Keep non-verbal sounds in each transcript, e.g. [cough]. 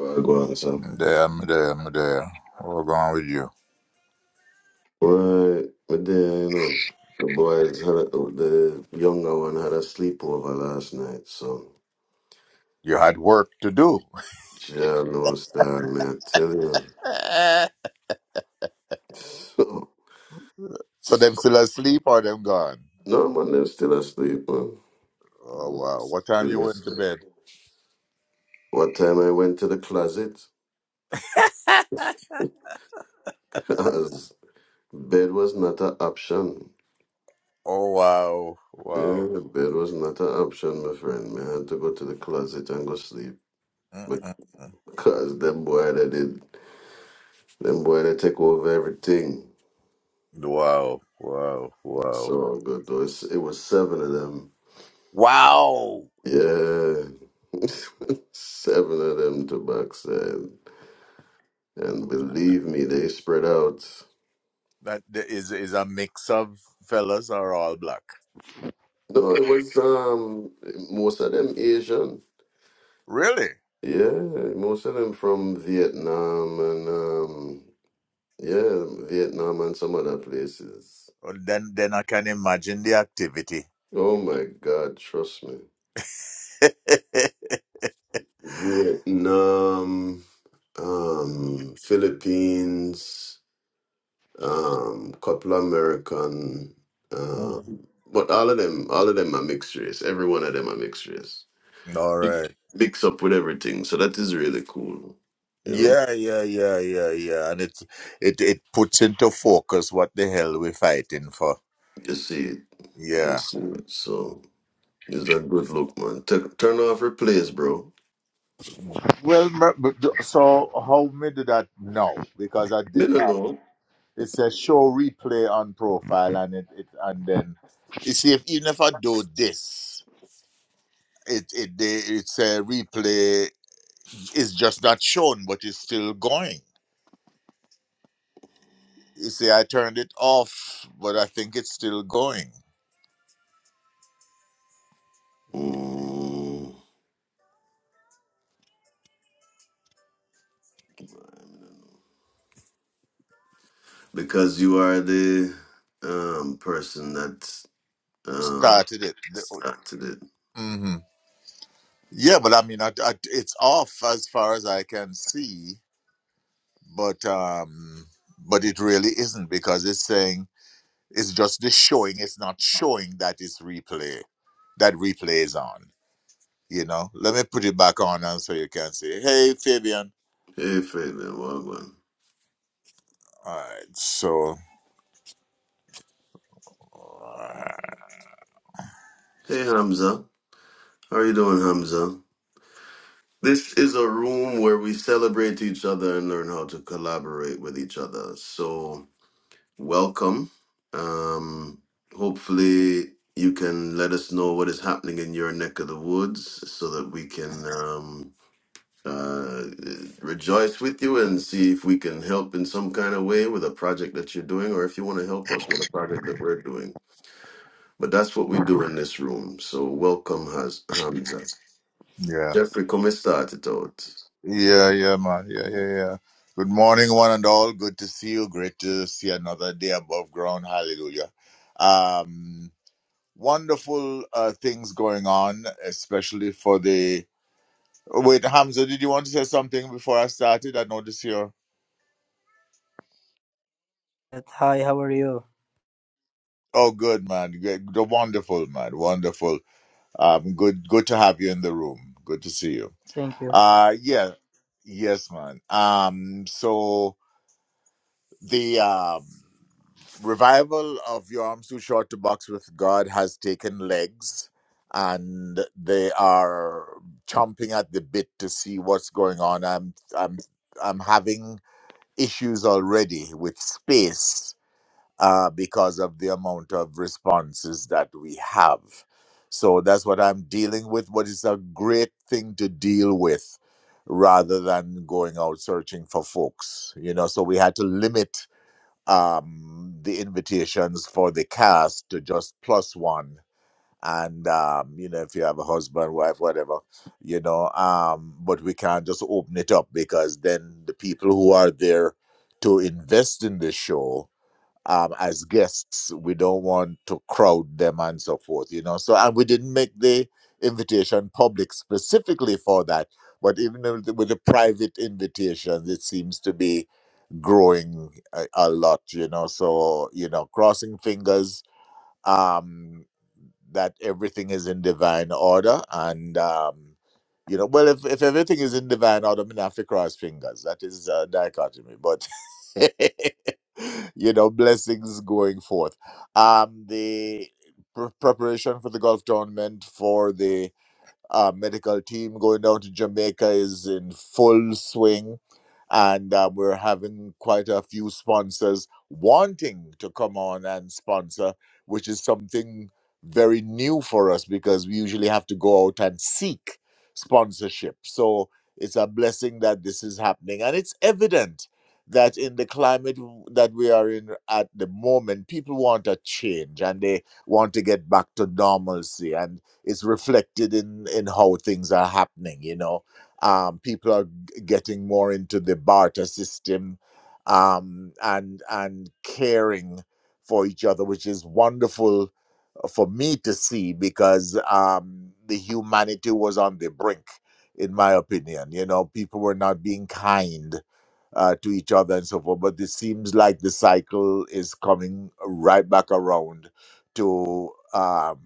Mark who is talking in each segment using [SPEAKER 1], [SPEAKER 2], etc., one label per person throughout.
[SPEAKER 1] I go on, son.
[SPEAKER 2] Damn, damn, damn. What's wrong with you?
[SPEAKER 1] Right, but then you know the boys had a, the younger one had a sleepover last night, so
[SPEAKER 2] You had work to do. [laughs]
[SPEAKER 1] yeah, no star man, I tell you. [laughs]
[SPEAKER 2] So
[SPEAKER 1] So
[SPEAKER 2] them still asleep or them gone?
[SPEAKER 1] no man, they're still asleep, man.
[SPEAKER 2] Oh wow. What time you
[SPEAKER 1] Still
[SPEAKER 2] went to
[SPEAKER 1] asleep.
[SPEAKER 2] bed?
[SPEAKER 1] What time I went to the closet? [laughs] Cause bed was not an option.
[SPEAKER 2] Oh wow, wow.
[SPEAKER 1] Yeah, bed was not an option, my friend. Man, I had to go to the closet and go sleep
[SPEAKER 2] Mm-mm.
[SPEAKER 1] because them boy they did, them boy they take over everything.
[SPEAKER 2] Wow, wow,
[SPEAKER 1] It's
[SPEAKER 2] wow.
[SPEAKER 1] all good though. It's, it was seven of them.
[SPEAKER 2] Wow!
[SPEAKER 1] Yeah, [laughs] seven of them to box and and believe me, they spread out.
[SPEAKER 2] That th- is is a mix of fellas are all black.
[SPEAKER 1] No, it was um most of them Asian.
[SPEAKER 2] Really?
[SPEAKER 1] Yeah, most of them from Vietnam and um yeah, Vietnam and some other places.
[SPEAKER 2] Well, then then I can imagine the activity.
[SPEAKER 1] Oh my God, trust me.
[SPEAKER 2] [laughs]
[SPEAKER 1] Vietnam, um, Philippines. um, couple American,
[SPEAKER 2] Mm.
[SPEAKER 1] um, but all of them, all of them are mixed race. Every one of them are mixed race.
[SPEAKER 2] all right.
[SPEAKER 1] Mix, mix up with everything. So that is really cool. You know,
[SPEAKER 2] Yeah, yeah, yeah, yeah, yeah. And it it it puts into focus what the hell we're fighting for.
[SPEAKER 1] you see it, you
[SPEAKER 2] Yeah.
[SPEAKER 1] see it. So it's a good look, man. T- turn off replays, bro.
[SPEAKER 2] Well, m- but d- so how me do that now? Because I
[SPEAKER 1] Been
[SPEAKER 2] did. Uh,
[SPEAKER 1] alone.
[SPEAKER 2] it says show replay on profile, and it, it and then you see if even if I do this, it it they, it's a replay. It's just not shown, but it's still going. You see, I turned it off, but I think it's still going.
[SPEAKER 1] Mm, because you are the um person that um
[SPEAKER 2] Started it.
[SPEAKER 1] started it.
[SPEAKER 2] Mm-hmm. Yeah, but I mean, I, I, it's off as far as I can see, but um, but it really isn't because it's saying it's just the showing. It's not showing that it's replay, that replay is on. You know, let me put it back on, and so you can see. Hey, Fabian.
[SPEAKER 1] Hey, Fabian, welcome.
[SPEAKER 2] All right, so uh,
[SPEAKER 1] Hey, Hamza. How are you doing, Hamza? This is a room where we celebrate each other and learn how to collaborate with each other. So, welcome. Um, hopefully, you can let us know what is happening in your neck of the woods so that we can um, uh, rejoice with you and see if we can help in some kind of way with a project that you're doing or if you want to help us with a project that we're doing. But that's what we do in this room. So, welcome, Haz- Hamza.
[SPEAKER 2] yeah,
[SPEAKER 1] Jeffrey, come start it out.
[SPEAKER 2] yeah, yeah, man, yeah, yeah, yeah. Good morning, one and all. Good to see you. Great to see another day above ground. Hallelujah. Um, wonderful uh, things going on, especially for the. Wait, Hamza, did you want to say something before I started? I noticed here.
[SPEAKER 3] Hi, how are you?
[SPEAKER 2] Oh, good man, good, wonderful man, wonderful. Um, good, good to have you in the room. Good to see you.
[SPEAKER 3] Thank you.
[SPEAKER 2] Uh, yeah, yes, man. Um, so the um. revival of Your Arms Too Short to Box with God has taken legs and they are chomping at the bit to see what's going on. I'm I'm I'm having issues already with space uh, because of the amount of responses that we have. So that's what I'm dealing with, but it's a great thing to deal with rather than going out searching for folks. You know, so we had to limit um, the invitations for the cast to just plus one. And, um, you know, if you have a husband, wife, whatever, you know, um, but we can't just open it up because then the people who are there to invest in the show um, as guests, we don't want to crowd them and so forth, you know. So, and we didn't make the invitation public specifically for that. But even with the with the private invitations, it seems to be growing a, a lot you know so you know crossing fingers um that everything is in divine order and um you know well if, if everything is in divine order i mean, I have to cross fingers that is a dichotomy but [laughs] you know blessings going forth um the pre- preparation for the golf tournament for the uh, medical team going down to Jamaica is in full swing, and uh, we're having quite a few sponsors wanting to come on and sponsor, which is something very new for us because we usually have to go out and seek sponsorship. So it's a blessing that this is happening, and it's evident that in the climate w- that we are in at the moment people want a change and they want to get back to normalcy and is reflected in in how things are happening you know um people are g- getting more into the barter system um and and caring for each other which is wonderful for me to see because um, the humanity was on the brink, in my opinion. You know, people were not being kind uh, to each other and so forth. But it seems like the cycle is coming right back around to, um,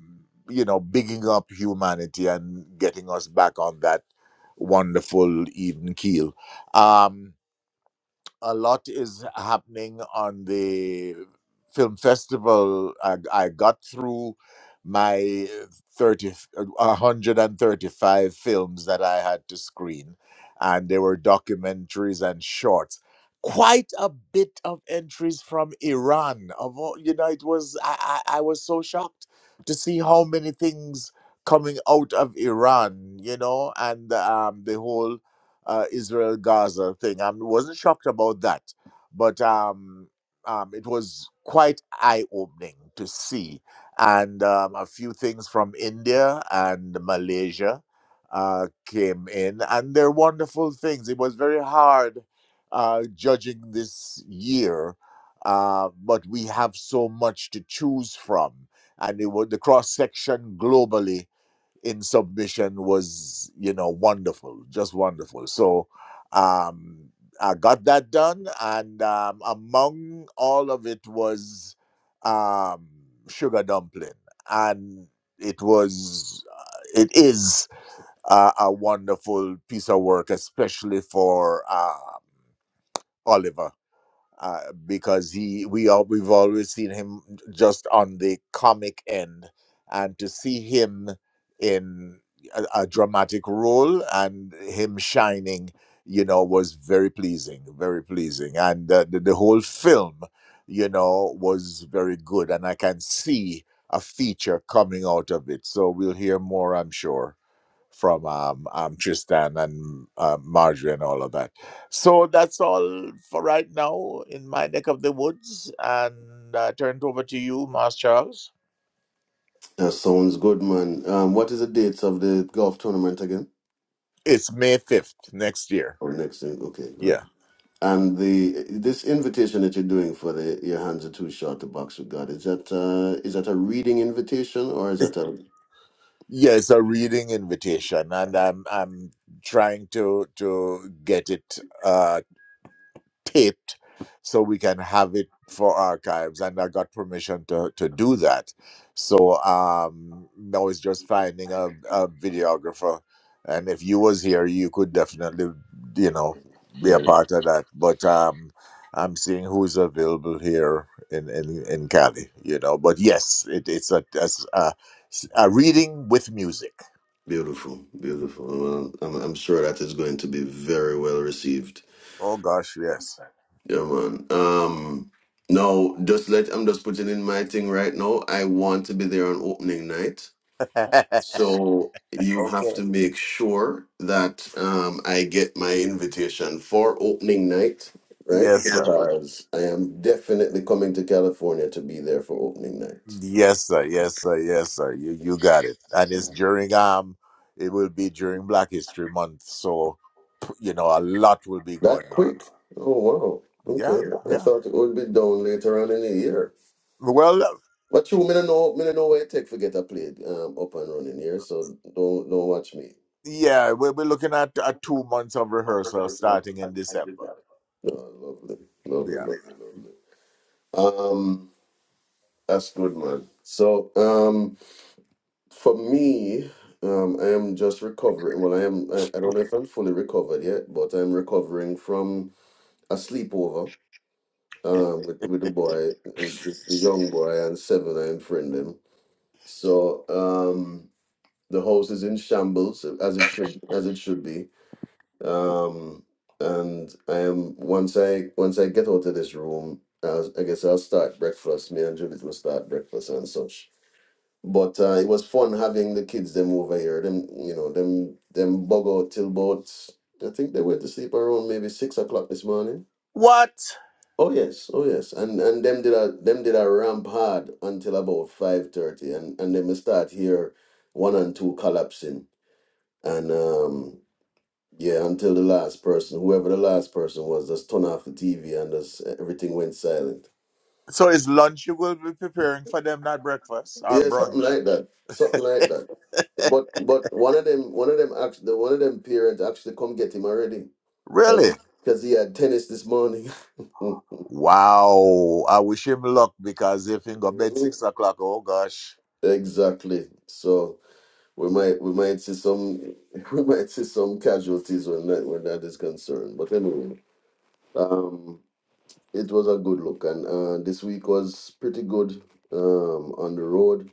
[SPEAKER 2] you know, bigging up humanity and getting us back on that wonderful even keel. Um, a lot is happening on the film festival. I, I got through my 30, 135 films that I had to screen, and there were documentaries and shorts. Quite a bit of entries from Iran. Of all, you know, it was I, I, I was so shocked to see how many things coming out of Iran. You know, and um, the whole uh, Israel Gaza thing. I wasn't shocked about that, but um, um, it was quite eye opening to see. And um, a few things from India and Malaysia uh, came in, and they're wonderful things. It was very hard uh, judging this year, uh, but we have so much to choose from. And it was the cross section globally in submission was you know wonderful just wonderful so um i got that done and um among all of it was um sugar dumpling and it was uh, it is uh, a wonderful piece of work especially for um oliver uh, because he we all we've always seen him just on the comic end, and to see him in a, a dramatic role and him shining, you know, was very pleasing, very pleasing, and uh, the, the whole film, you know, was very good, and I can see a feature coming out of it. So we'll hear more, I'm sure from um, um, Tristan and uh, Marjorie and all of that. So that's all for right now in my neck of the woods. And I turn it over to you, Mas Charles.
[SPEAKER 1] That sounds good, man. Um, what is the dates of the golf tournament again?
[SPEAKER 2] It's May 5th next year.
[SPEAKER 1] Or next thing? Okay, good.
[SPEAKER 2] Yeah.
[SPEAKER 1] And the this invitation that you're doing for the your hands are too short to box with God is that uh, is that a reading invitation or is
[SPEAKER 2] It's,
[SPEAKER 1] that a
[SPEAKER 2] yeah, it's a reading invitation, and I'm I'm trying to to get it Uh. taped so we can have it for archives and i got permission to, to do that so um now it's just finding a, a videographer and if you was here you could definitely you know be a
[SPEAKER 1] yeah
[SPEAKER 2] part of that but um i'm seeing who's available here in in, in cali you know but yes it, it's a, it's a a reading with music
[SPEAKER 1] beautiful beautiful well, I'm I'm sure that is going to be very well received
[SPEAKER 2] oh gosh yes
[SPEAKER 1] yeah man um now just let I'm just putting in my thing right now I want to be there on opening night
[SPEAKER 2] [laughs] okay
[SPEAKER 1] So you have to make sure that um, I get my invitation for opening night, right?
[SPEAKER 2] yes
[SPEAKER 1] Yeah.
[SPEAKER 2] sir.
[SPEAKER 1] Because I am definitely coming to California to be there for opening night.
[SPEAKER 2] Yes, sir. Yes, sir. Yes, sir. You you got it. And it's during um, it will be during Black History Month, so you know a lot will be going
[SPEAKER 1] That
[SPEAKER 2] on.
[SPEAKER 1] quick? Oh wow.
[SPEAKER 2] Yeah,
[SPEAKER 1] Okay. Yeah. I
[SPEAKER 2] yeah.
[SPEAKER 1] thought it would be down later on in the year.
[SPEAKER 2] Well, uh,
[SPEAKER 1] But you me no know me no know where it take for get a play um up and running here, so don't don't watch me.
[SPEAKER 2] yeah, we'll be looking at uh, two months of rehearsal starting in December.
[SPEAKER 1] Oh, lovely. Lovely,
[SPEAKER 2] Yeah.
[SPEAKER 1] lovely, lovely. Um that's good man. So um For me, um, I am just recovering. Well, I am. I, I don't know if I'm fully recovered yet, but I'm recovering from a sleepover um, with with the boy, with this, the young boy, and seven. I am friending. So um, the house is in shambles as it should as it should be. Um, and I am once I once I get out of this room, I, I guess I'll start breakfast. Me and Judith will start breakfast and such. But uh, it was fun having the kids them over here. Them you know them them bug out till about I think they went to sleep around maybe six o'clock this morning.
[SPEAKER 2] What?
[SPEAKER 1] Oh yes, oh yes, and and them did a them did a ramp hard until about five thirty, and and then we start here one and two collapsing, and um yeah until the last person, whoever the last person was, just turn off the TV and just everything went silent.
[SPEAKER 2] So is lunch you will be preparing for them, not breakfast or
[SPEAKER 1] Yeah, something
[SPEAKER 2] brunch?
[SPEAKER 1] like that. Something like that.
[SPEAKER 2] [laughs]
[SPEAKER 1] But but one of them one of them actually one of them parents actually come get him already
[SPEAKER 2] really?
[SPEAKER 1] because because he had tennis this morning. [laughs]
[SPEAKER 2] Wow. I wish him luck because if he go bed six o'clock, oh gosh.
[SPEAKER 1] exactly. So we might we might see some [laughs] we might see some casualties when that when that is concerned. But anyway, um, it was a good look and uh, this week was pretty good um on the road.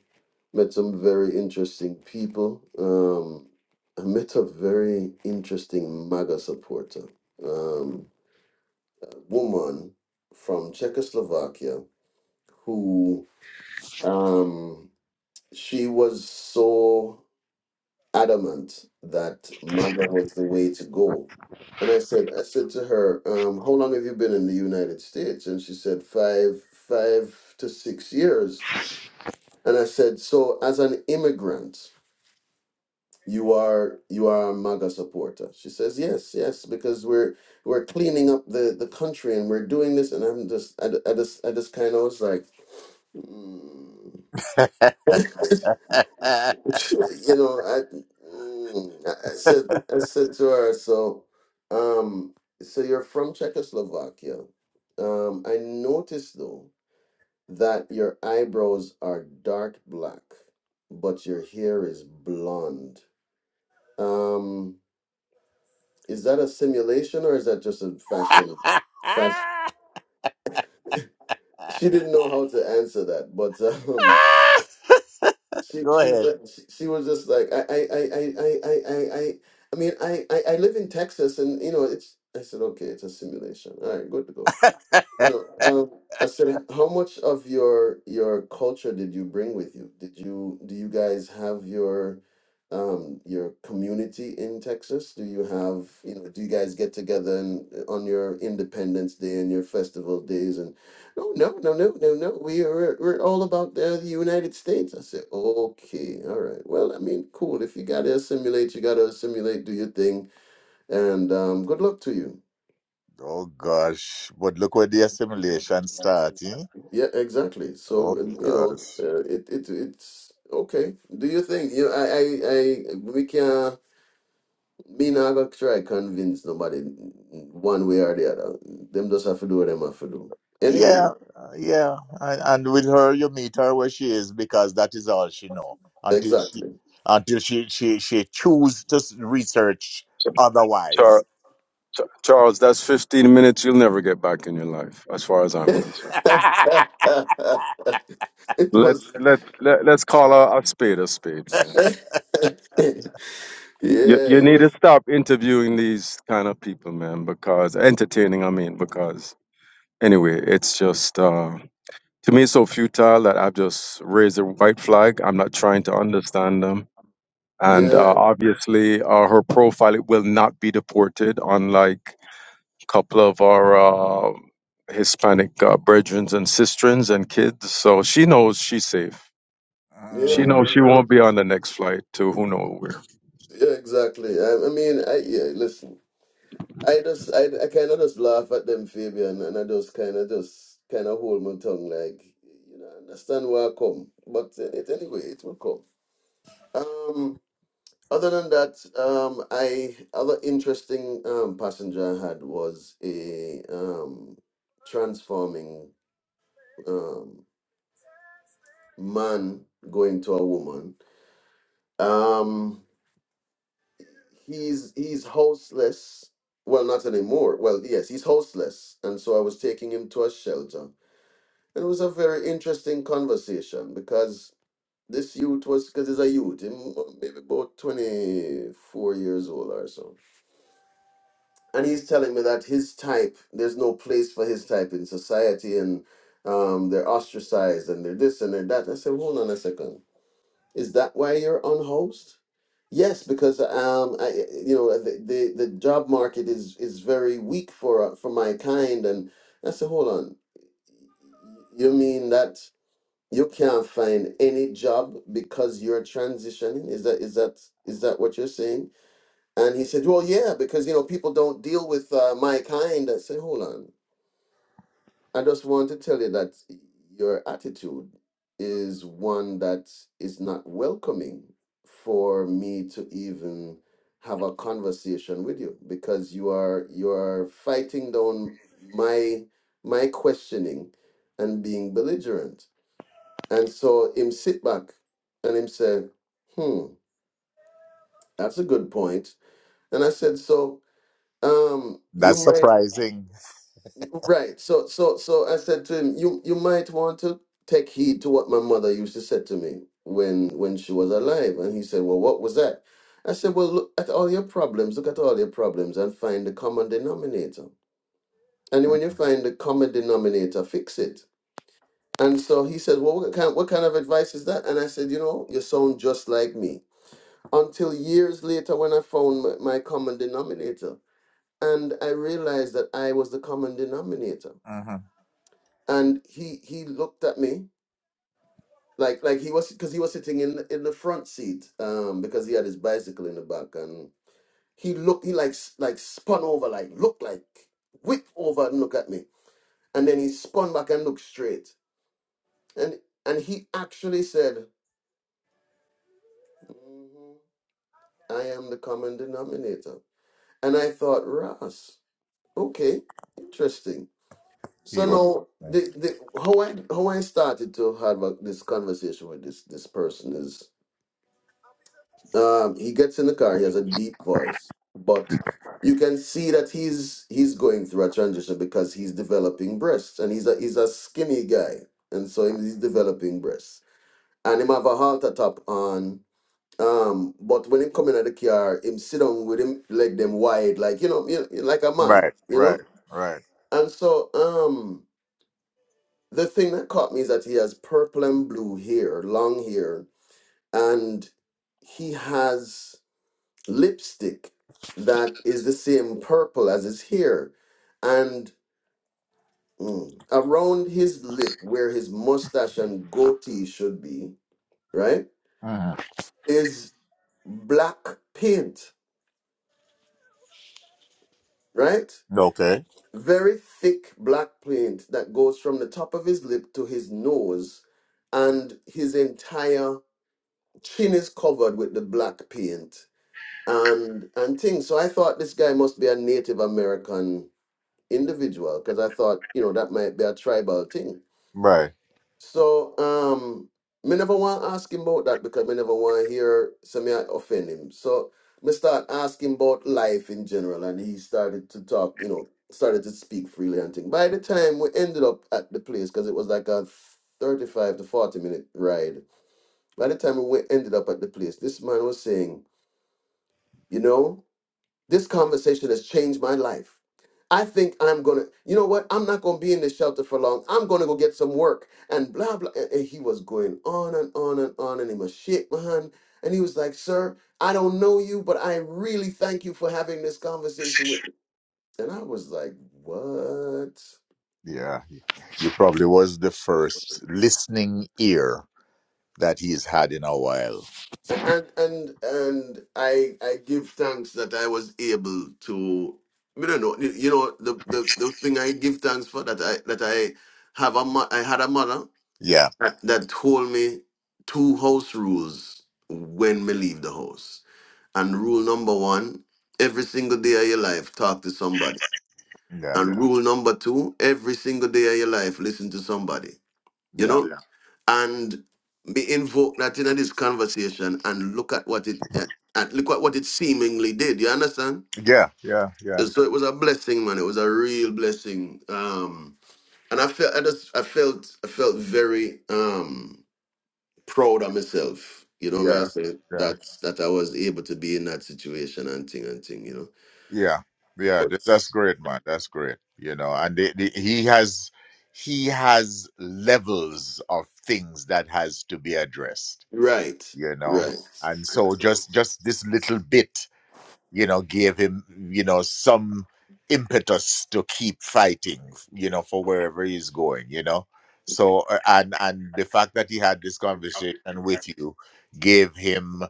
[SPEAKER 1] met some very interesting people. Um, I met a very interesting MAGA supporter, um, a woman from Czechoslovakia who um, she was so adamant that MAGA was the way to go. And I said, I said to her, um, "How long have you been in the United States?" And she said, five, five to six years. And I said, "So, as an immigrant." you are you are a MAGA supporter. She says, yes, yes, because we're we're cleaning up the the country and we're doing this. And I'm just I, d- I just I just kind of was like, "Mm." [laughs] you know, I, mm, I I said I said to her, so um, so you're from Czechoslovakia. Um, I noticed though that your eyebrows are dark black, but your hair is blonde. Um, Is that a simulation or is that just a fashion? Fast.
[SPEAKER 2] [laughs]
[SPEAKER 1] She didn't know how to answer that, but um,
[SPEAKER 2] [laughs]
[SPEAKER 1] she
[SPEAKER 2] Go
[SPEAKER 1] she was
[SPEAKER 2] ahead.
[SPEAKER 1] like- she she was just like I I I I I I I. I I mean, I, I I live in Texas, and you know, it's. I said, okay, it's a simulation. All right, good to go. You
[SPEAKER 2] [laughs]
[SPEAKER 1] know, um, I said, how much of your your culture did you bring with you? Did you do you guys have your um your community in Texas? Do you have, you know, do you guys get together and uh, on your Independence Day and your festival days and no, no, no, no, no, no. We are we're all about the, the United States. I said, okay, all right. Well, I mean, cool. If you gotta assimilate, you gotta assimilate, do your thing, and um, good luck to you.
[SPEAKER 2] oh gosh. But look where the assimilation starts, eh?
[SPEAKER 1] Yeah, exactly.
[SPEAKER 2] Oh
[SPEAKER 1] So, and, you know,
[SPEAKER 2] gosh.
[SPEAKER 1] uh, it it it's okay. Do you think you I I, I we can me not gonna try convince nobody one way or the other. Them just have to do what them have to do. Anyway,
[SPEAKER 2] Yeah, uh, yeah. And, and with her you meet her where she is because that is all she know. Until she
[SPEAKER 1] exactly.
[SPEAKER 2] until she she, she choose to s- research
[SPEAKER 4] Char- Char-
[SPEAKER 2] otherwise.
[SPEAKER 4] Charles, that's 15 minutes you'll never get back in your life, as far as I'm
[SPEAKER 1] [laughs]
[SPEAKER 4] concerned.
[SPEAKER 2] [laughs]
[SPEAKER 1] It
[SPEAKER 4] Let's
[SPEAKER 1] was
[SPEAKER 4] let's let, let's call a, a spade a spade,
[SPEAKER 1] [laughs]
[SPEAKER 4] man.
[SPEAKER 1] yeah,
[SPEAKER 4] You you
[SPEAKER 1] it
[SPEAKER 4] need to
[SPEAKER 1] was
[SPEAKER 4] stop interviewing these kind of people, man, because entertaining, I mean, because anyway, it's just uh, to me so futile that I've just raised a white flag. I'm not trying to understand them, and
[SPEAKER 1] yeah,
[SPEAKER 4] uh, obviously, uh, her profile it will not be deported, unlike. couple of our uh, Hispanic uh, brethren and sisters and kids. So she knows she's safe.
[SPEAKER 1] yeah,
[SPEAKER 4] She
[SPEAKER 2] Mm,
[SPEAKER 4] knows
[SPEAKER 1] yeah,
[SPEAKER 4] she won't be on the next flight to who knows where.
[SPEAKER 1] yeah, exactly. I, I mean, I yeah, listen. I just, I, I kind of just laugh at them, Fabian, and I just kind of just kind of hold my tongue, like you know, understand where I come, but uh, it anyway, it will come. Um, other than that, um, I other interesting um passenger I had was a um transforming um man going to a woman. Um, he's he's houseless. Well, not anymore. Well, yes, he's houseless, and so I was taking him to a shelter It was a very interesting conversation because this youth was because he's a youth, him maybe about 24 years old or so. And he's telling me that his type, there's no place for his type in society and um, they're ostracized and they're this and they're that. I said, hold on a second. Is that why you're unhoused? Yes, because um, I, you know, the, the the job market is is very weak for uh, for my kind, and I said, hold on, you mean that? You can't find any job because you're transitioning. Is that is that is that what you're saying? And he said, "Well, yeah, because you know people don't deal with uh, my kind." I said, "Hold on, I just want to tell you that your attitude is one that is not welcoming for me to even have a conversation with you because you are you are fighting down my my questioning and being belligerent." And so him sit back and him said, hmm, that's a good point. And I said, so um, you
[SPEAKER 2] that's
[SPEAKER 1] might
[SPEAKER 2] surprising.
[SPEAKER 1] Right. So so so I said to him, you you might want to take heed to what my mother used to say to me when when she was alive. And he said, Well, what was that? I said, Well, look at all your problems, look at all your problems and find the common denominator. And when you find the common denominator, fix it. And so he said, Well, what kind, what kind of advice is that? And I said, You know, you sound just like me. until years later when I found my, my common denominator. And I realized that I was the common denominator.
[SPEAKER 2] Mm-hmm.
[SPEAKER 1] And he he looked at me like like he was because he was sitting in the, in the front seat um because he had his bicycle in the back and he looked he like s- like spun over like looked like whip over and look at me and then he spun back and looked straight and and he actually said "Mhm, I am the common denominator and I thought Ross okay interesting So now the the how I how I started to have a, this conversation with this this person is um he gets in the car, he has a deep voice, but you can see that he's he's going through a transition because he's developing breasts and he's a he's a skinny guy and so him- he's developing breasts. And him have a halter top on. Um, but when him come in at the car, him sit down with him leg them wide, like you know, you know, like a man,
[SPEAKER 2] Right,
[SPEAKER 1] you
[SPEAKER 2] right,
[SPEAKER 1] know.
[SPEAKER 2] right.
[SPEAKER 1] And so um The thing that caught me is that he has purple and blue hair, long hair, and he has lipstick that is the same purple as his hair. And mm, around his lip, where his mustache and goatee should be, right,
[SPEAKER 2] Mhm.
[SPEAKER 1] is black paint, right?
[SPEAKER 2] Okay.
[SPEAKER 1] Very thick black paint that goes from the top of his lip to his nose and his entire chin is covered with the black paint and and things. So I thought this guy must be a Native American individual because I thought you know that might be a tribal thing.
[SPEAKER 2] Right.
[SPEAKER 1] So um, me never want to ask him about that because me never want to hear some offend him. So me start asking about life in general, and he started to talk. You know, started to speak freely and things. By the time we ended up at the place, because it was like a thirty-five to forty minute ride. By the time we ended up at the place, this man was saying You know, this conversation has changed my life. I think I'm gonna, you know what? I'm not gonna be in this shelter for long. I'm gonna go get some work and blah blah. And, and he was going on and on and on, and he must shake my hand, and he was like, "Sir, I don't know you, but I really thank you for having this conversation with me." And I was like, "What?"
[SPEAKER 2] Yeah, you probably was the first listening ear that he's had in a while.
[SPEAKER 1] and and and I I give thanks that I was able to you don't know you you know the the, the thing I give thanks for that I that I have a mo- I had a mother
[SPEAKER 2] Yeah,
[SPEAKER 1] that, that told me two house rules when me leave the house and rule number one every single day of your life talk to somebody
[SPEAKER 2] yeah,
[SPEAKER 1] and rule number two every single day of your life listen to somebody you
[SPEAKER 2] yeah,
[SPEAKER 1] know, and be invoke that in this conversation and look at what it eh, and look at what it seemingly did. You understand?
[SPEAKER 2] yeah, yeah, yeah,
[SPEAKER 1] And So it was a blessing, man. It was a real blessing. Um, and I felt I just I felt I felt very um proud of myself. You know,
[SPEAKER 2] yeah,
[SPEAKER 1] man, say
[SPEAKER 2] yeah,
[SPEAKER 1] that that I was able to be in that situation and thing and thing. You know,
[SPEAKER 2] yeah, yeah.
[SPEAKER 1] but
[SPEAKER 2] th- That's great, man. That's great. You know, and the, the, he has he has levels of things that has to be addressed.
[SPEAKER 1] right,
[SPEAKER 2] You know,
[SPEAKER 1] right.
[SPEAKER 2] and so just just this little bit. you know, gave him, you know, some impetus to keep fighting, you know, for wherever he's going, you know. So uh, and and the fact that he had this conversation with you gave him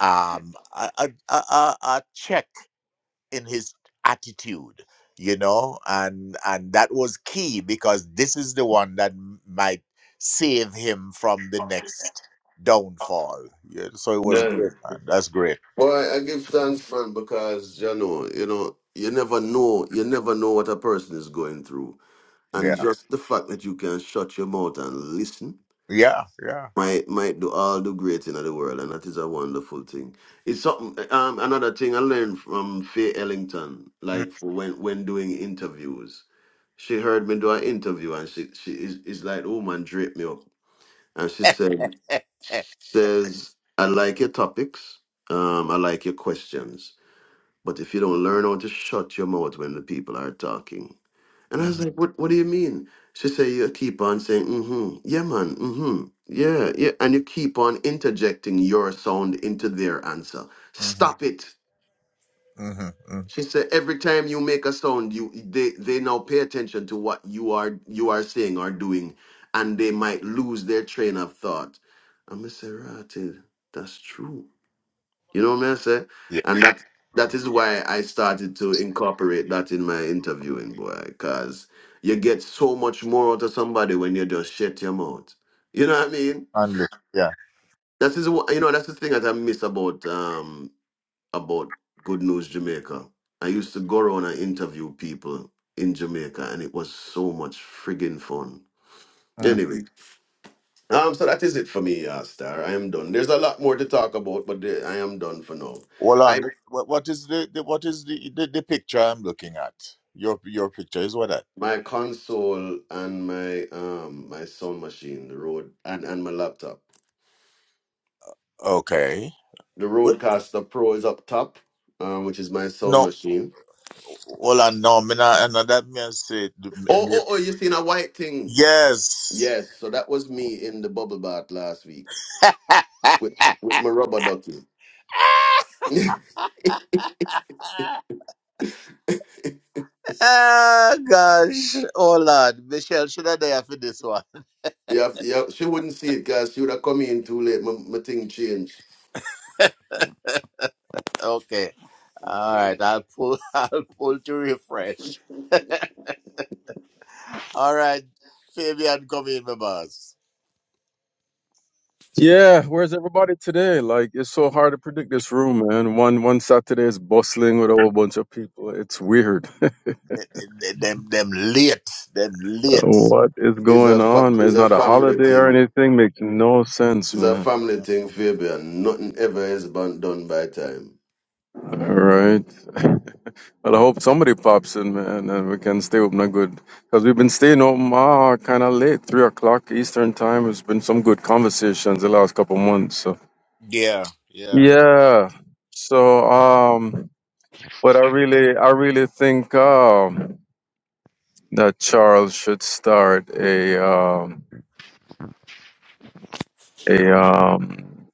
[SPEAKER 2] um a a, a, a a check in his attitude, you know, and and that was key because this is the one that m- might save him from the next downfall. Yeah, so it was great, man. That's great.
[SPEAKER 1] Well, I give thanks, man, because you know, you know, you never know, you never know what a person is going through, and
[SPEAKER 2] Yeah,
[SPEAKER 1] just the fact that you can shut your mouth and listen
[SPEAKER 2] yeah, yeah.
[SPEAKER 1] might might do all the great thing of the world, and that is a wonderful thing. It's something. Um, another thing I learned from Faye Ellington, like for when when doing interviews, she heard me do an interview, and she she is, is like, "Oh man, drape me up," and she said,
[SPEAKER 2] [laughs]
[SPEAKER 1] "says I like your topics, um, I like your questions." But if you don't learn how to shut your mouth when the people are talking. And I
[SPEAKER 2] hmm
[SPEAKER 1] was like, what, what do you mean? She said, you keep on saying, mm-hmm, yeah, man, mm-hmm, yeah, yeah. And you keep on interjecting your sound into their answer.
[SPEAKER 2] hmm
[SPEAKER 1] Stop it.
[SPEAKER 2] hmm hmm
[SPEAKER 1] She said, every time you make a sound, you they, they now pay attention to what you are you are saying or doing, and they might lose their train of thought. I'm a Serati. That's true. You know what I'm saying?
[SPEAKER 2] yeah.
[SPEAKER 1] And that that is why I started to incorporate that in my interviewing, boy, because you get so much more out of somebody when you just shut your mouth. You know what I mean?
[SPEAKER 2] And the- yeah.
[SPEAKER 1] That is what you know. That's the thing that I miss about um about Good News Jamaica. I used to go around and interview people in Jamaica, and it was so much friggin' fun.
[SPEAKER 2] Mm.
[SPEAKER 1] Anyway, um, so that is it for me, uh, Star. I am done. There's a lot more to talk about, but the- I am done for now.
[SPEAKER 2] Well,
[SPEAKER 1] I.
[SPEAKER 2] on the- what, what is the, the what is the, the the picture I'm looking at? Your your picture is what? that?
[SPEAKER 1] my console and my um my sound machine, the Rode, and and my laptop.
[SPEAKER 2] okay.
[SPEAKER 1] The
[SPEAKER 2] Well,
[SPEAKER 1] Rodecaster Pro is up top, um, which is my sound
[SPEAKER 2] no.
[SPEAKER 1] machine.
[SPEAKER 2] Well, I No. Me not, and that means say the- me-
[SPEAKER 1] Oh
[SPEAKER 2] me-
[SPEAKER 1] oh oh! You seen a white thing?
[SPEAKER 2] yes.
[SPEAKER 1] Yes. So that was me in the bubble bath last week with with my
[SPEAKER 2] [laughs]
[SPEAKER 1] rubber ducky. [laughs] yeah,
[SPEAKER 2] Ah, gosh. Oh, Lord. Michelle should I there for this one. [laughs]
[SPEAKER 1] yeah. She wouldn't see it, guys. She would have come in too late. My, my thing changed.
[SPEAKER 2] Okay. All
[SPEAKER 1] Mm.
[SPEAKER 2] right. I'll pull. [laughs] I'll pull to refresh. All right, Fabian, come in, my boss.
[SPEAKER 4] Yeah, where's everybody today? Like it's so hard to predict this room, man. One one Saturday is bustling with a whole bunch of people. It's weird.
[SPEAKER 2] Them, them, them them late, them
[SPEAKER 4] [laughs]
[SPEAKER 2] late.
[SPEAKER 4] what is
[SPEAKER 1] It's
[SPEAKER 4] going
[SPEAKER 1] a fa-
[SPEAKER 4] on, man?
[SPEAKER 1] it's
[SPEAKER 4] It's
[SPEAKER 1] a
[SPEAKER 4] not a
[SPEAKER 1] family
[SPEAKER 4] holiday or
[SPEAKER 1] thing.
[SPEAKER 4] anything. Makes no sense,
[SPEAKER 1] It's a
[SPEAKER 4] man.
[SPEAKER 1] family thing, Fabian. Nothing ever is ban- done by time.
[SPEAKER 4] All right. [laughs] Well, I hope somebody pops in, man, and we can stay open and good. Because we've been staying home ah, kind of late, 3 o'clock Eastern time. It's been some good conversations the last couple months. So.
[SPEAKER 2] Yeah, yeah.
[SPEAKER 4] Yeah. So, um, but I really, I really think um, that Charles should start a um, a, um,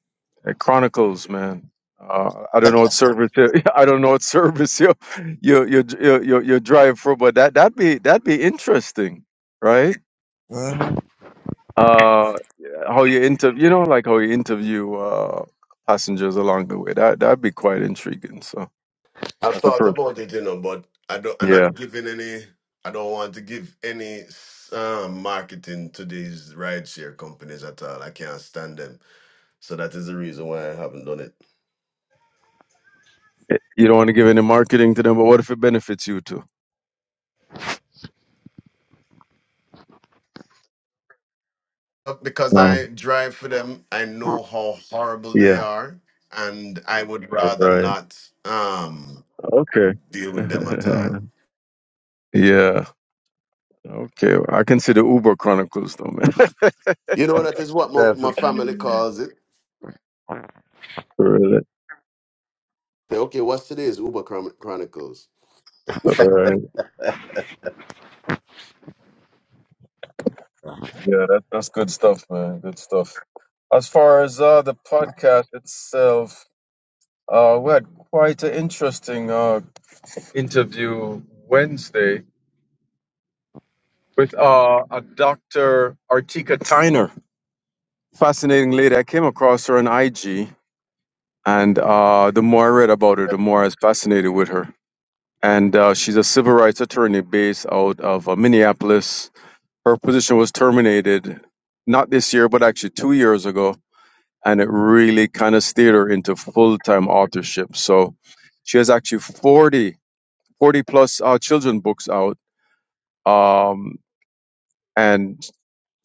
[SPEAKER 4] a Chronicles, man. Uh, I don't know what service you- [laughs] I don't know what service you you you you you, you drive for, but that that be that'd be interesting, right?
[SPEAKER 2] Mhm.
[SPEAKER 4] Uh, how you interview, you know, like how you interview uh passengers along the way. That that'd be quite intriguing. So
[SPEAKER 1] I've
[SPEAKER 4] that's a
[SPEAKER 1] thought
[SPEAKER 4] pro.
[SPEAKER 1] about it, you know, but I don't. I'm
[SPEAKER 4] Yeah,
[SPEAKER 1] not giving any. I don't want to give any um, marketing to these rideshare companies at all. I can't stand them, so that is the reason why I haven't done it.
[SPEAKER 4] Eh, you don't want to give any marketing to them, but what if it benefits you too?
[SPEAKER 1] But Because I
[SPEAKER 4] Um,
[SPEAKER 1] drive for them, I know how horrible they
[SPEAKER 4] yeah.
[SPEAKER 1] are, and I would rather
[SPEAKER 4] Right.
[SPEAKER 1] not um,
[SPEAKER 4] Okay.
[SPEAKER 1] deal with them at all.
[SPEAKER 4] [laughs] yeah. Okay. I consider Uber Chronicles though, man.
[SPEAKER 1] You know, that is what my, my
[SPEAKER 2] Definitely.
[SPEAKER 1] family
[SPEAKER 4] [laughs]
[SPEAKER 1] calls it.
[SPEAKER 4] really?
[SPEAKER 1] Say, Okay, what's today's Uber Chron- Chronicles? [laughs]
[SPEAKER 4] All right. Yeah, that, that's good stuff, man. Good stuff. As far as uh, the podcast itself, Uh, we had quite an interesting uh, interview Wednesday with uh, a Dr. Artika Tyner. Fascinating lady. I came across her on IG, and uh, the more I read about her, the more I was fascinated with her. And uh, she's a civil rights attorney based out of uh, Minneapolis. Her position was terminated not this year, but actually two years ago. And it really kind of steered her into full time authorship. So she has actually 40 40 plus uh, children books out um, and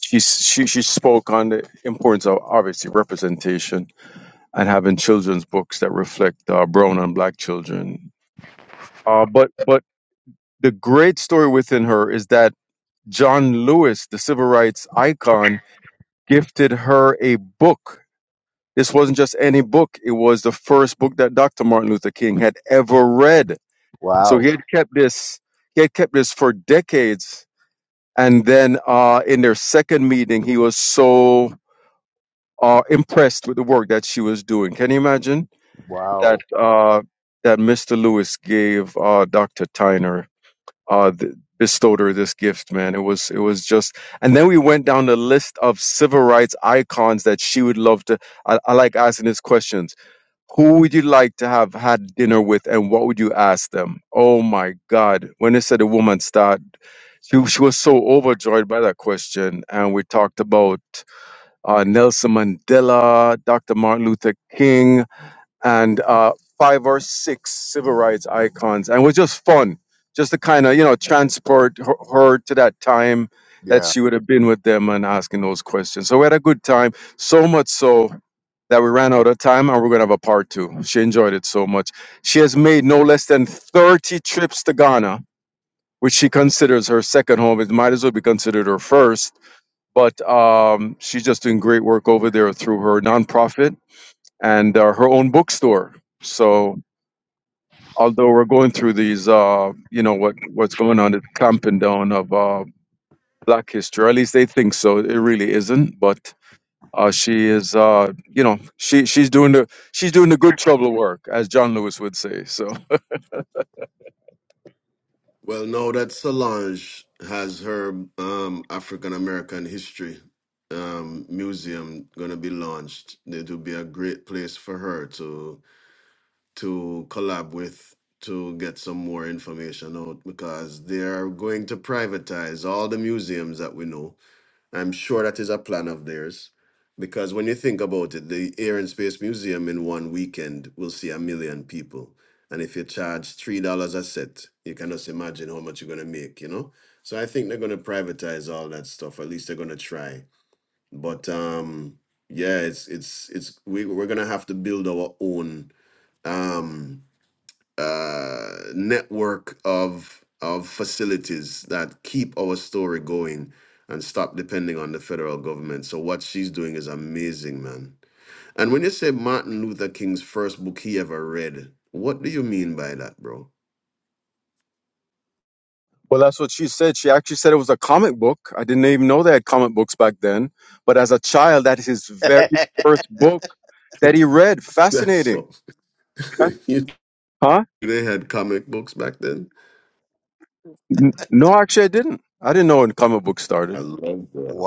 [SPEAKER 4] she, she she spoke on the importance of obviously representation and having children's books that reflect uh, brown and black children uh, but but the great story within her is that John Lewis the civil rights icon gifted her a book this wasn't just any book it was the first book that Dr. Martin Luther King had ever read so
[SPEAKER 2] Wow.
[SPEAKER 4] he had kept this he had kept this for decades And then uh, in their second meeting, he was so uh, impressed with the work that she was doing. Can you imagine
[SPEAKER 2] Wow.
[SPEAKER 4] that uh, that Mr. Lewis gave uh, Dr. Tyner uh, th- bestowed her this gift, man? It was it was just. And then we went down the list of civil rights icons that she would love to. I, I like asking these questions. Who would you like to have had dinner with and what would you ask them? Oh my God. When they said the woman start, she, she was so overjoyed by that question. And we talked about uh, Nelson Mandela, Dr. Martin Luther King, and uh, five or six civil rights icons. And it was just fun, just to kind of, you know, transport her, her to that time that
[SPEAKER 2] Yeah.
[SPEAKER 4] she would have been with them and asking those questions. So we had a good time, so much so that we ran out of time and we're going to have a part two. She enjoyed it so much. She has made no less than 30 trips to Ghana, which she considers her second home. It might as well be considered her first. But um, she's just doing great work over there through her nonprofit and uh, her own bookstore. So, although we're going through these, uh, you know, what, what's going on, the clamping down of uh, Black history, or at least they think so. It really isn't. But Uh, she is, uh, you know, she she's doing the she's doing the good trouble work, as John Lewis would say. So,
[SPEAKER 1] Well, know that Solange has her um, African American history um, museum going to be launched. It will be a great place for her to to collab with to get some more information out because they are going to privatize all the museums that we know I'm sure that is a plan of theirs because when you think about it, the Air and Space Museum in one weekend will see a million people. And if you charge $3 a set, you can just imagine how much you're going to make, you know? So I think they're going to privatize all that stuff. At least they're going to try. But um yeah, it's it's it's we we're going to have to build our own um uh, network of of facilities that keep our story going and stop depending on the federal government. So what she's doing is amazing, man. And when you say Martin Luther King's first book he ever read, what do you mean by that, bro?
[SPEAKER 4] well, that's what she said. She actually said it was a comic book. I didn't even know they had comic books back then. But as a child, that is his very
[SPEAKER 2] [laughs]
[SPEAKER 4] first book that he read.
[SPEAKER 1] [laughs] That's
[SPEAKER 4] Fascinating,
[SPEAKER 1] so.
[SPEAKER 4] Fas-
[SPEAKER 1] [laughs] you,
[SPEAKER 4] huh?
[SPEAKER 1] they had comic books back then.
[SPEAKER 4] N- No, actually, I didn't. I didn't know when comic books
[SPEAKER 1] I
[SPEAKER 4] started.
[SPEAKER 1] love that.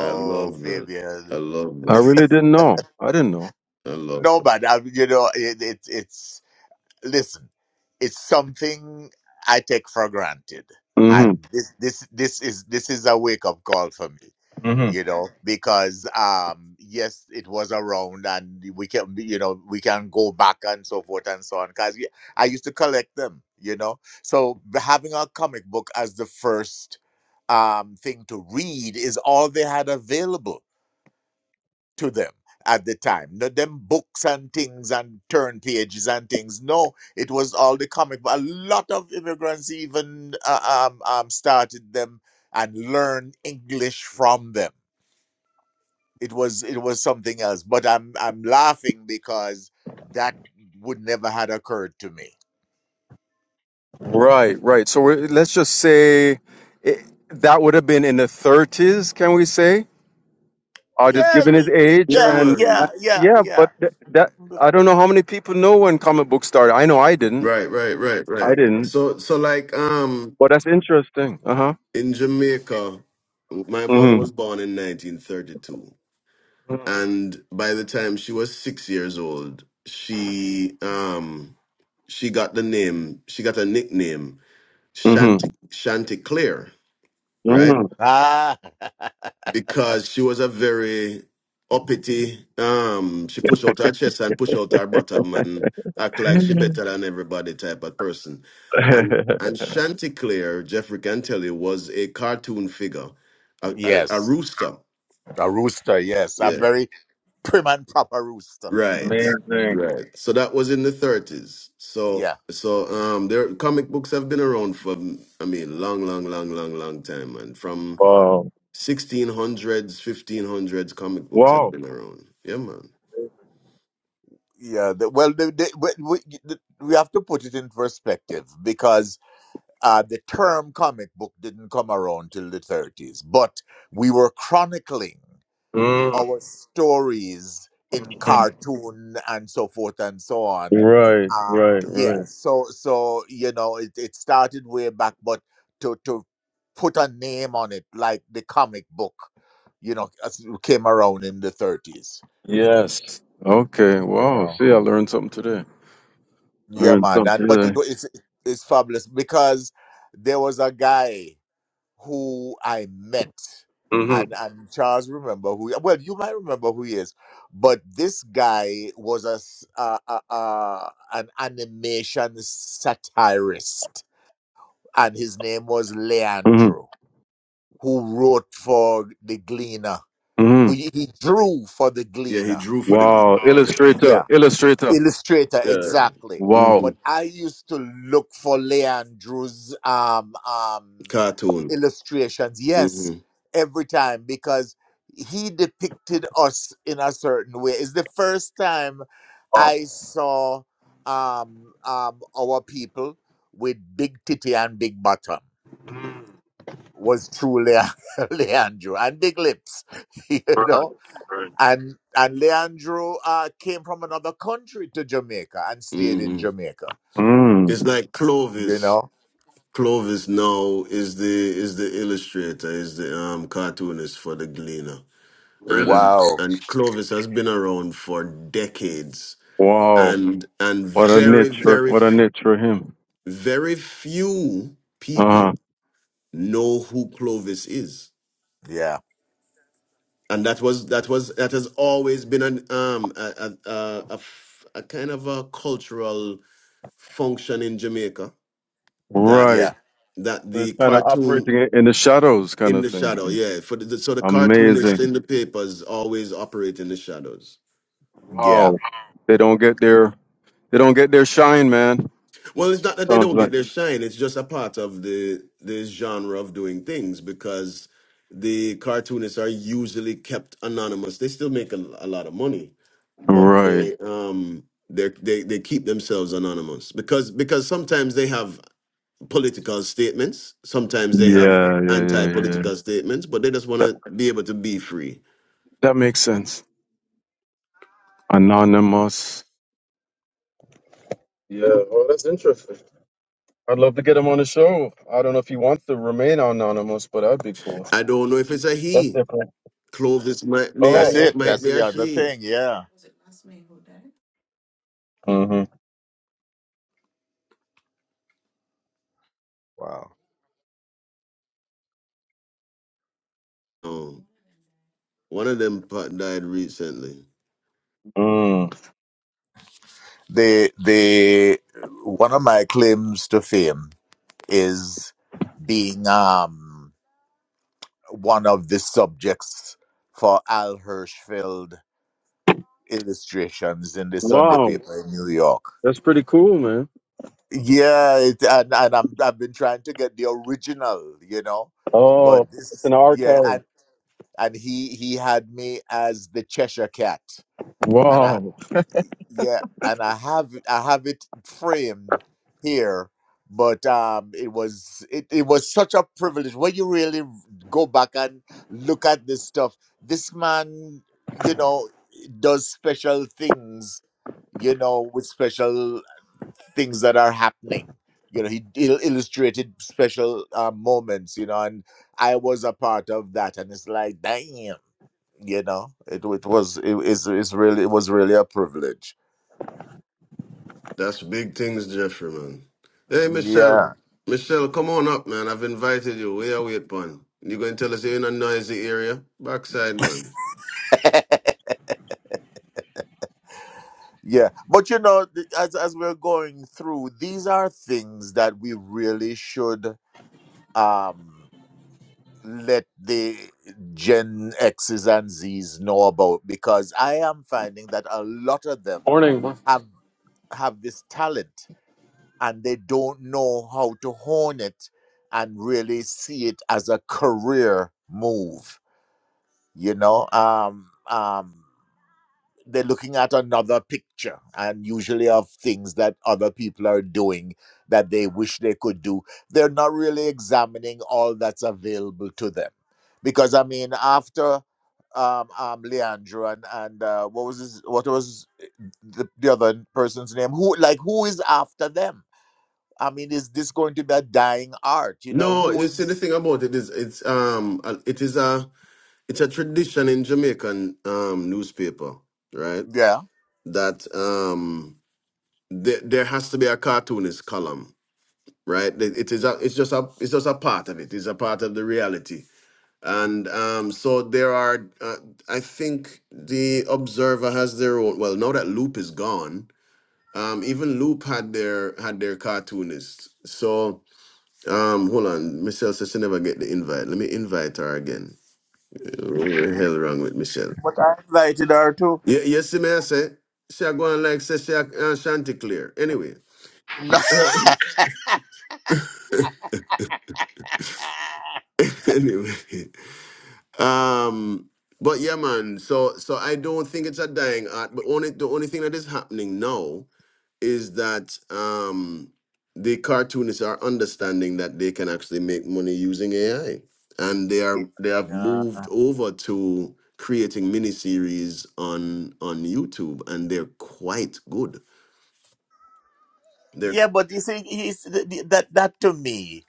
[SPEAKER 1] I love that. I
[SPEAKER 2] Fabian.
[SPEAKER 1] love
[SPEAKER 4] I
[SPEAKER 1] that.
[SPEAKER 4] really didn't know. I didn't know.
[SPEAKER 1] I love.
[SPEAKER 2] No,
[SPEAKER 1] That.
[SPEAKER 2] man, I mean, you know, it, it, it's. listen, it's something I take for granted,
[SPEAKER 4] hmm
[SPEAKER 2] and this this this is this is a wake up call for me,
[SPEAKER 4] hmm
[SPEAKER 2] you know, because um yes, it was around, and we can you know we can go back and so forth and so on. Because I used to collect them, you know, so having a comic book as the first um thing to read is all they had available to them at the time. Not them books and things and turn pages and things. No, it was all the comic. But a lot of immigrants even uh, um, um, started them and learned English from them. It was it was something else. But I'm I'm laughing because that would never had occurred to me.
[SPEAKER 4] Right, right. So we're, let's just say it, that would have been in the 30s, can we say? or just
[SPEAKER 2] Yeah,
[SPEAKER 4] given his age
[SPEAKER 1] Yeah,
[SPEAKER 2] yeah,
[SPEAKER 4] and uh,
[SPEAKER 2] yeah,
[SPEAKER 1] man.
[SPEAKER 2] yeah,
[SPEAKER 4] yeah
[SPEAKER 2] yeah.
[SPEAKER 4] but th- that i don't know how many people know when comic books started i know i didn't
[SPEAKER 1] Right, right, right,
[SPEAKER 4] i
[SPEAKER 1] right.
[SPEAKER 4] didn't
[SPEAKER 1] So, so like, um,
[SPEAKER 4] but that's interesting uh-huh
[SPEAKER 1] in Jamaica, my mother was
[SPEAKER 4] mm-hmm
[SPEAKER 1] born in 1932, and by the time she was six years old, she um she got the name she got a nickname Shanty
[SPEAKER 4] mm-hmm,
[SPEAKER 1] Chanticleer, right?
[SPEAKER 4] mm-hmm.
[SPEAKER 2] Ah,
[SPEAKER 1] because she was a very uppity. Um, she pushed out her chest and pushed out her bottom and act like she better than everybody type of person. And
[SPEAKER 4] [laughs]
[SPEAKER 1] and Chanticleer, Jeffrey can tell you, was a cartoon figure, a, a, a
[SPEAKER 2] yes,
[SPEAKER 1] rooster.
[SPEAKER 2] a rooster. Yes, a
[SPEAKER 1] Yeah,
[SPEAKER 2] very prim and proper rooster.
[SPEAKER 1] right,
[SPEAKER 4] amazing
[SPEAKER 1] right. So that was in the thirties. So
[SPEAKER 2] Yeah.
[SPEAKER 1] so um, their comic books have been around for I mean, long, long, long, long, long time, and from
[SPEAKER 4] wow
[SPEAKER 1] 1600s, 1500s comic books have
[SPEAKER 4] wow
[SPEAKER 1] been around. Yeah, man.
[SPEAKER 2] Yeah, the, well, the, the, we, we the- we have to put it in perspective because uh, the term comic book didn't come around till the 30s, but we were chronicling
[SPEAKER 4] mm
[SPEAKER 2] our stories in cartoon and so forth and so on.
[SPEAKER 4] right
[SPEAKER 2] Uh,
[SPEAKER 4] right right
[SPEAKER 2] yeah, so so you know it, it started way back, but to to put a name on it like the comic book, you know, as- came around in the 30s.
[SPEAKER 4] yes okay
[SPEAKER 2] You
[SPEAKER 4] wow
[SPEAKER 2] know.
[SPEAKER 4] see i learned something today
[SPEAKER 2] Yeah,
[SPEAKER 4] learned
[SPEAKER 2] man. And,
[SPEAKER 4] something
[SPEAKER 2] but it,
[SPEAKER 4] today
[SPEAKER 2] wa- it's it's fabulous because there was a guy who I met, and
[SPEAKER 4] mm-hmm
[SPEAKER 2] and Charles remember who. Well, you might remember who he is, but this guy was a, s- a- a- a- an animation satirist, and his name was
[SPEAKER 4] mm-hmm
[SPEAKER 2] Leandro, who wrote for the Gleaner.
[SPEAKER 4] mm-hmm
[SPEAKER 2] Who he he drew for the
[SPEAKER 1] Yeah, he
[SPEAKER 2] Gleaner.
[SPEAKER 1] drew for the
[SPEAKER 4] wow
[SPEAKER 2] Yeah.
[SPEAKER 4] illustrator illustrator
[SPEAKER 2] illustrator
[SPEAKER 1] yeah
[SPEAKER 2] exactly
[SPEAKER 4] wow
[SPEAKER 1] hmm
[SPEAKER 2] but i used to look for leandro's um um
[SPEAKER 1] cartoon.
[SPEAKER 2] illustrations yes
[SPEAKER 1] hmm
[SPEAKER 2] every time because he depicted us in a certain way it's the first time
[SPEAKER 4] Wow.
[SPEAKER 2] i saw um um our people with big titty and big bottom was truly [laughs] leandro and big lips [laughs] you
[SPEAKER 4] Right,
[SPEAKER 2] know
[SPEAKER 4] right.
[SPEAKER 2] and and Leandro uh, came from another country to Jamaica and stayed in
[SPEAKER 1] hmm
[SPEAKER 2] Jamaica.
[SPEAKER 1] It's
[SPEAKER 4] Mm.
[SPEAKER 1] like
[SPEAKER 2] You
[SPEAKER 1] Clovis.
[SPEAKER 2] know,
[SPEAKER 1] Clovis now is the is the illustrator, is the um cartoonist for the Gleaner,
[SPEAKER 4] Really?
[SPEAKER 1] and
[SPEAKER 2] wow,
[SPEAKER 1] and Clovis has been around for decades,
[SPEAKER 4] Wow.
[SPEAKER 1] and and
[SPEAKER 4] What a
[SPEAKER 1] very
[SPEAKER 4] niche for
[SPEAKER 1] very
[SPEAKER 4] what a niche for him.
[SPEAKER 1] very few
[SPEAKER 4] Uh huh.
[SPEAKER 1] people know who Clovis is.
[SPEAKER 2] yeah,
[SPEAKER 1] and that was that was that has always been an um a a, a, a f- a kind of a cultural function in Jamaica that
[SPEAKER 2] yeah,
[SPEAKER 4] right.
[SPEAKER 1] that
[SPEAKER 4] So It's
[SPEAKER 1] the
[SPEAKER 4] kind of
[SPEAKER 1] cartoon
[SPEAKER 4] operating in in the shadows kind
[SPEAKER 1] in
[SPEAKER 4] of
[SPEAKER 1] the shadow
[SPEAKER 4] thing.
[SPEAKER 1] yeah for the so the cartoonists
[SPEAKER 4] Amazing.
[SPEAKER 1] in the papers always operate in the shadows
[SPEAKER 2] yeah.
[SPEAKER 4] Wow. They don't get their they don't get their shine, man.
[SPEAKER 1] Well, it's not that they
[SPEAKER 4] Sounds
[SPEAKER 1] don't get
[SPEAKER 4] like
[SPEAKER 1] their shine. It's just a part of the the genre of doing things because the cartoonists are usually kept anonymous. They still make a, a lot of money, but
[SPEAKER 4] Right.
[SPEAKER 1] they um they they they keep themselves anonymous because because sometimes they have political statements, sometimes they have
[SPEAKER 4] Yeah, yeah, yeah, yeah.
[SPEAKER 1] anti-political statements, but they just want
[SPEAKER 4] That,
[SPEAKER 1] to be able to be free.
[SPEAKER 4] that makes sense. Anonymous. Yeah, well that's interesting. I'd love to get him on the show. I don't know if he wants to remain anonymous, but that'd be cool.
[SPEAKER 1] I don't know if it's a
[SPEAKER 4] That's
[SPEAKER 1] he.
[SPEAKER 4] different.
[SPEAKER 1] Clovis might be a
[SPEAKER 2] That's
[SPEAKER 1] he,
[SPEAKER 4] Oh,
[SPEAKER 2] it.
[SPEAKER 4] okay.
[SPEAKER 1] might
[SPEAKER 2] That's
[SPEAKER 1] be a
[SPEAKER 2] the other
[SPEAKER 1] she.
[SPEAKER 2] thing. Yeah,
[SPEAKER 4] hmm
[SPEAKER 2] wow.
[SPEAKER 1] Oh, one of them pa- died recently.
[SPEAKER 4] Mm.
[SPEAKER 2] The the one of my claims to fame is being um one of the subjects for Al Hirschfeld illustrations in the Sunday
[SPEAKER 4] Wow,
[SPEAKER 2] paper in New York.
[SPEAKER 4] that's pretty cool, man.
[SPEAKER 2] Yeah, it, and, and I'm I've been trying to get the original, you know,
[SPEAKER 4] Oh,
[SPEAKER 2] but
[SPEAKER 4] it's
[SPEAKER 2] this
[SPEAKER 4] an
[SPEAKER 2] yeah,
[SPEAKER 4] archive.
[SPEAKER 2] and and he he had me as the Cheshire Cat, and I
[SPEAKER 4] Wow.
[SPEAKER 2] yeah, and I have I have it framed here, but um, it was it it was such a privilege when you really go back and look at this stuff. This man, you know, does special things, you know, with special things that are happening. You know, he il- illustrated special uh, moments. You know, and I was a part of that, and it's like, damn, you know, it, it was it is it's really it was really a privilege.
[SPEAKER 1] That's big things, Jeffrey, man. Hey,
[SPEAKER 2] Yeah,
[SPEAKER 1] Michelle. Michelle, come on up, man. I've invited you. Where are we at, man? You going to tell us you're in a noisy area? Backside, man.
[SPEAKER 2] yeah, but you know, th- as as we're going through, these are things that we really should um let the Gen X's and Z's know about because I am finding that a lot of them
[SPEAKER 4] Morning.
[SPEAKER 2] have have this talent and they don't know how to hone it and really see it as a career move you know um um they're looking at another picture and usually of things that other people are doing that they wish they could do they're not really examining all that's available to them because i mean after um um leandro and and uh, what was his what was the, the other person's name who like who is after them I mean, is this going to be a dying art? You know,
[SPEAKER 1] No,
[SPEAKER 2] who
[SPEAKER 1] you see, the
[SPEAKER 2] is?
[SPEAKER 1] thing about it is, it's um, a- it is a, it's a tradition in Jamaican um newspaper, right?
[SPEAKER 2] Yeah,
[SPEAKER 1] That um, there, there has to be a cartoonist column, right? It it is a, it's just a, it's just a part of it. It's a part of the reality And um, so there are, uh, I think the Observer has their own. Well, now that Loop is gone, um, even Loop had their had their cartoonist. So um, hold on, Michelle says she never get the invite. Let me invite her again. What the hell wrong with Michelle?
[SPEAKER 2] but I invited her to.
[SPEAKER 1] Yeah, yes, may I say? She a go and like say she a, uh, Chanticleer. Anyway,
[SPEAKER 2] [laughs]
[SPEAKER 1] [laughs] anyway. Um, but yeah, man. So so I don't think it's a dying art. But only the only thing that is happening now is that um, the cartoonists are understanding that they can actually make money using AI, and they are they have
[SPEAKER 2] yeah,
[SPEAKER 1] moved over to creating miniseries on on YouTube, and they're quite good. They're.
[SPEAKER 2] yeah, but you see, he's th- th- that that to me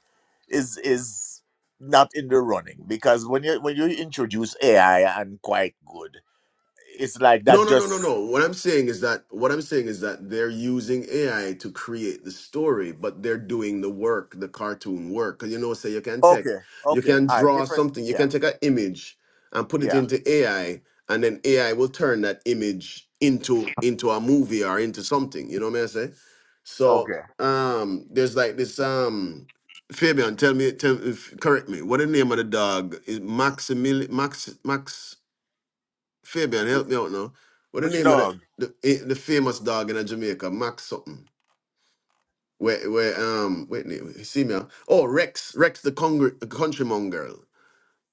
[SPEAKER 2] is is not in the running because when you when you introduce AI and quite good, it's like that
[SPEAKER 1] No, no, no, no,
[SPEAKER 2] just
[SPEAKER 1] no. What I'm saying is that what I'm saying is that they're using AI to create the story, but they're doing the work, the cartoon work. Because you know, say you can check,
[SPEAKER 2] okay,
[SPEAKER 1] you
[SPEAKER 2] okay,
[SPEAKER 1] can
[SPEAKER 2] all right,
[SPEAKER 1] draw
[SPEAKER 2] different.
[SPEAKER 1] something, you
[SPEAKER 2] Yeah,
[SPEAKER 1] can take an image and put it
[SPEAKER 2] yeah,
[SPEAKER 1] into AI, and then AI will turn that image into into a movie or into something. You know what I'm saying? So
[SPEAKER 2] okay.
[SPEAKER 1] um, there's like this um, Fabian, tell me, tell, if- correct me. What the name of the dog is Maximil Max Max? Fabian,
[SPEAKER 2] Which
[SPEAKER 1] help me out now. What the
[SPEAKER 2] which
[SPEAKER 1] name of the
[SPEAKER 2] dog?
[SPEAKER 1] the, eh, the famous dog in uh, Jamaica, Max something. Where where um wait na- wait, see me. ah. Oh Rex, Rex the congr- country mongrel.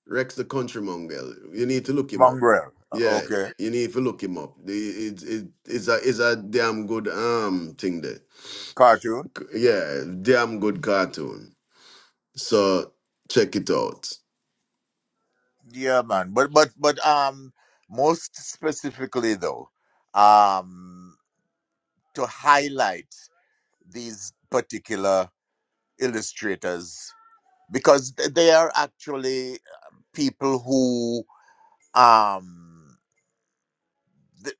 [SPEAKER 1] Rex the country mongrel. You need to look him up.
[SPEAKER 2] Mongrel.
[SPEAKER 1] Yeah,
[SPEAKER 2] Okay,
[SPEAKER 1] you need to look him up. The- It, it, it's a it's a damn good um thing there.
[SPEAKER 2] cartoon.
[SPEAKER 1] C- Yeah, damn good cartoon. So check it out.
[SPEAKER 2] Yeah, man. But but but um, most specifically though, um, to highlight these particular illustrators because th- they are actually uh, people who um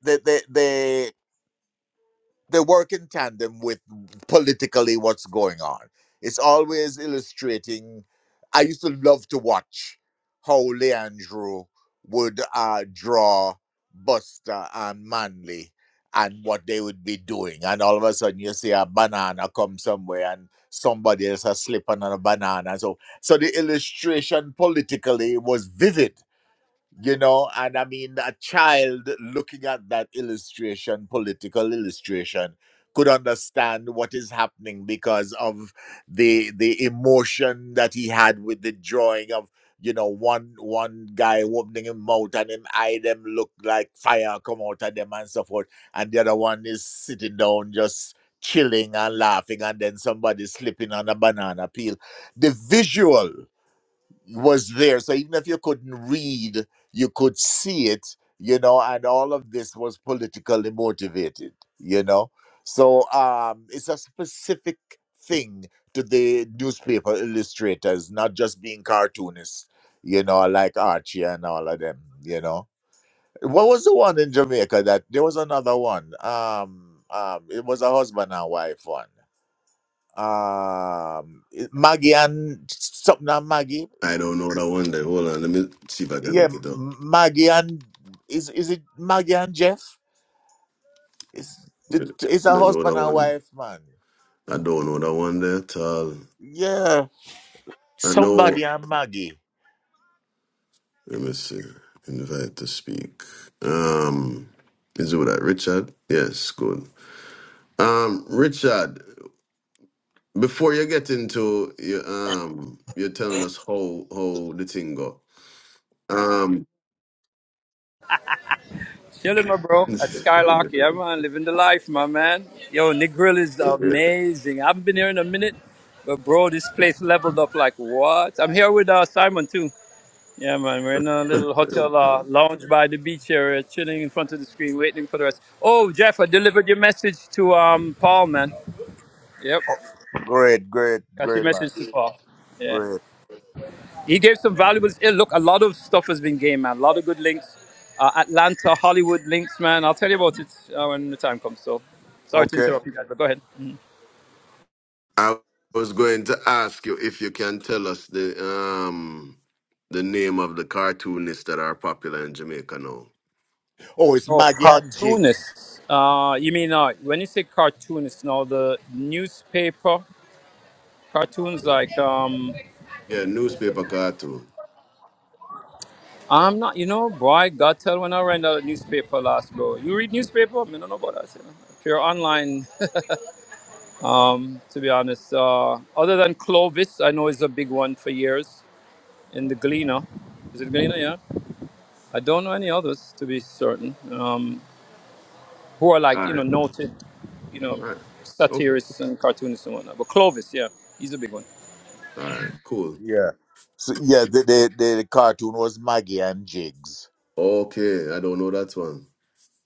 [SPEAKER 2] they they they, they work in tandem with politically what's going on. It's always illustrating. I used to love to watch how Leandro would uh, draw Buster and Manley and what they would be doing. And all of a sudden you see a banana come somewhere and somebody else has slipped on a banana. So so the illustration politically was vivid you know and i mean a child looking at that illustration political illustration could understand what is happening because of the the emotion that he had with the drawing of you know one one guy opening him mouth and him eye them look like fire come out of them and so forth and the other one is sitting down just chilling and laughing and then somebody slipping on a banana peel the visual was there. So even if you couldn't read, you could see it, you know, and all of this was politically motivated, you know. So um, it's a specific thing to the newspaper illustrators, not just being cartoonists, you know, like Archie and all of them, you know. What was the one in Jamaica that there was another one? Um, um, it was a husband and wife one. Um, Maggie and something and Maggie.
[SPEAKER 1] I don't know that one there. Hold on, let me see if I can
[SPEAKER 2] yeah,
[SPEAKER 1] look
[SPEAKER 2] M-
[SPEAKER 1] it up.
[SPEAKER 2] Maggie and is is it Maggie and Jeff? It's the-
[SPEAKER 1] I
[SPEAKER 2] it's a
[SPEAKER 1] don't know that
[SPEAKER 2] husband and
[SPEAKER 1] one.
[SPEAKER 2] wife, man.
[SPEAKER 1] I don't know that one there at all.
[SPEAKER 2] Yeah,
[SPEAKER 1] I
[SPEAKER 2] somebody
[SPEAKER 1] know.
[SPEAKER 2] and Maggie.
[SPEAKER 1] Let me see. Invite to speak. Um, is it with that Richard? Yes, good. Um, Richard, before you get into your um, you're telling us how how the thing go. Um,
[SPEAKER 5] Chilling, my bro,
[SPEAKER 1] [laughs]
[SPEAKER 5] at Skylark. Yeah, man, living the life, my man. Yo, Nick Grill is amazing. I haven't been here in a minute, but bro, this place leveled up like what? I'm here with uh, Simon too. Yeah, man, we're in a little hotel uh, lounge by the beach here, uh, chilling in front of the screen, waiting for the rest. Oh, Jeff, I delivered your message to um Paul, man. Yep,
[SPEAKER 2] Great, great,
[SPEAKER 5] got your
[SPEAKER 2] great, man.
[SPEAKER 5] message to Paul. Yeah.
[SPEAKER 2] Great.
[SPEAKER 5] He gave some valuables. eh, Look, a lot of stuff has been gained, man. A lot of good links. Uh, Atlanta, Hollywood links, man. I'll tell you about it uh, when the time comes. So, sorry to
[SPEAKER 2] Okay.
[SPEAKER 5] interrupt you guys, but go ahead.
[SPEAKER 1] I was going to ask you if you can tell us the um the name of the cartoonists that are popular in Jamaica now.
[SPEAKER 2] Oh, it's
[SPEAKER 5] Oh,
[SPEAKER 2] Maggie and Jigs.
[SPEAKER 5] cartoonists. Uh, you mean uh, when you say cartoonists? Now the newspaper cartoons, like um,
[SPEAKER 1] Yeah, newspaper cartoon.
[SPEAKER 5] I'm not. You know, boy, God tell when I read the newspaper last, bro. You read newspaper? I mean, I don't know about that. You know? If you're online, [laughs] to be honest, uh, other than Clovis, I know is a big one for years. in the Galena. Is it Galena? Yeah. I don't know any others to be certain. Um, who are like you know noted, you know,
[SPEAKER 1] All right. Okay.
[SPEAKER 5] satirists and cartoonists and whatnot. But Clovis, yeah, he's a big one.
[SPEAKER 1] All right. Cool.
[SPEAKER 2] Yeah. So yeah, the the, the cartoon was Maggie and Jigs.
[SPEAKER 1] Okay. I don't know that one.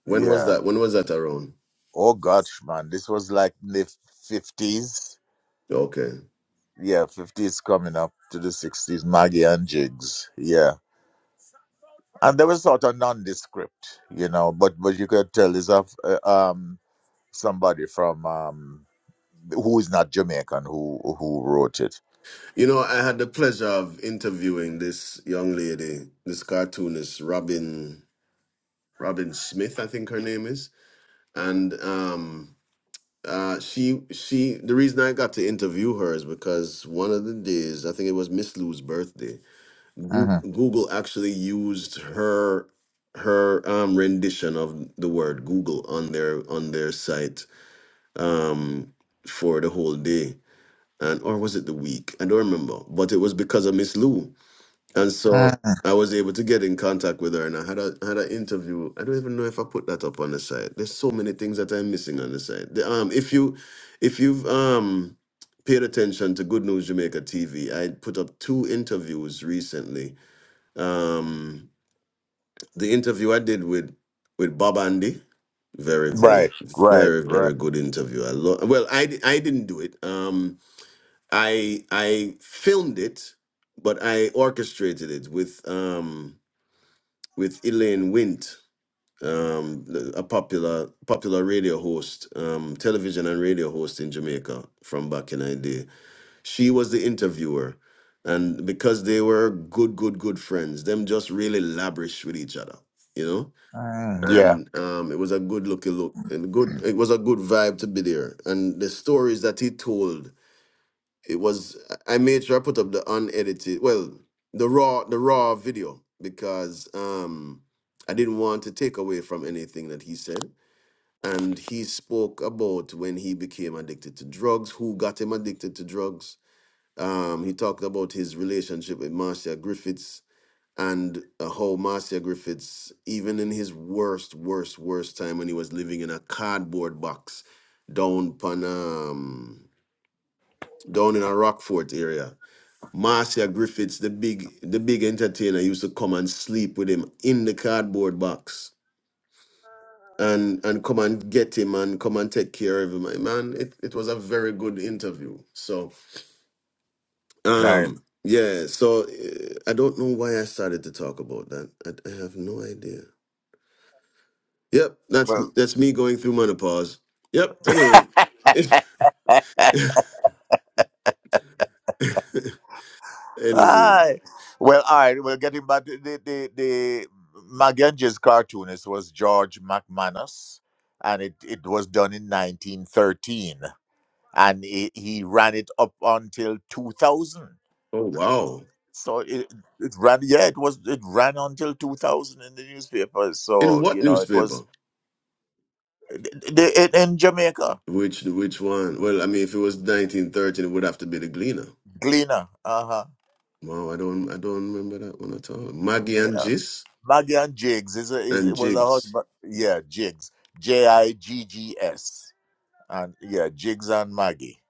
[SPEAKER 1] When was
[SPEAKER 2] Yeah.
[SPEAKER 1] that? When was that around?
[SPEAKER 2] Oh gosh, man, this was like the fifties.
[SPEAKER 1] Okay.
[SPEAKER 2] Yeah, fifties coming up to the sixties. Maggie and Jigs. Yeah. and they were sort of nondescript, you know. But but you could tell is of uh, um somebody from um who is not Jamaican who who wrote it.
[SPEAKER 1] You know, I had the pleasure of interviewing this young lady, this cartoonist, Robin Robin Smith, I think her name is. And um uh she she the reason I got to interview her is because one of the days, I think it was Miss Lou's birthday, Goo-
[SPEAKER 2] hmm
[SPEAKER 1] Google actually used her her um, rendition of the word Google on their on their site um, for the whole day, and or was it the week? I don't remember, but it was because of Miss Lou, and so I was able to get in contact with her, and I had a had an interview. I don't even know if I put that up on the site. There's so many things that I'm missing on the site. The, um, if you if you've um paid attention to Good News Jamaica TV, I put up two interviews recently um, the interview I did with with Bob Andy, very, very,
[SPEAKER 2] Right, right,
[SPEAKER 1] very,
[SPEAKER 2] right.
[SPEAKER 1] very good interview. I lo- well, I di- I didn't do it. Um, I I filmed it, but I orchestrated it with um with Elaine Wint, um, the- a popular popular radio host, um, television and radio host in Jamaica from back in the day. She was the interviewer. And because they were good, good, good friends, them just really lavish with each other, you know?
[SPEAKER 2] Mm, yeah,
[SPEAKER 1] And um, it was a good looking look and good it was a good vibe to be there. And the stories that he told, it was I I made sure I put up the unedited well, the raw the raw video because um I didn't want to take away from anything that he said. And he spoke about when he became addicted to drugs, who got him addicted to drugs, um, he talked about his relationship with Marcia Griffiths and uh, how Marcia Griffiths, even in his worst, worst, worst time when he was living in a cardboard box down pan, um, down in a Rockfort area, Marcia Griffiths, the big, the big entertainer, used to come and sleep with him in the cardboard box. And, and come and get him and come and take care of him. Hey, Man, it, it was a very good interview. So
[SPEAKER 2] nice.
[SPEAKER 1] Um, yeah, so uh, I don't know why I started to talk about that. I, I have no idea. Yep, that's
[SPEAKER 2] Well,
[SPEAKER 1] that's me going through menopause. Yep. Anyway. [laughs] anyway.
[SPEAKER 2] aye. Well, all right. Well, getting back to the the the Magenji's cartoonist was George McManus, and it it was done in 1913, and he he ran it up until 2000
[SPEAKER 1] Oh wow.
[SPEAKER 2] So it, it ran, yeah, it was, it ran until 2000 in the newspapers.
[SPEAKER 1] In
[SPEAKER 2] So,
[SPEAKER 1] what
[SPEAKER 2] you know, it
[SPEAKER 1] newspaper?
[SPEAKER 2] was they, in, in Jamaica,
[SPEAKER 1] Which which one? Well, I mean, if it was 1913, it would have to be the Gleaner.
[SPEAKER 2] Gleaner, uh huh,
[SPEAKER 1] Wow, I don't I don't remember that one at all. Maggie and
[SPEAKER 2] yeah.
[SPEAKER 1] Jis
[SPEAKER 2] Maggie and Jigs is, a, is it
[SPEAKER 1] and
[SPEAKER 2] was a
[SPEAKER 1] Jigs.
[SPEAKER 2] husband, yeah, Jigs, J I G G S, and yeah, Jigs and Maggie,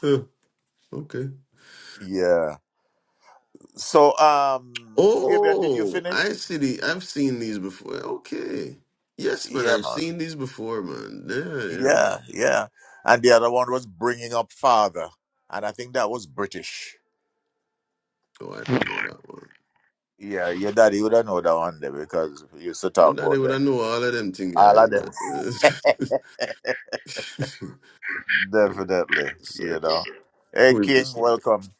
[SPEAKER 1] Huh, okay.
[SPEAKER 2] yeah. So, um, Fabian, did you
[SPEAKER 1] Oh,
[SPEAKER 2] finish?
[SPEAKER 1] I see the. I've seen these before. Okay. Yes, man.
[SPEAKER 2] Yeah,
[SPEAKER 1] I've
[SPEAKER 2] man,
[SPEAKER 1] seen these before, man. Yeah, yeah.
[SPEAKER 2] yeah, yeah. And the other one was Bringing Up Father, and I think that was British.
[SPEAKER 1] Oh, I don't know that one.
[SPEAKER 2] Yeah, your daddy would have know that one day because we used to
[SPEAKER 1] But
[SPEAKER 2] talk
[SPEAKER 1] that they
[SPEAKER 2] about
[SPEAKER 1] would I
[SPEAKER 2] that.
[SPEAKER 1] know all of them thing
[SPEAKER 2] All
[SPEAKER 1] guys.
[SPEAKER 2] of
[SPEAKER 1] man.
[SPEAKER 2] them.
[SPEAKER 1] [laughs]
[SPEAKER 2] [laughs] Definitely,
[SPEAKER 1] so
[SPEAKER 2] you know. Hey, King, welcome.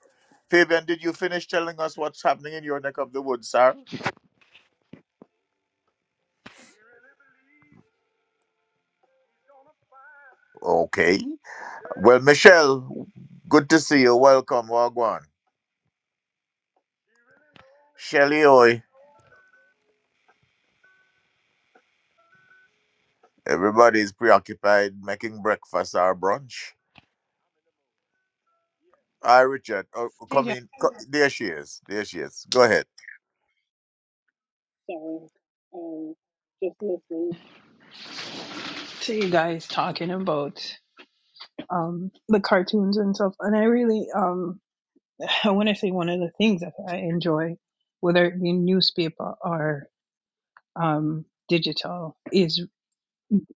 [SPEAKER 2] Fabian, did you finish telling us what's happening in your neck of the woods, sir? Okay. Well, Michelle, good to see you. Welcome, Wagwan. Shelly, oi. Everybody's preoccupied making breakfast or brunch. Hi, Richard. Oh,
[SPEAKER 6] Hey,
[SPEAKER 2] come
[SPEAKER 6] John.
[SPEAKER 2] in. Co- There she is. There she is. Go ahead.
[SPEAKER 6] Sorry. Um, just listening to you guys talking about um, the cartoons and stuff. And I really, um, [sighs] I want to say one of the things that I enjoy, whether it be newspaper or um, digital, is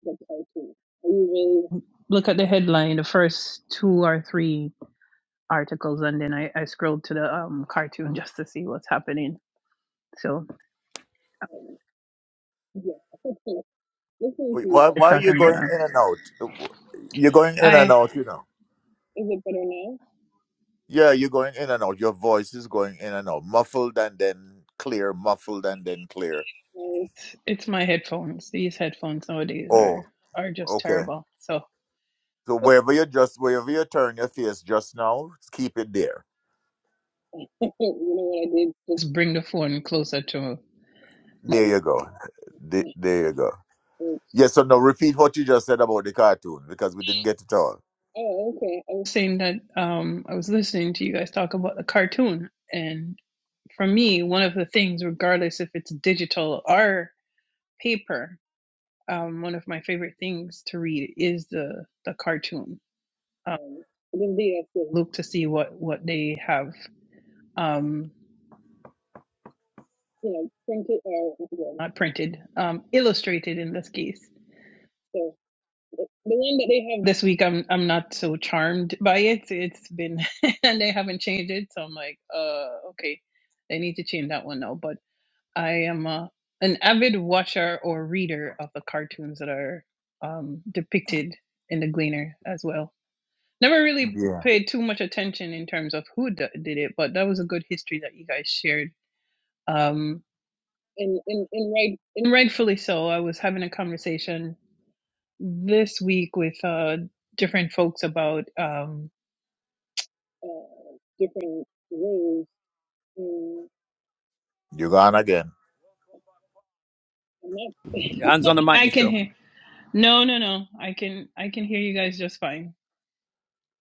[SPEAKER 6] the cartoon. I usually look at the headline, the first two or three articles, and then I, I scroll to the um, cartoon just to see what's happening. So, um, yeah, [laughs] listening to
[SPEAKER 2] Wait, why,
[SPEAKER 6] you guys
[SPEAKER 2] why are you
[SPEAKER 6] talking about
[SPEAKER 2] going
[SPEAKER 6] that.
[SPEAKER 2] in and out? You're going in and
[SPEAKER 6] I
[SPEAKER 2] out, you know.
[SPEAKER 6] Is it better now?
[SPEAKER 2] Yeah, you're going in and out. Your voice is going in and out, muffled and then clear, muffled and then clear.
[SPEAKER 6] No, It's, it's my headphones. These headphones nowadays
[SPEAKER 2] Oh,
[SPEAKER 6] are are just
[SPEAKER 2] okay.
[SPEAKER 6] terrible. So
[SPEAKER 2] So
[SPEAKER 6] [laughs]
[SPEAKER 2] wherever you just wherever you turn your face just now, keep it there.
[SPEAKER 6] you know what I did? Just bring the phone closer to my my
[SPEAKER 2] There you go. The- There you go. Yes. so now repeat what you just said about the cartoon because we didn't get it all.
[SPEAKER 6] Oh, okay. I was saying that um, I was listening to you guys talk about the cartoon, and for me, one of the things, regardless if it's digital or paper, um, one of my favorite things to read is the the cartoon. Um, um, so- look to see what what they have. Um. you know, printed or well, not printed, um, illustrated in this case. So the one that they have this week, I'm I'm not so charmed by it. It's been [laughs] and they haven't changed it, so I'm like, uh, okay, they need to change that one now. But I am uh, an avid watcher or reader of the cartoons that are um, depicted in the Gleaner as well. Never really
[SPEAKER 2] Yeah.
[SPEAKER 6] paid too much attention in terms of who d- did it, but that was a good history that you guys shared. Um, and and and, right, and rightfully so. I was having a conversation this week with uh, different folks about um, uh, different roles. In,
[SPEAKER 2] You're gone again.
[SPEAKER 6] I'm [laughs]
[SPEAKER 5] Your hands on the mic,
[SPEAKER 6] I can
[SPEAKER 5] Michelle.
[SPEAKER 6] hear. No, no, no. I can I can hear you guys just fine.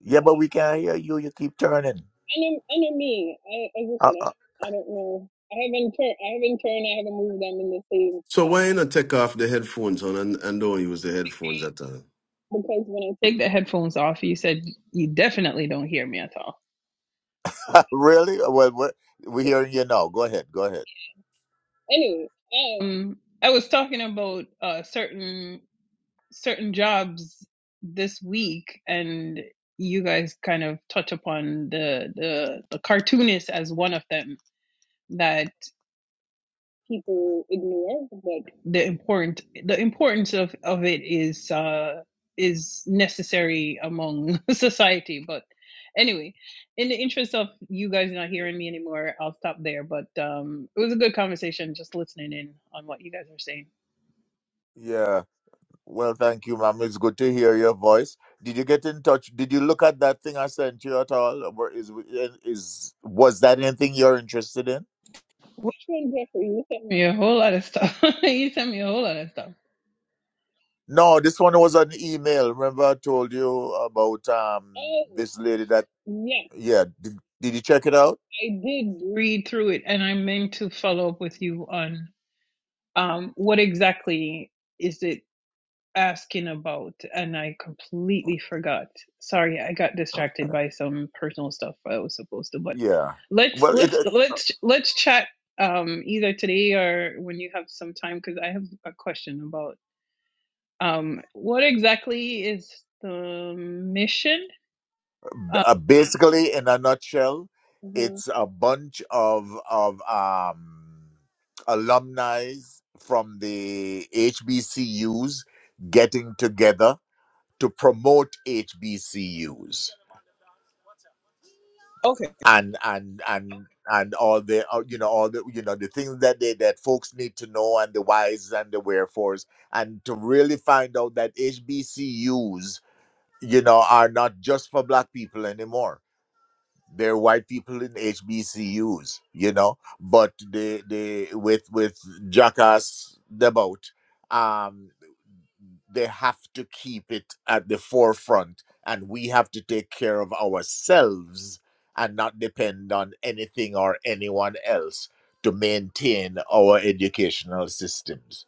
[SPEAKER 2] Yeah, but we can't hear you. You keep turning.
[SPEAKER 6] I know, I know me. I, as I
[SPEAKER 2] Uh,
[SPEAKER 6] said, I, I don't know. I haven't turned. I haven't turned. I haven't moved them in the same
[SPEAKER 1] so
[SPEAKER 6] spot
[SPEAKER 1] why you not take off the headphones on and, and don't use the headphones at all?
[SPEAKER 6] because when I take the headphones off, you said you definitely don't hear me at all.
[SPEAKER 2] uh, [laughs] really? Well, we're, we're hearing you now. Go ahead. Go ahead.
[SPEAKER 6] Anyway, um, I was talking about uh, certain certain jobs this week, and you guys kind of touch upon the the, the cartoonist as one of them. that people ignore, but the important the importance of of it is uh is necessary among [laughs] society but anyway in the interest of you guys not hearing me anymore i'll stop there but um it was a good conversation just listening in on what you guys are saying
[SPEAKER 2] Yeah. Well, thank you, ma'am. It's good to hear your voice. Did you get in touch? Did you look at that thing I sent you at all? Or is is was that anything you're interested in?
[SPEAKER 6] which one Jeffrey? You sent me. me a whole lot of stuff [laughs] you sent me a whole lot of stuff
[SPEAKER 2] No, this one was an email. Remember, I told you about um
[SPEAKER 6] Oh,
[SPEAKER 2] this lady that
[SPEAKER 6] yes,
[SPEAKER 2] yeah. Did, did you check it out?
[SPEAKER 6] I did read through it and i meant to follow up with you on um what exactly is it asking about, and I completely forgot. Sorry, I got distracted by some personal stuff I was supposed to. But
[SPEAKER 2] Yeah.
[SPEAKER 6] let's
[SPEAKER 2] Well, it
[SPEAKER 6] let's
[SPEAKER 2] it-
[SPEAKER 6] let's let's chat um, either today or when you have some time, because I have a question about um, what exactly is the mission? Uh,
[SPEAKER 2] Uh, basically, in a nutshell,
[SPEAKER 6] mhm.
[SPEAKER 2] it's a bunch of of um, alumni from the HBCUs getting together to promote HBCUs
[SPEAKER 6] Okay,
[SPEAKER 2] and and and and all the uh, you know all the you know the things that they that folks need to know and the whys and the wherefores and to really find out that HBCUs you know are not just for black people anymore They're white people in HBCUs, you know, but they they with with jackass them out. Um, they have to keep it at the forefront, and we have to take care of ourselves and not depend on anything or anyone else to maintain our educational systems.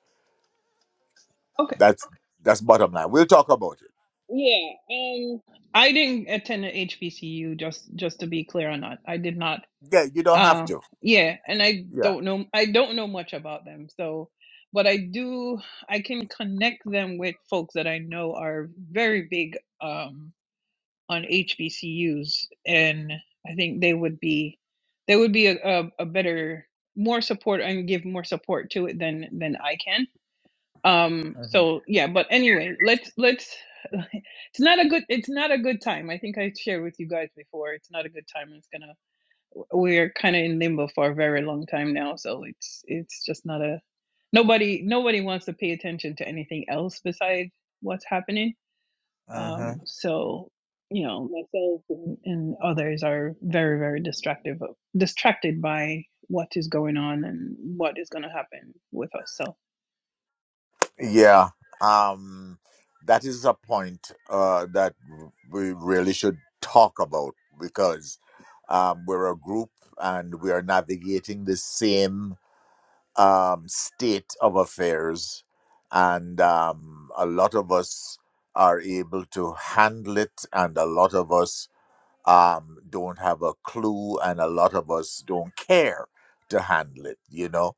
[SPEAKER 6] okay,
[SPEAKER 2] That's that's bottom line. We'll talk about it.
[SPEAKER 6] yeah. Um, I didn't attend a HBCU. Just just to be clear on that, I did not
[SPEAKER 2] Yeah, you don't have
[SPEAKER 6] Uh,
[SPEAKER 2] to.
[SPEAKER 6] yeah, and I
[SPEAKER 2] Yeah.
[SPEAKER 6] don't know I don't know much about them. So, but I do I can connect them with folks that I know are very big um on HBCUs and I think they would be they would be a, a, a better more support and give more support to it than than I can. Um
[SPEAKER 2] hmm
[SPEAKER 6] so yeah, but anyway, let's let's [laughs] it's not a good it's not a good time. I think I shared with you guys before. It's not a good time. It's gonna we're kind of in limbo for a very long time now so it's it's just not a nobody nobody wants to pay attention to anything else besides what's happening
[SPEAKER 2] hmm
[SPEAKER 6] um so you know myself and, and others are very very distractive distracted by what is going on and what is going to happen with us so
[SPEAKER 2] Yeah. Um, that is a point uh, that we really should talk about because um, we're a group and we are navigating the same um, state of affairs, and um, a lot of us are able to handle it, and a lot of us um, don't have a clue, and a lot of us don't care to handle it. You know,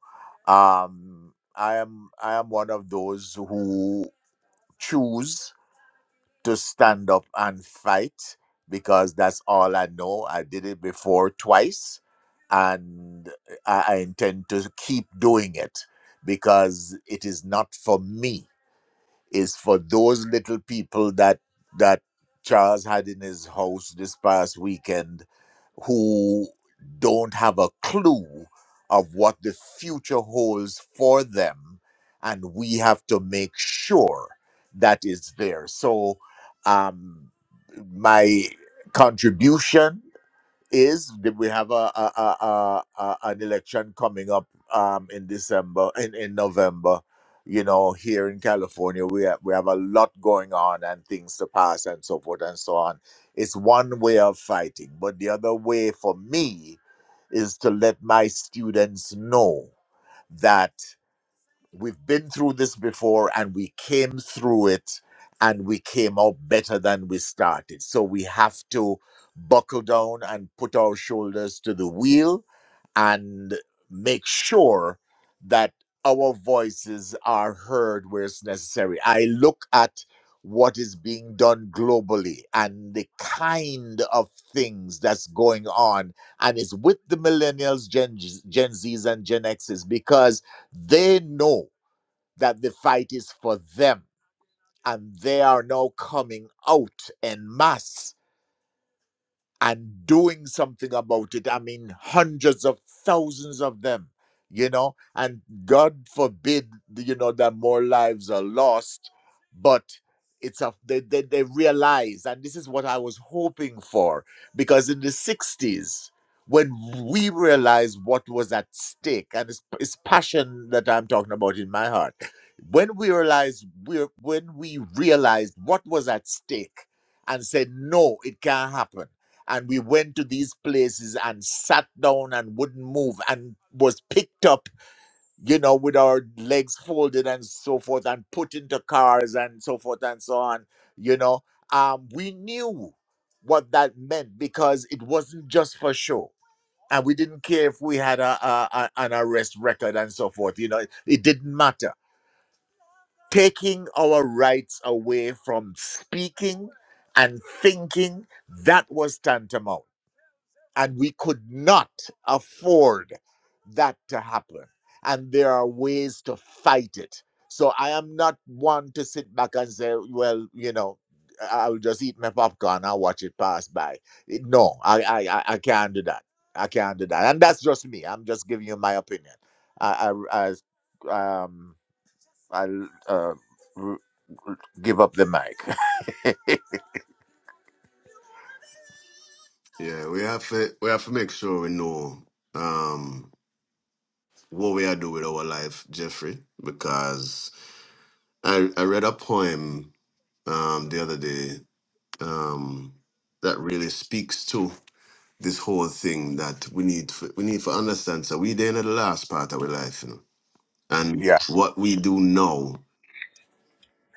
[SPEAKER 2] um, I am I am one of those who choose to stand up and fight because that's all I know. I did it before twice and I, I intend to keep doing it because it is not for me is for those little people that that Charles had in his house this past weekend who don't have a clue of what the future holds for them and we have to make sure that is there so um my contribution is that we have a, a, a, a, a an election coming up um in December in, in November. You know, here in California, we have, we have a lot going on and things to pass and so forth and so on. It's one way of fighting, but the other way for me is to let my students know that. We've been through this before and we came through it and we came out better than we started. So we have to buckle down and put our shoulders to the wheel and make sure that our voices are heard where it's necessary. I look at what is being done globally and the kind of things that's going on and it's with the millennials, Gen, Gen Zs, and Gen Xs because they know that the fight is for them and they are now coming out en masse and doing something about it. I mean, hundreds of thousands of them, you know, and God forbid, you know, that more lives are lost, but it's a they, they, they realize, and this is what I was hoping for, because in the 60s, when we realized what was at stake, and it's, it's passion that I'm talking about in my heart, when we realized we're when we realized what was at stake and said, no, it can't happen and we went to these places and sat down and wouldn't move and was picked up you know with our legs folded and so forth and put into cars and so forth and so on you know um we knew what that meant because it wasn't just for show and we didn't care if we had a, a, a- an arrest record and so forth you know it, it didn't matter taking our rights away from speaking and thinking that was tantamount and we could not afford that to happen. And there are ways to fight it. So I am not one to sit back and say, well, you know, I- I'll just eat my popcorn and watch it pass by. It- No, I, I, I I can't do that. I can't do that. And that's just me. I'm just giving you my opinion. I, I, I, um, I uh, r- r- give up the mic.
[SPEAKER 1] Yeah, we have to we have to make sure we know um what we are doing with our life, Jeffrey, because I I read a poem um the other day um, that really speaks to this whole thing that we need for, we need to understand. So we there in the last part of our life, you know,
[SPEAKER 2] [laughs]
[SPEAKER 1] and
[SPEAKER 2] yeah,
[SPEAKER 1] what we do now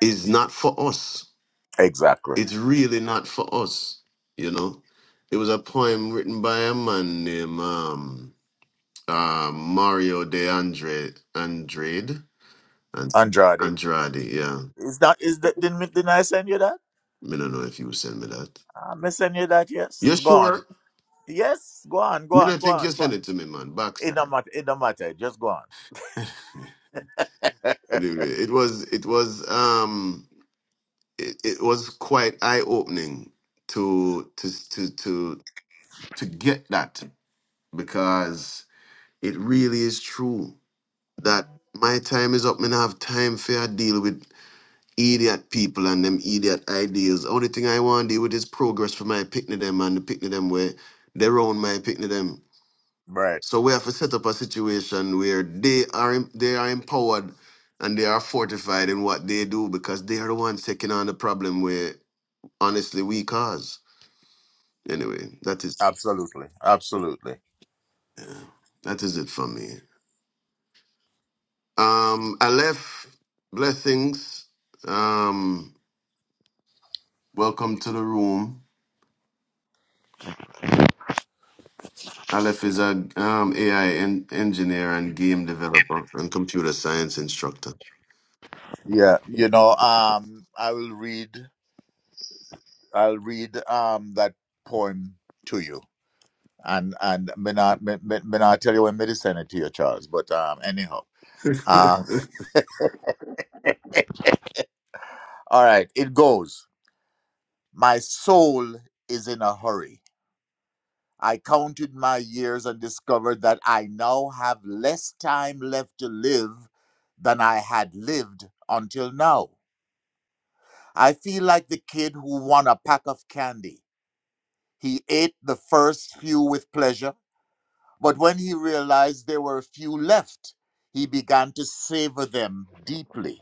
[SPEAKER 1] is not for us.
[SPEAKER 2] exactly.
[SPEAKER 1] It's really not for us, you know. It was a poem written by a man named um, uh, Mario de Andre Andrade and
[SPEAKER 2] Andrade.
[SPEAKER 1] Andrade. Yeah,
[SPEAKER 2] Is that is that didn't, didn't I send you that?
[SPEAKER 1] me don't know if you send me that.
[SPEAKER 2] I'm send you that, yes.
[SPEAKER 1] You
[SPEAKER 2] Go on.
[SPEAKER 1] sure?
[SPEAKER 2] Yes, go on, go
[SPEAKER 1] Me
[SPEAKER 2] on,
[SPEAKER 1] not
[SPEAKER 2] go
[SPEAKER 1] think
[SPEAKER 2] on,
[SPEAKER 1] you
[SPEAKER 2] go on.
[SPEAKER 1] send it to me, man.
[SPEAKER 2] It
[SPEAKER 1] Backside.
[SPEAKER 2] don't matter, it don't matter. Just go on. [laughs]
[SPEAKER 1] It it was it was um it, it was quite eye opening to to to to to get that because it really is true that my time is up and I have time for I deal with idiot people and them idiot ideas. Only thing I want to deal with is progress for my picnic them and the picnic them where they're my picnic them.
[SPEAKER 2] Right.
[SPEAKER 1] So we have to set up a situation where they are em- they are empowered and they are fortified in what they do because they are the ones taking on the problem where honestly we cause. Anyway, that is
[SPEAKER 2] Absolutely. Absolutely.
[SPEAKER 1] yeah, that is it for me. Um Aleph, blessings. Um welcome to the room. Aleph is a um, AI en- engineer and game developer and computer science instructor.
[SPEAKER 2] Yeah. You know, um I will read I'll read um that poem to you. And and may not may, may may not tell you when may send it to you, Charles. But um anyhow.
[SPEAKER 1] [laughs] yeah,
[SPEAKER 2] Um [laughs] all right, it goes. My soul is in a hurry. I counted my years and discovered that I now have less time left to live than I had lived until now. I feel like the kid who won a pack of candy. He ate the first few with pleasure, but when he realized there were few left, he began to savor them deeply.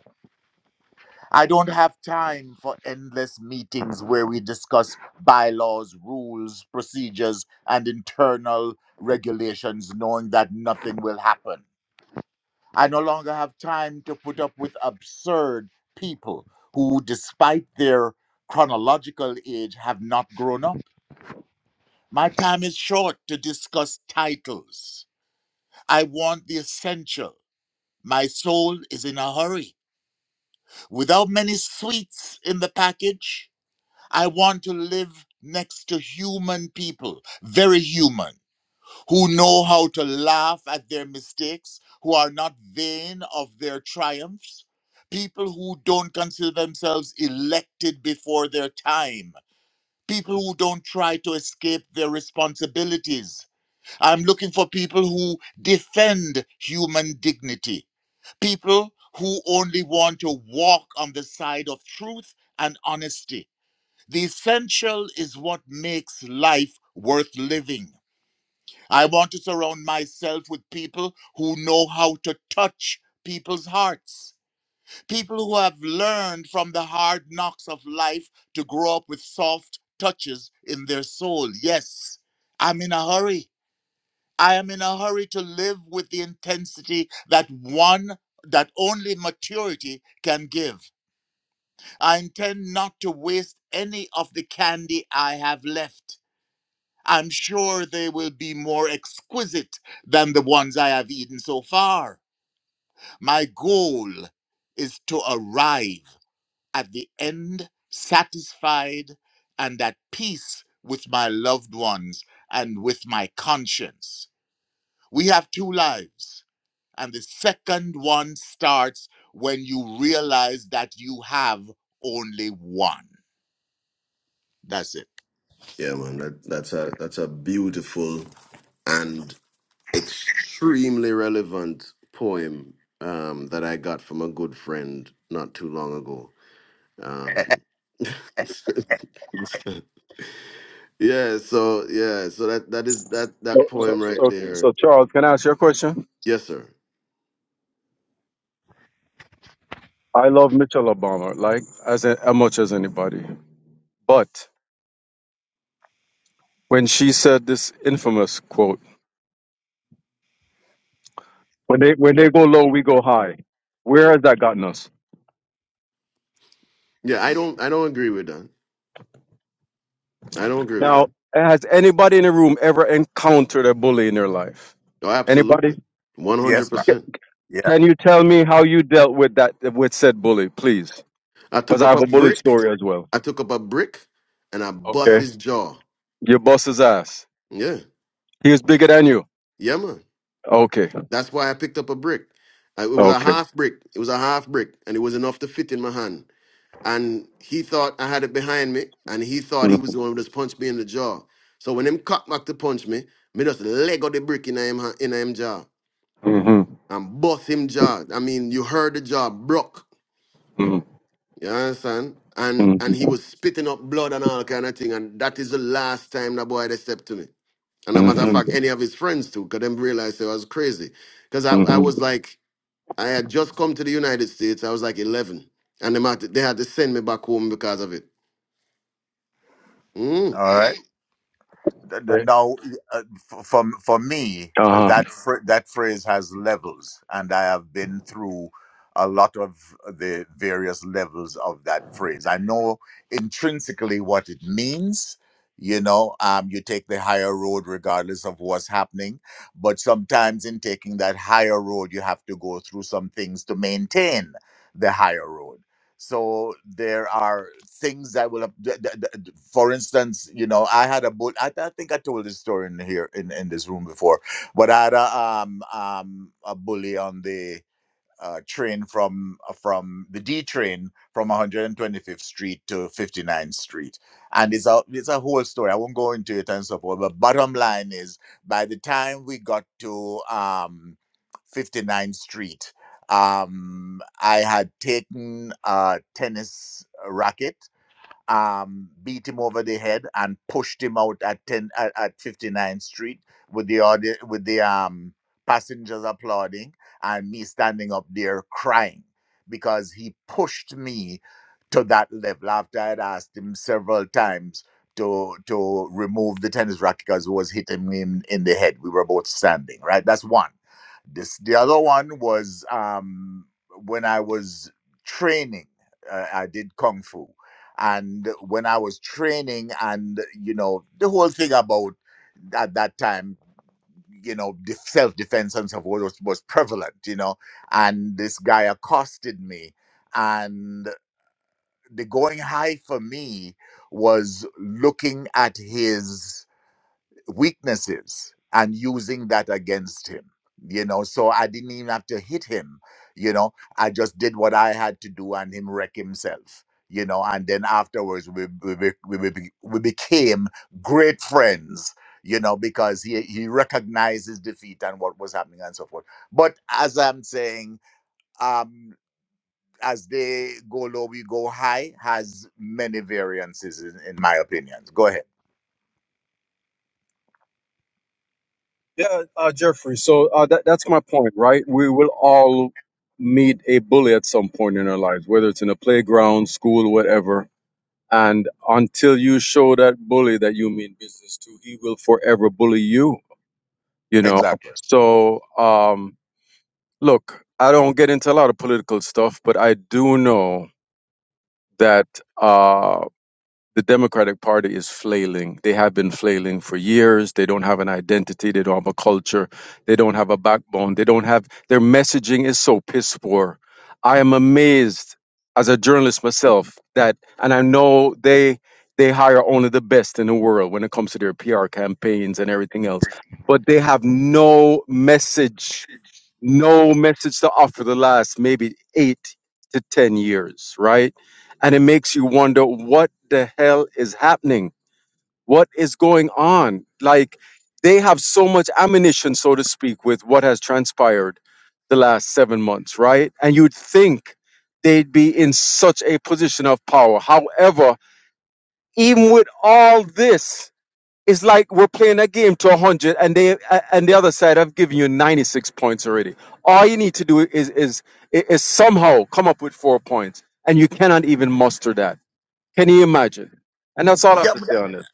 [SPEAKER 2] I don't have time for endless meetings where we discuss bylaws, rules, procedures, and internal regulations, knowing that nothing will happen. I no longer have time to put up with absurd people who, despite their chronological age, have not grown up. My time is short to discuss titles. I want the essential. My soul is in a hurry. Without many sweets in the package, I want to live next to human people, very human, who know how to laugh at their mistakes, who are not vain of their triumphs, people who don't consider themselves elected before their time. People who don't try to escape their responsibilities. I'm looking for people who defend human dignity. People who only want to walk on the side of truth and honesty the essential is what makes life worth living. I want to surround myself with people who know how to touch people's hearts. People who have learned from the hard knocks of life to grow up with soft touches in their soul. Yes, I'm in a hurry. I am in a hurry to live with the intensity that one that only maturity can give. I intend not to waste any of the candy I have left. I'm sure they will be more exquisite than the ones I have eaten so far. My goal is to arrive at the end satisfied and at peace with my loved ones and with my conscience. We have two lives, and the second one starts when you realize that you have only one. That's it.
[SPEAKER 1] man, that, that's a that's a beautiful and extremely relevant poem um, that I got from a good friend not too long ago. Um, [laughs] yeah, so yeah, so that that is that that
[SPEAKER 4] So, so,
[SPEAKER 1] poem right
[SPEAKER 4] so,
[SPEAKER 1] there.
[SPEAKER 4] so, Charles, can I ask you a question?
[SPEAKER 1] Yes, sir.
[SPEAKER 4] I love Michelle Obama, like as as much as anybody. But when she said this infamous quote, "When they when they go low, we go high," where has that gotten us?
[SPEAKER 1] Yeah, I don't I don't agree with that. I don't agree with
[SPEAKER 4] Now,
[SPEAKER 1] that.
[SPEAKER 4] has anybody in the room ever encountered a bully in their life?
[SPEAKER 1] Oh,
[SPEAKER 4] Anybody?
[SPEAKER 1] absolutely, one hundred
[SPEAKER 2] Yes, ma'am.
[SPEAKER 1] percent.
[SPEAKER 2] Yeah.
[SPEAKER 4] Can you tell me how you dealt with that with said bully, please?
[SPEAKER 1] I
[SPEAKER 4] Because
[SPEAKER 1] took
[SPEAKER 4] I
[SPEAKER 1] up
[SPEAKER 4] have
[SPEAKER 1] a
[SPEAKER 4] a bullet
[SPEAKER 1] brick.
[SPEAKER 4] story as well.
[SPEAKER 1] I took up a brick, and I bust
[SPEAKER 4] Okay.
[SPEAKER 1] his jaw.
[SPEAKER 4] Your boss's ass.
[SPEAKER 1] Yeah,
[SPEAKER 4] He was bigger than you.
[SPEAKER 1] yeah, man.
[SPEAKER 4] Okay.
[SPEAKER 1] That's why I picked up a brick. Uh, It was a
[SPEAKER 4] Okay.
[SPEAKER 1] half brick. It was a half brick, and it was enough to fit in my hand. And he thought I had it behind me, and he thought he was going to just punch me in the jaw. So when him cock back to punch me, me just leg out the brick in him ha- in him jaw
[SPEAKER 4] Mm-hmm.
[SPEAKER 1] and bust him jaw. I mean, you heard the jaw broke.
[SPEAKER 4] Mm-hmm.
[SPEAKER 1] You understand? And and he
[SPEAKER 4] hmm
[SPEAKER 1] was spitting up blood and all kind of thing. And that is the last time that boy they stepped to me. And a matter of fact,
[SPEAKER 4] hmm
[SPEAKER 1] any of his friends too, because them realized I was crazy. Because I, I
[SPEAKER 4] hmm
[SPEAKER 1] was like, I had just come to the United States. I was like 11, and they had to, they had to send me back home because of it. Mm.
[SPEAKER 2] All right. Th- th-
[SPEAKER 4] Okay.
[SPEAKER 2] Now, uh, f- for for me,
[SPEAKER 4] Uh-huh.
[SPEAKER 2] that phr- that phrase has levels, and I have been through a lot of the various levels of that phrase. I know intrinsically what it means. You know, um, you take the higher road regardless of what's happening, but sometimes in taking that higher road, you have to go through some things to maintain the higher road so there are things that will ap- th- th- th- for instance you know i had a bull I, I think i told this story in here in, in this room before but i had a um um a bully on the uh, train from uh, from the D train from 125th Street to 59th Street, and it's a it's a whole story. I won't go into it and so forth. But bottom line is, by the time we got to um, 59th Street, um, I had taken a tennis racket um, beat him over the head and pushed him out at 10 at, at 59th Street with the audi- with the um, passengers applauding and me standing up there crying because he pushed me to that level after I'd asked him several times to to remove the tennis racket because it was hitting me in, in the head. We were both standing, right? That's one. This the other one was um, when I was training. Uh, I did kung fu, and when I was training, and you know the whole thing about at that time, you know, self defense and so forth was, was prevalent. You know, and this guy accosted me, and the going high for me was looking at his weaknesses and using that against him you know so i didn't even have to hit him you know i just did what i had to do and him wreck himself you know and then afterwards we we, be- we, be- we became great friends you know because he he recognized his defeat and what was happening and so forth but as i'm saying um as they go low we go high has many variances in, in my opinions go ahead
[SPEAKER 4] Yeah, uh, Jeffrey. So uh, that, that's my point, right? We will all meet a bully at some point in our lives, whether it's in a playground, school, whatever. And until you show that bully that you mean business to, he will forever bully you. You know.
[SPEAKER 2] exactly
[SPEAKER 4] So, um, Look, I don't get into a lot of political stuff, but I do know that uh, the Democratic Party is flailing. They have been flailing for years. They don't have an identity. They don't have a culture. They don't have a backbone. They don't have their messaging is so piss poor. I am amazed as a journalist myself that, and I know they they hire only the best in the world when it comes to their PR campaigns and everything else, but they have no message no message to offer the last maybe eight to 10 years, right? And it makes you wonder what the hell is happening? What is going on? Like they have so much ammunition, so to speak, with what has transpired the last seven months, right? And you'd think they'd be in such a position of power. However, even with all this, it's like we're playing a game to 100 and they uh, and the other side have given you 96 points already all you need to do is is is somehow come up with four points and you cannot even muster that can you imagine and that's all i have
[SPEAKER 2] Yeah.
[SPEAKER 4] to say on this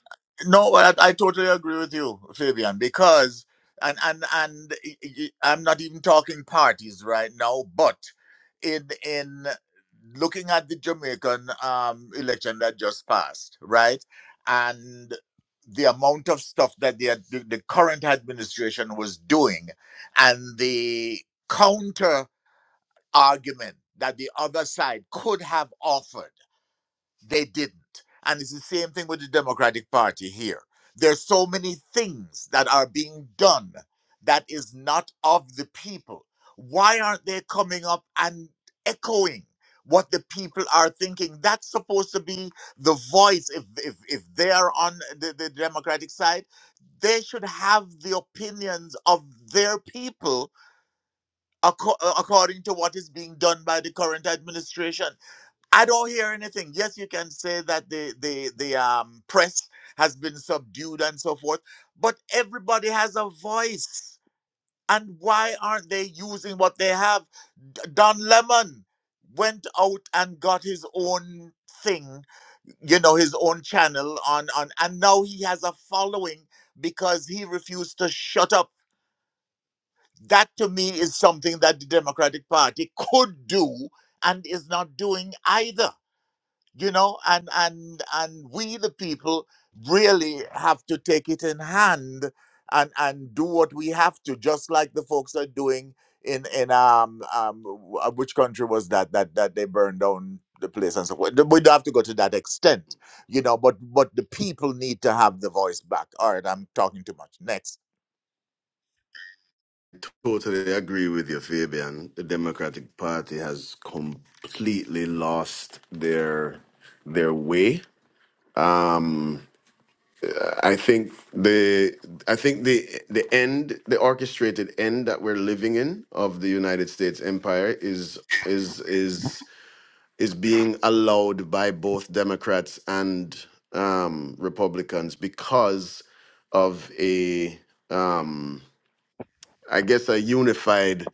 [SPEAKER 2] No, but I, I totally agree with you, Fabian, because and and and y- y- I'm not even talking parties right now, but in in looking at the Jamaican um, election that just passed, right, and the amount of stuff that the ad- the the current administration was doing, and the counter argument that the other side could have offered they didn't. And it's the same thing with the Democratic Party here. There's so many things that are being done that is not of the people. Why aren't they coming up and echoing what the people are thinking? That's supposed to be the voice. If if, if they are on the, the Democratic side, they should have the opinions of their people acco- uh, according to what is being done by the current administration. I don't hear anything. Yes, you can say that the the the um press has been subdued and so forth, but everybody has a voice. And why aren't they using what they have? D- Don Lemon went out and got his own thing, you know, his own channel on on and now he has a following because he refused to shut up. That to me is something that the Democratic Party could do and is not doing either you know and and and we the people really have to take it in hand and and do what we have to just like the folks are doing in in um um w- uh, which country was that that that they burned down the place and so forth. we don't have to go to that extent you know but but the people need to have the voice back all right i'm talking too much next
[SPEAKER 1] Totally agree with you, Fabian. The Democratic Party has completely lost their their way. Um, I think the I think the the end, the orchestrated end that we're living in of the United States empire is is is is being allowed by both Democrats and um, Republicans because of a, um, I guess, a unified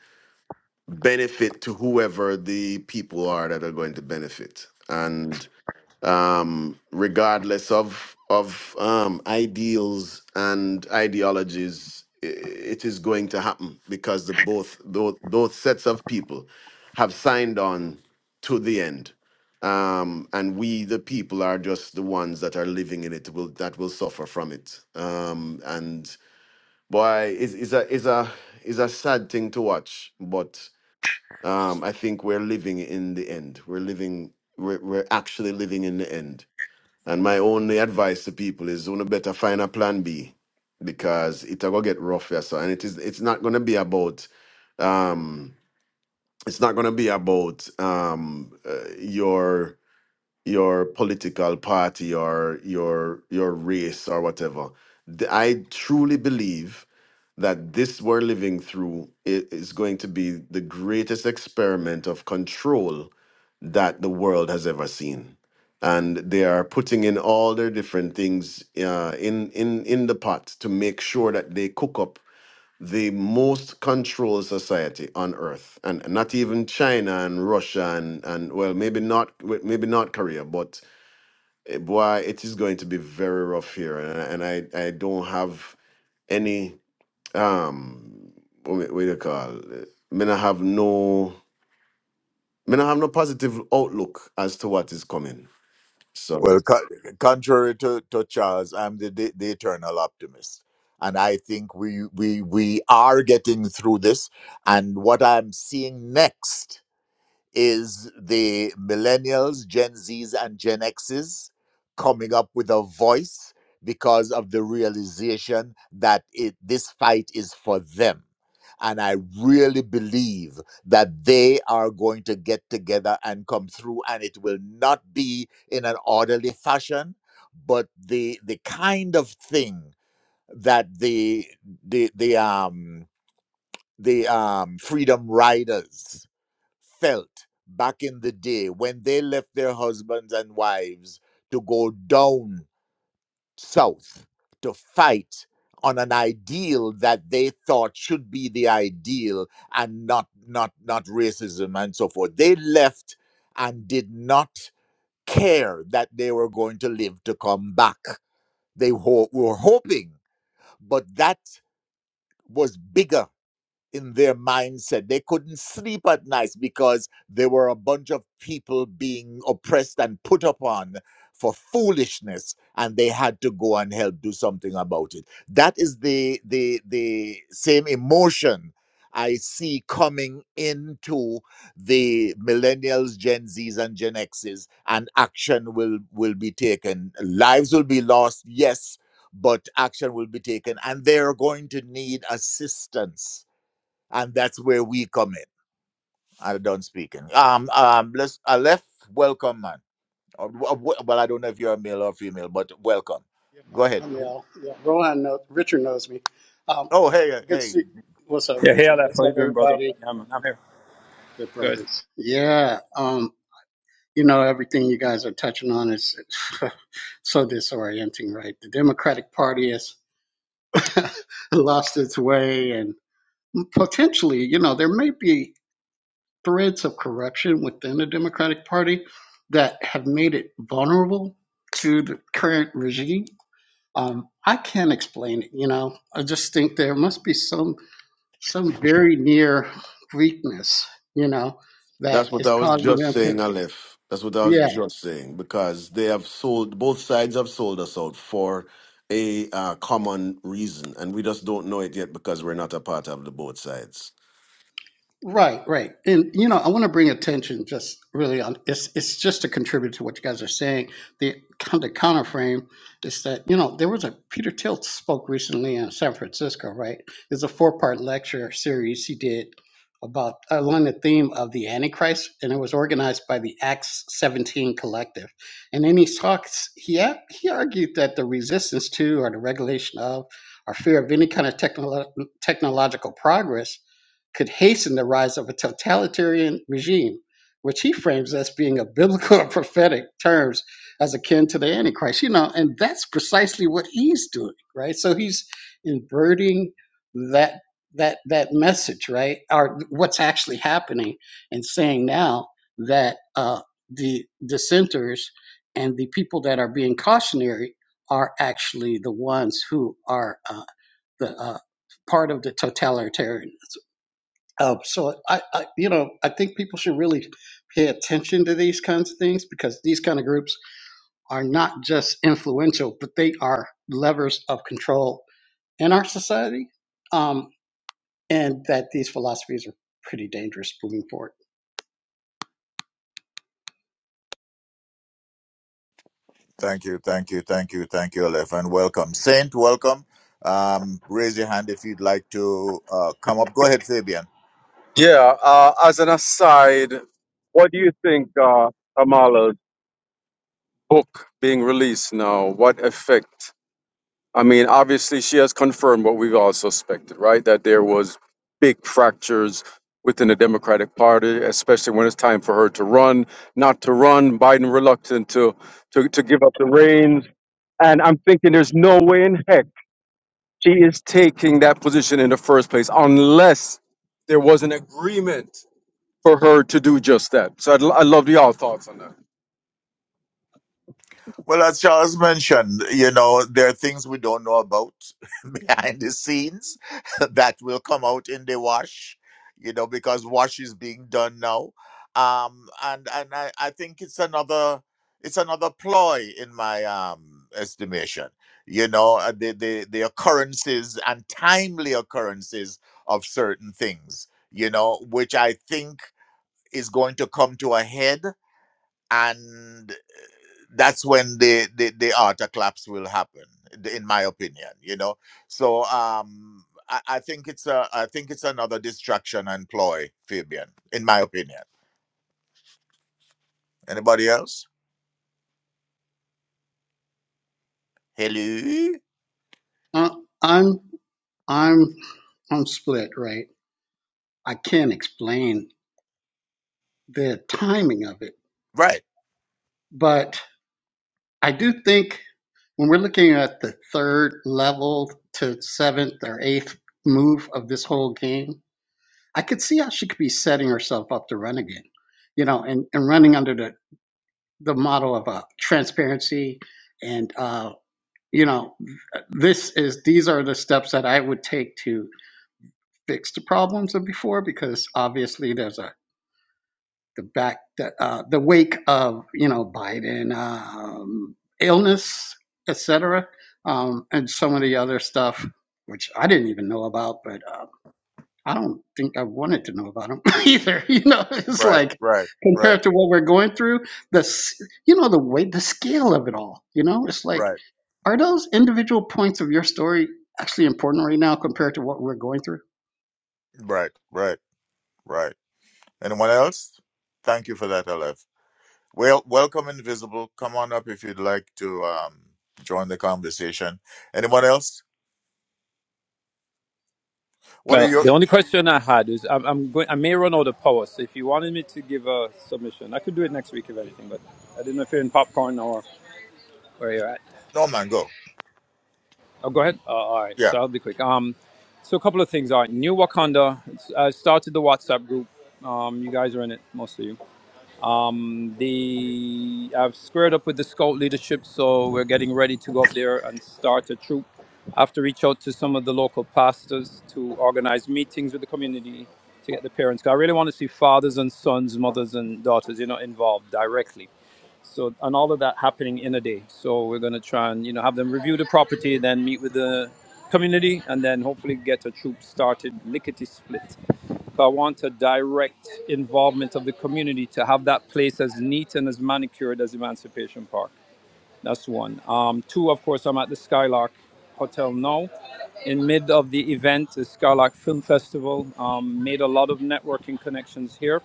[SPEAKER 1] benefit to whoever the people are that are going to benefit. And um, regardless of of um, ideals and ideologies, i- it is going to happen because the both those, those sets of people have signed on to the end, um, and we the people are just the ones that are living in it will that will suffer from it. Um, and boy, is is a is a is a sad thing to watch, but um, I think we're living in the end. We're living. We're, we're actually living in the end and my only advice to people is you better find a plan B because it'll go get rough yeah, so and it is it's not gonna be about um it's not gonna be about um uh, your your political party or your your race or whatever. The- I truly believe that this we're living through i- is going to be the greatest experiment of control that the world has ever seen. And they are putting in all their different things uh, in in in the pot to make sure that they cook up the most controlled society on earth and not even china and russia and, and well maybe not w- maybe not korea but eh, boy it is going to be very rough here and, and i i don't have any um what, what do you call it? me i have no me i have no positive outlook as to what is coming so
[SPEAKER 2] Well, co- contrary to, to Charles, I'm the, the, the eternal optimist. And I think we, we, we are getting through this. And what I'm seeing next is the millennials, Gen Zs, and Gen Xs coming up with a voice because of the realization that it, this fight is for them. And I really believe that they are going to get together and come through, and it will not be in an orderly fashion, but the the kind of thing that the the the um the um freedom riders felt back in the day when they left their husbands and wives to go down south to fight on an ideal that they thought should be the ideal and not not not racism and so forth they left and did not care that they were going to live to come back they ho- were hoping but that was bigger in their mindset. They couldn't sleep at night because there were a bunch of people being oppressed and put upon for foolishness, and they had to go and help do something about it. That is the the the same emotion I see coming into the millennials, Gen Zs, and Gen Xs, and action will will be taken. Lives will be lost, yes, but action will be taken, and they are going to need assistance and that's where we come in. I'm done speaking. Um, um, let's. I left. Welcome, man. Uh, w- uh, w- Well, I don't know if you're a male or female, but welcome.
[SPEAKER 7] Yeah,
[SPEAKER 2] Go ahead.
[SPEAKER 7] I'm
[SPEAKER 2] Who-
[SPEAKER 7] Al. Yeah, Rohan, knows, Richard knows me. Um,
[SPEAKER 2] Oh, hey, uh,
[SPEAKER 7] good to
[SPEAKER 2] hey.
[SPEAKER 7] see. What's up,
[SPEAKER 5] Yeah, hey
[SPEAKER 7] Richard?
[SPEAKER 5] Aleph,
[SPEAKER 7] What's
[SPEAKER 5] how you
[SPEAKER 7] up,
[SPEAKER 5] doing, brother?
[SPEAKER 7] everybody?
[SPEAKER 5] Yeah, man, I'm here.
[SPEAKER 7] Good
[SPEAKER 5] Good.
[SPEAKER 7] brothers. Yeah. Um, you know, everything you guys are touching on is [laughs] so disorienting, right? The Democratic Party has [laughs] lost its way, and potentially, you know, there may be threads of corruption within the Democratic Party that have made it vulnerable to the current regime Um, I can't explain it, you know. I just think there must be some some very near weakness, you know, that
[SPEAKER 1] That's what
[SPEAKER 7] is
[SPEAKER 1] I was
[SPEAKER 7] causing
[SPEAKER 1] just
[SPEAKER 7] them
[SPEAKER 1] saying,
[SPEAKER 7] to.
[SPEAKER 1] Aleph. That's what I
[SPEAKER 7] yeah.
[SPEAKER 1] was just saying because they have sold both sides have sold us out for a uh, common reason, and we just don't know it yet because we're not a part of the both sides.
[SPEAKER 7] Right, right. And you know, I want to bring attention just really on it's it's just to contribute to what you guys are saying. The the counter frame is that, you know, there was a Peter Tilt spoke recently in San Francisco, right? It's a four-part lecture series he did about along the theme of the Antichrist, and it was organized by the Acts 17 collective. And in his talks, he a- he argued that the resistance to or the regulation of or fear of any kind of technolo- technological progress could hasten the rise of a totalitarian regime, which he frames as being a biblical or prophetic terms as akin to the Antichrist. You know, and that's precisely what he's doing, right? So he's inverting that that that message, right? Or what's actually happening and saying now that uh the dissenters and the people that are being cautionary are actually the ones who are uh, the uh, part of the totalitarianism. Um, so I, I, you know, I think people should really pay attention to these kinds of things because these kind of groups are not just influential, but they are levers of control in our society, um, and that these philosophies are pretty dangerous moving forward.
[SPEAKER 2] Thank you, thank you, thank you, thank you, Aleph, and welcome, Saint. Welcome. Um, raise your hand if you'd like to uh, come up. Go ahead, Fabian.
[SPEAKER 4] yeah uh, as an aside what do you think uh, kamala's book being released now what effect I mean, obviously, she has confirmed what we've all suspected, right? That there was big fractures within the Democratic Party, especially when it's time for her to run, not to run. Biden reluctant to to, to give up the reins, and I'm thinking there's no way in heck she is taking that position in the first place unless there was an agreement for her to do just that. So I'd, I'd love y'all thoughts on that.
[SPEAKER 2] Well, as Charles mentioned, you know, there are things we don't know about [laughs] behind the scenes [laughs] that will come out in the wash, you know, because wash is being done now. Um, and and I, I think it's another it's another ploy in my um estimation. You know, uh, the, the the occurrences and timely occurrences of certain things, you know, which I think is going to come to a head and that's when the the, the outer collapse will happen th- in my opinion you know so um I, I think it's a i think it's another distraction and ploy fabian in my opinion anybody else hello
[SPEAKER 7] Uh, I'm, I'm, I'm split. Right, I can't explain the timing of it,
[SPEAKER 2] right
[SPEAKER 7] but I do think. when we're looking at the third level to seventh or eighth move of this whole game, I could see how she could be setting herself up to run again, you know, and, and running under the, the model of uh, transparency and, uh, you know, this is these are the steps that I would take to fix the problems of before because obviously there's a the back the, uh, the wake of you know Biden um, illness, etc., um, and some of the other stuff which I didn't even know about, but um, I don't think I wanted to know about them [laughs] either. You know, [laughs] it's
[SPEAKER 2] right
[SPEAKER 7] like
[SPEAKER 2] right right
[SPEAKER 7] compared to what we're going through, the s- you know the way the scale of it all. You know, it's like
[SPEAKER 2] right
[SPEAKER 7] are those individual points of your story actually important right now compared to what we're going through?
[SPEAKER 2] right right right anyone else thank you for that lf well welcome invisible come on up if you'd like to um join the conversation anyone else what are
[SPEAKER 5] Well,
[SPEAKER 2] your
[SPEAKER 5] the only question I had is I'm, I'm going. I may run out of power, so if you wanted me to give a submission, I could do it next week if anything. But I didn't know if you're in popcorn or where you're at.
[SPEAKER 2] no man go
[SPEAKER 5] Oh, go ahead. Uh, all right,
[SPEAKER 2] yeah
[SPEAKER 5] so I'll be quick. Um, so a couple of things. All right, New Wakanda. It's, I started the WhatsApp group. Um, you guys are in it, most of you. Um, the I've squared up with the scout leadership, so we're getting ready to go up there and start a troop. I have to reach out to some of the local pastors to organize meetings with the community to get the parents. 'Cause I really want to see fathers and sons, mothers and daughters, you know, involved directly so and all of that happening in a day. So we're gonna try and you know have them review the property, then meet with the community, and then hopefully get a troop started lickety split. But I want a direct involvement of the community to have that place as neat and as manicured as Emancipation Park. That's one. Um, two, of course, I'm at the Skylark Hotel now. In mid of the event, the Skylark Film Festival um, made a lot of networking connections here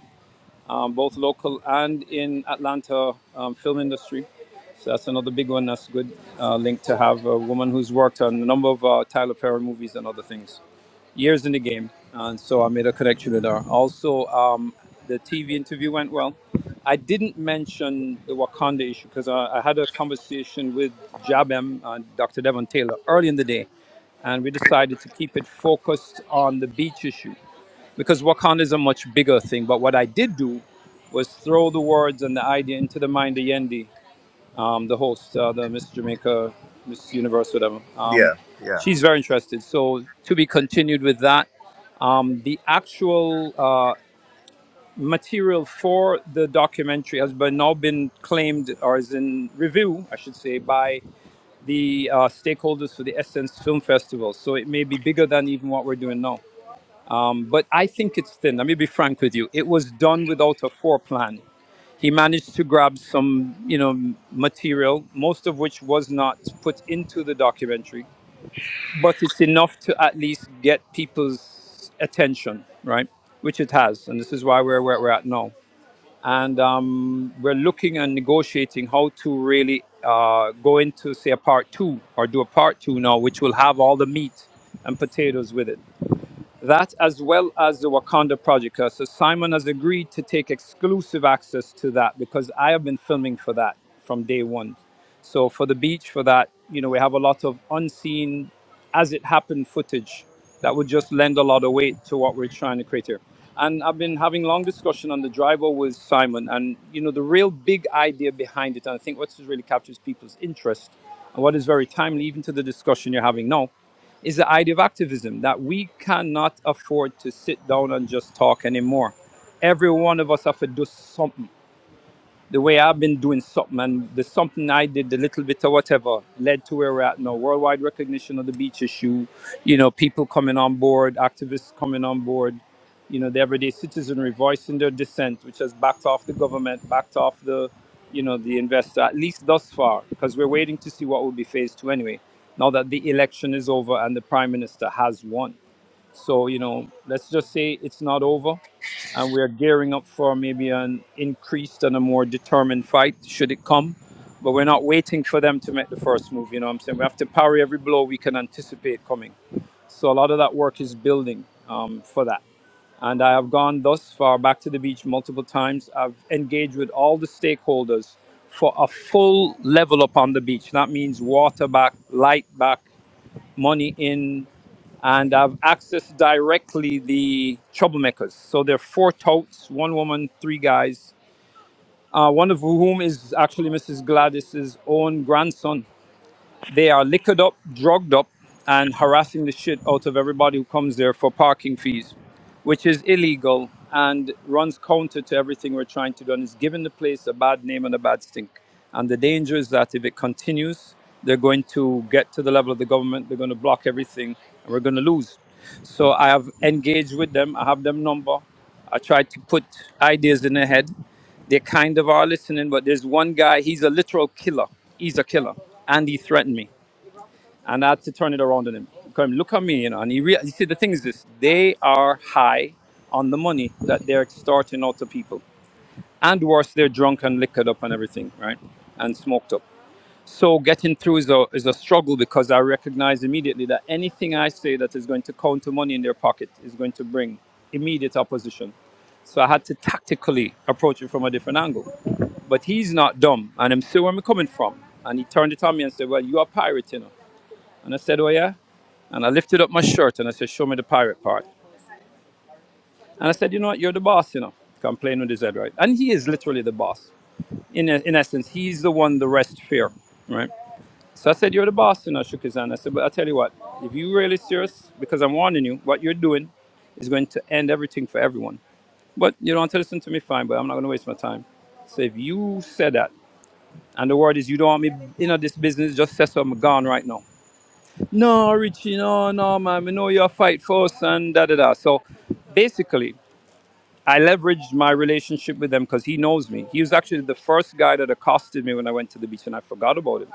[SPEAKER 5] um, both local and in Atlanta um, film industry. So that's another big one. That's a good uh, link to have a woman who's worked on a number of uh, Tyler Perry movies and other things. Years in the game, and so I made a connection with her. Also, um, the TV interview went well. I didn't mention the Wakanda issue because I, I had a conversation with Jabem and Dr. Devon Taylor early in the day, and we decided to keep it focused on the beach issue because Wakanda is a much bigger thing. But what I did do was throw the words and the idea into the mind of Yendi, um, the host, uh, the Miss Jamaica, Miss Universe, whatever. Um,
[SPEAKER 2] yeah yeah
[SPEAKER 5] she's very interested. So to be continued with that. Um, the actual uh, material for the documentary has been now been claimed or is in review, I should say, by the uh, stakeholders for the Essence Film Festival. So it may be bigger than even what we're doing now. Um, But I think it's thin. Let me be frank with you. It was done without a foreplan. He managed to grab some, you know, material, most of which was not put into the documentary, but it's enough to at least get people's attention, right? Which it has, and this is why we're where we're at now. And um, we're looking and negotiating how to really uh, go into, say, a part two or do a part two now, which will have all the meat and potatoes with it. That, as well as the Wakanda project. Uh, So Simon has agreed to take exclusive access to that because I have been filming for that from day one. So for the beach, for that, you know, we have a lot of unseen, as it happened footage that would just lend a lot of weight to what we're trying to create here. And I've been having long discussion on the driver with Simon, and you know, the real big idea behind it, and I think what really captures people's interest, and what is very timely even to the discussion you're having now is the idea of activism that we cannot afford to sit down and just talk anymore. Every one of us have to do something the way I've been doing something and the something I did, the little bit of whatever, led to where we're at now. Worldwide recognition of the beach issue, you know, people coming on board, activists coming on board, you know, the everyday citizenry voicing their dissent, which has backed off the government, backed off the, you know, the investor, at least thus far, because we're waiting to see what will be phase two anyway, now that the election is over and the prime minister has won. So, you know, let's just say it's not over and we are gearing up for maybe an increased and a more determined fight should it come. But we're not waiting for them to make the first move. You know what I'm saying? We have to parry every blow we can anticipate coming. So a lot of that work is building um, for that. And I have gone thus far back to the beach multiple times. I've engaged with all the stakeholders for a full level up on the beach. That means water back, light back, money in, and I've accessed directly the troublemakers. So there are four touts, one woman, three guys, uh, one of whom is actually Mrs. Gladys's own grandson. They are liquored up, drugged up, and harassing the shit out of everybody who comes there for parking fees, which is illegal and runs counter to everything we're trying to do and is giving the place a bad name and a bad stink. And the danger is that if it continues, they're going to get to the level of the government, they're going to block everything, and we're going to lose. So I have engaged with them, I have them number, I tried to put ideas in their head. They kind of are listening, but there's one guy, he's a literal killer. He's a killer. And he threatened me. And I had to turn it around on him. Come, look at me, you know. And he, rea- you see, the thing is this they are high on the money that they're extorting out to people. And worse, they're drunk and liquored up and everything, right? And smoked up so getting through is a, is a struggle because I recognize immediately that anything I say that is going to count to money in their pocket is going to bring immediate opposition. So I had to tactically approach it from a different angle. But he's not dumb, and I'm still where I'm coming from. And he turned it on me and said, "Well, you are a pirate, you know." And I said, "Oh yeah." And I lifted up my shirt and I said, "Show me the pirate part." And I said, "You know what? You're the boss, you know." I'm playing with his head, right? And he is literally the boss. In in essence, he's the one the rest fear, right? So I said, You're the boss, you know, shook his hand. I said, But I tell you what, if you're really serious, because I'm warning you, what you're doing is going to end everything for everyone. But you don't want to listen to me, fine, but I'm not going to waste my time. So if you said that, and the word is you don't want me in this business, just say so I'm gone right now. No, Richie, no, no, man, we know you're fight force and da da da. So basically, I leveraged my relationship with him because he knows me. He was actually the first guy that accosted me when I went to the beach and I forgot about him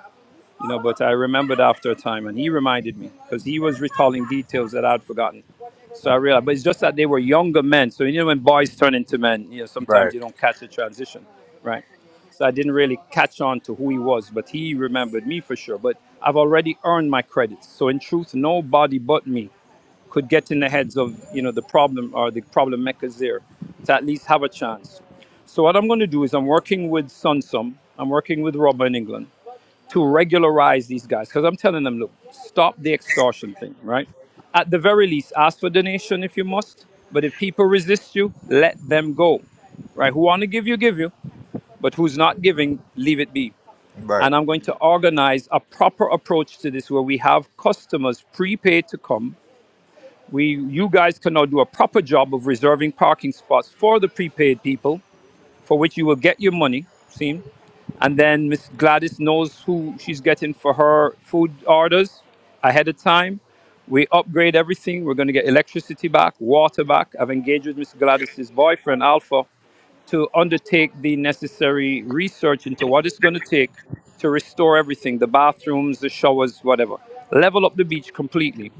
[SPEAKER 5] you know. But I remembered after a time, and he reminded me because he was recalling details that I'd forgotten. So I realized, but it's just that they were younger men. So you know, when boys turn into men, you know, sometimes
[SPEAKER 2] right
[SPEAKER 5] you don't catch the transition, right? So I didn't really catch on to who he was, but he remembered me for sure. But I've already earned my credits. So in truth, nobody but me could get in the heads of you know the problem or the problem makers there to at least have a chance. So what I'm going to do is I'm working with Sunsum. I'm working with Robert in England to regularize these guys because I'm telling them, look, stop the extortion thing, right? At the very least, ask for donation if you must. But if people resist you, let them go, right? Who want to give you, give you. But who's not giving, leave it be.
[SPEAKER 2] Right,
[SPEAKER 5] And I'm going to organize a proper approach to this where we have customers prepaid to come. We, you guys can now do a proper job of reserving parking spots for the prepaid people for which you will get your money, seen. And then Miss Gladys knows who she's getting for her food orders ahead of time. We upgrade everything. We're going to get electricity back, water back. I've engaged with Miss Gladys's boyfriend, Alpha, to undertake the necessary research into what it's going to take to restore everything the bathrooms, the showers, whatever. Level up the beach completely.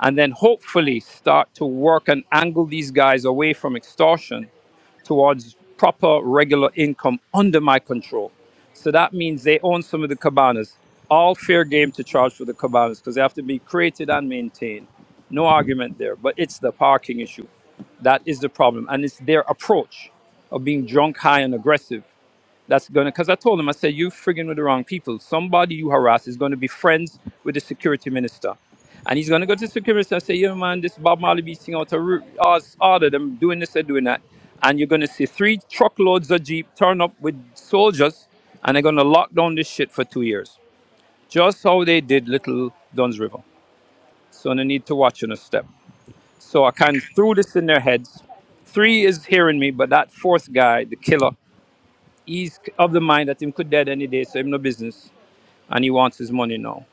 [SPEAKER 5] And then hopefully start to work and angle these guys away from extortion towards proper regular income under my control. So that means they own some of the cabanas. All fair game to charge for the cabanas because they have to be created and maintained. No argument there. But it's the parking issue. That is the problem. And it's their approach of being drunk, high, and aggressive that's gonna because I told him I said you frigging with the wrong people. Somebody you harass is gonna be friends with the security minister, and he's gonna go to the security minister and say, "Yeah, man, this Bob Marley beating out a ru- us order them doing this and doing that," and you're gonna see three truckloads of jeep turn up with soldiers, and they're gonna lock down this shit for two years, just how they did Little Duns River. So they need to watch on a step. So I kind of threw this in their heads. Three is hearing me, but that fourth guy, the killer he's of the mind that him could dead any day, so him no business, and he wants his money now.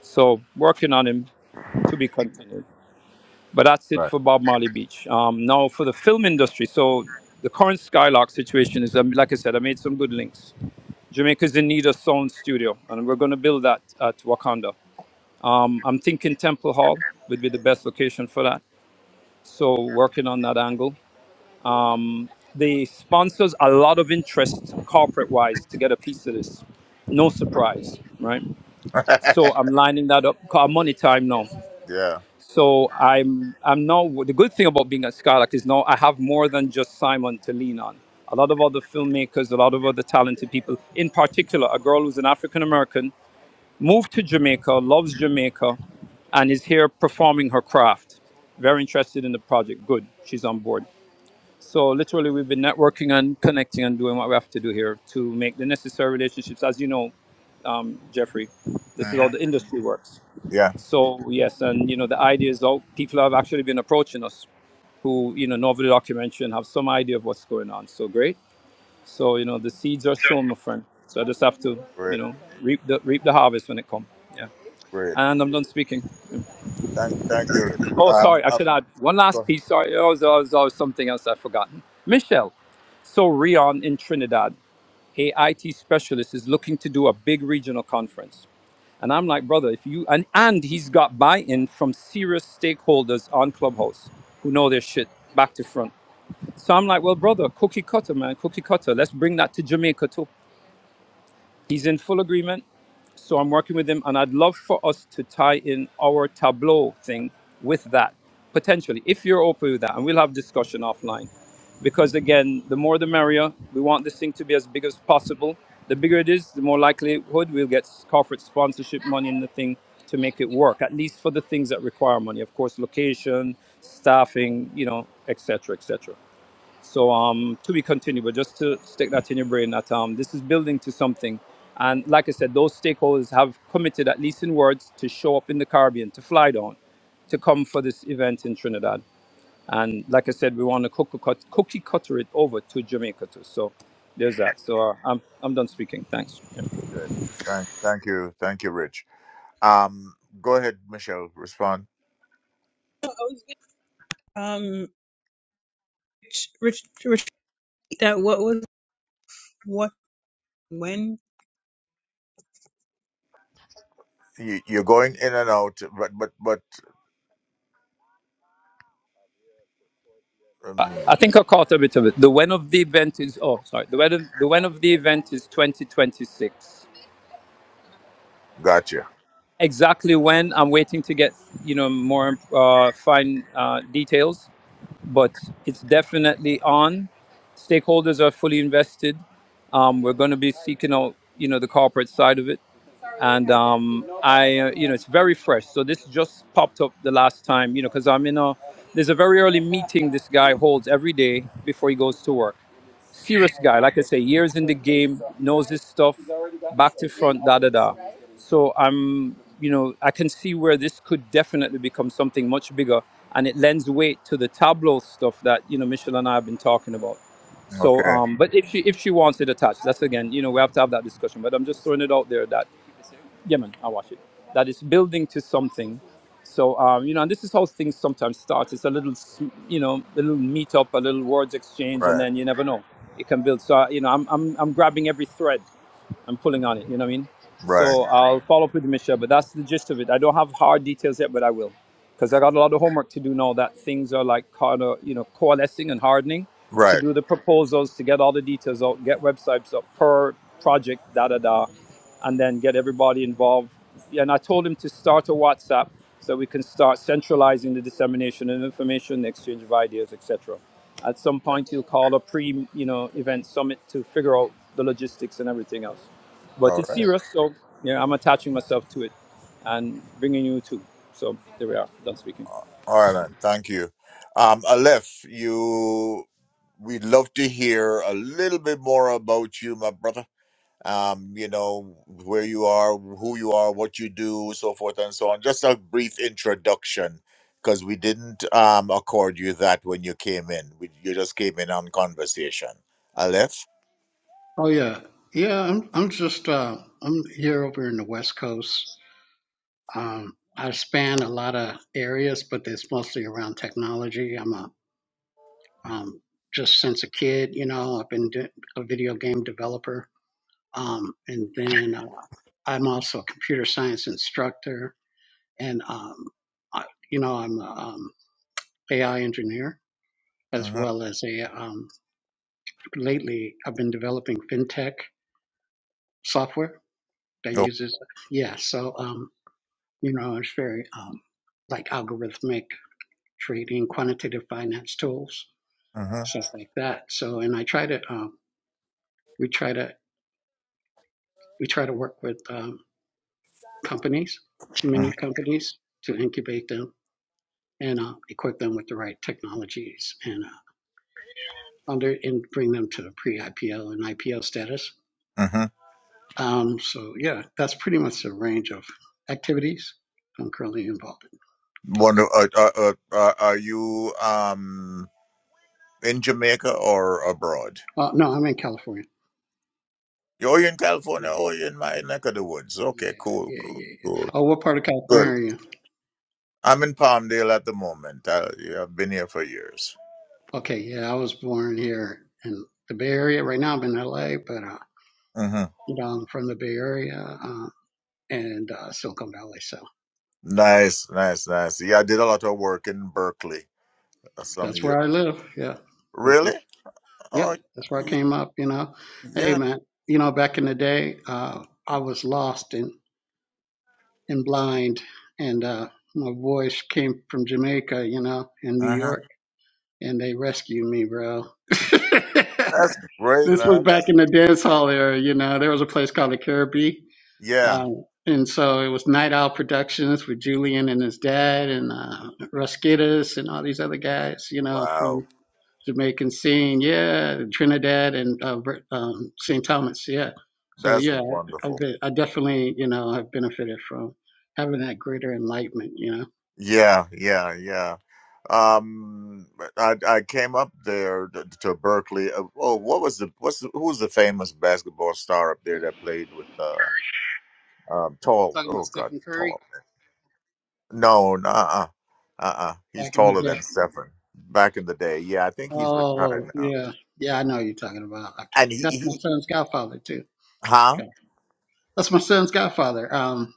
[SPEAKER 5] So working on him to be continued. But that's it
[SPEAKER 2] right.
[SPEAKER 5] for Bob Marley Beach. Um, now for the film industry. So the current Skylark situation is, um, like I said, I made some good links. Jamaica's in need of sound studio, and we're going to build that at Wakanda. Um, I'm thinking Temple Hall would be the best location for that. So working on that angle. The sponsors a lot of interest corporate wise to get a piece of this no surprise, right?
[SPEAKER 2] [laughs]
[SPEAKER 5] So I'm lining that up. 'cause I'm on the time now.
[SPEAKER 2] yeah.
[SPEAKER 5] So I'm I'm now the good thing about being at Skylark is now I have more than just Simon to lean on. A lot of other filmmakers, a lot of other talented people. In particular, a girl who's an African American moved to Jamaica, loves Jamaica, and is here performing her craft. Very interested in the project. Good, she's on board. So literally, we've been networking and connecting and doing what we have to do here to make the necessary relationships. As you know, um, Jeffrey, this is how
[SPEAKER 2] Uh-huh.
[SPEAKER 5] the industry works.
[SPEAKER 2] Yeah.
[SPEAKER 5] So yes, and you know the idea is out. People have actually been approaching us who you know know the documentary and have some idea of what's going on. So great. So you know the seeds are sown, my friend. So I just have to you
[SPEAKER 2] Great,
[SPEAKER 5] know reap the reap the harvest when it comes. Yeah.
[SPEAKER 2] great.
[SPEAKER 5] And I'm done speaking.
[SPEAKER 2] Thank, thank you, Rich.
[SPEAKER 5] Oh,
[SPEAKER 2] Um,
[SPEAKER 5] sorry. I
[SPEAKER 2] uh,
[SPEAKER 5] should add one
[SPEAKER 2] go
[SPEAKER 5] last
[SPEAKER 2] ahead.
[SPEAKER 5] piece. Sorry, there was, there was, there was something else I've forgotten. Michelle. So Rion in Trinidad, AIT specialist, is looking to do a big regional conference. And I'm like, brother, if you and and he's got buy-in from serious stakeholders on Clubhouse who know their shit back to front. So I'm like, well, brother, cookie cutter, man, cookie cutter. Let's bring that to Jamaica too. He's in full agreement. So I'm working with them, and I'd love for us to tie in our Tableau thing with that potentially, if you're open with that, and we'll have discussion offline. Because again, the more the merrier. We want this thing to be as big as possible. The bigger it is, the more likelihood we'll get corporate sponsorship money in the thing to make it work. At least for the things that require money, of course, location, staffing, you know, etc., etc. So um, to be continued, but just to stick that in your brain that um, this is building to something. And like I said, those stakeholders have committed, at least in words, to show up in the Caribbean, to fly down, to come for this event in Trinidad. And like I said, we want to cookie, cut, cookie cutter it over to Jamaica too. So there's that. So uh, I'm, I'm done speaking. Thanks. Yeah.
[SPEAKER 2] Good. Thank, thank you, thank you, Rich. Um, go ahead, Michelle. Respond.
[SPEAKER 6] I was um ret- ret- retreat that what was what when
[SPEAKER 2] You, you're going in and out, but, but, but,
[SPEAKER 5] I
[SPEAKER 2] um,
[SPEAKER 5] think I caught a bit of it. The when of the event is, oh, sorry. The when of the, when of the event is 2026.
[SPEAKER 2] gotcha.
[SPEAKER 5] exactly when i'm waiting to get you know more uh, fine uh, details but it's definitely on stakeholders are fully invested um, we're going to be seeking out you know the corporate side of it and um, i uh, you know it's very fresh so this just popped up the last time you know because i'm in a there's a very early meeting this guy holds every day before he goes to work serious guy. Like I say, years in the game, knows his stuff, back to front, da da da. So I'm, you know, I can see where this could definitely become something much bigger, and it lends weight to the tableau stuff that you know Michelle and I have been talking about. So,
[SPEAKER 2] Okay.
[SPEAKER 5] um, but if she if she wants it attached, that's again, you know, we have to have that discussion. But I'm just throwing it out there that Yemen, I watch it. That is building to something. So um, you know, and this is how things sometimes start. It's a little, s- you know, a little meetup, a little words exchange, and
[SPEAKER 2] Right,
[SPEAKER 5] then you never know. It can build. So uh, you know, I'm I'm I'm grabbing every thread I'm pulling on it. You know what I mean?
[SPEAKER 2] right,
[SPEAKER 5] So I'll follow up with Michelle, but that's the gist of it. I don't have hard details yet, but I will, because I got a lot of homework to do now. That things are like kind of you know coalescing and hardening to
[SPEAKER 2] right.
[SPEAKER 5] do the proposals, to get all the details out, get websites up per project, da da da, and then get everybody involved. And I told him to start a WhatsApp so we can start centralizing the dissemination of information, the exchange of ideas, etc. At some
[SPEAKER 2] Yeah.
[SPEAKER 5] point, he'll call a pre, you know, event summit to figure out the logistics and everything else but
[SPEAKER 2] All
[SPEAKER 5] it's
[SPEAKER 2] right.
[SPEAKER 5] serious. So yeah, I'm attaching myself to it and bringing you too. So there we are. Done speaking.
[SPEAKER 2] All right, man. Thank you. Um, Aleph, you, we'd love to hear a little bit more about you, my brother. um, you know, where you are, who you are, what you do, so forth and so on. Just a brief introduction, because we didn't um, accord you that when you came in. We, you just came in on conversation. Aleph?
[SPEAKER 7] Oh yeah, yeah. I'm I'm just uh, I'm here over in the West Coast Um, I span a lot of areas, but it's mostly around technology. I'm a um, just since a kid, you know, I've been a video game developer, um, and then uh, I'm also a computer science instructor, and um, I, you know, I'm an um, AI engineer as
[SPEAKER 2] Mm-hmm.
[SPEAKER 7] well as a. Um, lately, I've been developing fintech software that
[SPEAKER 2] Oh,
[SPEAKER 7] uses, yeah. So, um, you know, it's very um, like algorithmic trading, quantitative finance tools,
[SPEAKER 2] mm-hmm.
[SPEAKER 7] stuff like that. So, and I try to, um, we try to, we try to work with um, companies, many
[SPEAKER 2] Mm-hmm.
[SPEAKER 7] companies, to incubate them and uh, equip them with the right technologies and uh, under and bring them to the pre-IPO and IPO status.
[SPEAKER 2] mm-hmm.
[SPEAKER 7] Um, so, yeah, that's pretty much the range of activities I'm currently involved in.
[SPEAKER 2] Wonder, uh, uh, uh, uh, are you um, in Jamaica or abroad?
[SPEAKER 7] Uh, no, I'm in California.
[SPEAKER 2] Oh, You're in California
[SPEAKER 7] Yeah,
[SPEAKER 2] Oh, you're in my neck of the woods.
[SPEAKER 7] yeah,
[SPEAKER 2] Okay, cool,
[SPEAKER 7] yeah, yeah,
[SPEAKER 2] cool,
[SPEAKER 7] yeah.
[SPEAKER 2] cool.
[SPEAKER 7] Oh, what part of California
[SPEAKER 2] Good.
[SPEAKER 7] are you? in?
[SPEAKER 2] I'm in Palmdale at the moment. I, yeah, I've been here for years.
[SPEAKER 7] Okay, yeah, I was born here in the Bay Area. Right now, I'm in LA, but uh,
[SPEAKER 2] Mm-hmm.
[SPEAKER 7] you know, I'm from the Bay Area uh, and uh, Silicon Valley, so
[SPEAKER 2] Nice, nice, nice. Yeah, I did a lot of work in Berkeley uh, some
[SPEAKER 7] that's
[SPEAKER 2] years.
[SPEAKER 7] where I live. Yeah,
[SPEAKER 2] Really?
[SPEAKER 7] Berkeley. Yeah,
[SPEAKER 2] Oh,
[SPEAKER 7] that's where I
[SPEAKER 2] y-
[SPEAKER 7] came up. You know, hey
[SPEAKER 2] yeah.
[SPEAKER 7] man, you know, back in the day, uh, I was lost and and blind, and uh, my voice came from Jamaica, you know, in New
[SPEAKER 2] Uh-huh.
[SPEAKER 7] York, and they rescued me, bro. [laughs]
[SPEAKER 2] That's great,
[SPEAKER 7] this was
[SPEAKER 2] man.
[SPEAKER 7] back
[SPEAKER 2] That's,
[SPEAKER 7] in the dance hall era. You know, there was a place called the Caribbean
[SPEAKER 2] yeah.
[SPEAKER 7] Um, and so it was Night Owl Productions with Julian and his dad and uh, Ruskitis and all these other guys, you know,
[SPEAKER 2] Wow.
[SPEAKER 7] from Jamaican scene, yeah, Trinidad and uh, um, St. Thomas, yeah. So
[SPEAKER 2] That's
[SPEAKER 7] yeah,
[SPEAKER 2] wonderful.
[SPEAKER 7] I've been, I definitely, you know, I've benefited from having that greater enlightenment, you know.
[SPEAKER 2] Yeah, yeah, yeah. Um, I I came up there t- to Berkeley. Uh, Oh, what was the what's the, who was the famous basketball star up there that played with uh um Tall?
[SPEAKER 7] Talking
[SPEAKER 2] Oh
[SPEAKER 7] about
[SPEAKER 2] God,
[SPEAKER 7] Stephen
[SPEAKER 2] Tall.
[SPEAKER 7] Curry
[SPEAKER 2] No, uh uh-uh. uh. uh. He's
[SPEAKER 7] back in the
[SPEAKER 2] taller
[SPEAKER 7] day.
[SPEAKER 2] than Stefan back in the day. Yeah, I think he's
[SPEAKER 7] Oh
[SPEAKER 2] retired now.
[SPEAKER 7] yeah, yeah, I know who you're talking about. I
[SPEAKER 2] And
[SPEAKER 7] can't.
[SPEAKER 2] he,
[SPEAKER 7] That's my
[SPEAKER 2] he
[SPEAKER 7] son's godfather too.
[SPEAKER 2] huh?
[SPEAKER 7] Okay. That's my son's godfather. Um,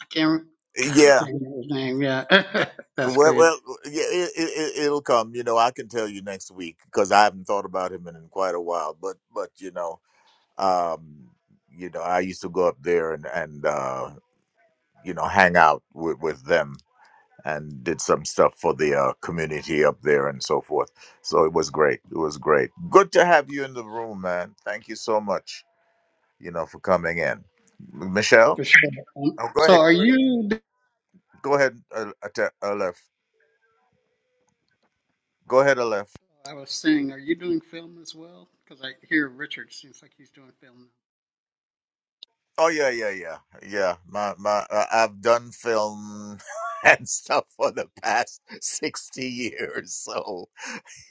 [SPEAKER 7] I can't. God, I can't
[SPEAKER 2] Yeah.
[SPEAKER 7] remember his name. Yeah, [laughs] that's
[SPEAKER 2] Well,
[SPEAKER 7] great
[SPEAKER 2] well, yeah, it, it, it- it'll come. You know, I can tell you next week because I haven't thought about him in, in quite a while. But, but you know, um, you know, I used to go up there and and uh, you know hang out with, with them and did some stuff for the uh, community up there and so forth. So it was great. It was great. Good to have you in the room, man. Thank you so much. you know, for coming in. Michelle,
[SPEAKER 7] for sure. Um,
[SPEAKER 2] oh, go
[SPEAKER 7] so,
[SPEAKER 2] ahead,
[SPEAKER 7] are you?
[SPEAKER 2] go ahead, go ahead, Alef. Go ahead, Alef.
[SPEAKER 7] I was saying, are you doing film as well? Because I hear Richard seems like he's doing film.
[SPEAKER 2] Oh yeah, yeah, yeah, yeah. My my, uh, I've done film [laughs] and stuff for the past sixty years, so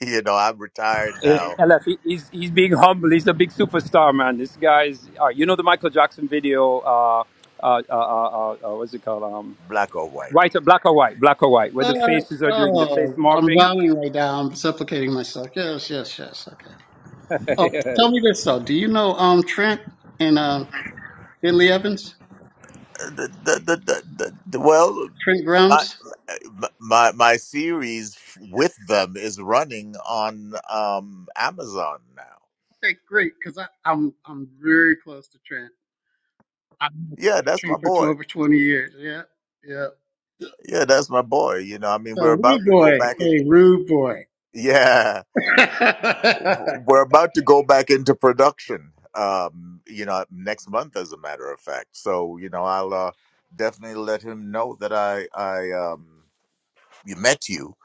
[SPEAKER 2] you know I'm retired
[SPEAKER 5] Eh,
[SPEAKER 2] now,
[SPEAKER 5] LF, he- he's he's being humble. He's a big superstar, man. This guy's. Uh, you know the Michael Jackson video. Uh, uh, uh, uh, uh, uh, what's it called? Um,
[SPEAKER 2] black or white.
[SPEAKER 5] white, or black or white, black or white, where the
[SPEAKER 7] Uh,
[SPEAKER 5] faces are doing the face
[SPEAKER 7] oh, I'm
[SPEAKER 5] morphing.
[SPEAKER 7] bowing right now. I'm supplicating myself. Yes, yes, yes. Okay. Oh, tell me this though. Do you know um Trent and uh, Billy Evans?
[SPEAKER 2] Uh, The, the, the, the, the, the- well,
[SPEAKER 7] Trent
[SPEAKER 2] my,
[SPEAKER 7] Grimes.
[SPEAKER 2] my my series with them is running on um Amazon now.
[SPEAKER 7] Okay, great. Because I'm I'm very close to Trent. I've known
[SPEAKER 2] Yeah, that's my
[SPEAKER 7] Trent for
[SPEAKER 2] boy.
[SPEAKER 7] twelve or twenty years. Yeah, yeah.
[SPEAKER 2] Yeah, that's my boy. You know, I mean,
[SPEAKER 7] So
[SPEAKER 2] we're about
[SPEAKER 7] rude
[SPEAKER 2] to
[SPEAKER 7] boy,
[SPEAKER 2] go back in. [laughs]
[SPEAKER 7] hey rude boy.
[SPEAKER 2] Yeah,
[SPEAKER 7] [laughs]
[SPEAKER 2] w- we're about to go back into production. Um, you know, next month, as a matter of fact. So, you know, I'll uh, definitely let him know that I I um you met you.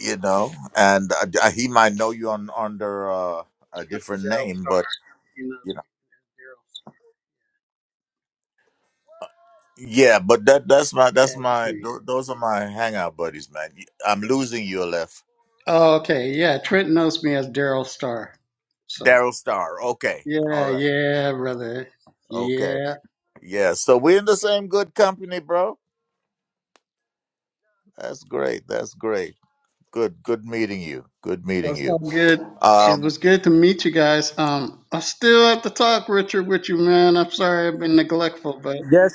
[SPEAKER 2] You know, and uh, d- uh, he might know you on under uh, a
[SPEAKER 7] Yeah,
[SPEAKER 2] different
[SPEAKER 7] Daryl
[SPEAKER 2] name,
[SPEAKER 7] Star,
[SPEAKER 2] but
[SPEAKER 7] he knows
[SPEAKER 2] you know.
[SPEAKER 7] me as Daryl Star.
[SPEAKER 2] Yeah, but that that's my that's
[SPEAKER 7] Yeah, that's
[SPEAKER 2] my
[SPEAKER 7] me.
[SPEAKER 2] tho- those are my hangout buddies, man. I'm losing you, Aleph.
[SPEAKER 7] Oh, okay, yeah. Trent knows me as Daryl Star. So
[SPEAKER 2] Daryl Star. Okay, all
[SPEAKER 7] yeah,
[SPEAKER 2] right,
[SPEAKER 7] yeah, brother.
[SPEAKER 2] okay.
[SPEAKER 7] Yeah,
[SPEAKER 2] Yeah, so we're in the same good company, bro. That's great. That's great. Good good meeting you. Good meeting
[SPEAKER 7] that's
[SPEAKER 2] you.
[SPEAKER 7] all good. It
[SPEAKER 2] Um
[SPEAKER 7] was good to meet you guys. Um, I still have to talk, Richard, with you, man. I'm sorry I've been neglectful, but.
[SPEAKER 5] Yes,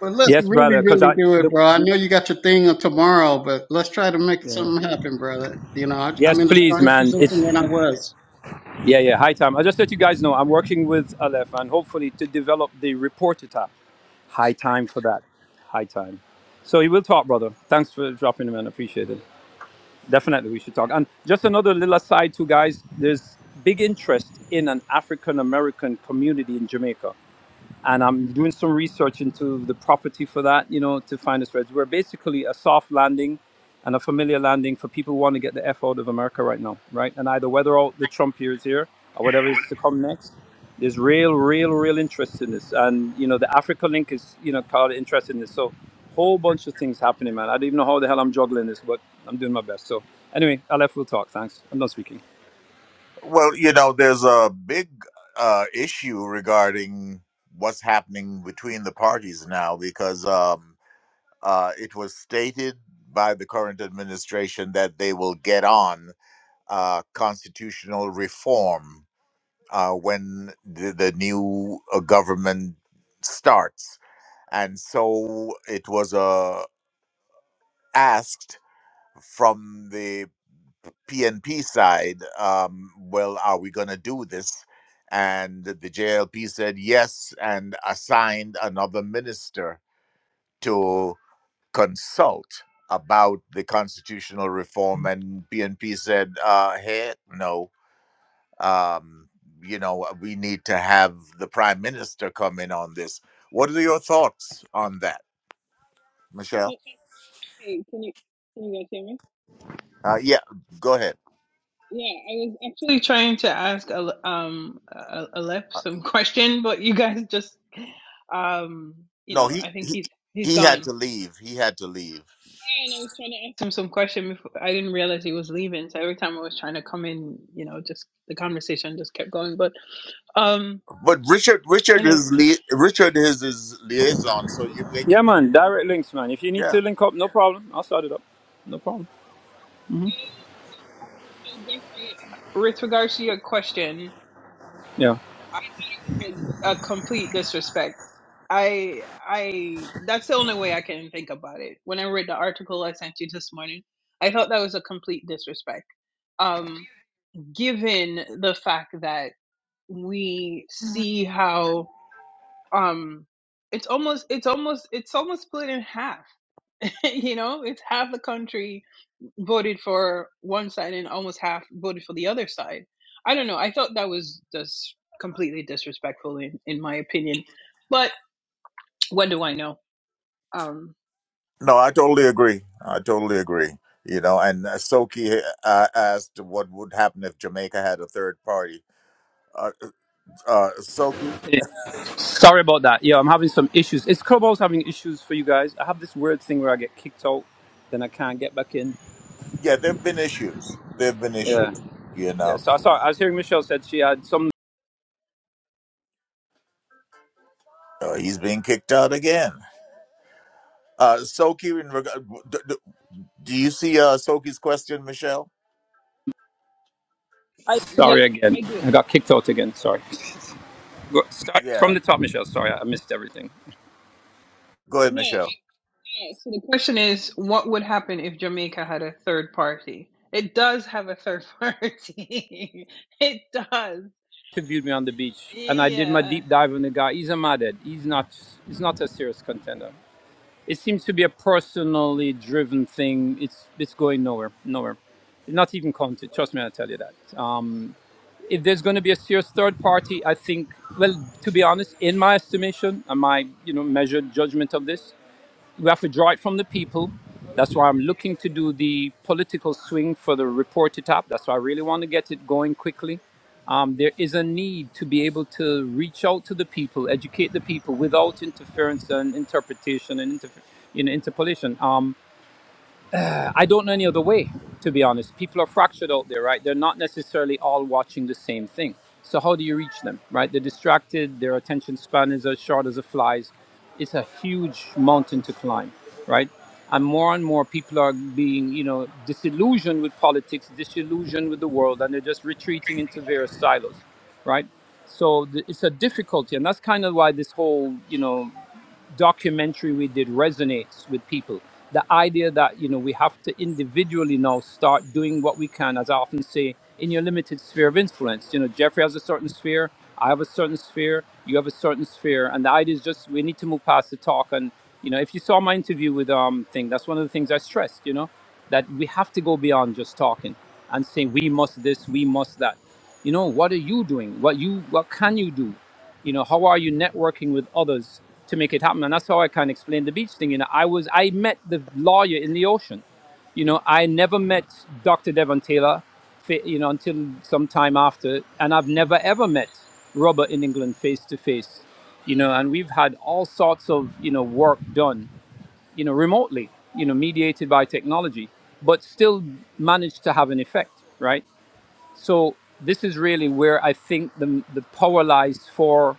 [SPEAKER 7] But let's
[SPEAKER 5] yes, brother.
[SPEAKER 7] really,
[SPEAKER 5] Because
[SPEAKER 7] really
[SPEAKER 5] I
[SPEAKER 7] do it,
[SPEAKER 5] look.
[SPEAKER 7] bro. I
[SPEAKER 5] rip-
[SPEAKER 7] know you got your thing on tomorrow, but let's try to make
[SPEAKER 5] Yeah.
[SPEAKER 7] something happen, brother. You know, I,
[SPEAKER 5] Yes,
[SPEAKER 7] I'm in a
[SPEAKER 5] please,
[SPEAKER 7] stronger
[SPEAKER 5] man. It's
[SPEAKER 7] position than I was.
[SPEAKER 5] yeah, yeah. High time. I just let you guys know I'm working with Aleph and hopefully to develop the reporter tab. High time for that. High time. So we will talk, brother. Thanks for dropping him in. man. Appreciate it. Definitely, we should talk. And just another little aside, too, guys. There's big interest in an African American community in Jamaica and I'm doing some research into the property for that, you know, to find a strategy. We're basically a soft landing and a familiar landing for people who want to get the F out of America right now, right? And either weather out the Trump years here or whatever is to come next. There's real, real, real interest in this. And, you know, the Africa link is, you know, called interest in this. So whole bunch of things happening, man. I don't even know how the hell I'm juggling this, but I'm doing my best. So anyway, I left we will talk. Thanks. I'm done speaking.
[SPEAKER 2] well, you know, there's a big uh issue regarding what's happening between the parties now because um uh it was stated by the current administration that they will get on uh constitutional reform uh when the, the new uh, government starts and so it was a asked from the PNP side, um, well, are we going to do this? And the JLP said yes and assigned another minister to consult about the constitutional reform. And PNP said, uh, hey, no, um, you know, we need to have the prime minister come in on this. What are your thoughts on that,
[SPEAKER 6] so,
[SPEAKER 2] Michelle?
[SPEAKER 6] hey can you can you guys hear me
[SPEAKER 2] Uh, yeah, go ahead.
[SPEAKER 6] Yeah, I was actually trying to ask Ale- um A- Aleph some [laughs] question, but you guys just um you
[SPEAKER 2] No,
[SPEAKER 6] know
[SPEAKER 2] he
[SPEAKER 6] I think
[SPEAKER 2] he,
[SPEAKER 6] he's he's
[SPEAKER 2] he
[SPEAKER 6] gone.
[SPEAKER 2] had to leave. He had to leave.
[SPEAKER 6] Yeah, and I was trying to ask him some question before I didn't realize he was leaving. So every time I was trying to come in, you know, just the conversation just kept going. But um,
[SPEAKER 2] But Richard
[SPEAKER 6] you
[SPEAKER 2] Richard
[SPEAKER 6] know,
[SPEAKER 2] is
[SPEAKER 6] so
[SPEAKER 2] li- Richard is his liaison. So you make it.
[SPEAKER 5] Yeah, man. Direct links, man. If you need
[SPEAKER 2] Yeah.
[SPEAKER 5] to link up, no problem. I'll start it up. No problem.
[SPEAKER 6] Jeffrey, with regards to your question,
[SPEAKER 5] Yeah.
[SPEAKER 6] I think it was a complete disrespect. I I that's the only way I can think about it. When I read the article I sent you this morning, I thought that was a complete disrespect. Um, given the fact that we see how um it's almost it's almost it's almost split in half. [laughs] you know, it's half the country voted for one side and almost half voted for the other side. I don't know. I thought that was just completely disrespectful, in, in my opinion. But what do I know? Um,
[SPEAKER 2] No, I totally agree. I totally agree. You know, and uh, Soki uh, asked what would happen if Jamaica had a third party. Uh, uh, Soki,
[SPEAKER 5] Hey, Sorry about that. Yeah, I'm having some issues. Is Clubhouse having issues for you guys? I have this weird thing where I get kicked out, then I can't get back in.
[SPEAKER 2] yeah, there've been issues. There've been
[SPEAKER 5] Yeah,
[SPEAKER 2] issues. You
[SPEAKER 5] yeah.
[SPEAKER 2] know,
[SPEAKER 5] So I saw. I was hearing Michelle said she had some.
[SPEAKER 2] uh, he's being kicked out again. Uh, Soki, in reg- do, do do you see uh, Soki's question, Michelle?
[SPEAKER 6] I yeah,
[SPEAKER 5] Sorry again.
[SPEAKER 6] I do.
[SPEAKER 5] I got kicked out again. Sorry. Go- Start
[SPEAKER 2] Yeah,
[SPEAKER 5] from the top, Michelle. Sorry, I missed everything.
[SPEAKER 2] go ahead,
[SPEAKER 6] No, I-
[SPEAKER 2] Michelle.
[SPEAKER 6] so the question is, what would happen if Jamaica had a third party? It does have a third [laughs] party. it does.
[SPEAKER 5] Interviewed me on the beach, and I did my
[SPEAKER 6] Yeah.
[SPEAKER 5] deep dive on the guy. He's a madhead. He's not. He's not a serious contender. It seems to be a personally driven thing. It's it's going nowhere. Nowhere. Not even counted. Trust me, I tell you that. Um, if there's going to be a serious third party, I think, well, to be honest, in my estimation and my, you know, measured judgment of this, we have to draw it from the people. That's why I'm looking to do the political swing for the report it up. That's why I really want to get it going quickly. Um, there is a need to be able to reach out to the people, educate the people without interference and interpretation and inter- you know, interpolation. Um, I don't know any other way, to be honest. People are fractured out there, right? They're not necessarily all watching the same thing. So how do you reach them, right? They're distracted. Their attention span is as short as a fly's. It's a huge mountain to climb, right? And more and more people are being, you know, disillusioned with politics, disillusioned with the world, and they're just retreating into various silos, right? So th- it's a difficulty, and that's kind of why this whole, you know, documentary we did resonates with people. The idea that you know we have to individually now start doing what we can, as I often say, in your limited sphere of influence. You know, Jeffrey has a certain sphere, I have a certain sphere, you have a certain sphere, and the idea is just we need to move past the talk. And you know, if you saw my interview with um thing, that's one of the things I stressed. You know, that we have to go beyond just talking and saying we must this, we must that. You know, what are you doing? What you what can you do? you know how are you networking with others to make it happen and that's how i can explain the beach thing you know i was i met the lawyer in the ocean you know i never met dr devon taylor fa- you know until some time after and i've never ever met robert in england face to face you know and we've had all sorts of you know work done you know remotely you know mediated by technology but still managed to have an effect right so this is really where i think the, the power lies for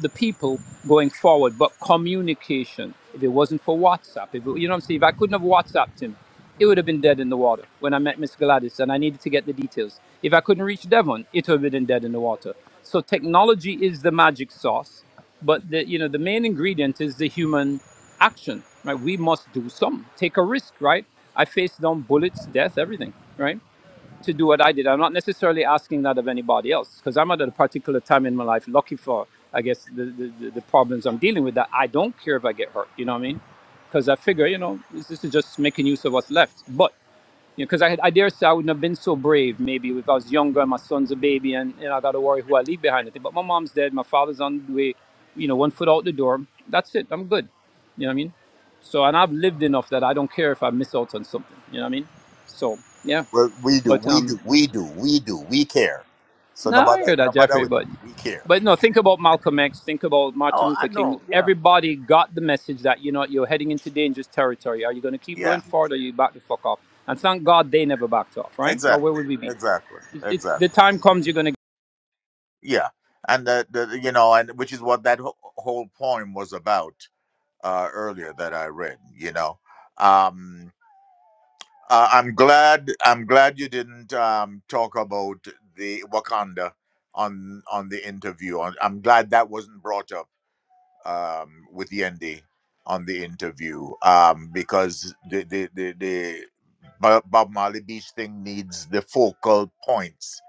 [SPEAKER 5] the people going forward, but communication. If it wasn't for WhatsApp, if it, you know what I'm saying, if I couldn't have WhatsApped him, it would have been dead in the water when I met Miss Gladys and I needed to get the details. If I couldn't reach Devon, it would have been dead in the water. So technology is the magic sauce, but the you know the main ingredient is the human action. Right, we must do some, take a risk. Right, I faced down bullets, death, everything. Right to do what I did. I'm not necessarily asking that of anybody else because I'm at a particular time in my life, lucky for, I guess, the, the, the problems I'm dealing with, that I don't care if I get hurt. You know what I mean? Because I figure, you know, this, this is just making use of what's left. But, you know, because I, had- I dare say I wouldn't have been so brave maybe if I was younger and my son's a baby and, and I got to worry who I leave behind. I think, But my mom's dead, my father's on the way, you know, one foot out the door. That's it. I'm good. You know what I mean? So, and I've lived enough that I don't care if I miss out on something. You know what I mean? So, yeah.
[SPEAKER 2] Well, we do,
[SPEAKER 5] But
[SPEAKER 2] we
[SPEAKER 5] um,
[SPEAKER 2] do, we do, we do, we care. So
[SPEAKER 5] No, I
[SPEAKER 2] nobody,
[SPEAKER 5] hear that,
[SPEAKER 2] nobody
[SPEAKER 5] Jeffrey,
[SPEAKER 2] with it.
[SPEAKER 5] but
[SPEAKER 2] We care.
[SPEAKER 5] but no, think about Malcolm X, think about Martin
[SPEAKER 2] Oh, I
[SPEAKER 5] Luther King.
[SPEAKER 2] know. Yeah,
[SPEAKER 5] Everybody got the message that you know you're heading into dangerous territory. Are you going to keep
[SPEAKER 2] yeah.
[SPEAKER 5] going forward, or you back the fuck off? And thank God they never backed off, right? Or where
[SPEAKER 2] Exactly,
[SPEAKER 5] would we be?
[SPEAKER 2] exactly,
[SPEAKER 5] It, it, the
[SPEAKER 2] exactly.
[SPEAKER 5] time comes, you're going to
[SPEAKER 2] Yeah, and the, the you know, and which is what that wh- whole poem was about uh, earlier that I read. You know, um, uh, I'm glad, I'm glad you didn't um, talk about the Wakanda on on the interview. I'm I'm glad that wasn't brought up um, with Yendi on the interview um, because the the the, the Bo- Bob Marley Beach thing needs the focal points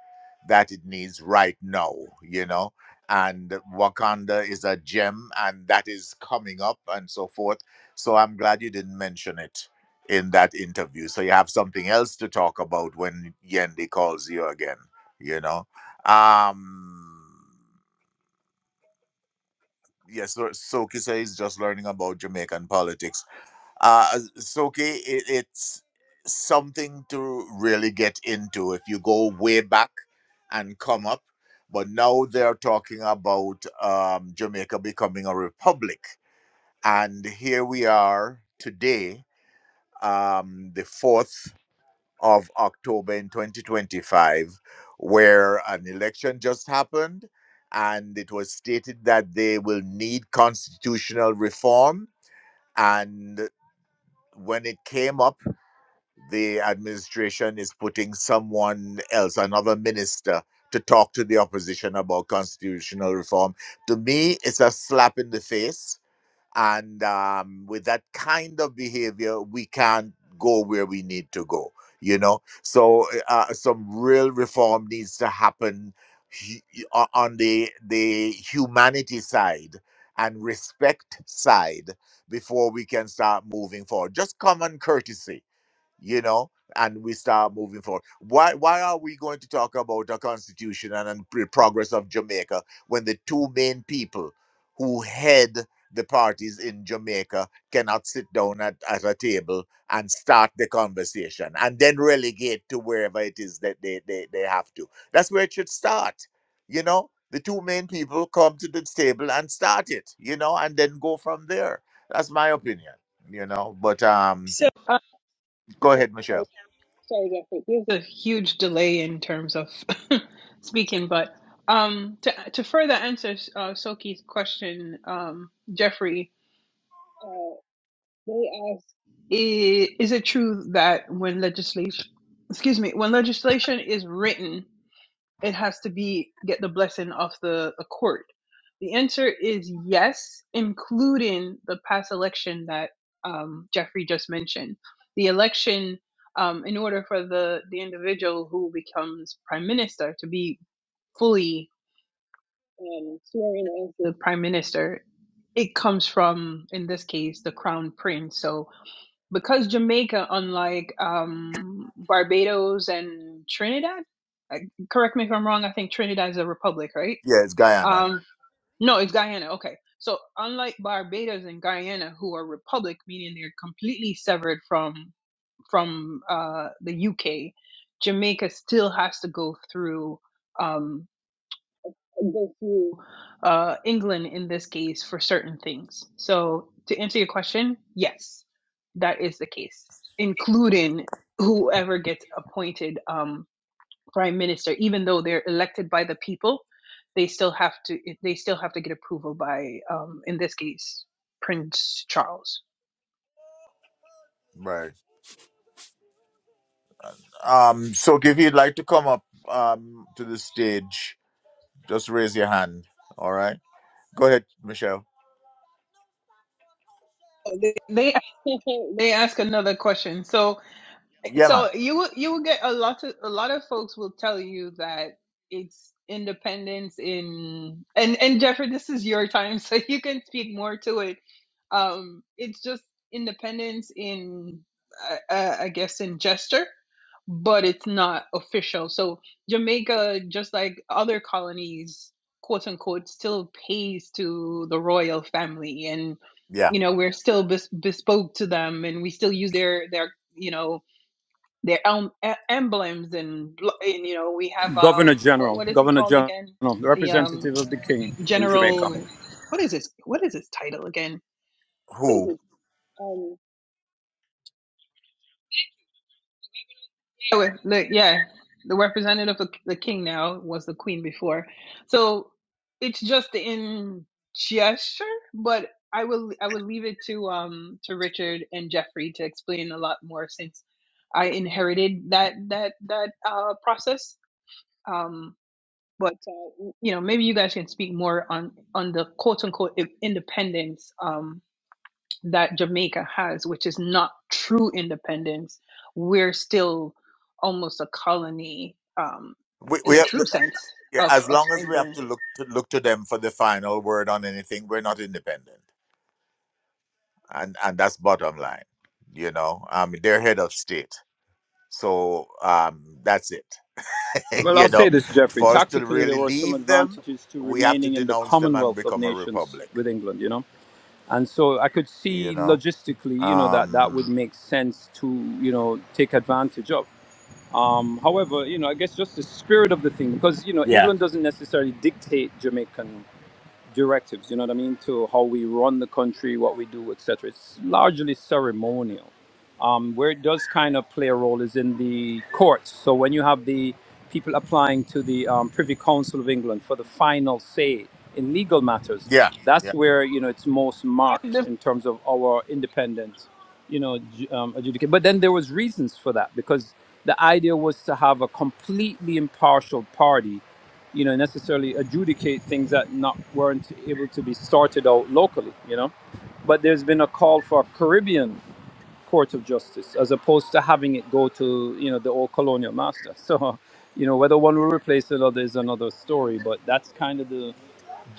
[SPEAKER 2] that it needs right now, you know. And Wakanda is a gem, and that is coming up, and so forth. So I'm glad you didn't mention it in that interview. So you have something else to talk about when Yendi calls you again, you know. Um, yes, so- Soke says just learning about Jamaican politics. Uh, Soke, it, it's something to really get into if you go way back and come up. But now they're talking about um, Jamaica becoming a republic. And here we are today, um, the 4th of October in 2025, where an election just happened and it was stated that they will need constitutional reform. And when it came up, the administration is putting someone else, another minister, to talk to the opposition about constitutional reform. To me, it's a slap in the face and um, with that kind of behavior we can't go where we need to go you know so uh, some real reform needs to happen hu- o- on the the humanity side and respect side before we can start moving forward just common courtesy you know, and we start moving forward. Why why are we going to talk about the constitution and, and the progress of Jamaica when the two main people who head the parties in Jamaica cannot sit down at, at a table and start the conversation and then relegate to wherever it is that they, they, they have to. That's where it should start. You know, the two main people come to this table and start it, you know, and then go from there. That's my opinion, you know. But um
[SPEAKER 6] so Uh,
[SPEAKER 2] go
[SPEAKER 6] oh,
[SPEAKER 2] ahead,
[SPEAKER 6] sorry.
[SPEAKER 2] Michelle.
[SPEAKER 6] sorry Jeffrey. There's a huge delay in terms of [laughs] speaking, but um, to to further answer uh, Soki's question, um, Jeffrey, uh, they asked, i- is it true that when legislation, excuse me, when legislation is written? it has to be get the blessing of the, the court? The answer is yes, including the past election that um, Jeffrey just mentioned. The election, um, in order for the, the individual who becomes prime minister to be fully um, sworn as the prime minister, it comes from, in this case, the crown prince. So because Jamaica, unlike um, Barbados and Trinidad, I, correct me if I'm wrong. I think Trinidad is a republic, right?
[SPEAKER 2] Yeah, it's Guyana.
[SPEAKER 6] Um, no, it's Guyana. Okay, so unlike Barbados and Guyana, who are republic, meaning they're completely severed from from uh, the UK, Jamaica still has to go through. um, go through uh, England in this case for certain things. So to answer your question, yes, that is the case, including whoever gets appointed um, prime minister. Even though they're elected by the people, they still have to they still have to get approval by um, in this case Prince Charles.
[SPEAKER 2] Right. Um, so if you'd like to come up um to the stage, just raise your hand. All right. Go ahead, Michelle.
[SPEAKER 6] They they [laughs] they ask another question. So
[SPEAKER 2] Yeah, man.
[SPEAKER 6] So you will you will get a lot of a lot of folks will tell you that it's independence in and and Jeffrey, this is your time, [laughs] so you can speak more to it. Um, it's just independence in uh, uh, I guess in gesture, but it's not official. So Jamaica, just like other colonies, quote unquote, still pays to the royal family and
[SPEAKER 2] Yeah.
[SPEAKER 6] you know we're still bes- bespoke to them and we still use their their you know their em- e- emblems and, bl- and you know we have um
[SPEAKER 5] governor
[SPEAKER 6] what
[SPEAKER 5] general,
[SPEAKER 6] what is it
[SPEAKER 5] governor
[SPEAKER 6] called
[SPEAKER 5] general,
[SPEAKER 6] again
[SPEAKER 5] the
[SPEAKER 6] the um
[SPEAKER 5] representative of the king in Jamaica.
[SPEAKER 6] general what is his what is his title again what is
[SPEAKER 2] Who?
[SPEAKER 6] it um yeah, wait, the, yeah the representative of the king now was the queen before so it's just in gesture but I will I will leave it to um to Richard and Jeffrey to explain a lot more since I inherited that that that uh process Um, but uh, you know maybe you guys can speak more on on the quote unquote i- independence um, that Jamaica has, which is not true independence. We're still almost a colony um,
[SPEAKER 2] We,
[SPEAKER 6] in
[SPEAKER 2] we
[SPEAKER 6] the
[SPEAKER 2] have
[SPEAKER 6] true sense
[SPEAKER 2] yeah,
[SPEAKER 6] of
[SPEAKER 2] as
[SPEAKER 6] of
[SPEAKER 2] long as we have
[SPEAKER 6] England.
[SPEAKER 2] to look to look to them for the final word on anything, we're not independent. And and that's bottom line. You know, um they're head of state. So um that's it. [laughs]
[SPEAKER 5] Well, I'll
[SPEAKER 2] you
[SPEAKER 5] say
[SPEAKER 2] know,
[SPEAKER 5] this, Jeffrey.
[SPEAKER 2] for us to
[SPEAKER 5] Tactically, there
[SPEAKER 2] really
[SPEAKER 5] were some
[SPEAKER 2] leave them,
[SPEAKER 5] advantages to
[SPEAKER 2] we have to
[SPEAKER 5] remaining in the
[SPEAKER 2] denounce them and
[SPEAKER 5] Commonwealth of
[SPEAKER 2] become a
[SPEAKER 5] Nations
[SPEAKER 2] republic.
[SPEAKER 5] with England. You know, and so I could
[SPEAKER 2] You
[SPEAKER 5] see
[SPEAKER 2] know.
[SPEAKER 5] logistically, you know, that that would
[SPEAKER 2] Um,
[SPEAKER 5] make sense to, you know, take advantage of. Um, however, you know, I guess just the spirit of the thing, because you know,
[SPEAKER 2] Yeah.
[SPEAKER 5] England doesn't necessarily dictate Jamaican directives. You know what I mean? To how we run the country, what we do, etc. It's largely ceremonial um, where it does kind of play a role is in the courts. So when you have the people applying to the um, Privy Council of England for the final say in legal matters,
[SPEAKER 2] yeah, yeah,
[SPEAKER 5] that's where you know it's most
[SPEAKER 6] I would,
[SPEAKER 5] marked
[SPEAKER 6] dis-
[SPEAKER 5] in terms of our independent, you know, ju- um, adjudicate. But then there was reasons for that because the idea was to have a completely impartial party, you know, necessarily adjudicate things that not weren't able to be sorted out locally, you know. But there's been a call for Caribbean court of justice as opposed to having it go to you know the old colonial master [laughs] so you know whether one will replace another is another story but that's kind of the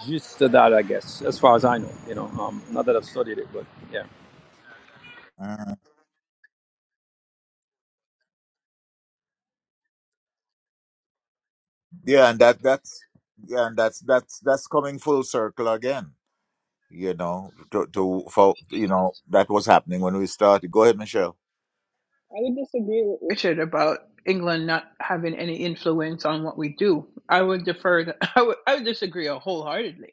[SPEAKER 5] gist of that i guess as far as i know you know um, not that i've studied it but yeah
[SPEAKER 2] Mhm. yeah, and that that's yeah, and that's that's that's coming full circle again. You know, to to for you know that was happening when we started. Go ahead, Michelle.
[SPEAKER 6] I would disagree with Richard about England not having any influence on what we do. I would defer. The, [laughs] I would I would disagree wholeheartedly.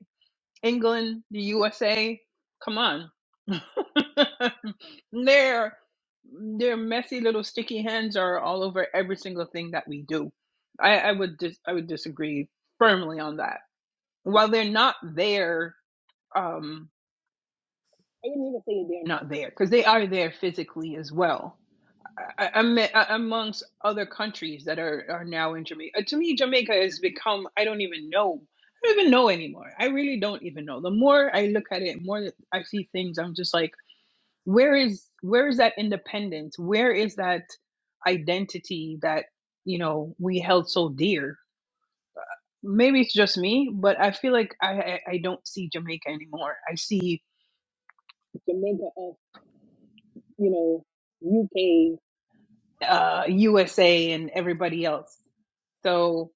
[SPEAKER 6] England, the USA, come on. [laughs] their their messy little sticky hands are all over every single thing that we do. I, I would dis- I would disagree firmly on that. While they're not there, um, I wouldn't even say they're not there because they are there physically as well I, I, am amongst other countries that are, are now in Jamaica. Uh, To me, Jamaica has become, I don't even know. I don't even know anymore. I really don't even know. The more I look at it, more that I see things, I'm just like, where is where is that independence? Where is that identity that, you know, we held so dear? Maybe it's just me, but I feel like I, I, I don't see Jamaica anymore. I see Jamaica of, you know, UK, uh, USA and everybody else So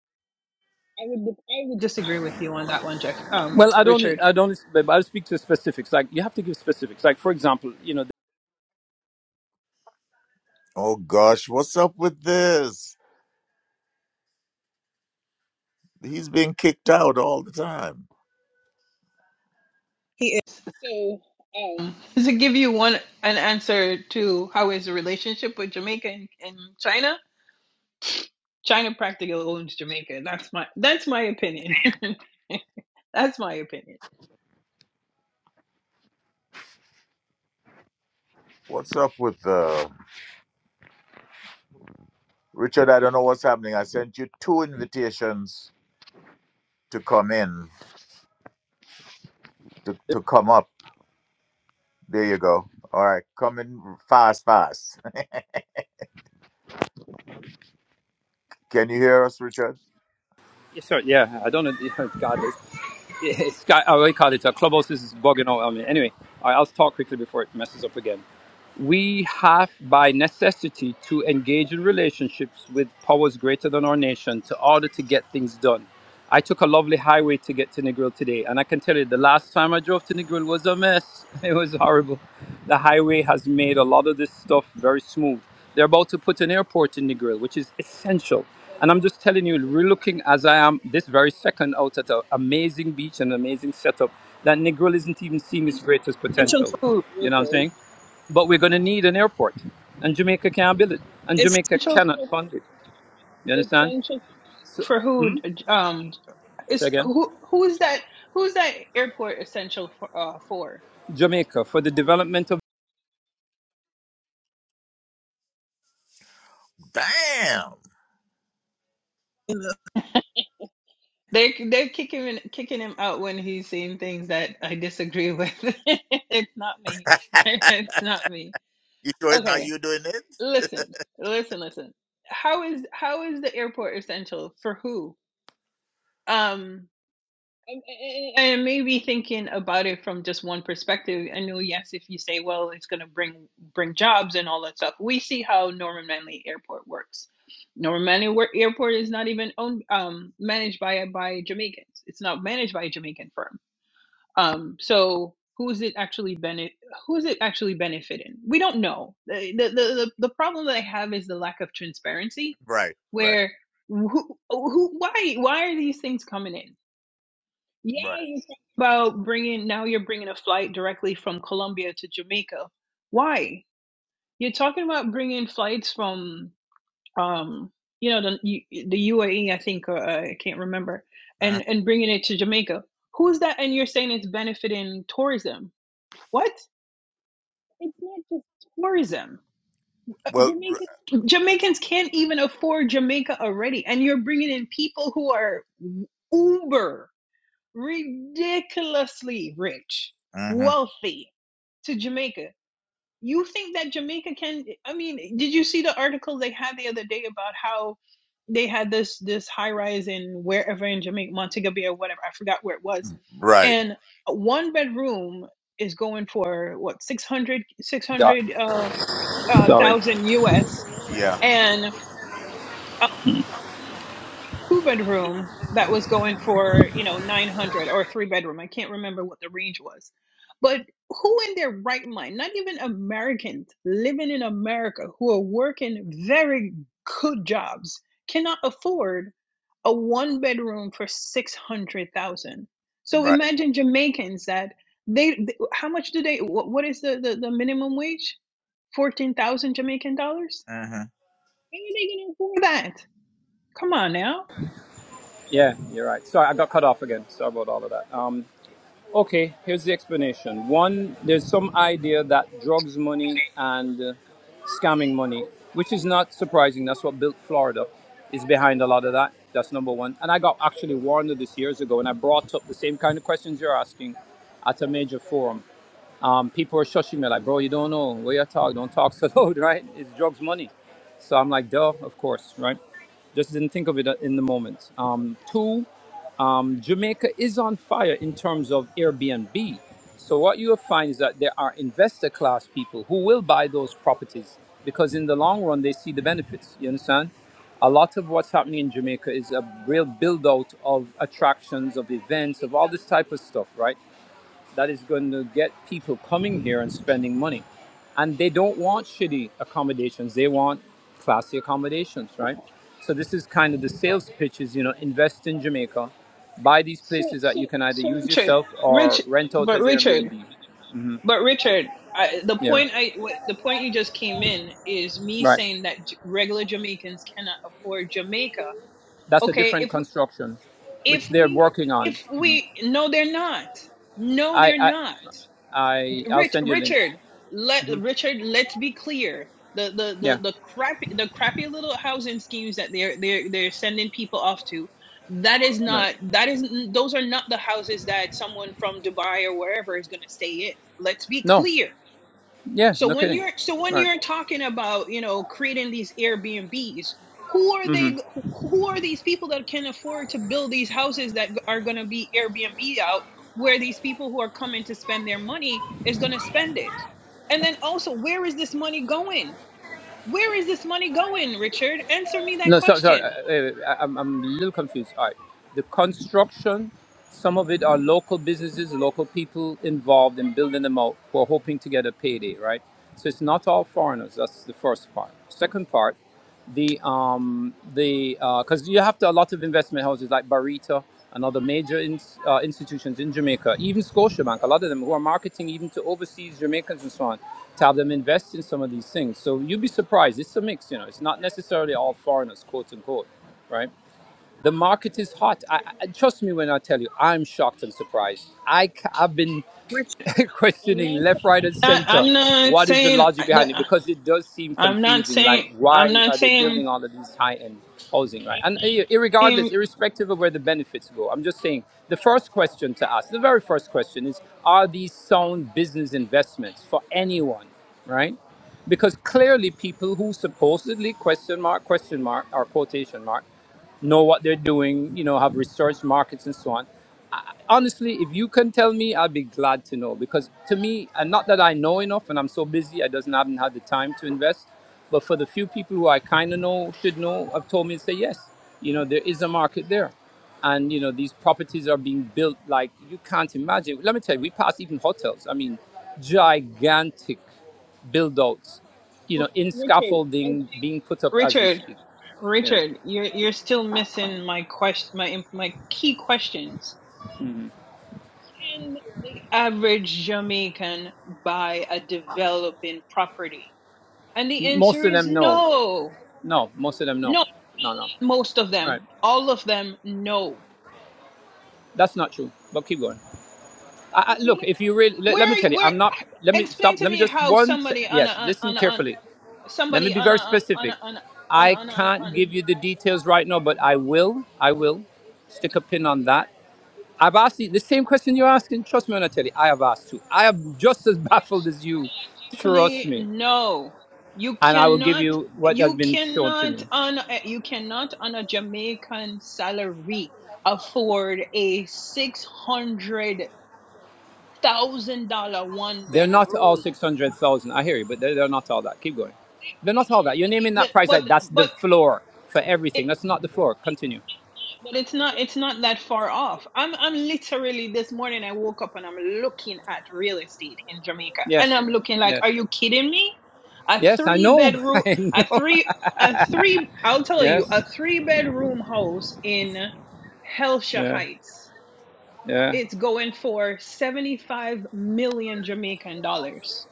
[SPEAKER 6] I would I would disagree with you on that one, Jeff. Um,
[SPEAKER 5] well i don't
[SPEAKER 6] Richard.
[SPEAKER 5] i don't but i'll speak to specifics like you have to give specifics like for example you know
[SPEAKER 2] Oh gosh, what's up with this? He's being kicked out all the time.
[SPEAKER 6] He is so. Um, [laughs] to give you one an answer to how is the relationship with Jamaica and, and China, China practically owns Jamaica. That's my that's my opinion. [laughs] that's my opinion.
[SPEAKER 2] What's up with uh, Richard? I don't know what's happening. I sent you two invitations to come in to to come up. There you go. All right, come in fast, fast. [laughs] Can you hear us, Richard?
[SPEAKER 5] yeah, Sorry, yeah, I don't know. [laughs] God, it's, it I already called it. A clubhouse is bugging out on me. Anyway, all right, I'll talk quickly before it messes up again. we have by necessity to engage in relationships with powers greater than our nation to order to get things done. I took a lovely highway to get to Negril today, and I can tell you the last time I drove to Negril was a mess. [laughs] It was horrible. The highway has made a lot of this stuff very smooth. They're about to put an airport in Negril, which is essential. And I'm just telling you, we're looking as I am this very second out at an amazing beach and amazing setup that Negril isn't even seeing its greatest
[SPEAKER 6] Essential
[SPEAKER 5] potential.
[SPEAKER 6] food,
[SPEAKER 5] You know what I'm
[SPEAKER 6] Richard.
[SPEAKER 5] saying? But we're going to need an airport, and Jamaica can't build it, and Jamaica
[SPEAKER 6] Essential
[SPEAKER 5] cannot
[SPEAKER 6] for,
[SPEAKER 5] fund it. You understand?
[SPEAKER 6] essential
[SPEAKER 5] So,
[SPEAKER 6] for who? Um,
[SPEAKER 5] say
[SPEAKER 6] Is
[SPEAKER 5] again.
[SPEAKER 6] who who is that? Who's that airport essential for? Uh, for?
[SPEAKER 5] Jamaica for the development of
[SPEAKER 2] Damn.
[SPEAKER 6] In They they're kicking him kicking him out when he's seeing things that I disagree with. [laughs] it's not me.
[SPEAKER 2] [laughs]
[SPEAKER 6] [laughs] It's not me.
[SPEAKER 2] you sure it's not
[SPEAKER 6] Okay,
[SPEAKER 2] you doing it?
[SPEAKER 6] listen, listen, listen. How is how is the airport essential for who? Um, And, and and maybe thinking about it from just one perspective, I know, yes, if you say, well, it's going to bring bring jobs and all that stuff, we see how Norman Manley Airport works. Norman Manley Wa- Airport is not even owned, um, managed by by Jamaicans. It's not managed by a Jamaican firm. Um, so who is it actually benefit? Who is it actually benefiting? We don't know. The, the the the problem that I have is the lack of transparency,
[SPEAKER 2] Right, right,
[SPEAKER 6] where who, who why why are these things coming in? Yeah,
[SPEAKER 2] right.
[SPEAKER 6] you talk about bringing now you're bringing a flight directly from Colombia to Jamaica. Why? You're talking about bringing flights from um you know the U- the UAE I think or uh, I can't remember
[SPEAKER 2] Uh,
[SPEAKER 6] and and bringing it to Jamaica. Who's that? And you're saying it's benefiting tourism. What? It's not just tourism. Uh,
[SPEAKER 2] well,
[SPEAKER 6] Jamaicans Jamaicans can't even afford Jamaica already and you're bringing in people who are uber ridiculously rich,
[SPEAKER 2] mm
[SPEAKER 6] wealthy to Jamaica. You think that Jamaica can I mean, did you see the article they had the other day about how they had this this high rise in wherever in Jamaica, Montego Bay or whatever, I forgot where it was.
[SPEAKER 2] right,
[SPEAKER 6] And one bedroom is going for what 600
[SPEAKER 5] God.
[SPEAKER 6] uh, uh
[SPEAKER 5] Sorry.
[SPEAKER 6] thousand US
[SPEAKER 2] yeah,
[SPEAKER 6] and two bedroom that was going for you know 900 or a three bedroom i can't remember what the range was but who in their right mind not even americans living in america who are working very good jobs cannot afford a one bedroom for 600000 so
[SPEAKER 2] right.
[SPEAKER 6] imagine jamaicans that they th- how much do they what, what is the, the the minimum wage 14000 jamaican dollars
[SPEAKER 2] Mm-hmm.
[SPEAKER 6] How are they gonna afford that come on now
[SPEAKER 5] Yeah, you're right. Sorry, I got cut off again. Sorry about all of that. Um, okay, here's the explanation. One, there's some idea that drugs money and uh, scamming money, which is not surprising. That's what built Florida, is behind a lot of that. That's number one. And I got actually warned of this years ago, and I brought up the same kind of questions you're asking at a major forum. Um, people are shushing me like, bro, you don't know what you are talking. Don't talk so [laughs] loud, right? It's drugs money. So I'm like, duh, of course, right? Just didn't think of it uh, in the moment. Um, two, um, Jamaica is on fire in terms of Airbnb. So what you will find is that there are investor class people who will buy those properties because in the long run they see the benefits. You understand? A lot of what's happening in Jamaica is a real build out of attractions, of events, of all this type of stuff, right? that is going to get people coming here and spending money. And they don't want shitty accommodations, they want classy accommodations, right? So this is kind of the sales pitch is, you know, invest in Jamaica, buy these
[SPEAKER 6] So,
[SPEAKER 5] places that you
[SPEAKER 6] so,
[SPEAKER 5] can either
[SPEAKER 6] so
[SPEAKER 5] use
[SPEAKER 6] Richard,
[SPEAKER 5] yourself or
[SPEAKER 6] Rich,
[SPEAKER 5] rent out
[SPEAKER 6] but
[SPEAKER 5] as
[SPEAKER 6] Richard,
[SPEAKER 5] Airbnb.
[SPEAKER 6] but Richard, I, the
[SPEAKER 5] Yeah,
[SPEAKER 6] point I, what, the point you just came in is me
[SPEAKER 5] right.
[SPEAKER 6] saying that J- regular Jamaicans cannot afford Jamaica.
[SPEAKER 5] That's a
[SPEAKER 6] Okay,
[SPEAKER 5] different
[SPEAKER 6] if w-
[SPEAKER 5] construction, which
[SPEAKER 6] if
[SPEAKER 5] they're
[SPEAKER 6] we
[SPEAKER 5] working on.
[SPEAKER 6] if we no, they're not. No,
[SPEAKER 5] I,
[SPEAKER 6] they're
[SPEAKER 5] I,
[SPEAKER 6] not.
[SPEAKER 5] I I'll
[SPEAKER 6] Rich
[SPEAKER 5] send you links.
[SPEAKER 6] Richard, let Richard, let's be clear. The the the
[SPEAKER 5] Yeah,
[SPEAKER 6] the crappy the crappy little housing schemes that they're they're they're sending people off to, that is
[SPEAKER 5] right.
[SPEAKER 6] not that is those are not the houses that someone from Dubai or wherever is going to stay in. Let's be
[SPEAKER 5] No,
[SPEAKER 6] clear.
[SPEAKER 5] yeah,
[SPEAKER 6] So
[SPEAKER 5] no
[SPEAKER 6] when
[SPEAKER 5] kidding.
[SPEAKER 6] you're so when
[SPEAKER 5] Right.
[SPEAKER 6] you're talking about you know creating these Airbnbs, who are
[SPEAKER 5] Mm-hmm.
[SPEAKER 6] they? Who are these people that can afford to build these houses that are going to be Airbnb out? Where these people who are coming to spend their money is going to spend it? And then also, where is this money going? Where is this money going, Richard? Answer me that
[SPEAKER 5] No, sorry, sorry. uh,
[SPEAKER 6] question,
[SPEAKER 5] uh, I, I'm, I'm a little confused. All right. The construction, some of it are local businesses, local people involved in building them out who are hoping to get a payday, right? So it's not all foreigners. That's the first part. Second part, the um the because you have to a lot of investment houses like Barita and other major in, uh, institutions in Jamaica, even Scotiabank, a lot of them who are marketing even to overseas Jamaicans and so on to have them invest in some of these things. So you'd be surprised. It's a mix, you know. It's not necessarily all foreigners, quote unquote, right? The market is hot. I, I, trust me when I tell you, I'm shocked and surprised. I, ca- I've been
[SPEAKER 6] Richard.
[SPEAKER 5] [laughs] questioning left, right, and center.
[SPEAKER 6] I'm not.
[SPEAKER 5] What is the
[SPEAKER 6] saying-
[SPEAKER 5] logic
[SPEAKER 6] I'm
[SPEAKER 5] behind
[SPEAKER 6] not saying.
[SPEAKER 5] it? Because it does seem
[SPEAKER 6] I'm not
[SPEAKER 5] confusing. Like,
[SPEAKER 6] saying. I'm
[SPEAKER 5] why
[SPEAKER 6] not
[SPEAKER 5] are they
[SPEAKER 6] saying.
[SPEAKER 5] building all of these high-end housing, right? And ir-
[SPEAKER 6] I'm not saying
[SPEAKER 5] irregardless, irrespective of where the benefits go, I'm just saying the first question to ask, the very first question is: Are these sound business investments for anyone? right? Because clearly, people who supposedly question mark, question mark, or quotation mark, know what they're doing, you know, have researched markets and so on. I, honestly, if you can tell me, I'd be glad to know because to me, and not that I know enough and I'm so busy, I doesn't haven't had the time to invest. But for the few people who I kind of know should know, have told me to say yes. You know, there is a market there, and you know these properties are being built like you can't imagine. Let me tell you, we passed even hotels. I mean, gigantic build outs, you know, in
[SPEAKER 6] Richard.
[SPEAKER 5] scaffolding being put up as we
[SPEAKER 6] Richard,
[SPEAKER 5] speak. Yeah.
[SPEAKER 6] Richard, you're you're still missing my question, my my key questions. Can the average Jamaican buy a developing property? And the
[SPEAKER 5] Most
[SPEAKER 6] answer
[SPEAKER 5] of
[SPEAKER 6] is
[SPEAKER 5] them no.
[SPEAKER 6] no,
[SPEAKER 5] No, most of them no.
[SPEAKER 6] no.
[SPEAKER 5] No, no.
[SPEAKER 6] Most of
[SPEAKER 5] Right.
[SPEAKER 6] them, all of them, no.
[SPEAKER 5] That's not true. But keep going. I, I, look, if you really let, let me tell
[SPEAKER 6] Where
[SPEAKER 5] you,
[SPEAKER 6] where?
[SPEAKER 5] I'm not let me stop.
[SPEAKER 6] Explain to
[SPEAKER 5] Let me
[SPEAKER 6] me
[SPEAKER 5] just
[SPEAKER 6] how
[SPEAKER 5] one se-
[SPEAKER 6] somebody on
[SPEAKER 5] yes,
[SPEAKER 6] a
[SPEAKER 5] listen
[SPEAKER 6] on a, on a,
[SPEAKER 5] carefully. Let me
[SPEAKER 6] somebody
[SPEAKER 5] be
[SPEAKER 6] on
[SPEAKER 5] very
[SPEAKER 6] a on
[SPEAKER 5] specific.
[SPEAKER 6] a on a, on a,
[SPEAKER 5] I
[SPEAKER 6] on a,
[SPEAKER 5] can't
[SPEAKER 6] on a,
[SPEAKER 5] give you the details right now, but I will. I will stick a pin on that. I've asked you the same question you're asking. Trust me when I tell you, I have asked too. I am just as [laughs] baffled as you. Trust
[SPEAKER 6] Technically,
[SPEAKER 5] me.
[SPEAKER 6] no. You
[SPEAKER 5] and I will give
[SPEAKER 6] cannot.
[SPEAKER 5] you what has
[SPEAKER 6] You
[SPEAKER 5] been shown to
[SPEAKER 6] cannot
[SPEAKER 5] me.
[SPEAKER 6] on. You cannot on a Jamaican salary afford a six hundred thousand dollar one
[SPEAKER 5] They're not all
[SPEAKER 6] bedroom.
[SPEAKER 5] 600,000. I hear you, but they're, they're not all that. Keep going. They're not all that. You're naming that price
[SPEAKER 6] But
[SPEAKER 5] like that's the
[SPEAKER 6] but
[SPEAKER 5] floor for everything. That's not the floor. Continue.
[SPEAKER 6] But it's not it's not that far off. I'm I'm literally this morning I woke up and I'm looking at real estate in Jamaica. And
[SPEAKER 5] Yes.
[SPEAKER 6] I'm looking like,
[SPEAKER 5] Yes.
[SPEAKER 6] are you kidding me? A
[SPEAKER 5] Yes, I
[SPEAKER 6] three
[SPEAKER 5] know. [laughs]
[SPEAKER 6] bedroom
[SPEAKER 5] I
[SPEAKER 6] a
[SPEAKER 5] know.
[SPEAKER 6] three a three I'll tell you,
[SPEAKER 5] Yes.
[SPEAKER 6] a three bedroom house in Helsha
[SPEAKER 5] Yeah.
[SPEAKER 6] Heights.
[SPEAKER 5] Yeah.
[SPEAKER 6] It's going for seventy five million Jamaican dollars.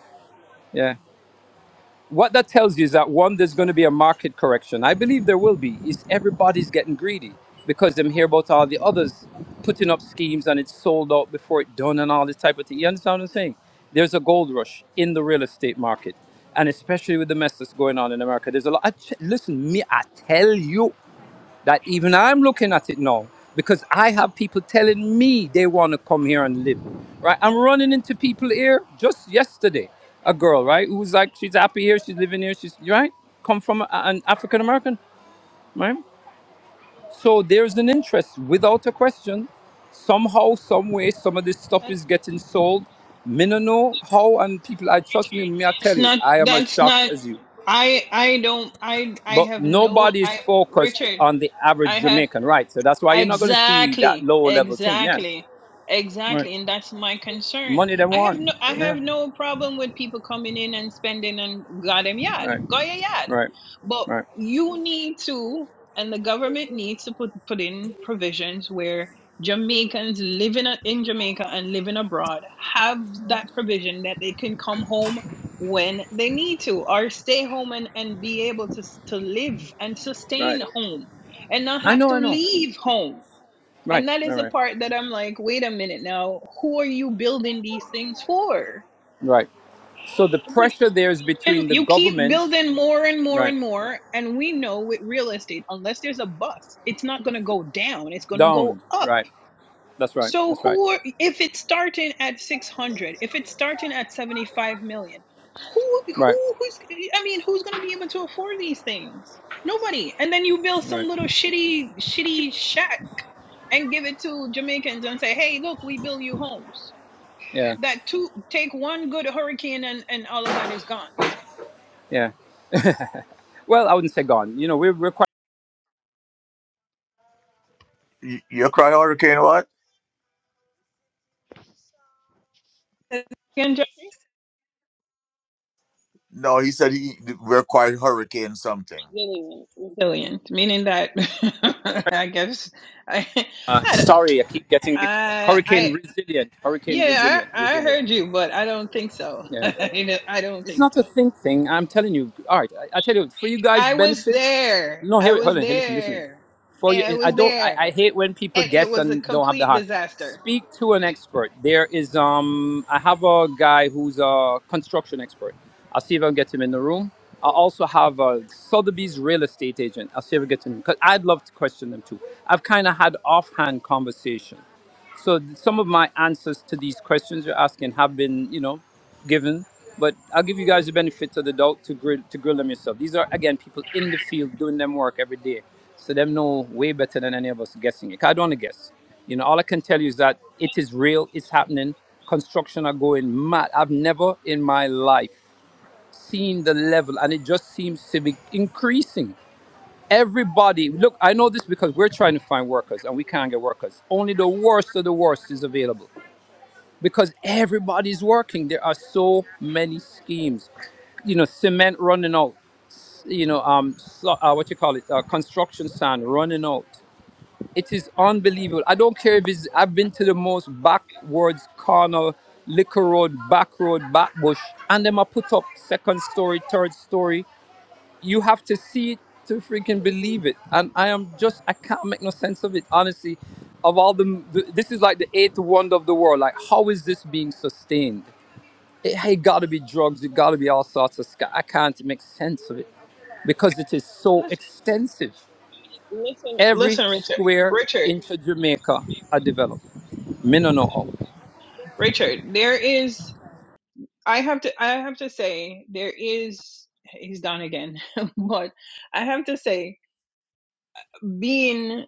[SPEAKER 5] Yeah. what that tells you is that one, there's going to be a market correction. I believe there will be. Is everybody's getting greedy because them hear about all the others putting up schemes and it's sold out before it done and all this type of thing. You understand what I'm saying? There's a gold rush in the real estate market, and especially with the mess that's going on in America. There's a lot. I ch- listen, me, I tell you that even I'm looking at it now because I have people telling me they want to come here and live. Right? I'm running into people here just yesterday. A girl, right, who was like, she's happy here, she's living here, she's right, come from a- an African American, right? So there's an interest without a question. Somehow, some way, some of this stuff
[SPEAKER 6] And
[SPEAKER 5] is getting sold. Me no know how, and people, I trust me. Me, I
[SPEAKER 6] it's
[SPEAKER 5] tell you,
[SPEAKER 6] not
[SPEAKER 5] I am as
[SPEAKER 6] that's
[SPEAKER 5] shocked
[SPEAKER 6] not
[SPEAKER 5] as you.
[SPEAKER 6] I I don't I I
[SPEAKER 5] But
[SPEAKER 6] have no
[SPEAKER 5] nobody's
[SPEAKER 6] I
[SPEAKER 5] focused
[SPEAKER 6] Richard,
[SPEAKER 5] on the average
[SPEAKER 6] I have
[SPEAKER 5] Jamaican, right? So that's why you're not going to see that
[SPEAKER 6] Exactly,
[SPEAKER 5] low level thing. Yes.
[SPEAKER 6] exactly,
[SPEAKER 5] Right.
[SPEAKER 6] exactly, and that's my concern.
[SPEAKER 5] Money they
[SPEAKER 6] I have
[SPEAKER 5] want.
[SPEAKER 6] no, I have
[SPEAKER 5] Yeah.
[SPEAKER 6] no problem with people coming in and spending on goddamn yard,
[SPEAKER 5] Right.
[SPEAKER 6] go your yard,
[SPEAKER 5] Right.
[SPEAKER 6] but
[SPEAKER 5] Right.
[SPEAKER 6] you need to, and the government needs to put put in provisions where Jamaicans living a- in Jamaica and living abroad have that provision that they can come home when they need to, or stay home and and be able to s- to live and
[SPEAKER 5] Right.
[SPEAKER 6] sustain home and not
[SPEAKER 5] I
[SPEAKER 6] have
[SPEAKER 5] know.
[SPEAKER 6] to
[SPEAKER 5] I know.
[SPEAKER 6] leave home. And
[SPEAKER 5] Right.
[SPEAKER 6] that is
[SPEAKER 5] Right.
[SPEAKER 6] the
[SPEAKER 5] Right.
[SPEAKER 6] part that I'm like, wait a minute now, who are you building these things for?
[SPEAKER 5] Right. So the pressure there is
[SPEAKER 6] And
[SPEAKER 5] between the
[SPEAKER 6] you keep
[SPEAKER 5] government,
[SPEAKER 6] building more and more
[SPEAKER 5] right,
[SPEAKER 6] and more. And we know with real estate, unless there's a bust, it's not going to go down, it's going to go
[SPEAKER 5] down,
[SPEAKER 6] up
[SPEAKER 5] right. That's right.
[SPEAKER 6] So
[SPEAKER 5] That's right.
[SPEAKER 6] who are, if it's starting at 600, if it's starting at 75 million, who
[SPEAKER 5] Right.
[SPEAKER 6] who who's I mean, who's going to be able to afford these things? Nobody. And then you build some
[SPEAKER 5] Right.
[SPEAKER 6] little shitty shitty shack and give it to Jamaicans and say, "Hey, look, we build you homes."
[SPEAKER 5] Yeah.
[SPEAKER 6] That two take one good hurricane and and all of that is gone.
[SPEAKER 5] Yeah. Well, I wouldn't say gone. You know, we're, we're quite.
[SPEAKER 2] You, you cry hurricane what?
[SPEAKER 6] Again, just
[SPEAKER 2] No, he said he we're quite hurricane something.
[SPEAKER 6] resilient, resilient, meaning that [laughs] I guess I,
[SPEAKER 5] Uh, sorry, I keep getting mixed up.
[SPEAKER 6] I,
[SPEAKER 5] hurricane
[SPEAKER 6] I,
[SPEAKER 5] resilient. Hurricane
[SPEAKER 6] Yeah,
[SPEAKER 5] resilient.
[SPEAKER 6] I, I
[SPEAKER 5] Resilient.
[SPEAKER 6] heard you, but I don't think so. [laughs]
[SPEAKER 5] Yeah.
[SPEAKER 6] I don't I don't
[SPEAKER 5] It's
[SPEAKER 6] think
[SPEAKER 5] not
[SPEAKER 6] so.
[SPEAKER 5] a think thing. I'm telling you. All right, I, I tell you, for you guys'
[SPEAKER 6] I was
[SPEAKER 5] benefit.
[SPEAKER 6] there.
[SPEAKER 5] No,
[SPEAKER 6] I
[SPEAKER 5] here, hold
[SPEAKER 6] was
[SPEAKER 5] on. Here, listen, listen.
[SPEAKER 6] there.
[SPEAKER 5] For you,
[SPEAKER 6] And I
[SPEAKER 5] I
[SPEAKER 6] was
[SPEAKER 5] don't. I, I
[SPEAKER 6] there.
[SPEAKER 5] hate when people
[SPEAKER 6] And it
[SPEAKER 5] guess
[SPEAKER 6] was a
[SPEAKER 5] and don't have the
[SPEAKER 6] complete
[SPEAKER 5] heart.
[SPEAKER 6] disaster.
[SPEAKER 5] Speak to an expert. There is um. I have a guy who's a construction expert. I'll see if I can get him in the room. I also have a Sotheby's real estate agent. I'll see if I can get him because I'd love to question them too. I've kind of had offhand conversation. So some of my answers to these questions you're asking have been, you know, given, but I'll give you guys the benefit of the doubt to grill to grill them yourself. These are again people in the field doing them work every day, so them know way better than any of us guessing it. 'Cause I don't want to guess. You know, all I can tell you is that it is real. It's happening. Construction are going mad. I've never in my life seen the level, and it just seems to be increasing. Everybody, look, I know this because we're trying to find workers and we can't get workers. Only the worst of the worst is available because everybody's working. There are so many schemes. You know, cement running out, s- you know, um, so, uh, what you call it, uh, construction sand running out. It is unbelievable. I don't care if it's, I've been to the most backwards corner, liquor road, back road, back bush, and them I put up second story, third story you have to see it to freaking believe it and i am just i can't make no sense of it honestly of all the th- this is like the eighth wonder of the world like how is this being sustained it, hey, it gotta be drugs it gotta be all sorts of sc- i can't make sense of it because it is so
[SPEAKER 6] Listen,
[SPEAKER 5] extensive
[SPEAKER 6] listen,
[SPEAKER 5] every
[SPEAKER 6] listen, Richard.
[SPEAKER 5] square
[SPEAKER 6] Richard,
[SPEAKER 5] inch of jamaica i developed. me no know how
[SPEAKER 6] Richard, there is I have to I have to say there is he's done again. [laughs] but I have to say being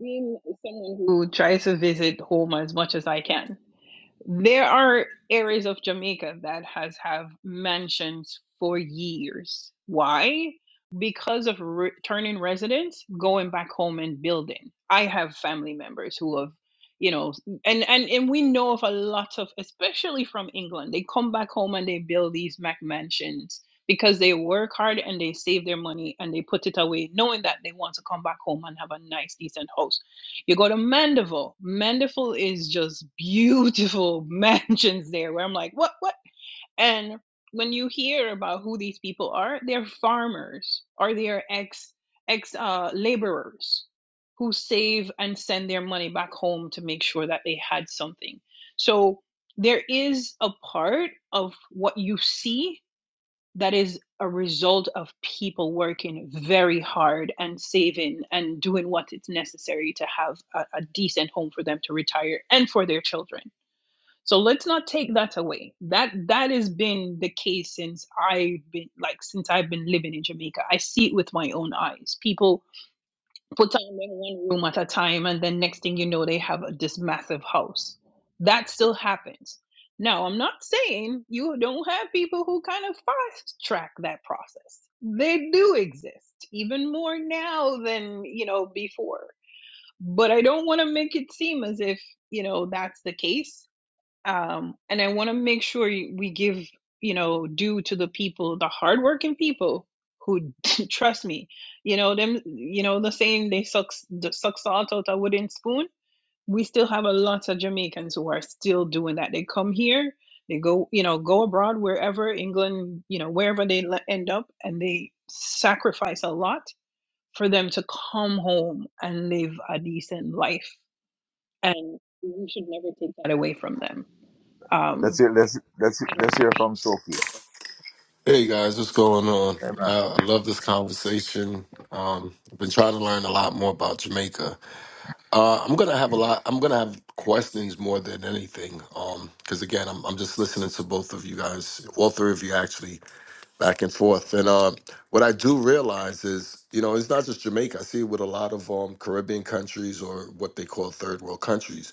[SPEAKER 6] being someone who tries to visit home as much as I can There are areas of Jamaica that has have mansions for years. Why? Because of returning residents going back home and building. I have family members who have, you know, and and and we know of a lot of, especially from England, they come back home and they build these Mac mansions because they work hard and they save their money and they put it away, knowing that they want to come back home and have a nice, decent house you go to Mandeville. Mandeville is just beautiful [laughs] mansions there where I'm like, what, what? And when you hear about who these people are, they're farmers or they're ex ex uh, laborers who save and send their money back home to make sure that they had something. So there is a part of what you see that is a result of people working very hard and saving and doing what it's necessary to have a, a decent home for them to retire and for their children. So let's not take that away. That that has been the case since I've been like since I've been living in Jamaica. I see it with my own eyes. People put them in one room at a time and then next thing you know they have this massive house that still happens now i'm not saying you don't have people who kind of fast track that process they do exist even more now than you know before but i don't want to make it seem as if you know that's the case um, and I want to make sure you- we give you know due to the people, the hardworking people who [laughs] trust me. You know them. You know the saying they suck the suck salt out a wooden spoon. We still have a lot of Jamaicans who are still doing that. They come here, they go you know go abroad wherever England you know wherever they le- end up, and they sacrifice a lot for them to come home and live a decent life. And we should never take that away from them. Um,
[SPEAKER 2] Let's hear, let's let's let's hear from Sophie.
[SPEAKER 8] Hey guys, what's going on?
[SPEAKER 2] Amen.
[SPEAKER 8] Uh, I love this conversation. Um, I've been trying to learn a lot more about Jamaica. Uh, I'm gonna have a lot. I'm gonna have questions more than anything. Um, because again, I'm I'm just listening to both of you guys, all three of you actually, back and forth. And uh, what I do realize is, you know, it's not just Jamaica. I see it with a lot of um Caribbean countries or what they call third world countries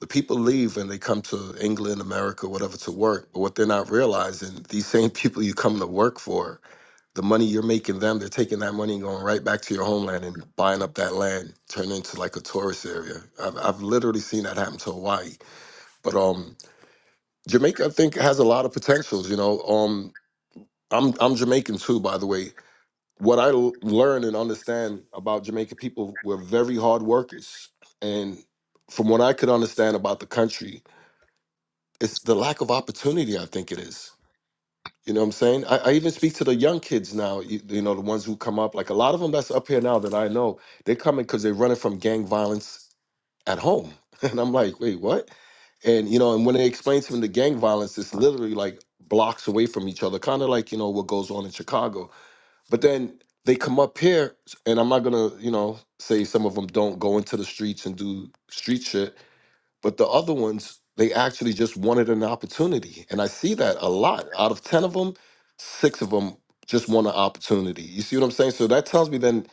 [SPEAKER 8] the people leave and they come to England, America, whatever to work. But what they're not realizing, these same [laughs] people you come to work for the money you're making them, they're taking that money and going right back to your homeland and buying up that land, turn into like a tourist area. I've, I've literally seen that happen to Hawaii. But um, Jamaica, I think, has a lot of potentials. You know, um, I'm I'm Jamaican too, by the way. What I l- learn and understand about Jamaican people, we're very hard workers, and from what I could understand about the country, it's the lack of opportunity. I think it is You know what I'm saying? I, I even speak to the young kids now, you, you know, the ones who come up. Like a lot of them that's up here now that I know, they're coming because they're running from gang violence at home. [laughs] And I'm like, wait, what? And, you know, and when they explain to them the gang violence, it's literally like blocks away from each other, kind of like, you know, what goes on in Chicago. But then they come up here, and I'm not going to, you know, say some of them don't go into the streets and do street shit but the other ones they actually just wanted an opportunity and i see that a lot out of 10 of them six of them just want an opportunity you see what i'm saying so that tells me then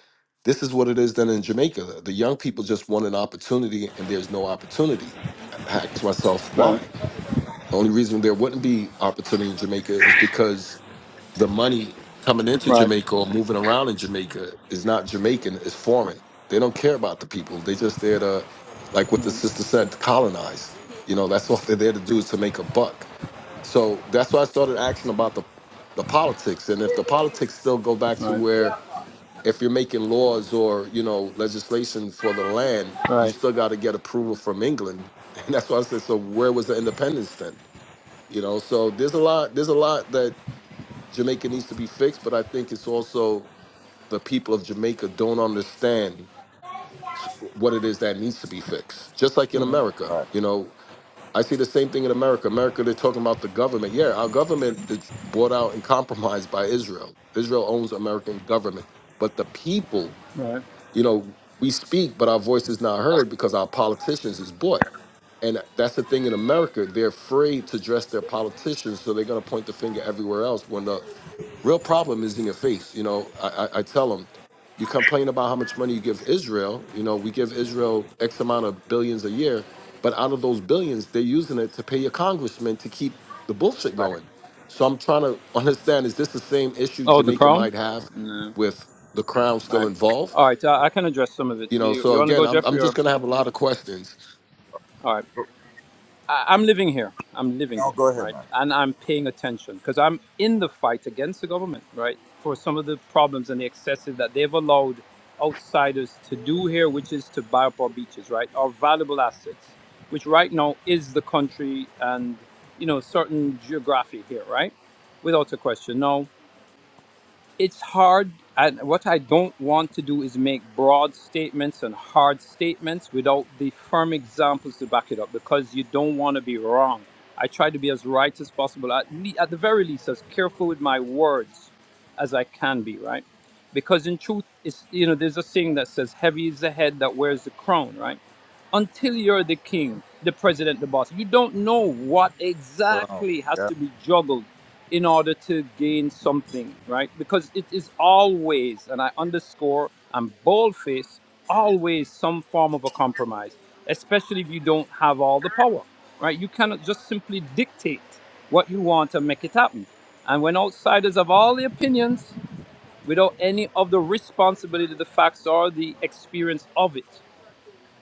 [SPEAKER 8] this is what it is then in jamaica the young people just want an opportunity and there's no opportunity i ask myself why the only reason there wouldn't be opportunity in jamaica is because the money coming into Jamaica or moving around in Jamaica is not Jamaican, it's foreign. They don't care about the people. They just there to, like what the sister said, colonize. You know, that's [laughs] all they're there to do is to make a buck. So that's why I started asking about the the politics. And if the politics still go back to
[SPEAKER 5] Right,
[SPEAKER 8] where if you're making laws or, you know, legislation for the land, you
[SPEAKER 5] right,
[SPEAKER 8] still gotta get approval from England. [laughs] And that's why I said, so where was the independence then? You know, so there's a lot, there's a lot that Jamaica needs to be fixed, but I think it's also the people of Jamaica don't understand what it is that needs to be fixed. Just like in America,
[SPEAKER 2] Right,
[SPEAKER 8] you know, I see the same thing in America. America, they're talking about the government. Yeah, our government is bought out and compromised by Israel. Israel owns American government, but the people
[SPEAKER 5] right.
[SPEAKER 8] you know, we speak, but our voice is not heard because our politicians is bought. And that's the thing in America. They're afraid to dress their politicians, so they're going to point the finger everywhere else when the real problem is in your face. You know, I, I, I tell them, you complain about how much money you give Israel. You know, we give Israel X amount of billions a year, but out of those billions, they're using it to pay your congressman to keep the bullshit
[SPEAKER 2] right.
[SPEAKER 8] going. So I'm trying to [laughs] understand is this the same issue
[SPEAKER 5] Oh, the
[SPEAKER 8] Jamaica
[SPEAKER 5] crown?
[SPEAKER 8] might have
[SPEAKER 5] No.
[SPEAKER 8] with the crown still
[SPEAKER 5] Right.
[SPEAKER 8] involved?
[SPEAKER 5] All right, uh, I can address some of it.
[SPEAKER 8] You know,
[SPEAKER 5] You,
[SPEAKER 8] so
[SPEAKER 5] you want to
[SPEAKER 8] again,
[SPEAKER 5] go,
[SPEAKER 8] I'm I'm
[SPEAKER 5] Jeffrey,
[SPEAKER 8] just
[SPEAKER 5] or?
[SPEAKER 8] gonna have a lot of questions.
[SPEAKER 5] All right. I, I'm living here. I'm living
[SPEAKER 2] No,
[SPEAKER 5] here,
[SPEAKER 2] go ahead,
[SPEAKER 5] right?
[SPEAKER 2] man.
[SPEAKER 5] And I'm paying attention because I'm in the fight against the government, right? For some of the problems and the excesses that they've allowed outsiders to do here, which is to buy up our beaches, right? Our valuable assets, which right now is the country and, you know, certain geography here, right? Without a question. Now, it's hard and what i don't want to do is make broad statements and hard statements without the firm examples to back it up because you don't want to be wrong i try to be as right as possible at, le- at the very least as careful with my words as i can be right because in truth it's you know there's a saying that says heavy is the head that wears the crown right until you're the king the president the boss you don't know what
[SPEAKER 2] Um,
[SPEAKER 5] exactly has
[SPEAKER 2] yeah,
[SPEAKER 5] to be juggled in order to gain something, right? Because it is always, and I underscore, I'm bold faced, always some form of a compromise, especially if you don't have all the power, right? You cannot just simply dictate what you want and make it happen. And when outsiders have all the opinions without any of the responsibility, the facts, or the experience of it,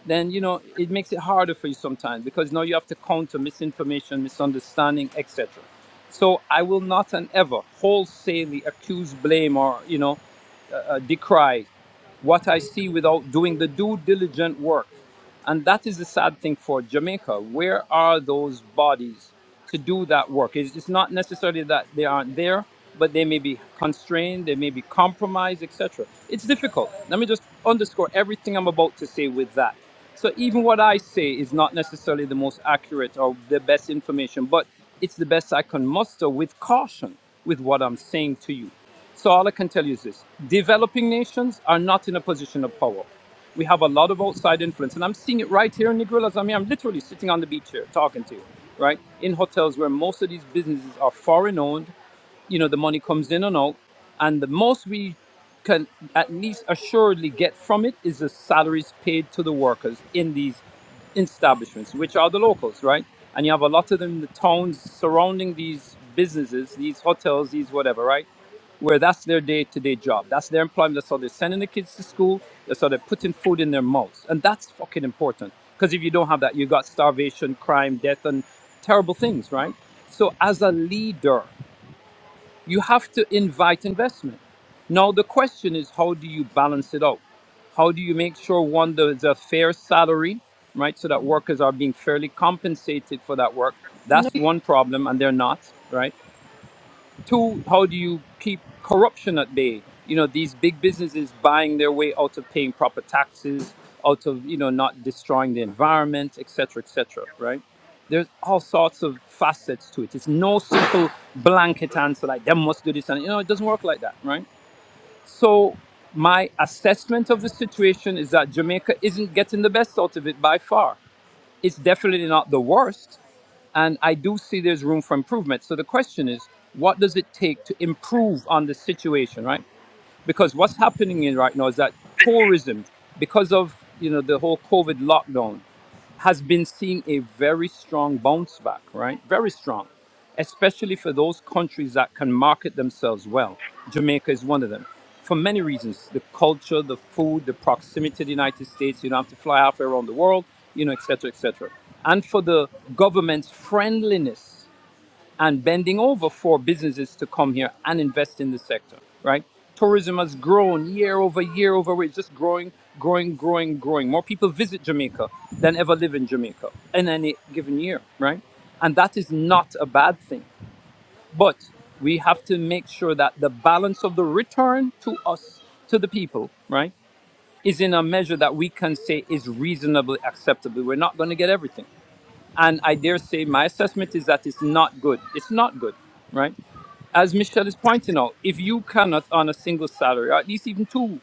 [SPEAKER 5] then you know it makes it harder for you sometimes because now you have to counter misinformation misunderstanding etc so i will not and ever wholesalely accuse blame or you know uh, decry what I see without doing the due diligent work. And that is the sad thing for Jamaica. Where are those bodies to do that work? It's, it's not necessarily that they aren't there, but they may be constrained, they may be compromised, etc. It's difficult. Let me just underscore everything I'm about to say with that. So even what I say is not necessarily the most accurate or the best information, but it's the best I can muster with caution with what I'm saying to you. So all I can tell you is this: developing nations are not in a position of power. We have a lot of outside influence, and I'm seeing it right here in Negrolas. I mean, I'm literally sitting on the beach here talking to you, right? In hotels where most of these businesses are foreign-owned, you know, the money comes in and out, and the most we can at least assuredly get from it is the salaries paid to the workers in these establishments, which are the locals, right? And you have a lot of them in the towns surrounding these businesses, these hotels, these whatever, right? where that's their day-to-day job. That's their employment. That's how they're sending the kids to school. That's how they're putting food in their mouths, and that's fucking important. Because if you don't have that, you got starvation, crime, death, and terrible things, right? So as a leader, you have to invite investment. Now the question is, how do you balance it out? How do you make sure one there's a fair salary, right? So that workers are being fairly compensated for that work.
[SPEAKER 6] no,
[SPEAKER 5] That's one problem, and they're not, right? Two, how do you keep corruption at bay? You know, these big businesses buying their way out of paying proper taxes, out of, you know, not destroying the environment, et cetera, et cetera, right? There's all sorts of facets to it. It's no simple blanket answer like, them must do this. And, you know, it doesn't work like that, right? So, my assessment of the situation is that Jamaica isn't getting the best out of it by far it's definitely not the worst. And I do see there's room for improvement. So the question is, what does it take to improve on the situation, right? because what's happening in right now is that tourism, because of you know the whole COVID lockdown, has been seeing a very strong bounce back, right? Very strong, especially for those countries that can market themselves well. Jamaica is one of them for many reasons the culture, the food, the proximity to the United States. You don't have to fly halfway around the world, you know, et cetera, et cetera. And for the government's friendliness and bending over for businesses to come here and invest in the sector, right? Tourism has grown year over year over year, just growing, growing, growing, growing. More people visit Jamaica than ever live in Jamaica in any given year, right? And that is not a bad thing. But we have to make sure that the balance of the return to us, to the people, right, is in a measure that we can say is reasonably acceptable. We're not going to get everything. And I dare say my assessment is that it's not good. It's not good, right? As Michelle is pointing out, if you cannot on a single salary, or at least even two,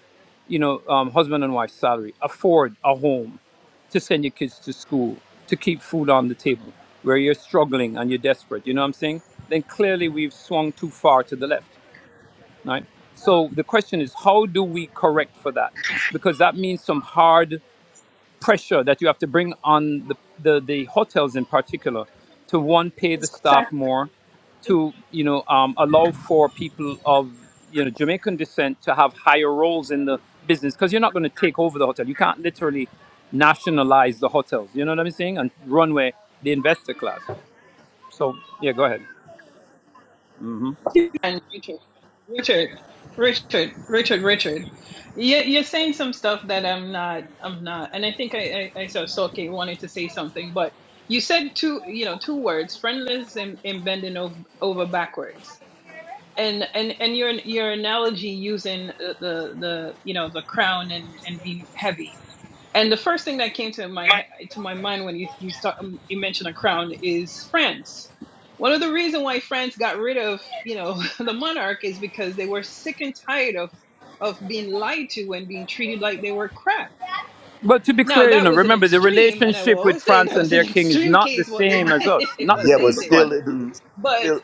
[SPEAKER 5] you know, um, husband and wife salary, afford a home to send your kids to school, to keep food on the table, where you're struggling and you're desperate, you know what I'm saying? Then clearly we've swung too far to the left, right? So the question is, how do we correct for that? Because that means some hard pressure that you have to bring on the, the, the hotels in particular to one pay the
[SPEAKER 6] it's
[SPEAKER 5] staff
[SPEAKER 6] contact
[SPEAKER 5] more to you know um, allow for people of you know jamaican descent to have higher roles in the business because you're not going to take over the hotel you can't literally nationalize the hotels you know what i'm saying and run runway the investor class so yeah go ahead
[SPEAKER 6] and Richard. Richard. Richard, Richard, Richard, you, you're saying some stuff that I'm not, I'm not, and I think I, I, I saw Soke wanted to say something, but you said two, you know, two words, friendless and, and bending over, over backwards, and and and your your analogy using the the, the you know the crown and and being heavy, And the first thing that came to my to my mind when you you start, um, you mentioned a crown is France. One of the reasons why France got rid of you know [laughs] the monarch is because they were sick and tired of of being lied to and being treated like they were crap.
[SPEAKER 5] but to be
[SPEAKER 6] Now
[SPEAKER 5] clear you
[SPEAKER 6] that
[SPEAKER 5] know
[SPEAKER 6] was an
[SPEAKER 5] remember the
[SPEAKER 6] extreme, and I will
[SPEAKER 5] relationship with
[SPEAKER 6] always say
[SPEAKER 5] france
[SPEAKER 6] that
[SPEAKER 5] and
[SPEAKER 6] was an [laughs]
[SPEAKER 5] their king is
[SPEAKER 6] extreme
[SPEAKER 5] not the
[SPEAKER 6] case what they
[SPEAKER 5] same as us
[SPEAKER 6] did [laughs]
[SPEAKER 5] not the
[SPEAKER 6] what
[SPEAKER 2] yeah, but
[SPEAKER 5] same
[SPEAKER 6] they
[SPEAKER 5] but
[SPEAKER 6] did.
[SPEAKER 5] go on
[SPEAKER 2] still, it-
[SPEAKER 5] Mm,
[SPEAKER 6] But
[SPEAKER 2] still.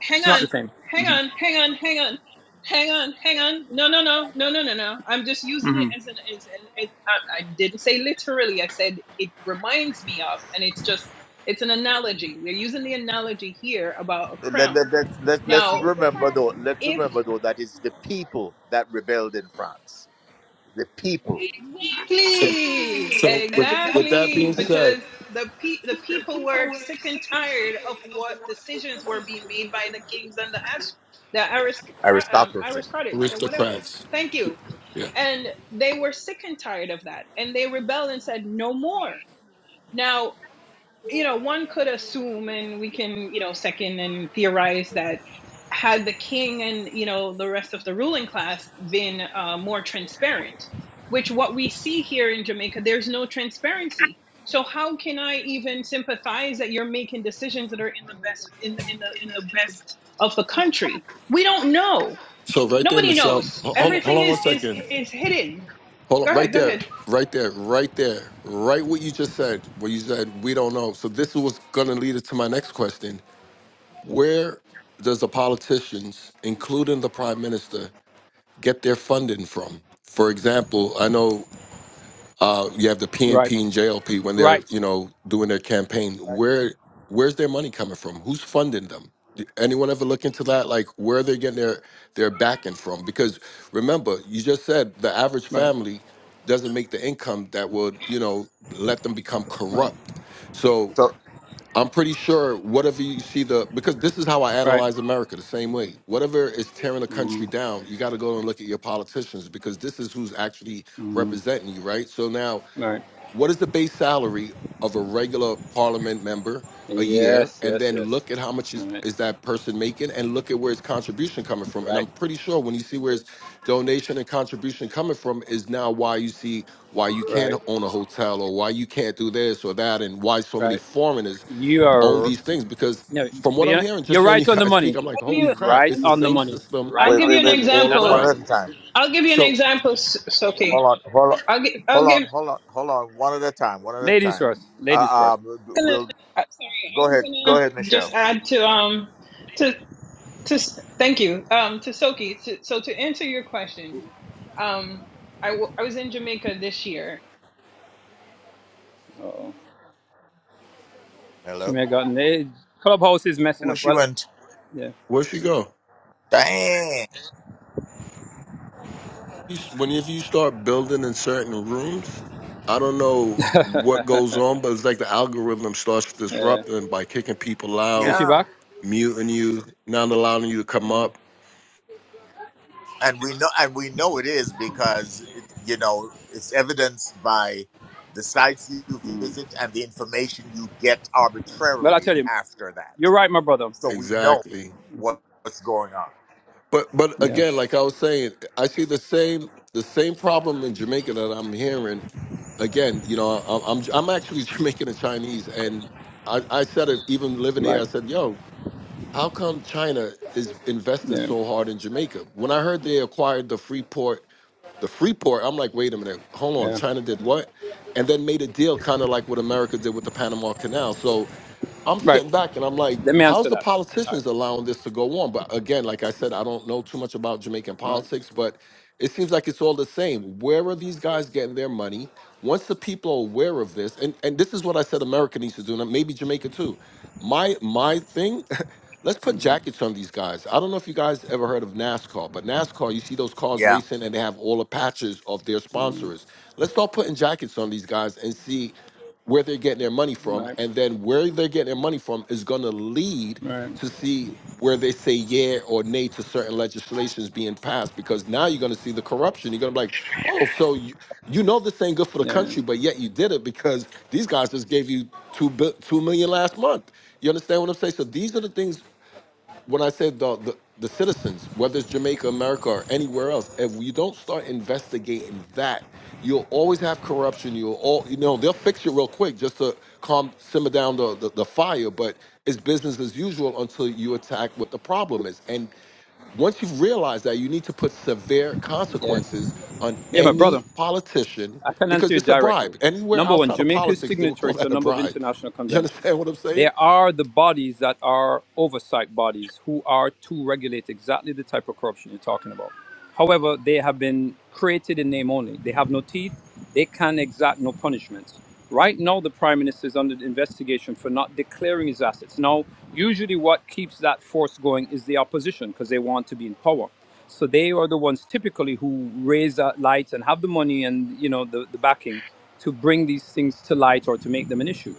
[SPEAKER 6] hang
[SPEAKER 5] it's not the
[SPEAKER 6] on,
[SPEAKER 5] same
[SPEAKER 6] hang on, hang on, hang on, hang on, hang on. No, no, no, no, no, no, no. I'm just using it as an as an. It, I, I didn't say literally. I said it reminds me of, and it's just it's an analogy. We're using the analogy here about a
[SPEAKER 2] Let,
[SPEAKER 6] crown.
[SPEAKER 2] let, let, let, let's
[SPEAKER 6] Now,
[SPEAKER 2] remember though let's
[SPEAKER 6] if
[SPEAKER 2] remember though that it's the people that rebelled in france the people
[SPEAKER 8] So,
[SPEAKER 6] exactly,
[SPEAKER 8] so with, with that
[SPEAKER 6] exactly,
[SPEAKER 8] being said,
[SPEAKER 6] because the pe- the people were sick and tired of what decisions were being made by the kings and the as- the aristocra- um,
[SPEAKER 2] aristocracy
[SPEAKER 6] aristocrats and whatever.
[SPEAKER 8] aristocrats.
[SPEAKER 6] Thank you
[SPEAKER 8] Yeah.
[SPEAKER 6] And they were sick and tired of that. And they rebelled and said, no more. Now, you know, one could assume, and we can, you know, second and theorize that had the king and, you know, the rest of the ruling class been uh, more transparent, which what we see here in Jamaica, there's no transparency. So how can I even sympathize that you're making decisions that are in the best in in the in the best of the country? We don't know
[SPEAKER 8] So right there,
[SPEAKER 6] Nobody
[SPEAKER 8] Michelle.
[SPEAKER 6] knows.
[SPEAKER 8] ho- Hold on, hold
[SPEAKER 6] Everything
[SPEAKER 8] on one
[SPEAKER 6] is is
[SPEAKER 8] second.
[SPEAKER 6] is hidden.
[SPEAKER 8] Hold on,
[SPEAKER 6] Go
[SPEAKER 8] right
[SPEAKER 6] ahead. Go ahead.
[SPEAKER 8] there,
[SPEAKER 6] I'll
[SPEAKER 8] right there, right there, right what you just said, where you said we don't know. So this was going to lead us to my next question: Where does the politicians, including the prime minister, get their funding from? For example, I know Uh, you have the
[SPEAKER 5] right
[SPEAKER 8] PNP and JLP when they're
[SPEAKER 5] right
[SPEAKER 8] you know doing their campaign.
[SPEAKER 5] right
[SPEAKER 8] Where where's their money coming from? Who's funding them? Did Anyone ever look into that? Like where they're getting their their backing from? Because remember, you just said the average
[SPEAKER 5] right
[SPEAKER 8] family doesn't make the income that would you know let them become
[SPEAKER 5] Right.
[SPEAKER 8] corrupt. So
[SPEAKER 2] So,
[SPEAKER 8] I'm pretty sure whatever you see the because this is how I
[SPEAKER 5] Right.
[SPEAKER 8] analyze America the same way. Whatever is tearing the country down, you got to go and look at your politicians because this is who's actually representing you, right? So now
[SPEAKER 5] Right.
[SPEAKER 8] what is the base salary of a regular parliament member a year
[SPEAKER 5] Yes.
[SPEAKER 8] and
[SPEAKER 5] Yes.
[SPEAKER 8] then
[SPEAKER 5] Yes.
[SPEAKER 8] look at how much is,
[SPEAKER 5] Right.
[SPEAKER 8] is that person making and look at where his contribution coming from and
[SPEAKER 5] Right.
[SPEAKER 8] i'm pretty sure when you see where his donation and contribution coming from is now why you see why you can't
[SPEAKER 5] Right.
[SPEAKER 8] own a hotel or why you can't do this or that and why so many
[SPEAKER 5] Right.
[SPEAKER 8] foreigners
[SPEAKER 5] You
[SPEAKER 8] own
[SPEAKER 5] are
[SPEAKER 8] these things because
[SPEAKER 5] no.
[SPEAKER 8] from
[SPEAKER 5] but
[SPEAKER 8] what i'm
[SPEAKER 5] You're
[SPEAKER 8] hearing just
[SPEAKER 5] you're
[SPEAKER 8] hearing [laughs] you
[SPEAKER 5] right on the
[SPEAKER 8] guys speak
[SPEAKER 5] money.
[SPEAKER 8] i'm like
[SPEAKER 6] give you.
[SPEAKER 8] holy
[SPEAKER 5] He's
[SPEAKER 8] crap
[SPEAKER 6] I'll
[SPEAKER 5] right
[SPEAKER 8] it's the
[SPEAKER 6] give
[SPEAKER 5] on
[SPEAKER 6] you.
[SPEAKER 5] the
[SPEAKER 6] an,
[SPEAKER 8] same
[SPEAKER 5] money.
[SPEAKER 8] system
[SPEAKER 5] Right
[SPEAKER 6] I'll
[SPEAKER 2] Wait,
[SPEAKER 6] give
[SPEAKER 5] on the
[SPEAKER 6] you
[SPEAKER 2] wait,
[SPEAKER 6] an
[SPEAKER 2] wait,
[SPEAKER 5] money.
[SPEAKER 2] wait.
[SPEAKER 8] all
[SPEAKER 5] That's
[SPEAKER 2] One
[SPEAKER 6] example.
[SPEAKER 5] right.
[SPEAKER 2] at
[SPEAKER 8] around
[SPEAKER 2] a time.
[SPEAKER 6] I'll give you an
[SPEAKER 8] so
[SPEAKER 6] example, S-
[SPEAKER 5] Amen.
[SPEAKER 6] Sophie.
[SPEAKER 2] Hold on, hold on,
[SPEAKER 6] I'll give. I'll
[SPEAKER 2] hold on,
[SPEAKER 6] give.
[SPEAKER 2] hold on, hold on. One at a time. One at a
[SPEAKER 5] Ladies
[SPEAKER 2] time.
[SPEAKER 5] first. Ladies
[SPEAKER 2] Uh,
[SPEAKER 5] first.
[SPEAKER 2] um, we'll
[SPEAKER 6] uh, sorry, I
[SPEAKER 2] go
[SPEAKER 6] was
[SPEAKER 2] ahead. Go ahead,
[SPEAKER 6] gonna
[SPEAKER 2] Michelle.
[SPEAKER 6] just add to um to to thank you um to Soki. To, so to answer your question, um, I w- I was in Jamaica this year.
[SPEAKER 5] She
[SPEAKER 2] Hello.
[SPEAKER 5] may have gotten laid. Clubhouse is messing
[SPEAKER 2] Where
[SPEAKER 5] up.
[SPEAKER 2] she
[SPEAKER 5] Well,
[SPEAKER 2] went?
[SPEAKER 5] yeah.
[SPEAKER 8] where would she go
[SPEAKER 2] Dang.
[SPEAKER 8] you- whenever you start building in certain rooms, I don't know what goes on, but it's like the algorithm starts
[SPEAKER 5] Uh,
[SPEAKER 8] disrupting by kicking people
[SPEAKER 5] is
[SPEAKER 8] out,
[SPEAKER 5] she
[SPEAKER 2] Yeah.
[SPEAKER 5] back?
[SPEAKER 8] muting you, not allowing you to come up.
[SPEAKER 2] And we know, and we know it is because it, you know it's evidenced by the sites you visit and the information you get
[SPEAKER 5] Well, I tell
[SPEAKER 2] arbitrarily
[SPEAKER 5] you,
[SPEAKER 2] after that.
[SPEAKER 5] you're right, my brother.
[SPEAKER 2] So we know
[SPEAKER 8] Exactly.
[SPEAKER 2] what, what's going on.
[SPEAKER 8] But but
[SPEAKER 5] Yeah.
[SPEAKER 8] again, like I was saying, I see the same the same problem in Jamaica that I'm hearing. Again, you know, I- I'm I'm actually [laughs] Jamaican and Chinese, and I, I said it even living here.
[SPEAKER 5] Right.
[SPEAKER 8] I said, "Yo, How come China is investing
[SPEAKER 5] Yeah.
[SPEAKER 8] so hard in Jamaica? When I heard they acquired the Freeport, the Freeport, I'm like, wait a minute, hold on,
[SPEAKER 5] Yeah.
[SPEAKER 8] China did what? And then made a deal kind of like what America did with the Panama Canal. So I'm
[SPEAKER 5] Right.
[SPEAKER 8] sitting back and I'm like,
[SPEAKER 5] Let me
[SPEAKER 8] how's
[SPEAKER 5] answer
[SPEAKER 8] the
[SPEAKER 5] that. All right.
[SPEAKER 8] politicians allowing this to go on? But again, like I said, I don't know too much about Jamaican
[SPEAKER 5] Right.
[SPEAKER 8] politics, but it seems like it's all the same. Where are these guys getting their money? Once the people are aware of this, and, and this is what I said America needs to do, and maybe Jamaica too. My my thing, [laughs] let's put jackets on these guys. I don't know if you guys ever heard of NASCAR, but NASCAR, you see those cars
[SPEAKER 2] Yeah.
[SPEAKER 8] racing and they have all the patches of their sponsors. Let's start putting jackets on these guys and see where they're getting their money from,
[SPEAKER 5] Right.
[SPEAKER 8] and then where they're getting their money from is going to lead
[SPEAKER 5] Right.
[SPEAKER 8] to see where they say yeah or nay to certain legislations being passed. Because now you're going to see the corruption. You're going to be like, oh, so you, you know this ain't good for the
[SPEAKER 5] Yeah.
[SPEAKER 8] country, but yet you did it because these guys just gave you two bi- two million last month. You understand what I'm saying? So these are the things when I said the, the the citizens, whether it's Jamaica, America, or anywhere else, if we don't start investigating that, you'll always have corruption. You'll all you know they'll fix it real quick just to calm simmer down the, the the fire. But it's business as usual until you attack what the problem is. And once you realize that, you need to put severe
[SPEAKER 5] Yeah.
[SPEAKER 8] consequences on
[SPEAKER 5] Yeah, my brother,
[SPEAKER 8] any politician
[SPEAKER 5] I can answer
[SPEAKER 8] because
[SPEAKER 5] you
[SPEAKER 8] it's a
[SPEAKER 5] directly.
[SPEAKER 8] bribe. Anywhere
[SPEAKER 5] Number one,
[SPEAKER 8] outside of
[SPEAKER 5] Jamaica is
[SPEAKER 8] politics, they would call
[SPEAKER 5] signatory to a
[SPEAKER 8] that a
[SPEAKER 5] number of
[SPEAKER 8] bribe.
[SPEAKER 5] international
[SPEAKER 8] You [laughs]
[SPEAKER 5] conventions.
[SPEAKER 8] understand what I'm saying?
[SPEAKER 5] There are the bodies that are oversight bodies who are to regulate exactly the type of corruption you're talking about. However, they have been created in name only. They have no teeth. They can exact no punishments. Right now, the prime minister is under investigation for not declaring his assets. Now, usually what keeps that force going is the opposition because they want to be in power. So they are the ones typically who raise uh, lights and have the money and you know the, the backing to bring these things to light or to make them an issue.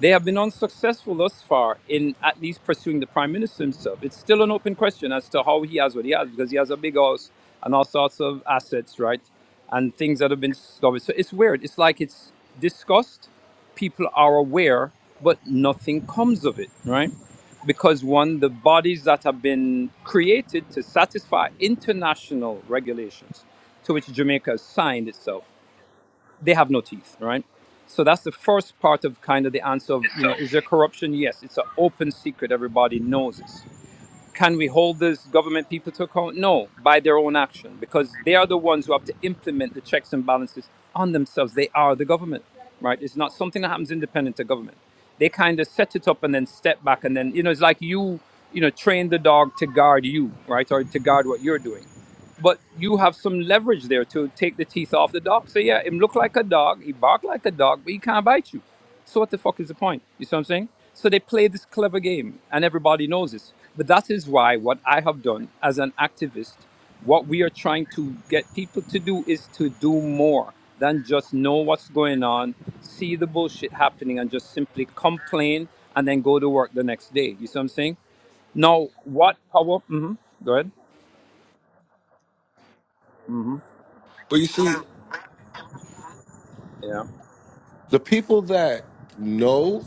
[SPEAKER 5] They have been unsuccessful thus far in at least pursuing the prime minister himself. It's still an open question as to how he has what he has because he has a big house and all sorts of assets, right? And things that have been discovered. So it's weird. It's like it's discussed, people are aware, but nothing comes of it, right? Because one, the bodies that have been created to satisfy international regulations to which Jamaica has signed itself, they have no teeth, right? So that's the first part of kind of the answer of, you
[SPEAKER 2] So.
[SPEAKER 5] know, is there corruption? Yes, it's an open secret. Everybody knows it. Can we hold these government people to account? No, by their own action, because they are the ones who have to implement the checks and balances on themselves. They are the government, right? It's not something that happens independent of government. They kind of set it up and then step back, and then you know it's like you, you know, train the dog to guard you, right, or to guard what you're doing but you have some leverage there to take the teeth off the dog. So yeah, him look like a dog, he bark like a dog, but he can't bite you. So what the fuck is the point? You see what I'm saying? So they play this clever game, and everybody knows this. But that is why what I have done as an activist, what we are trying to get people to do is to do more than just know what's going on, see the bullshit happening, and just simply complain and then go to work the next day. You see what I'm saying? Now, what? How? hmm Go ahead. hmm
[SPEAKER 8] But you see,
[SPEAKER 5] Yeah.
[SPEAKER 8] the people that know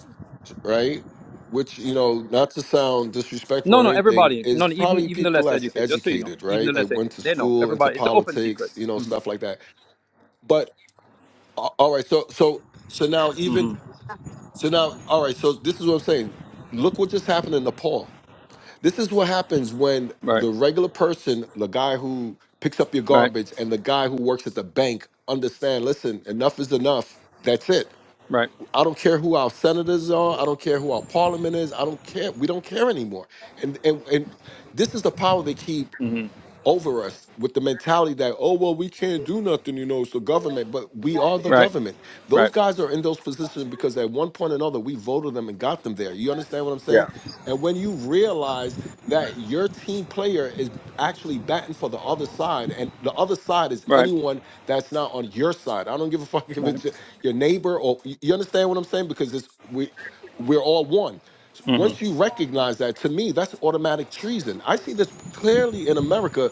[SPEAKER 8] right? Which, you know, not to sound disrespectful
[SPEAKER 5] No,
[SPEAKER 8] or
[SPEAKER 5] no,
[SPEAKER 8] anything,
[SPEAKER 5] everybody. No,
[SPEAKER 8] is
[SPEAKER 5] even
[SPEAKER 8] probably
[SPEAKER 5] even the
[SPEAKER 8] people
[SPEAKER 5] less
[SPEAKER 8] that's
[SPEAKER 5] educated. Just so you know,
[SPEAKER 8] educated,
[SPEAKER 5] even the
[SPEAKER 8] right? Like
[SPEAKER 5] less
[SPEAKER 8] went
[SPEAKER 5] educated,
[SPEAKER 8] to
[SPEAKER 5] they know.
[SPEAKER 8] school, into
[SPEAKER 5] Everybody. It's an open secret.
[SPEAKER 8] politics, you know, stuff like that. But a- all right, so so so now even so now, all right, so this is what I'm saying. Look what just happened in Nepal. This is what happens when
[SPEAKER 5] Right.
[SPEAKER 8] the regular person, the guy who picks up your
[SPEAKER 5] Right.
[SPEAKER 8] garbage and the guy who works at the bank understand, listen, enough is enough. That's it
[SPEAKER 5] Right.
[SPEAKER 8] I don't care who our senators are. I don't care who our parliament is. I don't care. We don't care anymore. And and and this is the power they keep
[SPEAKER 5] hmm
[SPEAKER 8] over us with the mentality that oh well we can't do nothing you know it's the government but we are the
[SPEAKER 5] Right.
[SPEAKER 8] government
[SPEAKER 5] Right.
[SPEAKER 8] those guys are in those positions because at one point or another we voted them and got them there you understand what i'm saying
[SPEAKER 2] Yeah,
[SPEAKER 8] and when you realize that your team player is actually batting for the other side and the other side is
[SPEAKER 5] Right.
[SPEAKER 8] anyone that's not on your side i don't give a [laughs] fuck if
[SPEAKER 5] Right.
[SPEAKER 8] it's your your neighbor or you you understand what i'm saying because it's we we're all one
[SPEAKER 5] hmm
[SPEAKER 8] once you recognize that, to me, that's automatic treason. I see this clearly in America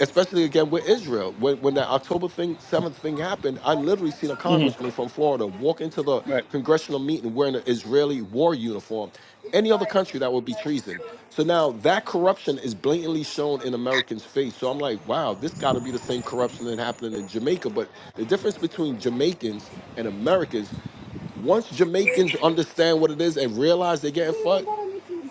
[SPEAKER 8] especially again with Israel. When, when that October thing, seventh thing happened, I literally seen a
[SPEAKER 5] hmm
[SPEAKER 8] congressman from Florida walk into the
[SPEAKER 5] Right.
[SPEAKER 8] congressional meeting wearing an Israeli war uniform. Any other country that would be treason. So now that corruption is blatantly shown in Americans' face. So I'm like, wow, this got to be the same corruption that happened in Jamaica. But the difference between Jamaicans and Americans, once Jamaicans understand what it is and realize they're getting fucked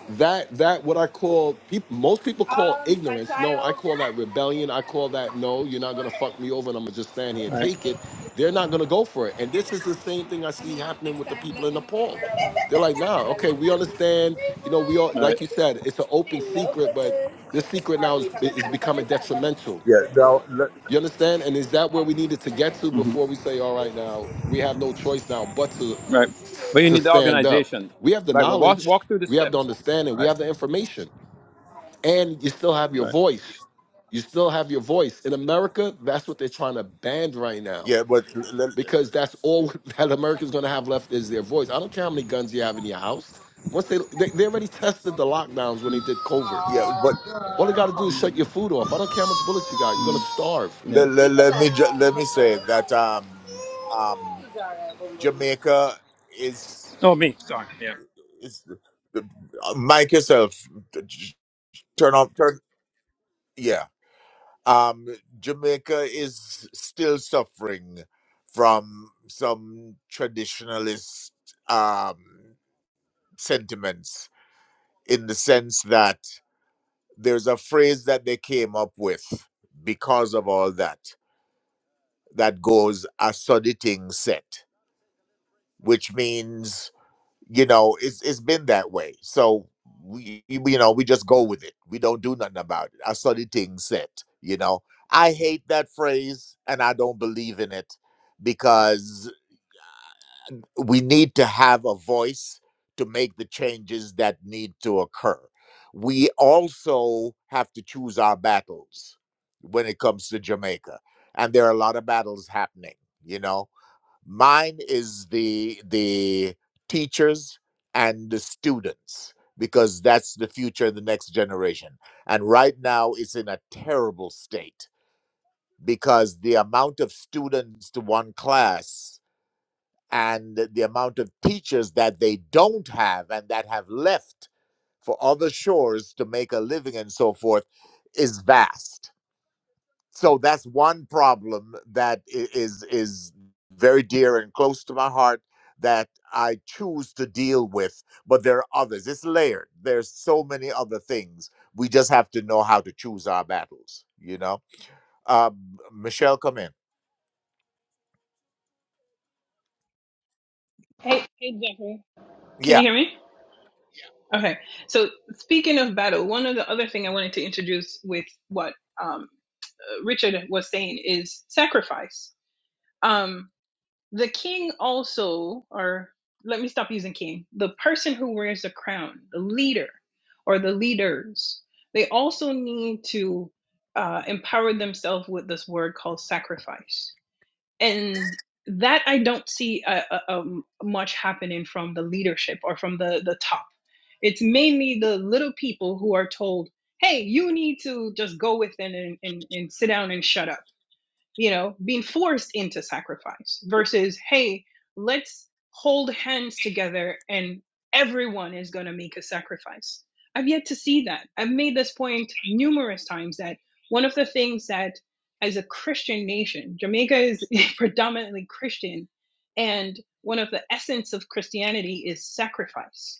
[SPEAKER 8] that that what I call people most people call
[SPEAKER 5] Right.
[SPEAKER 8] ignorance. No, I call that rebellion. I call that no, you're not gonna fuck me over and I'm gonna just stand here and take it. They're not gonna go for it. And this is the same thing I see happening with the people in Nepal. They're like, nah, okay, we understand, you know, we all like you said, it's an open secret, but this secret now is is becoming detrimental.
[SPEAKER 2] yeah, no, le-
[SPEAKER 8] You understand? And is that where we needed to get to
[SPEAKER 5] Right.
[SPEAKER 8] before we say, all right, now we have no choice now but to
[SPEAKER 5] Right. But you
[SPEAKER 8] to
[SPEAKER 5] need the
[SPEAKER 8] stand up?
[SPEAKER 5] organization.
[SPEAKER 8] We have the
[SPEAKER 5] Right. Well, walk,
[SPEAKER 8] knowledge,
[SPEAKER 5] walk through the
[SPEAKER 8] we have the
[SPEAKER 5] steps.
[SPEAKER 8] understanding, we
[SPEAKER 5] Right.
[SPEAKER 8] have the information, and you still have your
[SPEAKER 5] Right.
[SPEAKER 8] voice. You still have your voice. In America, that's what they're trying to ban right now
[SPEAKER 2] yeah, but l- le-
[SPEAKER 8] because that's all [laughs] that America's going to have left is their voice. I don't care how many guns you have in your house. Once they they, they already tested the lockdowns when they did covert.
[SPEAKER 2] yeah but
[SPEAKER 8] All they got to do is shut your food off. I don't care how much bullets you got. You're going to starve.
[SPEAKER 5] Yeah.
[SPEAKER 2] let, let,
[SPEAKER 5] Leave the
[SPEAKER 2] let
[SPEAKER 5] band
[SPEAKER 2] me ju-
[SPEAKER 5] and
[SPEAKER 2] let me
[SPEAKER 5] take
[SPEAKER 2] say
[SPEAKER 5] her.
[SPEAKER 2] that um um jamaica is
[SPEAKER 5] Oh, me. Sorry. Yeah.
[SPEAKER 2] is uh, mike yourself J- turn off turn yeah um jamaica is still suffering from some traditionalist um sentiments in the sense that there's a phrase that they came up with because of all that that goes a soddy thing set which means you know it's it's been that way. So we we- you know we just go with it. We don't do nothing about it. I saw the thing said. You know I hate that phrase and I don't believe in it because we need to have a voice to make the changes that need to occur. We also have to choose our battles when it comes to Jamaica, and there are a lot of battles happening. You know mine is the the teachers and the students because that's the future the next generation and right now it's in a terrible state because the amount of students to one class and the amount of teachers that they don't have and that have left for other shores to make a living and so forth is vast so that's one problem that i- is is very dear and close to my heart that I choose to deal with but there are others it's layered there's so many other things we just have to know how to choose our battles you know um, Michelle come in
[SPEAKER 6] Hey, hey, Jeffrey. Can you
[SPEAKER 2] yeah
[SPEAKER 6] hear me? Okay. So speaking of battle, one of the other thing I wanted to introduce with what um. Richard was saying is sacrifice. Um, the king also, or let me stop using king, the person who wears the crown, the leader or the leaders, they also need to uh, empower themselves with this word called sacrifice. And that I don't see uh, uh, um, much happening from the leadership or from the, the top. It's mainly the little people who are told, hey, you need to just go within and, and, and sit down and shut up you know, being forced into sacrifice versus, hey, let's hold hands together and everyone is going to make a sacrifice. I've yet to see that. I've made this point numerous times that one of the things that, as a Christian nation, Jamaica is [laughs] predominantly Christian, and one of the essence of Christianity is sacrifice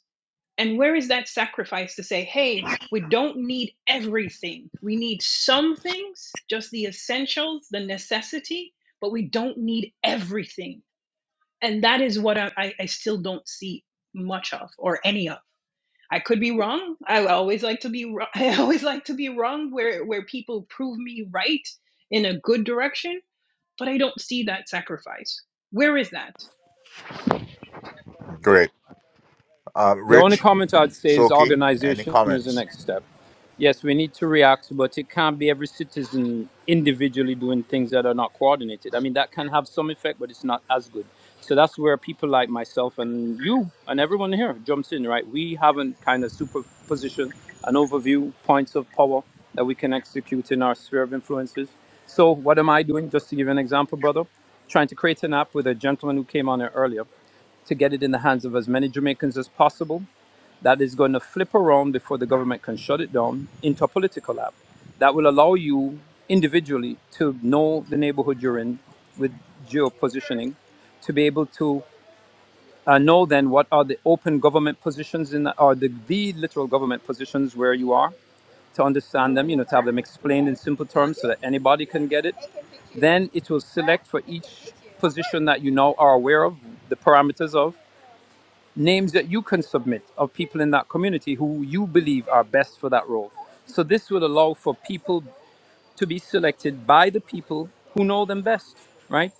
[SPEAKER 6] and where is that sacrifice to say, hey, we don't need everything. We need some things, just the essentials, the necessity, but we don't need everything. And that is what I, I I still don't see much of or any of. I could be wrong. I always like to be wrong. [laughs] I always like to be wrong where, where people prove me right in a good direction, but I don't see that sacrifice. Where is that?
[SPEAKER 2] great uh,
[SPEAKER 5] The only
[SPEAKER 2] Rich
[SPEAKER 5] comment I'd say is
[SPEAKER 2] Soki any
[SPEAKER 5] organization is the
[SPEAKER 2] comments
[SPEAKER 5] next step. Yes, we need to react, but it can't be every citizen individually doing things that are not coordinated. I mean, that can have some effect, but it's not as good. So that's where people like myself and you and everyone here jumps in, right? We haven't kind of superposition an overview, points of power that we can execute in our sphere of influences. So what am I doing? Just to give you an example, brother, trying to create an app with a gentleman who came on here earlier to get it in the hands of as many Jamaicans as possible. That is going to flip around before the government can shut it down into a political app that will allow you individually to know the neighborhood you're in with geo positioning, to be able to uh, know then what are the open government positions in or the, the literal government positions where you are to understand them you know to have them explained in simple terms so that anybody can get it then it will select for each position that you now are aware of the parameters of names that you can submit of people in that community who you believe are best for that role. So this will allow for people to be selected by the people who know them best, right?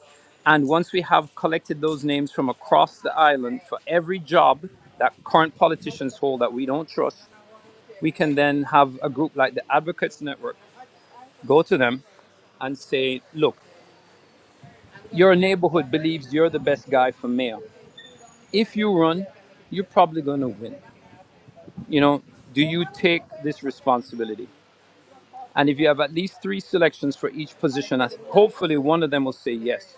[SPEAKER 5] And once we have collected those names from across the island for every job that current politicians hold that we don't trust, we can then have a group like the Advocates Network go to them and say, look, your neighborhood believes you're the best guy for mayor. If you run, you're probably going to win. you know, do you take this responsibility? And if you have at least three selections for each position, hopefully one of them will say yes.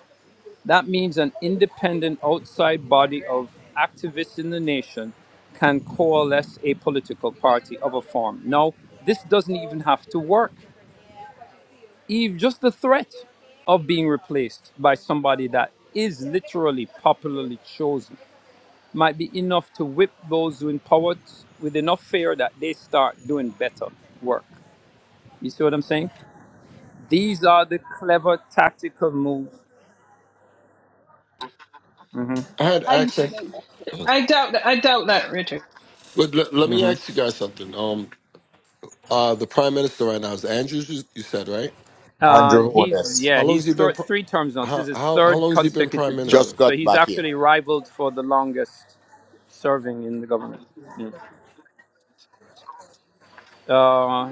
[SPEAKER 5] That means an independent outside body of activists in the nation can coalesce a political party of a form. Now, this doesn't even have to work. Even just the threat of being replaced by somebody that is literally popularly chosen might be enough to whip those who in power with enough fear that they start doing better work. You see what I'm saying? These are the clever tactical moves.
[SPEAKER 8] I had
[SPEAKER 6] I
[SPEAKER 8] access.
[SPEAKER 6] I doubt that. I doubt that, Richard.
[SPEAKER 8] But let, let me
[SPEAKER 5] hmm
[SPEAKER 8] ask you guys something. Um, uh, the prime minister right now is Andrews. You you said right.
[SPEAKER 5] Uh,
[SPEAKER 2] Andrew
[SPEAKER 5] he's
[SPEAKER 2] Hornes
[SPEAKER 5] yeah,
[SPEAKER 8] How long has
[SPEAKER 5] he's
[SPEAKER 8] he been?
[SPEAKER 5] th-
[SPEAKER 8] Pri-
[SPEAKER 5] three terms now. This is
[SPEAKER 8] how
[SPEAKER 5] his
[SPEAKER 8] how how
[SPEAKER 5] third
[SPEAKER 8] long has he been
[SPEAKER 5] consecutive
[SPEAKER 8] prime
[SPEAKER 5] term,
[SPEAKER 8] minister?
[SPEAKER 2] just
[SPEAKER 5] so
[SPEAKER 2] got
[SPEAKER 5] he's
[SPEAKER 2] back in
[SPEAKER 5] actually rivaled for the longest serving in the government. Yeah. Uh,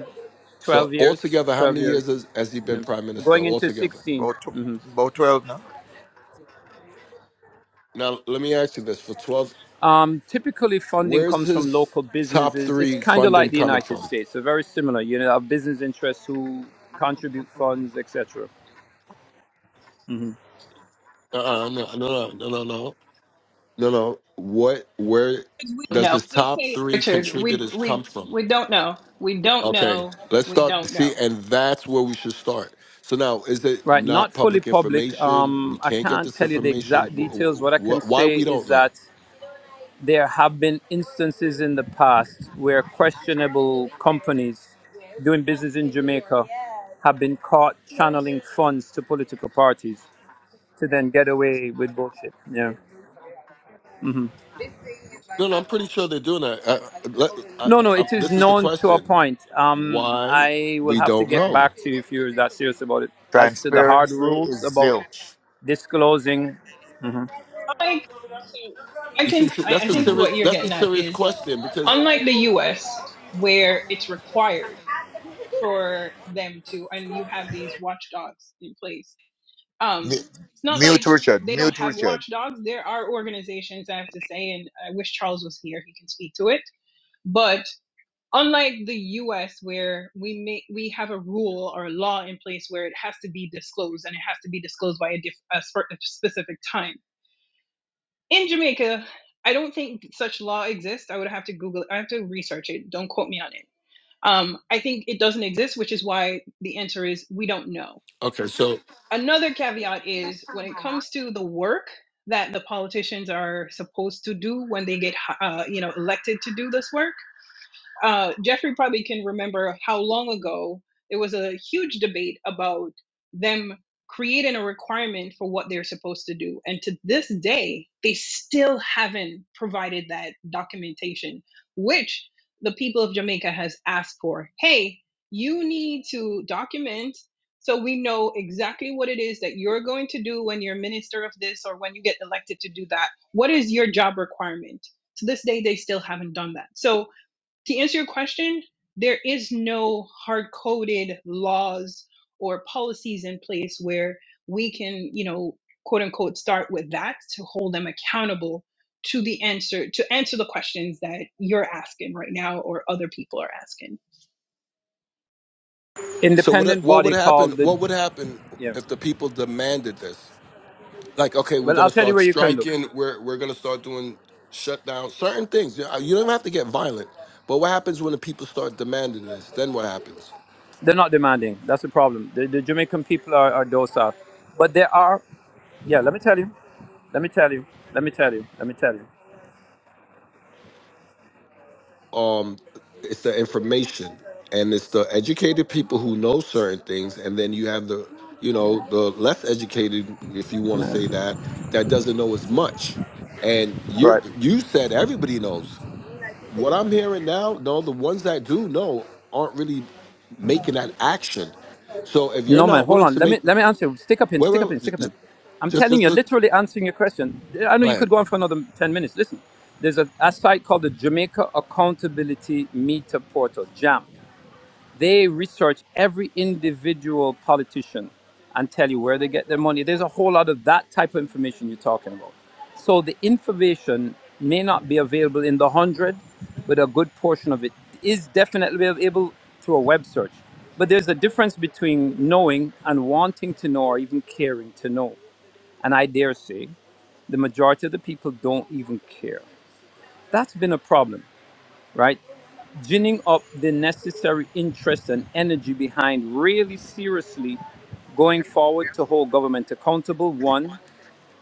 [SPEAKER 5] twelve
[SPEAKER 8] So
[SPEAKER 5] years,
[SPEAKER 8] altogether, how
[SPEAKER 5] twelve
[SPEAKER 8] many
[SPEAKER 5] years,
[SPEAKER 8] years has, has he been
[SPEAKER 5] yeah.
[SPEAKER 8] prime minister
[SPEAKER 5] going into
[SPEAKER 8] altogether?
[SPEAKER 5] 16
[SPEAKER 2] about,
[SPEAKER 5] Mm-hmm.
[SPEAKER 2] tw- about 12 now
[SPEAKER 8] Now let me ask you this: for twelve,
[SPEAKER 5] Um, typically, funding
[SPEAKER 8] where's
[SPEAKER 5] comes from
[SPEAKER 8] his
[SPEAKER 5] local
[SPEAKER 8] top
[SPEAKER 5] businesses. It's
[SPEAKER 8] three
[SPEAKER 5] kind of like
[SPEAKER 8] funding
[SPEAKER 5] the
[SPEAKER 8] coming
[SPEAKER 5] United
[SPEAKER 8] from?
[SPEAKER 5] States, so very similar. You know, our business interests who contribute funds, etc.
[SPEAKER 8] Uh, uh no, no, no, no, no, no, no, no. What? Where
[SPEAKER 6] do
[SPEAKER 8] does
[SPEAKER 6] know.
[SPEAKER 8] his
[SPEAKER 6] Just
[SPEAKER 8] top
[SPEAKER 6] say it,
[SPEAKER 8] three
[SPEAKER 6] Richard. We
[SPEAKER 8] contributors
[SPEAKER 6] we
[SPEAKER 8] come from?
[SPEAKER 6] we don't know. We don't
[SPEAKER 8] Okay,
[SPEAKER 6] know.
[SPEAKER 8] let's
[SPEAKER 6] We
[SPEAKER 8] start.
[SPEAKER 6] don't
[SPEAKER 8] See,
[SPEAKER 6] know.
[SPEAKER 8] and that's where we should start. So now, is it
[SPEAKER 5] Right, not
[SPEAKER 8] not
[SPEAKER 5] fully
[SPEAKER 8] public
[SPEAKER 5] public.
[SPEAKER 8] information? We
[SPEAKER 5] Um, I
[SPEAKER 8] can't get
[SPEAKER 5] can't
[SPEAKER 8] this
[SPEAKER 5] tell you the
[SPEAKER 8] information.
[SPEAKER 5] exact
[SPEAKER 8] Wh-
[SPEAKER 5] details.
[SPEAKER 8] wh-
[SPEAKER 5] What I can
[SPEAKER 8] wh- Why
[SPEAKER 5] say
[SPEAKER 8] we
[SPEAKER 5] is
[SPEAKER 8] don't
[SPEAKER 5] that
[SPEAKER 8] know?
[SPEAKER 5] there have been instances in the past where questionable companies doing business in Jamaica have been caught channeling funds to political parties to then get away with bullshit. Yeah. hmm
[SPEAKER 8] No, no, I'm pretty sure they're doing that. I, let, I,
[SPEAKER 5] No, no,
[SPEAKER 8] I'm,
[SPEAKER 5] it is
[SPEAKER 8] this is the
[SPEAKER 5] known to a
[SPEAKER 8] question:
[SPEAKER 5] point. Um,
[SPEAKER 8] Why
[SPEAKER 5] I will
[SPEAKER 8] we
[SPEAKER 5] have to
[SPEAKER 8] don't
[SPEAKER 5] get back
[SPEAKER 8] know?
[SPEAKER 5] to you if you're that serious about it. As to the hard
[SPEAKER 2] transparency
[SPEAKER 5] rules
[SPEAKER 2] is
[SPEAKER 5] about
[SPEAKER 2] zilch
[SPEAKER 5] disclosing mm-hmm.
[SPEAKER 6] I I
[SPEAKER 8] You see,
[SPEAKER 6] can
[SPEAKER 8] see,
[SPEAKER 6] I, I
[SPEAKER 8] that's a
[SPEAKER 6] think what
[SPEAKER 8] serious
[SPEAKER 6] you're
[SPEAKER 8] that's a
[SPEAKER 6] getting at
[SPEAKER 8] serious
[SPEAKER 6] is
[SPEAKER 8] question because
[SPEAKER 6] unlike the US where it's required for them to and you have these watchdogs in place.
[SPEAKER 2] Mu-
[SPEAKER 6] Um it's not
[SPEAKER 2] mute
[SPEAKER 6] like
[SPEAKER 2] Richard
[SPEAKER 6] they don't
[SPEAKER 2] mute
[SPEAKER 6] have
[SPEAKER 2] Richard
[SPEAKER 6] watchdogs. There are organizations I have to say and I wish Charles was here, he can speak to it. but. unlike the US where we may, we have a rule or a law in place where it has to be disclosed and it has to be disclosed by a, diff, a specific time. In Jamaica, I don't think such law exists. I would have to Google it. I have to research it. Don't quote me on it. Um, I think it doesn't exist, which is why the answer is we don't know.
[SPEAKER 8] okay, so
[SPEAKER 6] Another caveat is when it comes to the work that the politicians are supposed to do when they get uh, you know elected to do this work uh, Jeffrey probably can remember how long ago there was a huge debate about them creating a requirement for what they're supposed to do. And to this day, they still haven't provided that documentation, which the people of Jamaica has asked for. Hey, you need to document so we know exactly what it is that you're going to do when you're minister of this or when you get elected to do that. What is your job requirement? To this day, they still haven't done that. So to answer your question, there is no hard coded laws or policies in place where we can, you know, quote unquote, start with that to hold them accountable to the answer to answer the questions that you're asking right now or other people are asking.
[SPEAKER 8] so what
[SPEAKER 5] independent
[SPEAKER 8] what would
[SPEAKER 5] body
[SPEAKER 8] happen?
[SPEAKER 5] called the
[SPEAKER 8] What would happen
[SPEAKER 5] yeah.
[SPEAKER 8] if the people demanded this? like okay we're
[SPEAKER 5] Well,
[SPEAKER 8] gonna
[SPEAKER 5] I'll tell you
[SPEAKER 8] start
[SPEAKER 5] where you can look.
[SPEAKER 8] striking we're we're gonna start doing shutdown certain things you know, you don't have to get violent but what happens when the people start demanding this then what happens
[SPEAKER 5] They're not demanding. That's the problem. The, the Jamaican people are, are docile, but there are. Yeah, let me tell you. Let me tell you. Let me tell you. Let me tell you.
[SPEAKER 8] um it's the information and it's the educated people who know certain things and then you have the you know the less educated if you want to say that that doesn't know as much and you're
[SPEAKER 5] Right.
[SPEAKER 8] you said everybody knows what I'm hearing now, no, the ones that do know aren't really making that action. So if you're
[SPEAKER 5] No man,
[SPEAKER 8] not
[SPEAKER 5] hold
[SPEAKER 8] willing
[SPEAKER 5] on.
[SPEAKER 8] to
[SPEAKER 5] Let
[SPEAKER 8] make,
[SPEAKER 5] me let me answer. Stick up in.
[SPEAKER 8] wait,
[SPEAKER 5] Stick up in.
[SPEAKER 8] wait, j-
[SPEAKER 5] Stick up
[SPEAKER 8] j-
[SPEAKER 5] in. I'm
[SPEAKER 8] just,
[SPEAKER 5] telling
[SPEAKER 8] just,
[SPEAKER 5] you,
[SPEAKER 8] just
[SPEAKER 5] literally answering your question. I know
[SPEAKER 8] go
[SPEAKER 5] you
[SPEAKER 8] ahead.
[SPEAKER 5] could go on for another ten minutes. Listen, there's a, a site called the Jamaica Accountability Meter Portal (JAM). They research every individual politician and tell you where they get their money. There's a whole lot of that type of information you're talking about. So the information may not be available in the hundred, but a good portion of it is definitely available through a web search. But there's a difference between knowing and wanting to know or even caring to know. And I dare say the majority of the people don't even care. That's been a problem, right? ginning up the necessary interest and energy behind really seriously going forward to hold government accountable. One,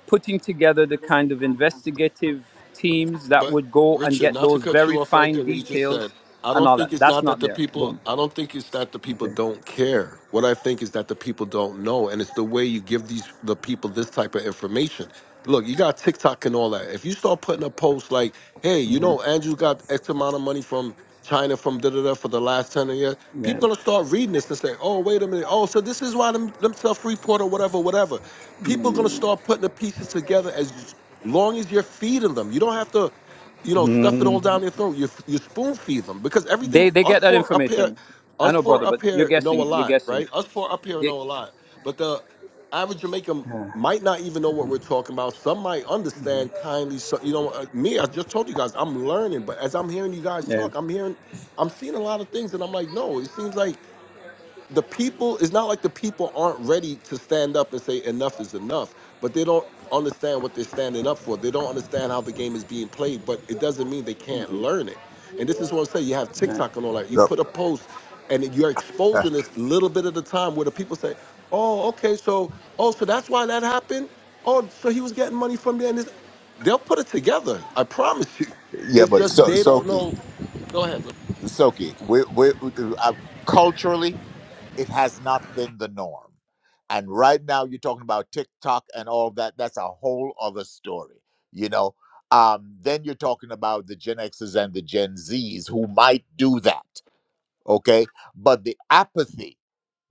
[SPEAKER 5] putting together the kind of investigative teams that
[SPEAKER 8] But
[SPEAKER 5] would go and
[SPEAKER 8] Richard,
[SPEAKER 5] get
[SPEAKER 8] not to
[SPEAKER 5] those
[SPEAKER 8] cut
[SPEAKER 5] very
[SPEAKER 8] you off right
[SPEAKER 5] fine
[SPEAKER 8] there, what you just said.
[SPEAKER 5] details
[SPEAKER 8] I
[SPEAKER 5] and
[SPEAKER 8] don't
[SPEAKER 5] all that.
[SPEAKER 8] think it's
[SPEAKER 5] That's
[SPEAKER 8] not that
[SPEAKER 5] not
[SPEAKER 8] the
[SPEAKER 5] there.
[SPEAKER 8] people.
[SPEAKER 5] Boom.
[SPEAKER 8] I don't think it's that the people
[SPEAKER 5] Okay.
[SPEAKER 8] don't care. What I think is that the people don't know, and it's the way you give these the people this type of information. Look, you got TikTok and all that. If you start putting a post like, "Hey, you know, Andrew got X amount of money from China from da da da for the last ten years,"
[SPEAKER 5] Yeah.
[SPEAKER 8] people gonna start reading this and say, "Oh, wait a minute. Oh, so this is why them, them self report or whatever, whatever." People gonna start putting the pieces together as long as you're feeding them. You don't have to, you know, stuff it
[SPEAKER 5] Hmm.
[SPEAKER 8] all down their throat. You you spoon feed them because
[SPEAKER 5] They
[SPEAKER 8] everything
[SPEAKER 5] they
[SPEAKER 8] us
[SPEAKER 5] get that
[SPEAKER 8] four up here,
[SPEAKER 5] information. I
[SPEAKER 8] us
[SPEAKER 5] know, brother,
[SPEAKER 8] four
[SPEAKER 5] but
[SPEAKER 8] up
[SPEAKER 5] you're
[SPEAKER 8] here know a
[SPEAKER 5] guessing. You're
[SPEAKER 8] lot,
[SPEAKER 5] guessing.
[SPEAKER 8] right? Us four up here
[SPEAKER 5] They,
[SPEAKER 8] know a lot, but the average Jamaican
[SPEAKER 5] yeah.
[SPEAKER 8] might not even know what we're talking about. Some might understand kindly. So you know, uh, me, I just told you guys, I'm learning, but as I'm hearing you guys talk, I'm
[SPEAKER 5] Yeah.
[SPEAKER 8] hearing, I'm seeing a lot of things, and I'm like, no, it seems like the people it's not like the people aren't ready to stand up and say enough is enough but they don't understand what they're standing up for they don't understand how the game is being played but it doesn't mean they can't learn it and this is what i'm saying you have tiktok and all that you
[SPEAKER 2] Yep.
[SPEAKER 8] put a post and then you're
[SPEAKER 2] Uh,
[SPEAKER 8] exposing this little bit at a time where the people say oh okay so oh so that's why that happened oh so he was getting money from there and this they'll put it together i promise you
[SPEAKER 2] Yeah,
[SPEAKER 8] it's
[SPEAKER 2] but
[SPEAKER 8] just
[SPEAKER 2] so
[SPEAKER 8] they don't
[SPEAKER 2] Soki,
[SPEAKER 8] know go ahead
[SPEAKER 2] Soki, we we uh, culturally it has not been the norm, and right now you're talking about TikTok and all that. That's a whole other story, you know. Um, then you're talking about the Gen Xs and the Gen Zs who might do that, okay? But the apathy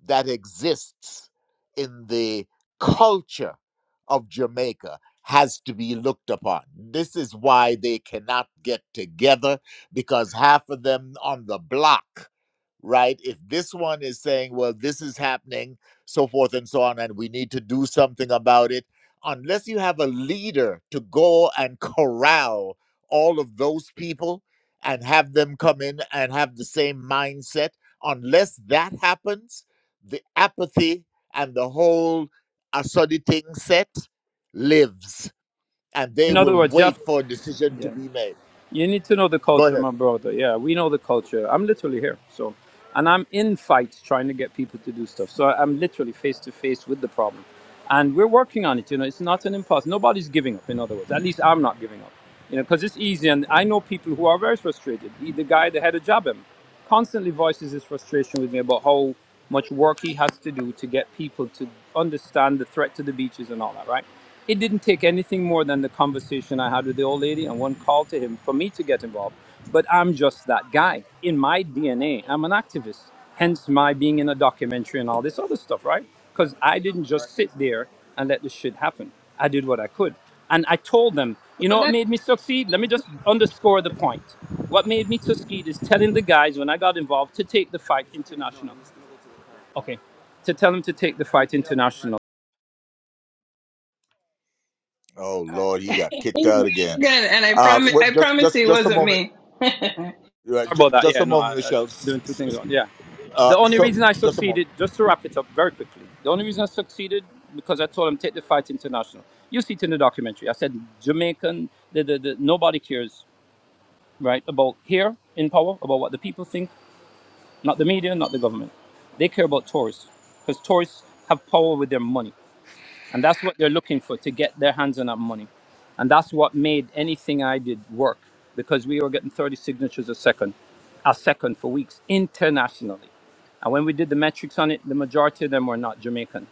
[SPEAKER 2] that exists in the culture of Jamaica has to be looked upon. This is why they cannot get together because half of them on the block, right? If this one is saying, well, this is happening, so forth and so on, and we need to do something about it, unless you have a leader to go and corral all of those people and have them come in and have the same mindset, unless that happens the apathy and the whole assorting set lives and they
[SPEAKER 5] In other
[SPEAKER 2] will
[SPEAKER 5] words, you
[SPEAKER 2] wait
[SPEAKER 5] have.
[SPEAKER 2] for a decision to
[SPEAKER 5] Yeah.
[SPEAKER 2] be made
[SPEAKER 5] You need to know the
[SPEAKER 2] go
[SPEAKER 5] culture,
[SPEAKER 2] ahead
[SPEAKER 5] my brother. Yeah, we know the culture. I'm literally here. So, and I'm in fights trying to get people to do stuff. So I'm literally face to face with the problem. And we're working on it. You know, it's not an impasse. Nobody's giving up, in other words. At least I'm not giving up. You know, because it's easy. And I know people who are very frustrated. He- The guy that had a job him constantly voices his frustration with me about how much work he has to do to get people to understand the threat to the beaches and all that, right? It didn't take anything more than the conversation I had with the old lady and one call to him for me to get involved. But I'm just that guy. In my DNA, I'm an activist. Hence my being in a documentary and all this other stuff, right? Because I didn't just sit there and let the shit happen. I did what I could. And I told them, you know
[SPEAKER 6] But
[SPEAKER 5] what
[SPEAKER 6] that's
[SPEAKER 5] made me succeed? Let me just underscore the point. What made me succeed is telling the guys when I got involved to take the fight international. Okay. To tell them to take the fight international
[SPEAKER 2] oh lord he got kicked
[SPEAKER 6] He's
[SPEAKER 2] out again
[SPEAKER 6] again, and I
[SPEAKER 2] uh
[SPEAKER 6] promise,
[SPEAKER 2] wait,
[SPEAKER 6] I
[SPEAKER 2] just
[SPEAKER 6] promise
[SPEAKER 2] just
[SPEAKER 6] you it
[SPEAKER 2] just a
[SPEAKER 6] wasn't
[SPEAKER 2] moment
[SPEAKER 6] me. [laughs]
[SPEAKER 2] uh,
[SPEAKER 5] Sorry
[SPEAKER 2] ju-
[SPEAKER 5] about that.
[SPEAKER 2] just
[SPEAKER 5] Yeah,
[SPEAKER 2] a
[SPEAKER 5] no, I,
[SPEAKER 2] moment
[SPEAKER 5] I was
[SPEAKER 2] michelle S-
[SPEAKER 5] doing two
[SPEAKER 2] s-
[SPEAKER 5] things
[SPEAKER 2] s-
[SPEAKER 5] on. Yeah. The
[SPEAKER 2] uh
[SPEAKER 5] only
[SPEAKER 2] so
[SPEAKER 5] reason I
[SPEAKER 2] just a moment
[SPEAKER 5] succeeded, just to wrap it up very quickly, the only reason I succeeded because I told him take the fight international. You see it in the documentary. I said Jamaican, the, the, the, nobody cares, right, about here in power, about what the people think, not the media, not the government. They care about tourists because tourists have power with their money. And that's what they're looking for to get their hands on that money. And that's what made anything I did work because we were getting 30 signatures a second, a second for weeks internationally. And when we did the metrics on it, the majority of them were not Jamaican.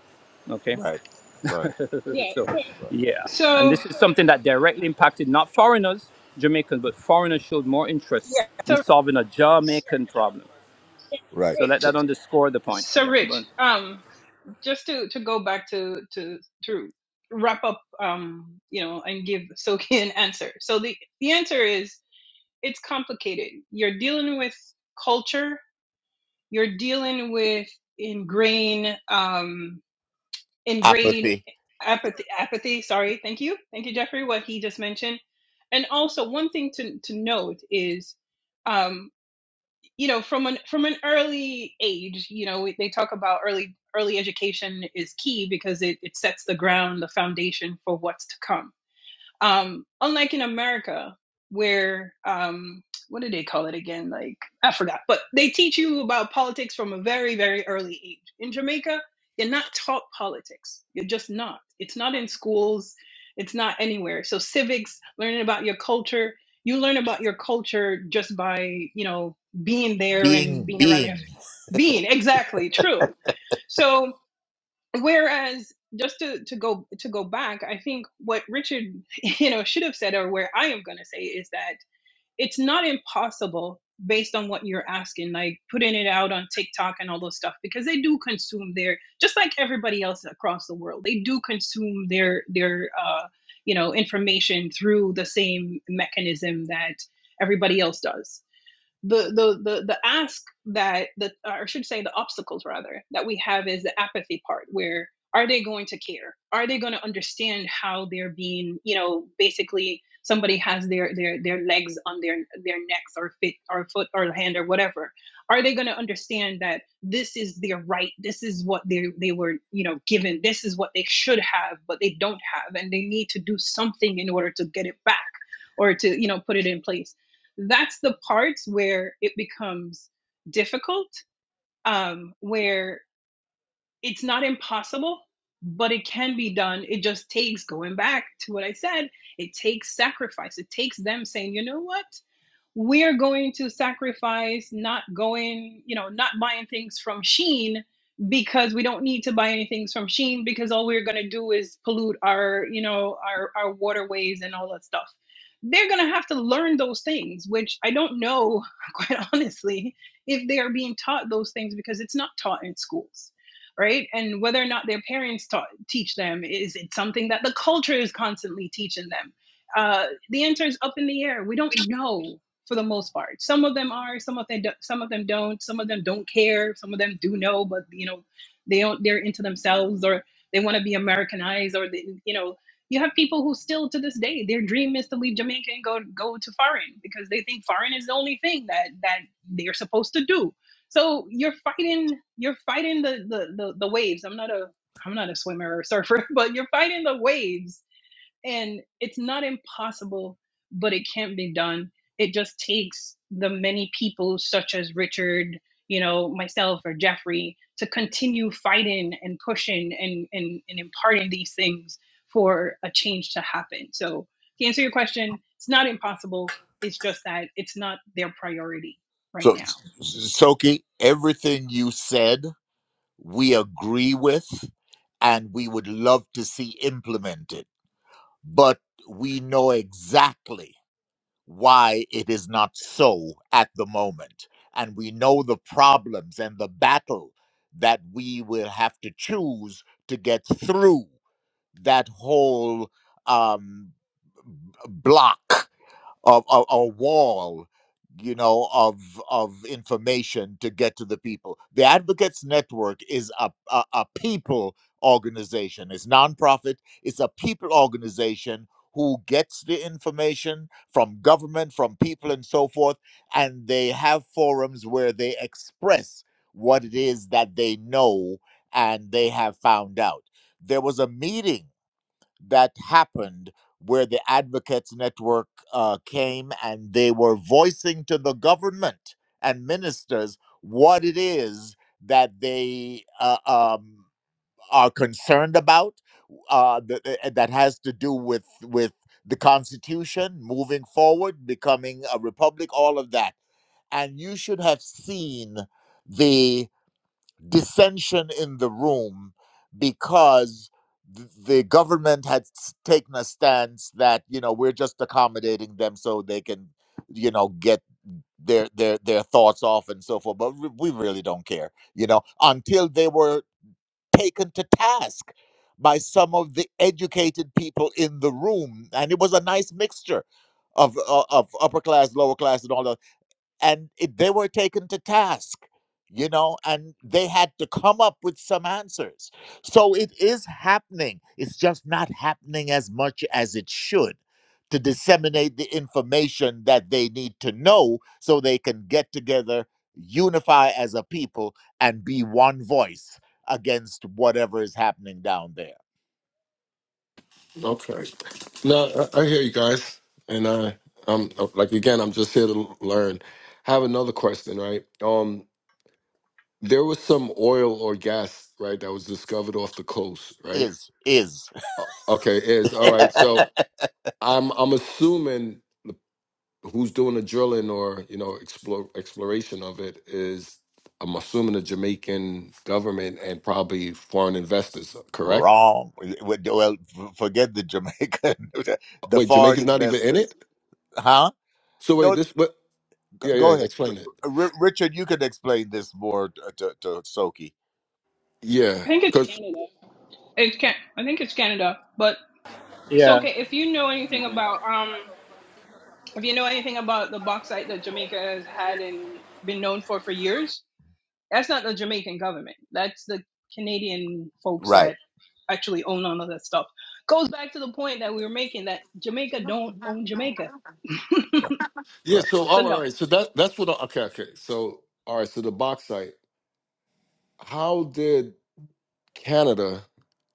[SPEAKER 5] Okay.
[SPEAKER 2] Right. Right.
[SPEAKER 5] [laughs]
[SPEAKER 6] Yeah,
[SPEAKER 5] So,
[SPEAKER 6] sure.
[SPEAKER 2] Right.
[SPEAKER 5] yeah. And
[SPEAKER 6] so,
[SPEAKER 5] this is something that directly impacted not foreigners, Jamaicans, but foreigners showed more interest
[SPEAKER 6] Yeah,
[SPEAKER 5] in
[SPEAKER 6] so
[SPEAKER 5] solving a Jamaican problem.
[SPEAKER 2] Right.
[SPEAKER 5] So let
[SPEAKER 6] rich.
[SPEAKER 5] that underscore the point.
[SPEAKER 6] so
[SPEAKER 5] Yeah.
[SPEAKER 6] Rich,
[SPEAKER 5] But,
[SPEAKER 6] um, just to to go back to to to wrap up, um, you know, and give Soki an answer. So the the answer is it's complicated. You're dealing with culture. You're dealing with ingrained. Um, ingrained
[SPEAKER 2] Apathy.
[SPEAKER 6] apathy apathy sorry thank you thank you jeffrey what he just mentioned and also one thing to to note is um you know from an from an early age you know we- they talk about early early education is key because it, it sets the ground the foundation for what's to come um, unlike in America, where um, what do they call it again? Like I forgot, but they teach you about politics from a very, very early age. In Jamaica, you're not taught politics. You're just not. It's not in schools. It's not anywhere. So civics, learning about your culture. You learn about your culture just by you know being there
[SPEAKER 2] Being
[SPEAKER 6] and being around your
[SPEAKER 2] being.
[SPEAKER 6] being exactly true. So whereas just to, to go to go back i think what richard [laughs] you know should have said or where i am going to say is that it's not impossible based on what you're asking like putting it out on tiktok and all those stuff because they do consume their just like everybody else across the world they do consume their their uh, you know information through the same mechanism that everybody else does the the the the ask that that or I should say the obstacles rather that we have is the apathy part where are they going to care are they going to understand how they're being you know basically somebody has their their their legs on their their necks or fit or foot or hand or whatever are they going to understand that this is their right this is what they they were you know given this is what they should have but they don't have and they need to do something in order to get it back or to you know put it in place that's the parts where it becomes difficult um, where it's not impossible but it can be done it just takes going back to what i said it takes sacrifice it takes them saying you know what we're going to sacrifice not going, you know, not buying things from Shein because we don't need to buy any things from Shein because all we're going to do is pollute our, you know, our, our waterways and all that stuff. They're going to have to learn those things, which I don't know, [laughs] quite honestly, if they are being taught those things because it's not taught in schools. Right, and whether or not their parents taught, teach them is it something that the culture is constantly teaching them? Uh, the answer is up in the air. We don't know for the most part. Some of them are, some of them, do, some of them don't. Some of them don't care. Some of them do know, but you know, they don't. They're into themselves, or they want to be Americanized, or they, you know, you have people who still to this day their dream is to leave Jamaica and go go to foreign because they think foreign is the only thing that that they're supposed to do. So you're fighting, you're fighting the the the, the waves. I'm not a I'm not a swimmer or surfer, [laughs] but you're fighting the waves and it's not impossible, but it can't be done. It just takes the many people, such as Richard, you know, myself or Jeffrey, to continue fighting and pushing and, and, and imparting these things for a change to happen. So, to answer your question, it's not impossible. It's just that it's not their priority right
[SPEAKER 2] So
[SPEAKER 6] now.
[SPEAKER 2] Soki, everything you said we agree with and we would love to see implemented. But we know exactly why it is not so at the moment. And we know the problems and the battle that we will have to choose to get through that whole um, b- block Of a, a wall you know of of information to get to the people the advocates network is a, a, a people organization it's nonprofit it's a people organization who gets the information from government from people and so forth and they have forums where they express what it is that they know and they have found out there was a meeting that happened where the Advocates Network uh, came and they were voicing to the government and ministers what it is that they uh, um, are concerned about uh, th- th- that has to do with with the Constitution moving forward, becoming a republic, all of that. And you should have seen the dissension in the room because th- the government had s- taken a stance that you know we're just accommodating them so they can you know get their their their thoughts off and so forth but re- we really don't care you know until they were taken to task by some of the educated people in the room and it was a nice mixture of uh, of upper class lower class and all that and it, they were taken to task you know and they had to come up with some answers so it is happening it's just not happening as much as it should to disseminate the information that they need to know so they can get together unify as a people and be one voice against whatever is happening down there
[SPEAKER 8] Okay. No, I, I hear you guys, and I, I'm like again, I'm just here to learn. I have another question, right? Um, there was some oil or gas, right, that was discovered off the coast, right?
[SPEAKER 2] is is
[SPEAKER 8] O- Okay, is all
[SPEAKER 2] [laughs]
[SPEAKER 8] right. So I'm I'm assuming the- who's doing the drilling or you know explore, exploration of it is I'm assuming the Jamaican government and probably foreign investors, correct?
[SPEAKER 2] wrong well forget the jamaican [laughs] the
[SPEAKER 8] Wait,
[SPEAKER 2] foreign
[SPEAKER 8] Jamaica's not even in
[SPEAKER 2] investors
[SPEAKER 8] it.
[SPEAKER 2] huh
[SPEAKER 8] So wait,
[SPEAKER 2] No,
[SPEAKER 8] this what? Yeah, yeah.
[SPEAKER 2] go ahead, G-
[SPEAKER 8] Explain it.
[SPEAKER 2] R- Richard. You can explain this more to, to, to Soki.
[SPEAKER 8] Yeah,
[SPEAKER 6] I think it's
[SPEAKER 8] because
[SPEAKER 6] Canada. It's can I think it's Canada. But so
[SPEAKER 5] yeah.
[SPEAKER 6] okay, if you know anything about um if you know anything about the bauxite that Jamaica has had and been known for for years, that's not the Jamaican government. That's the Canadian folks
[SPEAKER 2] Right,
[SPEAKER 6] that actually own all of that stuff. Goes back to the point that we were making that Jamaica don't own Jamaica. [laughs]
[SPEAKER 2] right,
[SPEAKER 8] yeah.
[SPEAKER 2] right.
[SPEAKER 8] So
[SPEAKER 6] So
[SPEAKER 8] all right,
[SPEAKER 6] no.
[SPEAKER 8] all right. So that that's what. I, okay, okay. So all right. So the bauxite. How did Canada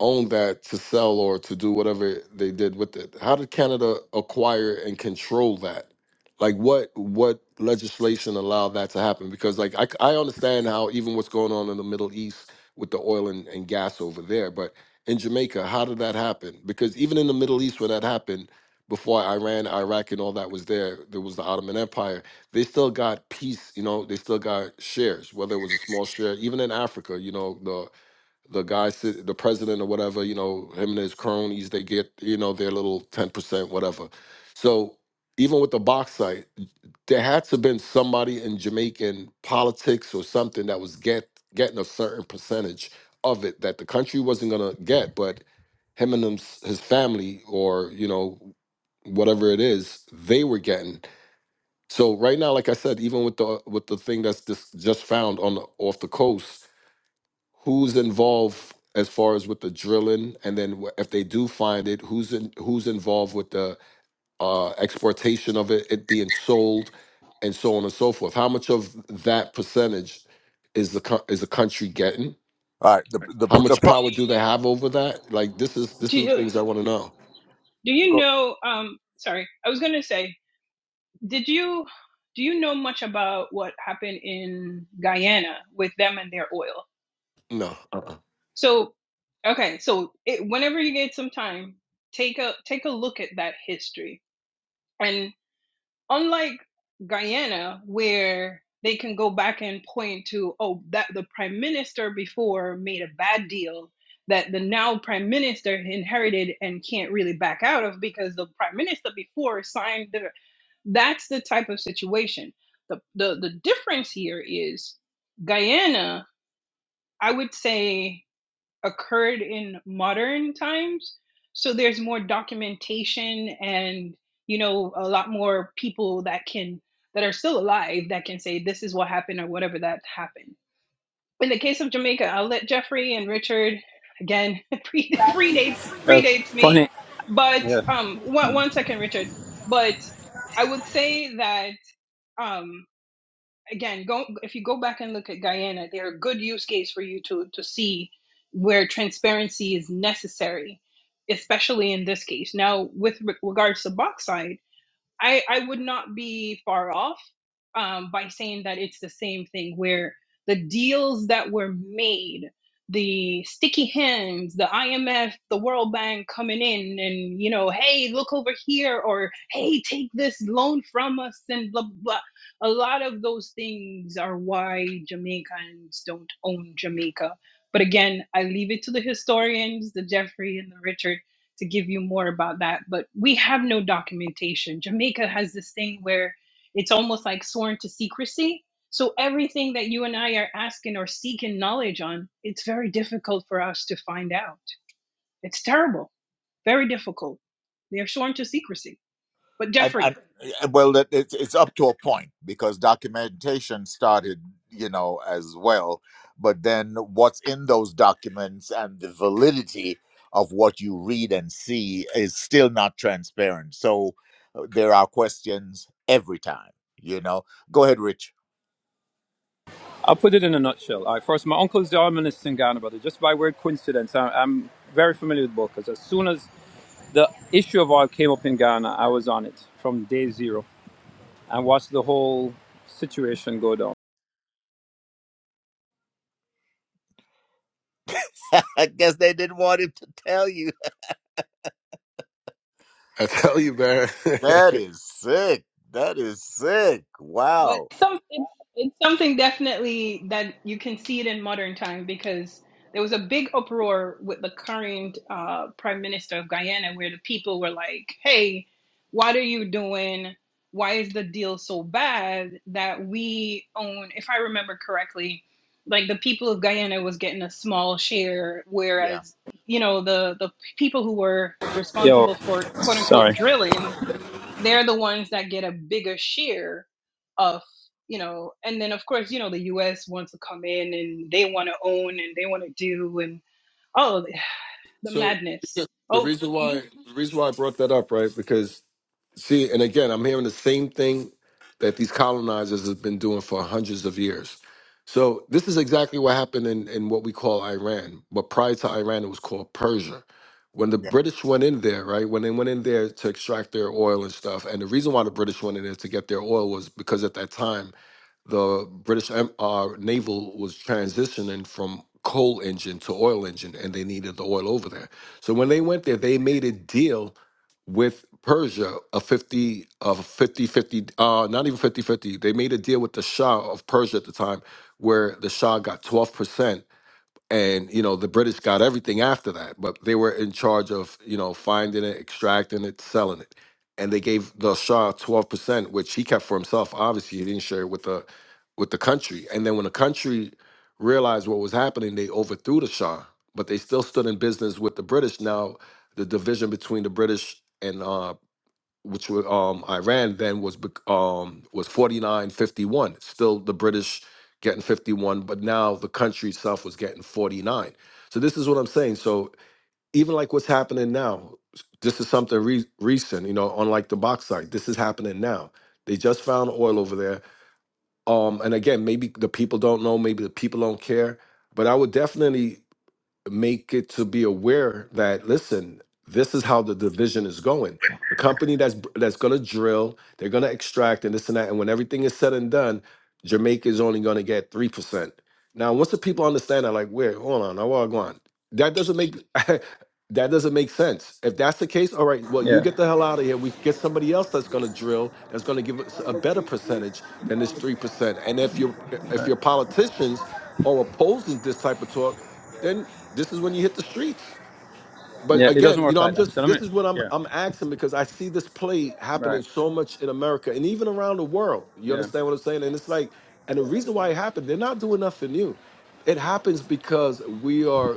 [SPEAKER 8] owned that to sell or to do whatever they did with it. How did Canada acquire and control that? Like what what legislation allowed that to happen? Because like I, c- I understand how even what's going on in the Middle East with the oil and, and gas over there, but in Jamaica, how did that happen? Because even in the Middle East when that happened, before Iran, Iraq and all that was there, there was the Ottoman Empire. They still got peace, you know, they still got shares, whether it was a small share, even in Africa, you know, the the guy sit, the president or whatever you know him and his cronies they get you know their little 10% whatever so even with the bauxite there had to have been somebody in jamaican politics or something that was get getting a certain percentage of it that the country wasn't going to get but him and them, his family or you know whatever it is they were getting so right now like i said even with the with the thing that's just just found on the, off the coast who's involved as far as with the drilling and then wh- if they do find it who's in, who's involved with the uh exportation of it it being sold and so on and so forth how much of that percentage is the co- is the country getting
[SPEAKER 2] All right. The the
[SPEAKER 8] how
[SPEAKER 2] the
[SPEAKER 8] much
[SPEAKER 2] pro,
[SPEAKER 8] power do they have over that like this is this
[SPEAKER 6] Do
[SPEAKER 8] is the
[SPEAKER 6] you
[SPEAKER 8] things i want to know
[SPEAKER 6] do you
[SPEAKER 2] go,
[SPEAKER 6] know um sorry, I was gonna say, did you do you know much about what happened in Guyana with them and their oil?
[SPEAKER 8] no
[SPEAKER 6] So, okay, so it, whenever you get some time, take a take a look at that history. And unlike Guyana, where they can go back and point to, oh, that the prime minister before made a bad deal that the now prime minister inherited and can't really back out of because the prime minister before signed the. That's the type of situation. The the the difference here is Guyana. I would say occurred in modern times. So there's more documentation and, you know, a lot more people that can, that are still alive that can say this is what happened or whatever that happened. In the case of Jamaica, I'll let Jeffrey and Richard, again, [laughs] pre- predates,
[SPEAKER 5] Uh,
[SPEAKER 6] predates me.
[SPEAKER 5] funny.
[SPEAKER 6] But
[SPEAKER 5] Yeah.
[SPEAKER 6] um, one, one second, Richard. But I would say that. Um, again, go if you go back and look at Guyana, they're a good use case for you to to see where transparency is necessary, especially in this case. Now, with re- regards to bauxite. I, I would not be far off um, by saying that it's the same thing where the deals that were made, the sticky hands, the IMF, the World Bank coming in and, you know, hey, look over here, or hey, take this loan from us, and blah, blah. A lot of those things are why Jamaicans don't own Jamaica. But again, I leave it to the historians, the Jeffrey and the Richard to give you more about that, but we have no documentation. Jamaica has this thing where it's almost like sworn to secrecy. So everything that you and I are asking or seeking knowledge on, it's very difficult for us to find out. It's terrible, very difficult. They are sworn to secrecy. But
[SPEAKER 2] and,
[SPEAKER 6] Jeffrey,
[SPEAKER 2] and and, well, that it's it's up to a point because documentation started, you know, as well. But then, what's in those documents and the validity of what you read and see is still not transparent. So uh, there are questions every time. You know. Go ahead, Rich.
[SPEAKER 5] I'll put it in a nutshell. All right, first, my uncle is the Army minister in Ghana, brother. Just by weird coincidence, I, I'm very familiar with both because as soon as the issue of oil came up in Ghana, I was on it from day zero and watched the whole situation go down.
[SPEAKER 2] [laughs] I guess they didn't want him to tell
[SPEAKER 8] i tell you man [laughs]
[SPEAKER 2] That is sick. That is sick.
[SPEAKER 6] But
[SPEAKER 2] Wow.
[SPEAKER 6] some it's, it's something definitely that you can see it in modern time because there was a big uproar with the current uh, prime minister of Guyana where the people were like, "Hey, what are you doing? Why is the deal so bad that we own?" If I remember correctly, like the people of Guyana was getting a small share,
[SPEAKER 2] Yeah.
[SPEAKER 6] whereas you know the the people who were
[SPEAKER 5] Yo,
[SPEAKER 6] responsible for quote unquote
[SPEAKER 5] sorry.
[SPEAKER 6] drilling they're the ones that get a bigger share of you know and then of course you know the us wants to come in and they want to own and they want to do and oh the [sighs]
[SPEAKER 8] So yeah,
[SPEAKER 6] madness
[SPEAKER 8] the
[SPEAKER 6] oh
[SPEAKER 8] reason why
[SPEAKER 6] mhm.
[SPEAKER 8] the reason why I brought that up, right? Because see, and again, I'm hearing the same thing that these colonizers have been doing for hundreds of years. So this is exactly what happened in, in what we call Iran. But prior to Iran, it was called Persia. When the
[SPEAKER 2] Yeah.
[SPEAKER 8] British went in there, right? When they went in there to extract their oil and stuff, and the reason why the British went in there to get their oil was because at that time the British em- uh, naval was transitioning from coal engine to oil engine, and they needed the oil over there. So when they went there, they made a deal with Persia a 50 of 50 50. uh not even 50 50. they made a deal with the Shah of Persia at the time where the Shah got 12% and you know the british got everything after that but they were in charge of you know finding it extracting it selling it and they gave the shah 12% which he kept for himself obviously he didn't share it with the with the country and then when the country realized what was happening they overthrew the shah but they still stood in business with the british now the division between the british and uh, which were um, Iran then was bec- um, was forty nine fifty one. Still the British getting fifty one, but now the country itself was getting forty nine. So this is what I'm saying. So even like what's happening now, s- this is something re- recent. You know, unlike the bauxite, this is happening now. They just found oil over there. Um, and again, maybe the people don't know, maybe the people don't care. But I would definitely make it to be aware that listen this is how the division is going the company that's that's going to drill they're going to extract and this and that and when everything is said and done jamaica is only going to get 3% now once the people understand that like wait hold on i want on that doesn't make [laughs] that doesn't make sense if that's the case all right well you
[SPEAKER 5] Yeah.
[SPEAKER 8] get the hell out of here we get somebody else that's going to drill that's going to give us a better percentage than this 3% and if your
[SPEAKER 5] All
[SPEAKER 8] if
[SPEAKER 5] right.
[SPEAKER 8] your politicians are opposing this type of talk then this is when you hit the streets. But
[SPEAKER 5] Yeah, it doesn't
[SPEAKER 8] again, you
[SPEAKER 5] work
[SPEAKER 8] know, I'm
[SPEAKER 5] like that. So
[SPEAKER 8] just
[SPEAKER 5] let me,
[SPEAKER 8] this is what I'm
[SPEAKER 5] yeah,
[SPEAKER 8] I'm asking because I see this play happening
[SPEAKER 5] right.
[SPEAKER 8] so much in America and even around the world. You
[SPEAKER 5] Yeah.
[SPEAKER 8] understand what I'm saying? And it's like, and the reason why it happened, they're not doing nothing new. It happens because we are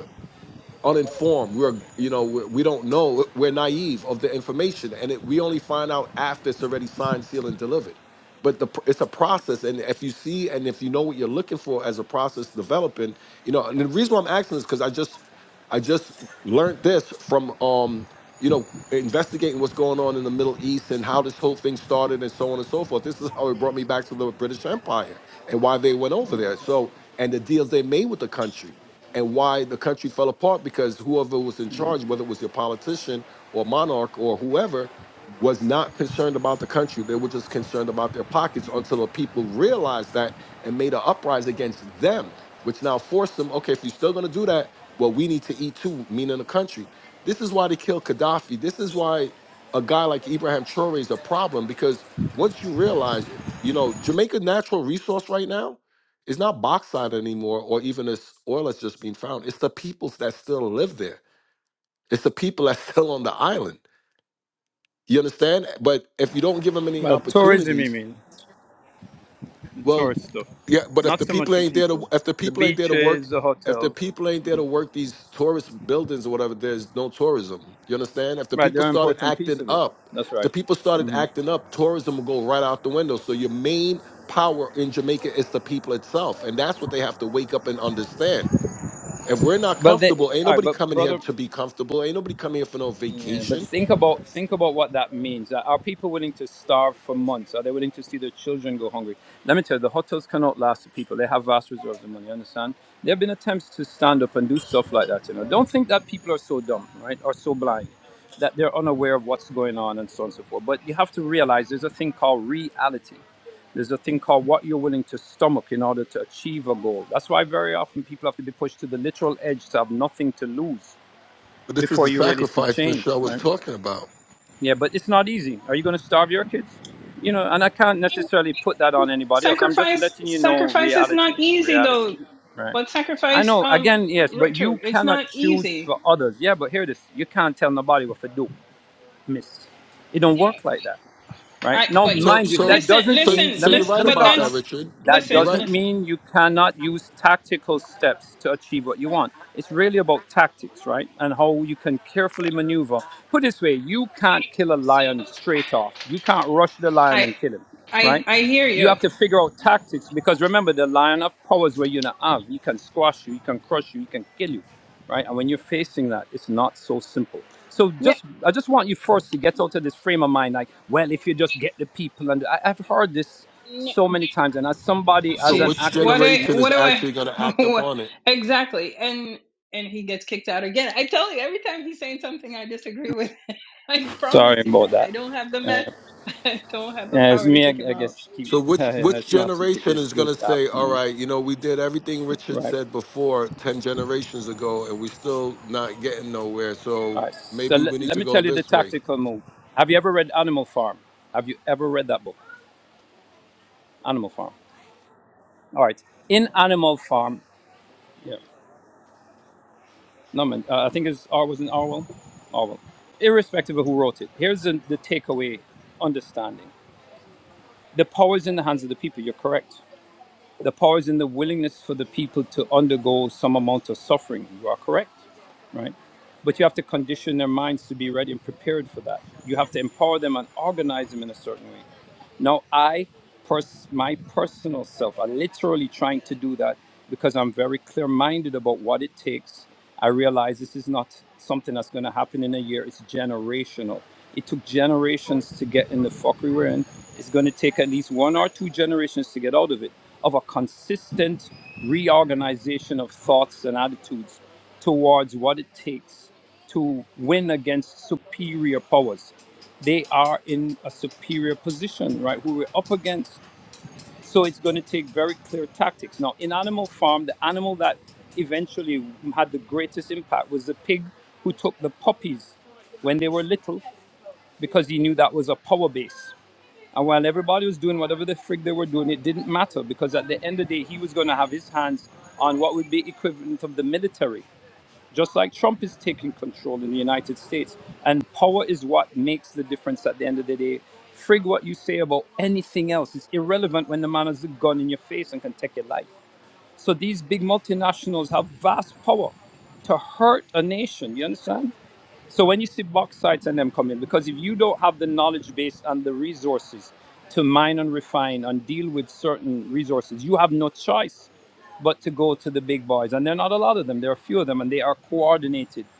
[SPEAKER 8] uninformed we're you know we're, we don't know we're naive of the information and it, we only find out after it's already signed sealed and delivered but the pr- it's a process and if you see and if you know what you're looking for as a process developing you know and the reason why i'm asking is because i just i just learned this from um you know investigating what's going on in the middle east and how this whole thing started and so on and so forth this is how it brought me back to the british empire and why they went over there so and the deals they made with the country and why the country fell apart because whoever was in charge, whether it was your politician or monarch or whoever, was not concerned about the country. They were just concerned about their pockets until the people realized that and made an uprising against them, which now forced them, okay, if you're still going to do that, well, we need to eat too, meaning the country. This is why they killed Gaddafi. This is why a guy like Ibrahim Traore is a problem because once you realize, you know, Jamaica natural resource right now it's not bauxite anymore, or even as oil that's just been found. It's the peoples that still live there. It's the people that's still [laughs] on the island. You understand? But if you don't give them any
[SPEAKER 5] Well, tourism, you
[SPEAKER 8] opportunities,
[SPEAKER 5] mean? The
[SPEAKER 8] well,
[SPEAKER 5] tourist stuff.
[SPEAKER 8] yeah. But if
[SPEAKER 5] Not
[SPEAKER 8] the
[SPEAKER 5] so much
[SPEAKER 8] people
[SPEAKER 5] the
[SPEAKER 8] ain't there to,
[SPEAKER 5] people.
[SPEAKER 8] if the
[SPEAKER 5] The
[SPEAKER 8] people ain't there to work,
[SPEAKER 5] beaches, the
[SPEAKER 8] if the
[SPEAKER 5] hotels.
[SPEAKER 8] people ain't there to work these tourist buildings or whatever, there's no tourism. You understand? If the
[SPEAKER 5] Right, they're
[SPEAKER 8] people
[SPEAKER 5] an
[SPEAKER 8] started
[SPEAKER 5] important piece
[SPEAKER 8] acting
[SPEAKER 5] of it.
[SPEAKER 8] up,
[SPEAKER 5] That's
[SPEAKER 8] if
[SPEAKER 5] right.
[SPEAKER 8] the people started acting up, tourism will go right out the window. So your main power in Jamaica is the people itself, and that's what they have to wake up and understand. If we're not
[SPEAKER 5] Well, they,
[SPEAKER 8] comfortable, ain't
[SPEAKER 5] all right,
[SPEAKER 8] nobody
[SPEAKER 5] but
[SPEAKER 8] coming here
[SPEAKER 5] brother,
[SPEAKER 8] to be comfortable. Ain't nobody coming here for no
[SPEAKER 5] Yeah, but
[SPEAKER 8] vacation.
[SPEAKER 5] think about think about what that means. Uh, Are people willing to starve for months? Are they willing to see their children go hungry? Let me tell you, the hotels cannot last the people. They have vast reserves of money. You understand? There have been attempts to stand up and do stuff like that. You know, don't think that people are so dumb, right? Or so blind that they're unaware of what's going on and so on and so forth. But you have to realize there's a thing called reality. There's a thing called what you're willing to stomach in order to achieve a goal. That's why very often people have to be pushed to the literal edge to have nothing to lose
[SPEAKER 8] But this is
[SPEAKER 5] before
[SPEAKER 8] the
[SPEAKER 5] you really see
[SPEAKER 8] sacrifice
[SPEAKER 5] change,
[SPEAKER 8] Michelle was
[SPEAKER 5] right?
[SPEAKER 8] talking about.
[SPEAKER 5] Yeah, but it's not easy. Are you going to starve your kids? You know, and I can't necessarily put that on anybody else. I'm just
[SPEAKER 6] sacrifice
[SPEAKER 5] letting you know
[SPEAKER 6] sacrifice is
[SPEAKER 5] reality,
[SPEAKER 6] not easy
[SPEAKER 5] reality,
[SPEAKER 6] though
[SPEAKER 5] right?
[SPEAKER 6] but
[SPEAKER 5] I
[SPEAKER 6] sacrifice
[SPEAKER 5] know.
[SPEAKER 6] um
[SPEAKER 5] Again, yes, but you
[SPEAKER 6] richard it's
[SPEAKER 5] cannot
[SPEAKER 6] not
[SPEAKER 5] choose
[SPEAKER 6] easy
[SPEAKER 5] for others. Yeah, but hear this: you can't tell nobody what to do, Miss. It don't work like that right?
[SPEAKER 6] i
[SPEAKER 5] Now,
[SPEAKER 6] but he-
[SPEAKER 8] So,
[SPEAKER 5] mind you,
[SPEAKER 6] he-
[SPEAKER 8] so,
[SPEAKER 5] that
[SPEAKER 6] listen
[SPEAKER 5] doesn't
[SPEAKER 8] so,
[SPEAKER 5] mean
[SPEAKER 6] listen
[SPEAKER 8] so
[SPEAKER 5] let me
[SPEAKER 8] you're
[SPEAKER 6] listen
[SPEAKER 8] right
[SPEAKER 5] let me
[SPEAKER 6] but
[SPEAKER 8] about
[SPEAKER 5] talk
[SPEAKER 8] that,
[SPEAKER 5] now.
[SPEAKER 6] that's
[SPEAKER 8] Richard.
[SPEAKER 5] That
[SPEAKER 8] You're
[SPEAKER 6] listen
[SPEAKER 8] right.
[SPEAKER 5] doesn't
[SPEAKER 6] listen
[SPEAKER 5] mean you cannot use tactical steps to achieve what you want. It's really about tactics, right? And how you can carefully maneuver. Put it this way, you can't kill a lion straight off. You can't rush the lion
[SPEAKER 6] i
[SPEAKER 5] and kill him,
[SPEAKER 6] i
[SPEAKER 5] right?
[SPEAKER 6] i hear
[SPEAKER 5] You
[SPEAKER 6] you
[SPEAKER 5] have to figure out tactics because remember, the lion of powers where you not have. He can squash you, he can crush you, he can kill you right? And when you're facing that, it's not so simple. So
[SPEAKER 6] yeah
[SPEAKER 5] just, I just want you first to get out of this frame of mind, like, well, if you just get the people, and I, I've heard this so many times, and as somebody,
[SPEAKER 8] So,
[SPEAKER 5] as an
[SPEAKER 8] which
[SPEAKER 6] Jeez, what
[SPEAKER 5] activist,
[SPEAKER 6] do
[SPEAKER 8] generation
[SPEAKER 6] what
[SPEAKER 8] is
[SPEAKER 6] do I
[SPEAKER 8] actually going to
[SPEAKER 6] [laughs]
[SPEAKER 8] act upon it?
[SPEAKER 6] exactly? And and he gets kicked out again. I tell you, every time he's saying something I disagree with, [laughs] I promise
[SPEAKER 5] sorry about
[SPEAKER 6] you,
[SPEAKER 5] that.
[SPEAKER 6] I don't have the met, [laughs] I don't have the
[SPEAKER 5] Yeah, it's
[SPEAKER 6] power to
[SPEAKER 5] me, I,
[SPEAKER 6] kick him
[SPEAKER 5] I
[SPEAKER 6] out.
[SPEAKER 5] guess. Keep,
[SPEAKER 8] So,
[SPEAKER 5] [laughs]
[SPEAKER 8] which
[SPEAKER 5] and
[SPEAKER 8] which
[SPEAKER 5] it's not you,
[SPEAKER 8] generation
[SPEAKER 5] it's
[SPEAKER 8] is going to
[SPEAKER 5] this app,
[SPEAKER 8] say,
[SPEAKER 5] you
[SPEAKER 8] "All
[SPEAKER 5] know.
[SPEAKER 8] right, you know, we did everything Richard
[SPEAKER 5] Right.
[SPEAKER 8] said before ten generations ago, and we're still not getting nowhere.
[SPEAKER 5] All
[SPEAKER 8] So
[SPEAKER 5] right. So
[SPEAKER 8] maybe we
[SPEAKER 5] let,
[SPEAKER 8] need
[SPEAKER 5] let
[SPEAKER 8] to
[SPEAKER 5] me
[SPEAKER 8] go
[SPEAKER 5] tell you the
[SPEAKER 8] this way."
[SPEAKER 5] tactical move. Have you ever read Animal Farm? Have you ever read that book, Animal Farm? All right. In Animal Farm, Yeah. No, man. Uh, I think it's Or was in Orwell. Orwell. Irrespective of who wrote it, here's the, the takeaway understanding. The power is in the hands of the people. You're correct. The power is in the willingness for the people to undergo some amount of suffering. You are correct, right? But you have to condition their minds to be ready and prepared for that. You have to empower them and organize them in a certain way. Now, I, pers- my personal self, I'm literally trying to do that because I'm very clear minded about what it takes. I realize this is not something that's going to happen in a year, it's generational. It took generations to get in the fuck we were in. It's going to take at least one or two generations to get out of it, of a consistent reorganization of thoughts and attitudes towards what it takes to win against superior powers. They are in a superior position, right? Who we're up against. So it's going to take very clear tactics. Now, in Animal Farm, the animal that eventually had the greatest impact was the pig who took the puppies when they were little because he knew that was a power base. And while everybody was doing whatever the frig they were doing, it didn't matter because at the end of the day, he was going to have his hands on what would be equivalent of the military just like Trump is taking control in the United States. And power is what makes the difference at the end of the day. Frig what you say about anything else. It's irrelevant when the man has a gun in your face and can take your life. So these big multinationals have vast power to hurt a nation. You understand? So when you see bauxite and them come in, because if you don't have the knowledge base and the resources to mine and refine and deal with certain resources, you have no choice but to go to the big boys. And there are not a lot of them. There are a few of them, and they are coordinated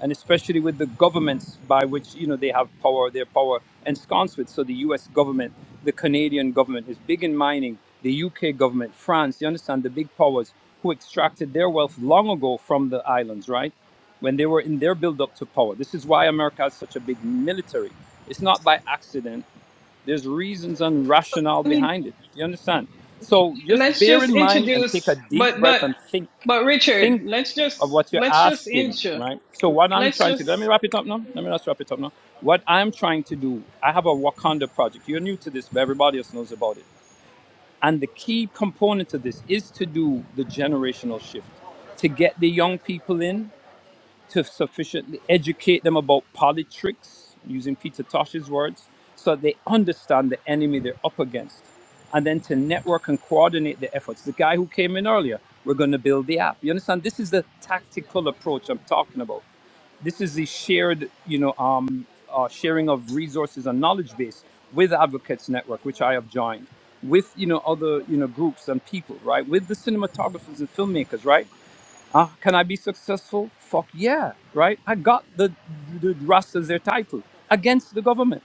[SPEAKER 5] and especially with the governments by which you know they have power, their power ensconced with. So the U.S. government, the Canadian government is big in mining. The U.K. government, France, you understand the big powers who extracted their wealth long ago from the islands, right? When they were in their build-up to power. This is why America has such a big military. It's not by accident. There's reasons and rationale
[SPEAKER 6] I mean,
[SPEAKER 5] behind it. You understand? So just
[SPEAKER 6] let's
[SPEAKER 5] bear
[SPEAKER 6] just
[SPEAKER 5] in mind and take a
[SPEAKER 6] introduce,
[SPEAKER 5] deep
[SPEAKER 6] but
[SPEAKER 5] breath
[SPEAKER 6] but
[SPEAKER 5] and think.
[SPEAKER 6] but Richard,
[SPEAKER 5] Think
[SPEAKER 6] let's
[SPEAKER 5] of
[SPEAKER 6] just
[SPEAKER 5] what you're
[SPEAKER 6] let's just
[SPEAKER 5] asking,
[SPEAKER 6] intro,
[SPEAKER 5] right? So what I'm
[SPEAKER 6] let's
[SPEAKER 5] trying to do, let me
[SPEAKER 6] just
[SPEAKER 5] wrap it up now. Let me just wrap it up now. What I'm trying to do, I have a Wakanda project. You're new to this, but everybody else knows about it. And the key component to this is to do the generational shift, to get the young people in to sufficiently educate them about politics, using Peter Tosh's words, so they understand the enemy they're up against, and then to network and coordinate the efforts. The guy who came in earlier, we're going to build the app. You understand? This is the tactical approach I'm talking about. This is the shared, you know, um, uh, sharing of resources and knowledge base with Advocates Network, which I have joined, with you know other you know groups and people, right? With the cinematographers and filmmakers, right? Uh, can I be successful? Fuck yeah, right? I got the, the Rastas their title against the government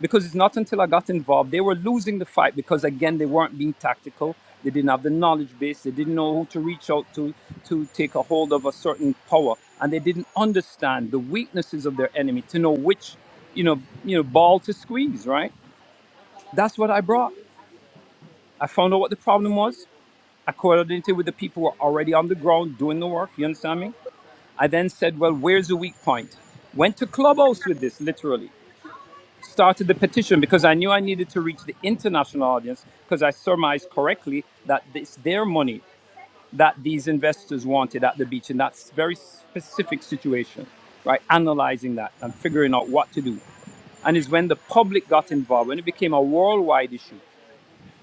[SPEAKER 5] because it's not until I got involved. They were losing the fight because, again, they weren't being tactical. They didn't have the knowledge base. They didn't know who to reach out to to take a hold of a certain power. And they didn't understand the weaknesses of their enemy to know which, you know, you know, ball to squeeze, right? That's what I brought. I found out what the problem was. I coordinated with the people who were already on the ground doing the work. You understand me? I then said, Well, where's the weak point? Went to Clubhouse with this, literally. Started the petition because I knew I needed to reach the international audience because I surmised correctly that it's their money that these investors wanted at the beach in that s- very specific situation, right? Analyzing that and figuring out what to do. And it's when the public got involved, when it became a worldwide issue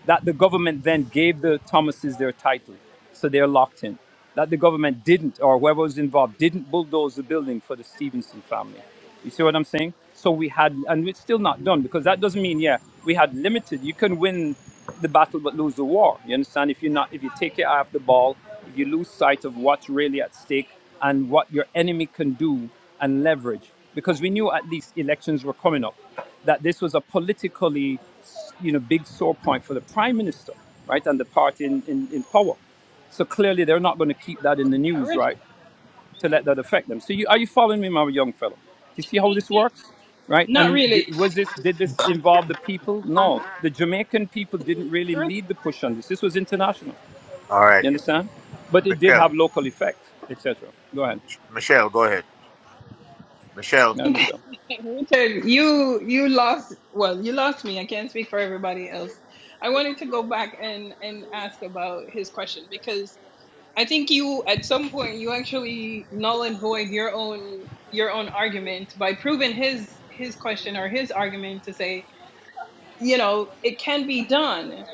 [SPEAKER 5] that the government then gave the Thomases their title, so they're locked in. That the government didn't, or whoever was involved, didn't bulldoze the building for the Stevenson family. You see what I'm saying? So we had, and it's still not done because that doesn't mean, yeah, we had limited. You can win the battle but lose the war. You understand? If you're not, if you take your eye off the ball you lose sight of what's really at stake and what your enemy can do and leverage. Because we knew at least elections were coming up, that this was a politically, you know, big sore point for the prime minister, right, and the party in, in, in power. So clearly they're not going to keep that in the news,
[SPEAKER 6] Richard,
[SPEAKER 5] right, to let that affect them. So you, are you following me, my young fellow? Do you see how this works? Right?
[SPEAKER 6] not
[SPEAKER 5] And d-
[SPEAKER 6] really.
[SPEAKER 5] was this did this involve the people? No, the Jamaican people didn't really lead the push on this. This was international. You understand? But it did have local effect, etc. Go ahead, Madam Michelle.
[SPEAKER 6] Richard, you you lost well, you lost me. I can't speak for everybody else. I wanted to go back and and ask about his question because I think you at some point you actually null and void your own your own argument by proving his his question or his argument to say, you know, it can be done.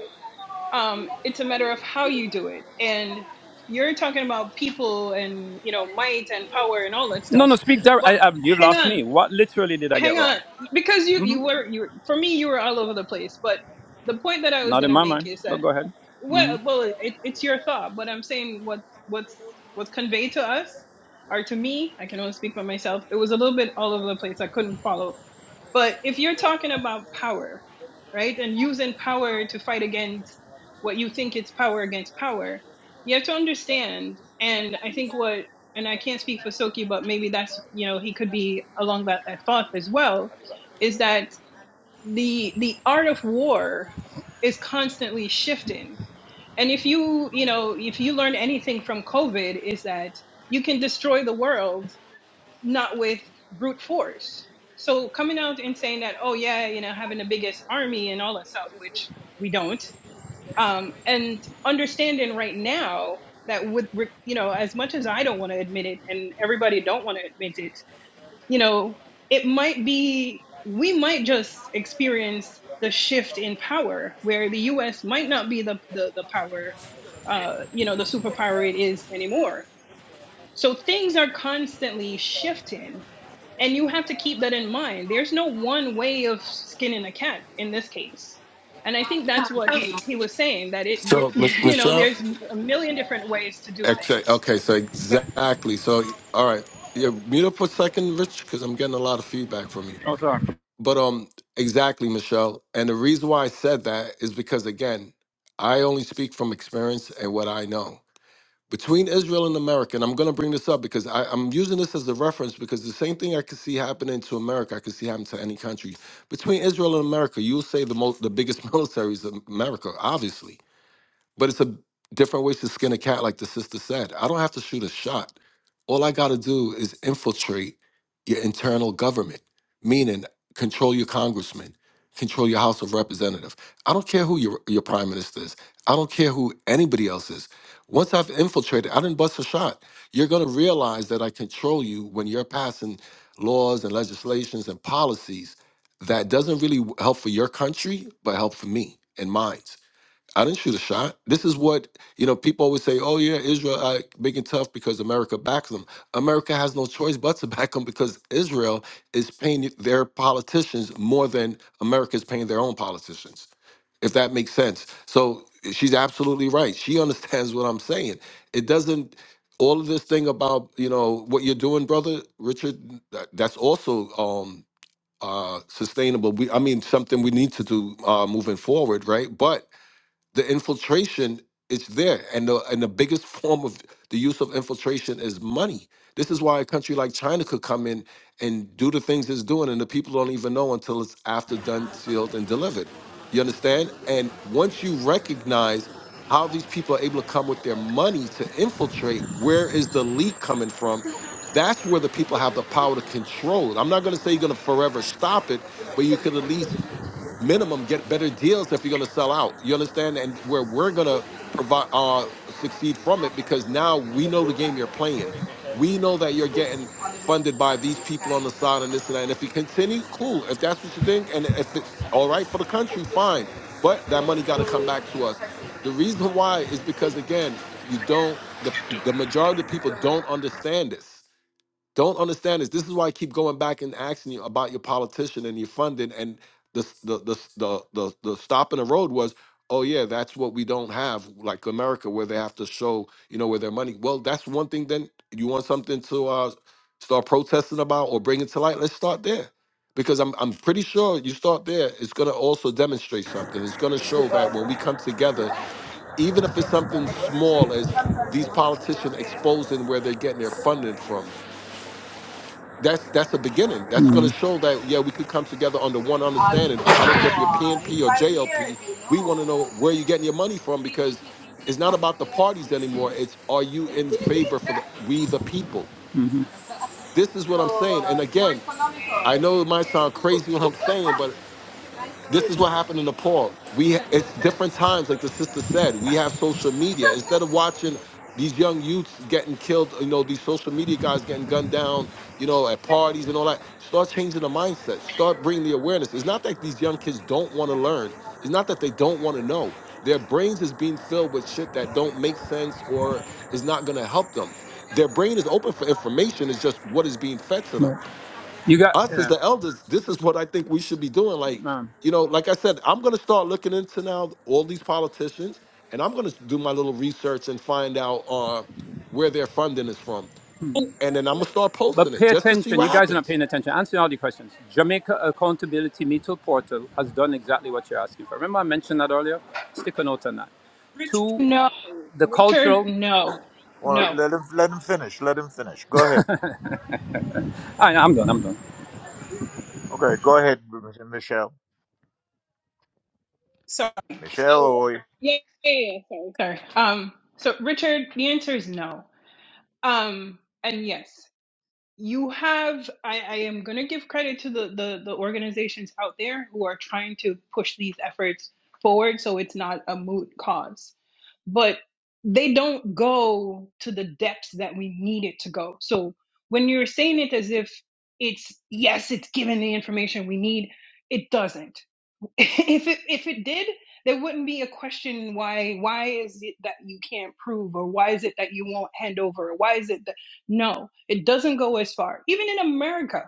[SPEAKER 6] Um, it's a matter of how you do it. And you're talking about people and you know might and power and all that
[SPEAKER 5] No,
[SPEAKER 6] stuff.
[SPEAKER 5] no, speak direct. I,
[SPEAKER 6] But
[SPEAKER 5] I, you've
[SPEAKER 6] hang
[SPEAKER 5] lost
[SPEAKER 6] on,
[SPEAKER 5] me. What literally did I get
[SPEAKER 6] hang
[SPEAKER 5] wrong?
[SPEAKER 6] on because you
[SPEAKER 5] hmm
[SPEAKER 6] you were you for me you were all over the place but the point that i was
[SPEAKER 5] Not
[SPEAKER 6] going
[SPEAKER 5] in
[SPEAKER 6] to
[SPEAKER 5] my
[SPEAKER 6] make
[SPEAKER 5] mind,
[SPEAKER 6] is
[SPEAKER 5] but
[SPEAKER 6] that
[SPEAKER 5] go ahead. hmm
[SPEAKER 6] well well it, it's your thought but i'm saying what's what's what's conveyed to us or to me i can only speak for myself it was a little bit all over the place i couldn't follow but if you're talking about power right and using power to fight against what you think it's power against power you have to understand and i think what and i can't speak for soki but maybe that's you know he could be along that, that thought as well is that the the art of war is constantly shifting and if you, you know, if you learn anything from COVID is that you can destroy the world not with brute force. So coming out and saying that, oh yeah, you know, having the biggest army and all that stuff, which we don't, um, and understanding right now that with, you know, as much as I don't want to admit it and everybody don't want to admit it, you know, it might be, we might just experience the shift in power where the US might not be the, the, the power, uh, you know, the superpower it is anymore. So things are constantly shifting. And you have to keep that in mind. There's no one way of skinning a cat in this case. And I think that's what he, he was saying that it,
[SPEAKER 8] So, Mich-
[SPEAKER 6] it, [laughs] you know,
[SPEAKER 8] Michelle,
[SPEAKER 6] there's a million different ways to do
[SPEAKER 8] Exa-
[SPEAKER 6] things.
[SPEAKER 8] Okay, so exactly. So all right, yeah, mute up for a second, Rich, because I'm getting a lot of feedback from you.
[SPEAKER 5] Oh, sorry.
[SPEAKER 8] But um, exactly, Michelle. And the reason why I said that is because again, I only speak from experience and what I know. Between Israel and America, and I'm going to bring this up because I, I'm using this as a reference because the same thing I could see happening to America, I could see happen to any country. Between Israel and America, you'll say the most, the biggest [laughs] military is America, obviously. But it's a different ways to skin a cat, like the sister said. I don't have to shoot a shot. All I got to do is infiltrate your internal government, meaning control your congressman, control your House of Representative. I don't care who your, your prime minister is. I don't care who anybody else is. Once I've infiltrated, I didn't bust a shot. You're going to realize that I control you when you're passing laws and legislations and policies that doesn't really help for your country, but help for me and mine. I didn't shoot a shot. This is what, you know, people always say, oh, yeah, Israel uh, big and tough because America backs them. America has no choice but to [laughs] back them because Israel is paying their politicians more than America is paying their own politicians, if that makes sense. So she's absolutely right. She [laughs] understands what I'm saying. It doesn't, all of this thing about, you know, what you're doing, brother, Richard, that, that's also um, uh, sustainable. We, I mean, something we need to do uh, moving forward, right? But the infiltration is there and the and the biggest [laughs] form of the use of infiltration is money this is why a country like china could come in and do the things it's doing and the people don't even know until it's after done sealed and delivered you understand and once you recognize how these people are able to come with their money to infiltrate where is the leak coming from that's where the people have the power to control it i'm not going to say you're going to forever stop it but you could at least minimum get better deals if you're going to sell out you understand and where we're going to provide uh succeed from it because now we know the game you're playing we know that you're getting funded by these people on the side and this and that and if you continue cool if that's what you think and if it's all right for the country fine but that money got to come back to us the reason why is because again you don't the the majority of people don't understand this don't understand this. This is why I keep going back and asking you about your politician and your funding. And the the the the the, the stop in the road was, oh yeah, that's what we don't have, like America, where they have to show you know where their money. Well, that's one thing. Then you want something to uh, start protesting about or bring it to light. Let's start there, because I'm I'm pretty sure you start there. It's going to also demonstrate something. It's going to show that when we come together, even if it's something small as these politicians exposing where they're getting their funding from that's that's a beginning. That's going to show that yeah, we could come together under one understanding. I don't care if you're PNP or JLP. We want to know where you're getting your money from because it's not about the parties anymore. It's are you in favor for the, we the people? This is what I'm
[SPEAKER 5] So
[SPEAKER 8] saying. And
[SPEAKER 5] uh, it's more
[SPEAKER 8] again,
[SPEAKER 5] economical.
[SPEAKER 8] I know it might
[SPEAKER 5] Okay,
[SPEAKER 8] sound
[SPEAKER 5] cool.
[SPEAKER 8] crazy what I'm saying, but
[SPEAKER 5] Nice story,
[SPEAKER 8] this is
[SPEAKER 5] bro.
[SPEAKER 8] what happened in Nepal. We
[SPEAKER 5] [laughs]
[SPEAKER 8] it's different times, like the sister said. We have social media instead of watching these young youths getting killed. You know, these social media guys getting gunned down. You know, at
[SPEAKER 5] exactly.
[SPEAKER 8] parties and all that. Start changing the mindset. Start bringing the awareness. It's not that these young kids don't want to learn. It's not that they don't want to know. Their brains is being filled with shit that don't make sense or is not going to help them. Their brain is open for information. It's just what is being fed to them
[SPEAKER 5] Right. You got,
[SPEAKER 8] us as
[SPEAKER 5] yeah.
[SPEAKER 8] the elders, this is what I think we should be doing. Like,
[SPEAKER 5] Um,
[SPEAKER 8] you know, like I said, I'm gonna start looking into now all these politicians, and I'm gonna do my little research and find out uh, where their funding is from, and then I'm gonna start
[SPEAKER 5] but
[SPEAKER 8] posting it
[SPEAKER 5] pay
[SPEAKER 8] just to see
[SPEAKER 5] attention.
[SPEAKER 8] what
[SPEAKER 5] You guys are not
[SPEAKER 8] happens.
[SPEAKER 5] paying attention. Answering all the questions. Jamaica Accountability Meter Portal has done exactly what you're asking for. Remember I mentioned that earlier? Stick a note on that.
[SPEAKER 6] Richard,
[SPEAKER 5] Two,
[SPEAKER 6] No,
[SPEAKER 5] the
[SPEAKER 6] Richard,
[SPEAKER 5] cultural.
[SPEAKER 6] no,
[SPEAKER 2] Well,
[SPEAKER 6] no.
[SPEAKER 2] let him let him finish. Let him finish. Go ahead.
[SPEAKER 5] I, I'm done. I'm done.
[SPEAKER 2] Okay. Go ahead, M- Michelle.
[SPEAKER 6] Sorry.
[SPEAKER 2] Michelle.
[SPEAKER 6] So,
[SPEAKER 2] Oy.
[SPEAKER 6] yeah, yeah, yeah, yeah, sorry, sorry. Um, so Richard, the answer is no. Um, and yes, you have. I, I am gonna give credit to the, the the organizations out there who are trying to push these efforts forward, so it's not a moot cause. But they don't go to the depths that we need it to go. So when you're saying it as if it's yes, it's given the information we need, it doesn't [laughs] if it if it did, there wouldn't be a question why why is it that you can't prove or why is it that you won't hand over or why is it that no, it doesn't go as far. Even in America,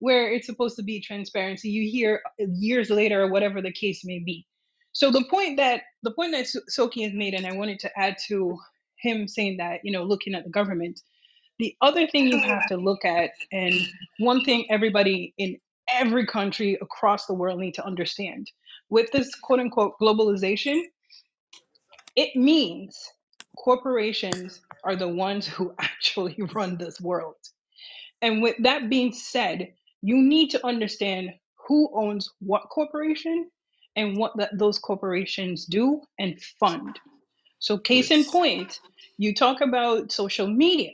[SPEAKER 6] where it's supposed to be transparency, you hear years later or whatever the case may be. So the point that the point that So- Soki has made, and I wanted to add to him saying that you know looking at the government the other thing you have to look at, and one thing everybody in every country across the world need to understand with this quote unquote globalization, it means corporations are the ones [laughs] who actually run this world. And with that being said, you need to understand who owns what corporation and what that those corporations do and fund. So, case in
[SPEAKER 8] Yes.
[SPEAKER 6] point, you talk about social media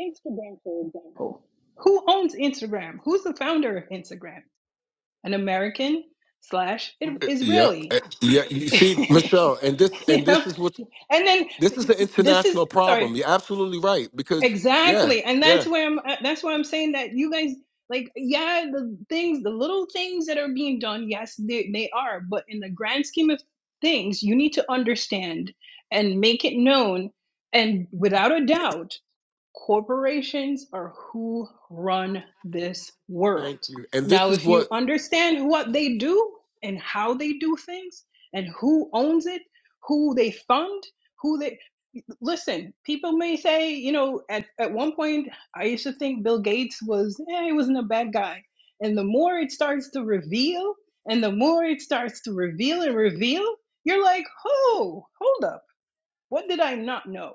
[SPEAKER 6] Instagram, for example. Who owns Instagram? Who's the founder of Instagram? An American slash
[SPEAKER 8] Yep. eh,
[SPEAKER 6] Israeli.
[SPEAKER 8] Yeah. You
[SPEAKER 6] [laughs]
[SPEAKER 8] see, Michelle, and this and
[SPEAKER 6] you know,
[SPEAKER 8] this is what
[SPEAKER 6] and then
[SPEAKER 8] this is the
[SPEAKER 6] this is
[SPEAKER 8] international
[SPEAKER 6] sorry,
[SPEAKER 8] problem. You're absolutely right because yeah,
[SPEAKER 6] exactly, and that's
[SPEAKER 8] yeah.
[SPEAKER 6] where I'm. uh, That's why I'm saying that you guys like, yeah, the things, the little things that are being done. Yes, they they are, but in the grand scheme of things, you need to understand and make it known, and without a doubt corporations are who run this
[SPEAKER 8] Thank
[SPEAKER 6] world.
[SPEAKER 8] you. And
[SPEAKER 6] Now,
[SPEAKER 8] this is
[SPEAKER 6] if
[SPEAKER 8] what
[SPEAKER 6] you understand what they do and how they do things and who owns it, who they fund, who they listen, people may say, you know, at, at one point, I used to think Bill Gates was, eh, he wasn't a bad guy. And the more it starts to reveal, and the more it starts to reveal and reveal, you're like, oh, hold up. What did I not know?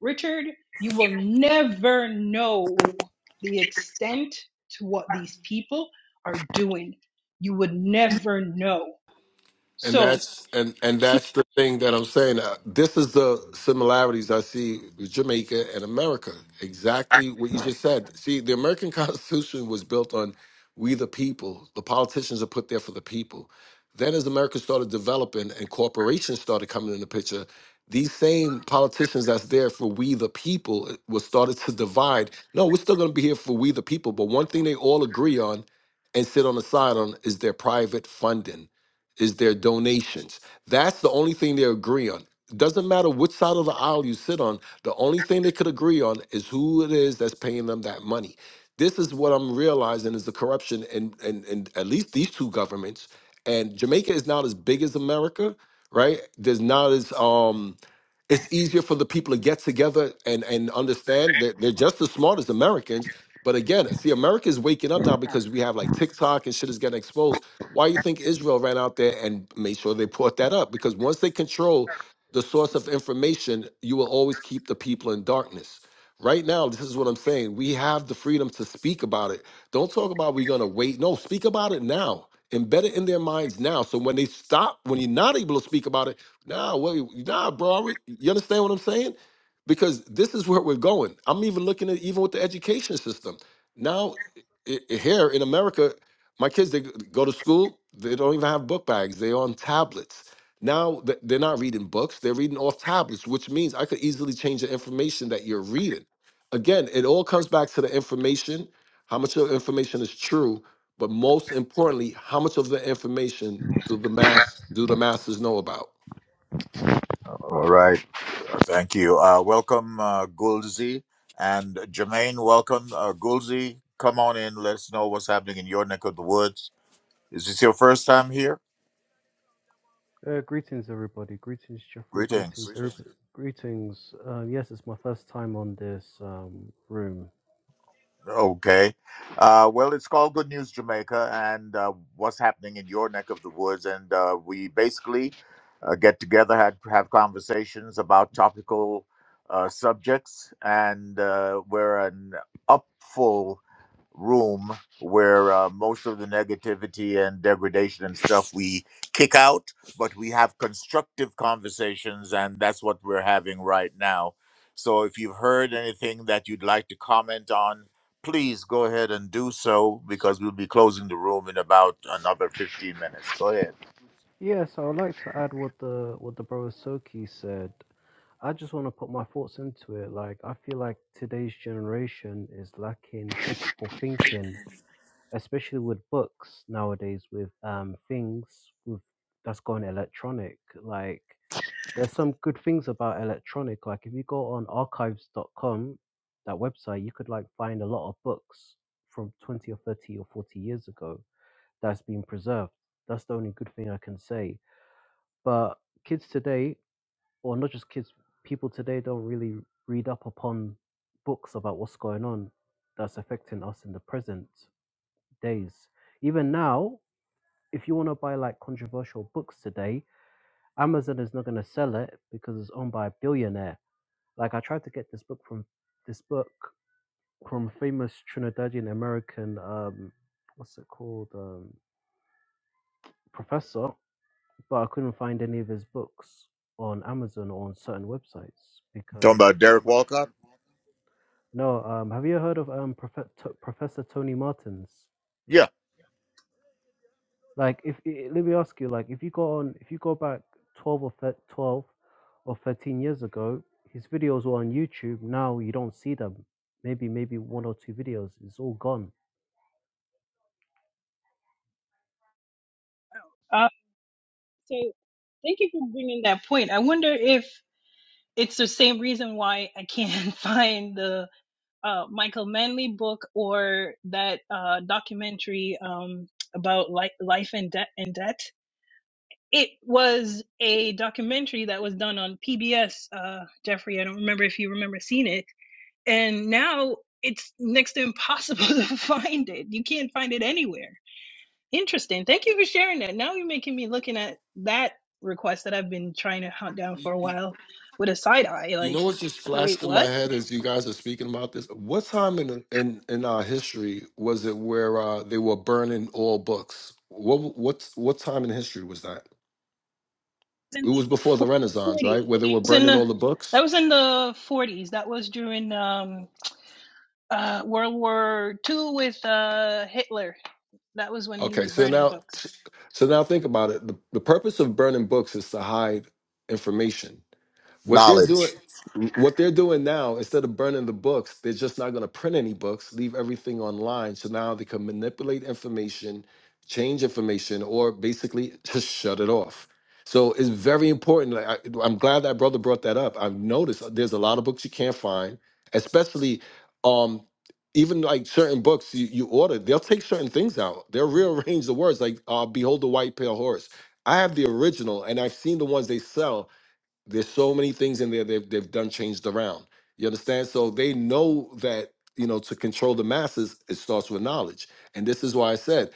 [SPEAKER 6] Richard, you will never know the extent to what these people are doing. You would never know.
[SPEAKER 8] and
[SPEAKER 6] So,
[SPEAKER 8] that's and and
[SPEAKER 6] to,
[SPEAKER 8] that's the thing that I'm saying. Uh, this is the similarities I see with Jamaica and America. Exactly what you just said. See, the American [laughs] Constitution was built on we the people. The politicians are put there for the people. Then, as America started developing and corporations started coming in the picture, these same politicians that's there for we the people uh, was started to divide. No, we're still going to be here for we the people. But one thing they all agree on and sit on the side on is their private funding is their donations. That's the only thing they agree on. It doesn't matter which side of the aisle you sit on, the only thing they could agree on is who it is that's paying them that money. This is what I'm realizing is the corruption in, in, in at least these two governments. And Jamaica is not as big as America, right? There's not as um it's easier for the people to get together and and understand that they're just as smart as Americans. But again, see, America is waking up now because we have like TikTok and shit is getting exposed why you think Israel ran out there and made sure they brought that up? Because once they control the source of information, you will always keep the people in darkness. Right now, this is what I'm saying. We have the freedom to speak about it. Don't talk about we're gonna wait. No, speak about it now. Embed it in their minds now. So when they stop, when you're not able to speak about it, nah, well, nah, bro. I re- You understand what I'm saying? Because this is where we're going. I'm even looking at even with the education system. Now, i i- here in America, my kids, they go to school, they don't even have book bags. They're on tablets. Now th- they're not reading books, they're reading off tablets, which means I could easily change the information that you're reading. Again, it all comes back to the information, how much of the information is true, but most importantly, how much of the information do the mass do the masses know about?
[SPEAKER 2] All right. Thank you. Uh, welcome, uh, Gulzi and Jermaine. Welcome, uh, Gulzi. Come on in. Let us know what's happening in your neck of the woods. Is this your first time here?
[SPEAKER 9] Uh, greetings, everybody. Greetings, Jeffrey. Greetings,
[SPEAKER 2] Greetings.
[SPEAKER 9] everybody. Greetings. Greetings. Uh, yes, it's my first time on this um, room.
[SPEAKER 2] Okay. Uh, well, it's called Good News Jamaica, and uh, what's happening in your neck of the woods. And uh, we basically uh, get together, had, have conversations about topical uh, subjects, and uh, we're an upful room where uh, most of the negativity and degradation and stuff we kick out, but we have constructive conversations, and that's what we're having right now. So if you've heard anything that you'd like to comment on, please go ahead and do so because we'll be closing the room in about another 15 minutes. Go ahead.
[SPEAKER 9] Yes, I would like to add what the what the brother Soki said. I just want to put my thoughts into it. Like, I feel like today's generation is lacking critical thinking, especially with books nowadays, with um, things with that's gone electronic. Like, there's some good things about electronic. Like if you go on archives. dot com, that website, you could like find a lot of books from 20 or 30 or 40 years ago that's been preserved. That's the only good thing I can say. But kids today, or not just kids, people today don't really read up upon books about what's going on that's affecting us in the present days. Even now, if you want to buy like controversial books today, Amazon is not going to sell it because it's owned by a billionaire Like I tried to get this book from this book from famous Trinidadian American um what's it called um professor, but I couldn't find any of his books on Amazon or on certain websites
[SPEAKER 2] Talking
[SPEAKER 9] because
[SPEAKER 2] about Derek Walcott?
[SPEAKER 9] no um have you heard of um Prof- Professor Tony Martins?
[SPEAKER 2] Yeah.
[SPEAKER 9] Like if i- let me ask you, like if you go on, if you go back twelve or thir- twelve or thirteen years ago, his videos were on YouTube. Now you don't see them. Maybe maybe one or two videos. It's all gone.
[SPEAKER 6] uh, so thank you for bringing that point. I wonder if it's the same reason why I can't [laughs] find the uh, Michael Manley book or that uh, documentary um, about li- life and debt. and debt. It was a documentary that was done on PBS, uh, Jeffrey. I don't remember if you remember seeing it. And now it's next to impossible [laughs] to find it. You can't find it anywhere. Interesting. Thank you for sharing that. Now you're making me looking at that request that I've been trying to hunt down for a while with a side eye.
[SPEAKER 8] You
[SPEAKER 6] Like,
[SPEAKER 8] know what just
[SPEAKER 6] wait,
[SPEAKER 8] flashed in my
[SPEAKER 6] what?
[SPEAKER 8] head as you guys are speaking about this? What time in in in our history was it where uh, they were burning all books? What what what time in history was that?
[SPEAKER 6] It's in
[SPEAKER 8] It was before
[SPEAKER 6] the
[SPEAKER 8] the Renaissance,
[SPEAKER 6] 40.
[SPEAKER 8] right? Where they were
[SPEAKER 6] That was in
[SPEAKER 8] burning
[SPEAKER 6] the
[SPEAKER 8] all the
[SPEAKER 6] that
[SPEAKER 8] books.
[SPEAKER 6] was in the 40s. That was during um, uh, World War Two with uh, Hitler That was when he
[SPEAKER 8] Okay,
[SPEAKER 6] was
[SPEAKER 8] so
[SPEAKER 6] burning
[SPEAKER 8] now
[SPEAKER 6] books.
[SPEAKER 8] so now think about it. The, the purpose of burning books is to hide information. What they're doing
[SPEAKER 2] Knowledge.
[SPEAKER 8] what they're doing now, instead of burning the books, they're just not gonna print any books, leave everything online. So now they can manipulate information, change information, or basically just shut it off. So it's very important. Like I, I'm glad that brother brought that up. I've noticed uh, there's a lot of books you can't find, especially um even like certain books you, you order, they'll take certain things out. They'll rearrange the words, like uh, "Behold the white pale horse." I have the original, and I've seen the ones they sell, there's so many things in there they've they've done changed around. You understand? So they know that you know to control the masses, it starts with knowledge, and this is why I said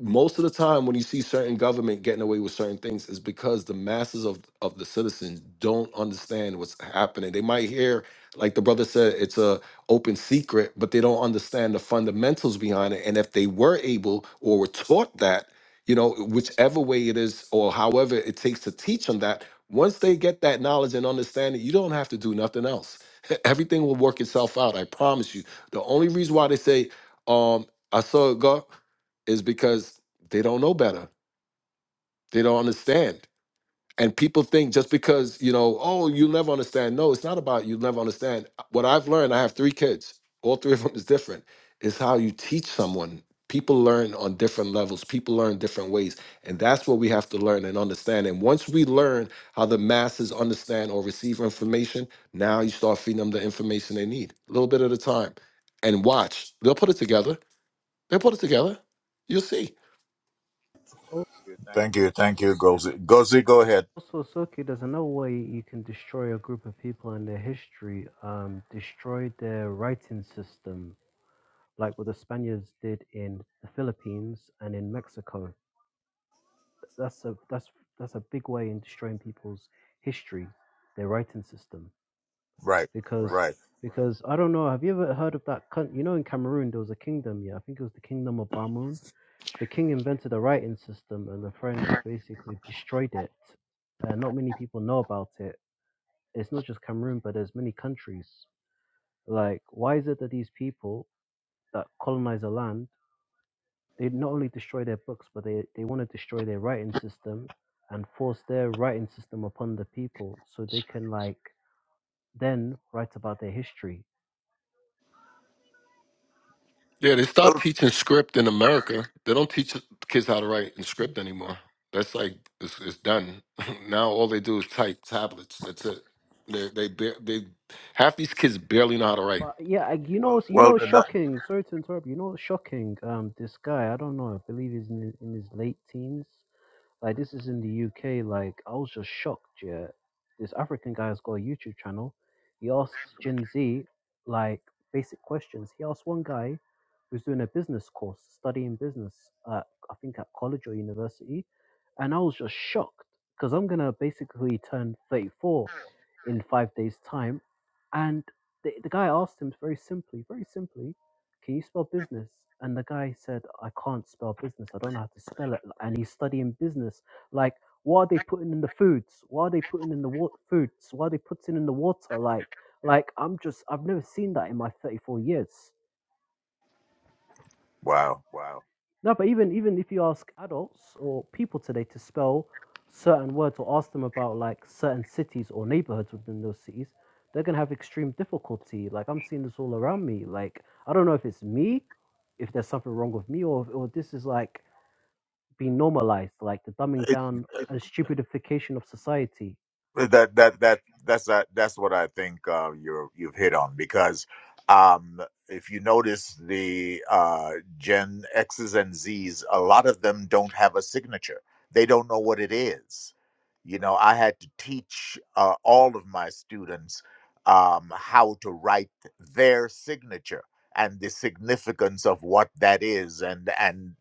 [SPEAKER 8] most of the time when you see certain government getting away with certain things is because the masses of of the citizens don't understand what's happening they might hear like the brother said it's a open secret but they don't understand the fundamentals behind it and if they were able or were taught that you know whichever way it is or however it takes to teach them that once they get that knowledge and understanding you don't have to do nothing else [laughs] everything will work itself out i promise you the only reason why they say um i saw god is because they don't know better. They don't understand. And people think just because, you know, oh, you never understand. No, it's not about you never understand. Uh, What I've learned, I have three kids, all three of them is different, is how you teach someone. People learn on different levels, people learn different ways. And that's what we have to learn and understand. And once we learn how the masses understand or receive information, now you start feeding them the information they need, a little bit at a time. And watch, they'll put it together. They'll put it together. You'll see.
[SPEAKER 9] Al-
[SPEAKER 2] Thank you. Thank you, Gozi. Gozi, go ahead.
[SPEAKER 9] Also, Soki, there's another way you can destroy a group of people and their history. Um, destroy their writing system, like what the Spaniards did in the Philippines and in Mexico. that's a that's that's a big way in destroying people's history, their writing system.
[SPEAKER 2] Right.
[SPEAKER 9] Because
[SPEAKER 2] Right.
[SPEAKER 9] because I don't know, have you ever heard of that? coun- You know, in Cameroon there was a kingdom. Yeah, I think it was the kingdom of Bamoun. The king invented a writing system, and the French basically destroyed it. Uh, not many people know about it. It's not just Cameroon, but there's many countries. Like, why is it that these people that colonize a land they not only destroy their books, but they, they want to destroy their writing system and force their writing system upon the people so they can like then write about their history.
[SPEAKER 8] Yeah, they stopped
[SPEAKER 2] Well,
[SPEAKER 8] teaching script in America. They don't teach kids how to write in script anymore. That's like it's, it's done. [laughs] now all they do is type tablets. That's it. They they bar- they half these kids barely know how to write.
[SPEAKER 9] But yeah, I, you know, you
[SPEAKER 2] well,
[SPEAKER 9] know,
[SPEAKER 2] and that,
[SPEAKER 9] shocking. Sorry to interrupt. You know, shocking. Um, this guy, I don't know. I believe he's in, in his late teens. Like this is in the UK. Like I was just shocked. Yeah, this African guy's got a YouTube channel. He asks Gen Z like basic questions. He asked one guy who's doing a business course, studying business. Uh, I think at college or university, and I was just shocked because I'm gonna basically turn 34 in five days' time, and the, the guy asked him very simply, very simply can you spell business? And the guy said, I can't spell business. I don't know how to spell it. And he's studying business. Like, what are they putting in the foods? What are they putting in the wa- foods? What are they putting in the water? Like, like I'm just, I've never seen that in my 34 years.
[SPEAKER 2] wow
[SPEAKER 9] No, but even even if you ask adults or people today to spell certain words or ask them about like certain cities or neighborhoods within those cities, they're gonna have extreme difficulty. Like I'm seeing this all around me. Like I don't know if it's me, if there's something wrong with me, or or this is like being normalized, like the dumbing down and stupidification of society.
[SPEAKER 2] that that that that's that, that's what I think uh, you're you've hit on because um, if you notice the uh, Gen X's and Z's, a lot of them don't have a signature. They don't know what it is. You know, I had to teach uh, all of my students um, how to write their signature and the significance of what that is and and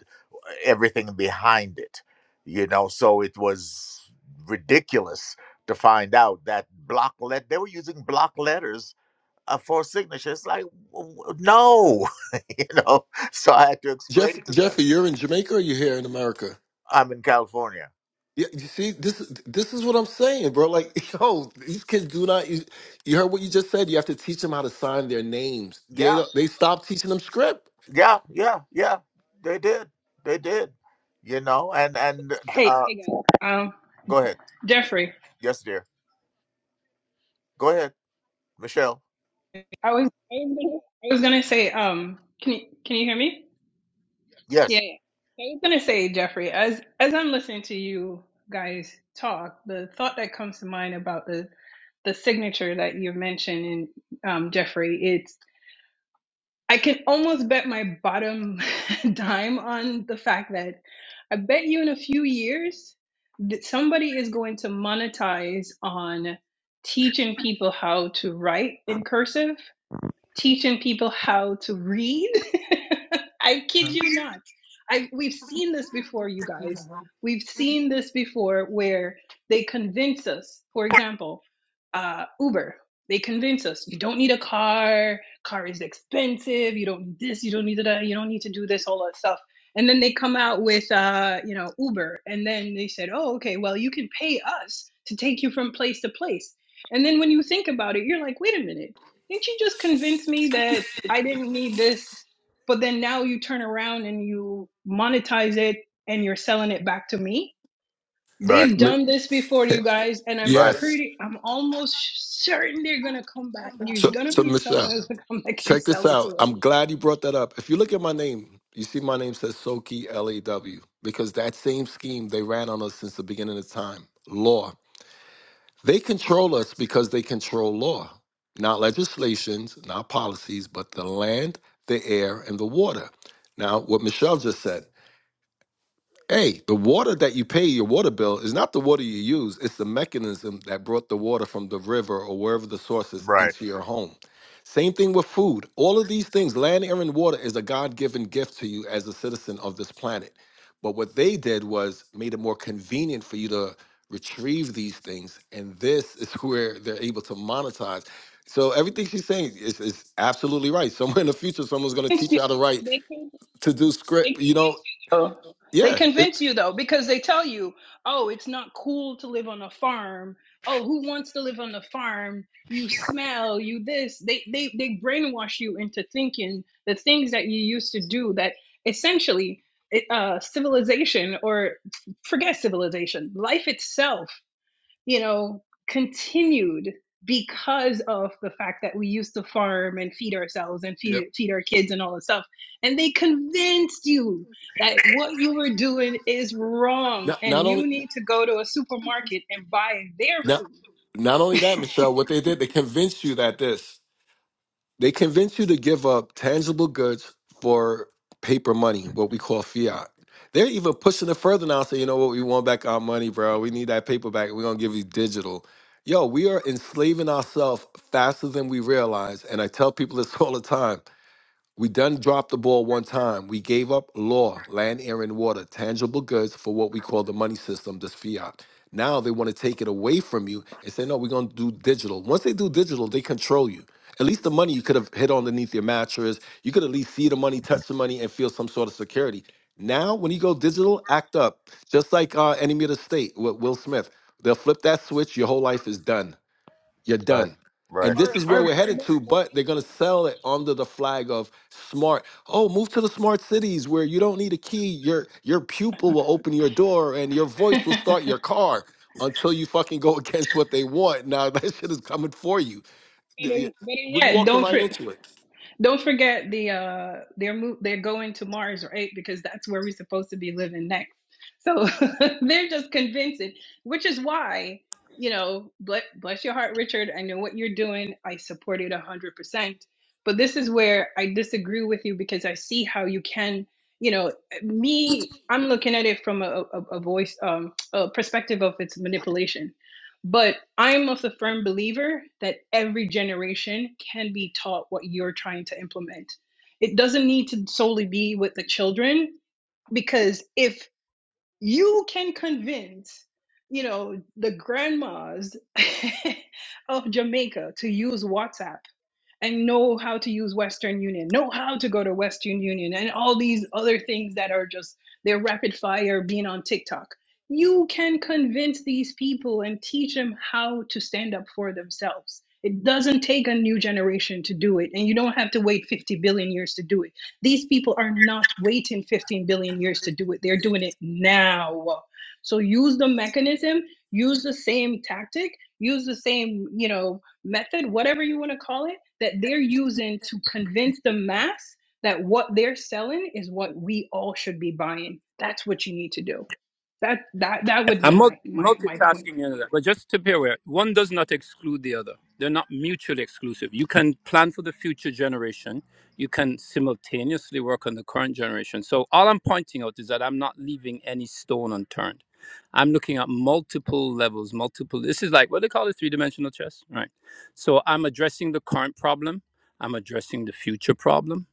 [SPEAKER 2] everything behind it. You know, so it was ridiculous to find out that block let they were using block letters uh, for signatures. Like, w- w- no, [laughs] you know. So I had to
[SPEAKER 8] Jeff
[SPEAKER 2] explain to
[SPEAKER 8] Jeffy,
[SPEAKER 2] them.
[SPEAKER 8] you're in Jamaica. or You here in America?
[SPEAKER 2] I'm in California.
[SPEAKER 8] Yeah, you see, this is this is what I'm saying, bro. Like, [laughs] yo, these kids do not. You, you heard what you just said. You have to teach them how to sign their names. They
[SPEAKER 2] Yeah,
[SPEAKER 8] don't. They stop teaching them script.
[SPEAKER 2] yeah, yeah, yeah. They did. They did. You know. And and
[SPEAKER 6] Hey,
[SPEAKER 2] uh,
[SPEAKER 6] hey guys. Um,
[SPEAKER 2] go ahead.
[SPEAKER 6] Jeffrey,
[SPEAKER 2] Yes, dear. Go ahead, Michelle.
[SPEAKER 6] I was I was gonna, I was gonna say, um, can you can you hear me? Yeah.
[SPEAKER 2] Yes.
[SPEAKER 6] yeah. I was gonna say, Jeffrey, as as I'm listening to you guys talk, the thought that comes to mind about the the signature that you mentioned in um, Jeffrey, it's I can almost bet my bottom [laughs] dime on the fact that I bet you in a few years that somebody is going to monetize on teaching people how to write in cursive teaching people how to read. [laughs] I kid
[SPEAKER 2] Mhm.
[SPEAKER 6] you not. I we've seen this before, you guys. We've seen this before where they convince us. For example, uh, Uber. They convince us you don't need a car. Car is expensive. You don't need this. You don't need that. You don't need to do this. All that stuff. And then they come out with uh, you know Uber, and then they said, oh okay, well you can pay us to take you from place to place. And then when you think about it, you're like, wait a minute didn't you just convince me that I didn't need this? But then now you turn around and you monetize it and you're selling it back to me.
[SPEAKER 2] Right.
[SPEAKER 8] You-
[SPEAKER 6] They've
[SPEAKER 8] mi-
[SPEAKER 6] done this before, you guys, and I'm
[SPEAKER 2] Right.
[SPEAKER 8] Yes.
[SPEAKER 6] pretty, I'm almost certain they're gonna come back. There's
[SPEAKER 8] So,
[SPEAKER 6] gonna
[SPEAKER 8] so
[SPEAKER 6] be
[SPEAKER 8] Michelle.
[SPEAKER 6] someone who's gonna come back and
[SPEAKER 8] Check this
[SPEAKER 6] sell it
[SPEAKER 8] out.
[SPEAKER 6] to us.
[SPEAKER 8] I'm glad you brought that up. If you look at my name, you see my name says Soki L A W because that same scheme they ran on us since the beginning of time. Law. They control us because they control law, not legislations, not policies, but the land, the air, and the water. Now, what Michelle just said. Hey, the water that you pay your water bill is not the water you use, it's the mechanism that brought the water from the river or wherever the source is
[SPEAKER 2] Right.
[SPEAKER 8] into your home. Same thing with food. All of these things, land, air, and water is a God given gift to you as a citizen of this planet. But what they did was made it more convenient for you to retrieve these things. And this is [laughs] where they're able to monetize. So everything she's saying is, is absolutely right. Somewhere in the future, someone's going to
[SPEAKER 6] They
[SPEAKER 8] teach
[SPEAKER 6] could,
[SPEAKER 8] you how to write
[SPEAKER 6] they
[SPEAKER 8] to do script. You know,
[SPEAKER 6] Oh, they
[SPEAKER 8] yeah, it.
[SPEAKER 6] convince you though because they tell you, "Oh, it's not cool to live on a farm. Oh, who wants to live on a farm? You smell, you this." They they they brainwash you into thinking the things that you used to do that essentially it, uh civilization or forget civilization, life itself you know, continued because of the fact that we used to farm and feed ourselves and
[SPEAKER 8] Yep.
[SPEAKER 6] feed, feed our kids and all this stuff. And they convinced you that what you were doing is wrong
[SPEAKER 8] Not,
[SPEAKER 6] and
[SPEAKER 8] not
[SPEAKER 6] you
[SPEAKER 8] only
[SPEAKER 6] need to go to a supermarket and buy their
[SPEAKER 8] not,
[SPEAKER 6] food
[SPEAKER 8] not only that, Michelle, what they did,
[SPEAKER 6] [laughs]
[SPEAKER 8] they convinced you that this. They convinced you to give up tangible goods for paper money, what we call fiat. They're even pushing it further now, saying, you know what, we want back our money, bro. We need that paper back. We're gonna give you digital. Yo, we are enslaving ourselves faster than we realize. And I tell people this [laughs] all the time. We done dropped the ball one time. We gave up law, land, air, and water, tangible goods for what we call the money system, this fiat. Now they want to take it away from you and say, no, we're going to do digital. Once they do digital, they control you. At least the money you could have hid underneath your mattress. You could at least see the money, touch the money, and feel some sort of security. Now, when you go digital, act up. Just like uh, Enemy of the State with Will Smith. They'll flip that switch, your whole life is done you're
[SPEAKER 2] Right.
[SPEAKER 8] done.
[SPEAKER 2] Right.
[SPEAKER 8] And this is where
[SPEAKER 6] Or
[SPEAKER 8] we're
[SPEAKER 6] [laughs]
[SPEAKER 8] headed
[SPEAKER 6] better,
[SPEAKER 8] to, but they're gonna sell it under the flag of smart. Oh, move to the smart cities where you don't need a key. Your your pupil will open your door and your voice will start your
[SPEAKER 6] better
[SPEAKER 8] car until you fucking go [laughs] against what they want. Now [laughs] that shit is coming for you. Th- We're
[SPEAKER 6] yet,
[SPEAKER 8] walking
[SPEAKER 6] don't
[SPEAKER 8] right
[SPEAKER 6] for,
[SPEAKER 8] into it.
[SPEAKER 6] Don't forget the uh they're move they're going to Mars right because that's where we're supposed to be living next. So [laughs] they're just convincing, which is why you know bless, bless your heart, Richard. I know what you're doing. I support it a hundred percent. But this is where I disagree with you because I see how you can you know me. I'm looking at it from a, a, a voice um, a perspective of its manipulation but I am of the firm believer that every generation can be taught what you're trying to implement. It doesn't need to solely be with the children, because if you can convince, you know, the grandmas [laughs] of Jamaica to use WhatsApp and know how to use Western Union, know how to go to Western Union, and all these other things that are just they're rapid fire being on TikTok. You can convince these people and teach them how to stand up for themselves. It doesn't take a new generation to do it, and you don't have to wait 50 billion years to do it. These people are not waiting 15 billion years to do it, they're doing it now. So use the mechanism, use the same tactic, use the same, you know, method, whatever you want to call it, that they're using to convince the mass that what they're selling is what we all should be buying. That's what you need to do. That that that would
[SPEAKER 5] I'm
[SPEAKER 6] be
[SPEAKER 5] mul-
[SPEAKER 6] my my my point.
[SPEAKER 5] multitasking and all that, but just to be aware, one does not exclude the other. They're not mutually exclusive. You can plan for the future generation. You can simultaneously work on the current generation. So all I'm pointing out is that I'm not leaving any stone unturned. I'm looking at multiple levels, multiple. This is like what they call it, three-dimensional chess, right? So I'm addressing the current problem. I'm addressing the future problem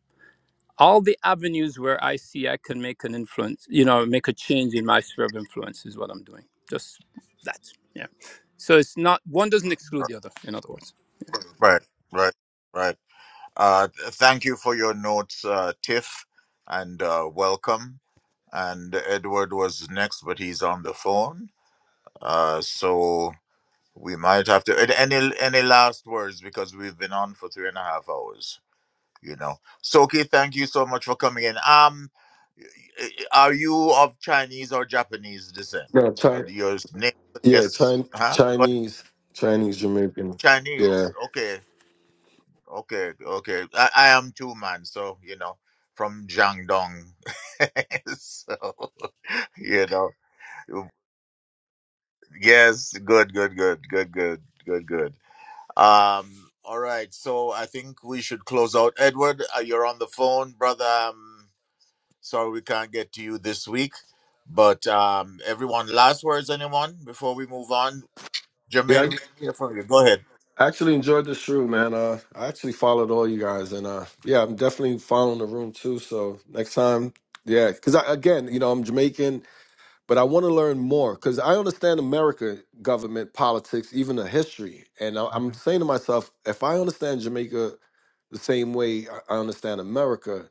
[SPEAKER 5] all the avenues where I see I can make an influence, you know, make a change in my sphere of influence is what I'm doing. Just that. Yeah. So it's not one doesn't exclude the other, in other words.
[SPEAKER 2] Right. Right. Right. Uh, th- thank you for your notes, uh, Tiff, and uh, welcome. and Edward was next, but he's on the phone. Uh, so we might have to. and Any any last words because we've been on for three and a half hours. You know, Soki, thank you so much for coming in. Um, y- y- are you of Chinese or Japanese descent?
[SPEAKER 8] Yeah,
[SPEAKER 2] Uh,
[SPEAKER 8] Chi-
[SPEAKER 2] Your name
[SPEAKER 8] yeah,
[SPEAKER 2] yes,
[SPEAKER 8] Chin-
[SPEAKER 2] huh? Go ahead.
[SPEAKER 8] Chinese, Chinese Jamaican. Yeah,
[SPEAKER 2] Chinese. Okay, okay, okay. I, I am too, man. So you know, from Jiangdong. [laughs] so [laughs] you know. Yes, good, good, good, good, good, good, good. Um, all right, so I think we should close out. Edward, uh, you're on the phone, brother. Um, sorry we can't get to you this week, but um, everyone, last words, anyone, before we move on? Jermaine,
[SPEAKER 8] yeah.
[SPEAKER 2] we can hear from you. Go ahead.
[SPEAKER 8] I actually enjoyed this room, man. Uh, I actually followed all you guys, and uh, yeah, I'm definitely following the room too. So next time, yeah, because I, again, you know, I'm Jamaican, but I want to learn more because I understand America government politics, even the history, and I, I'm
[SPEAKER 2] Mhm.
[SPEAKER 8] saying to myself, if I understand Jamaica the same way I I understand America,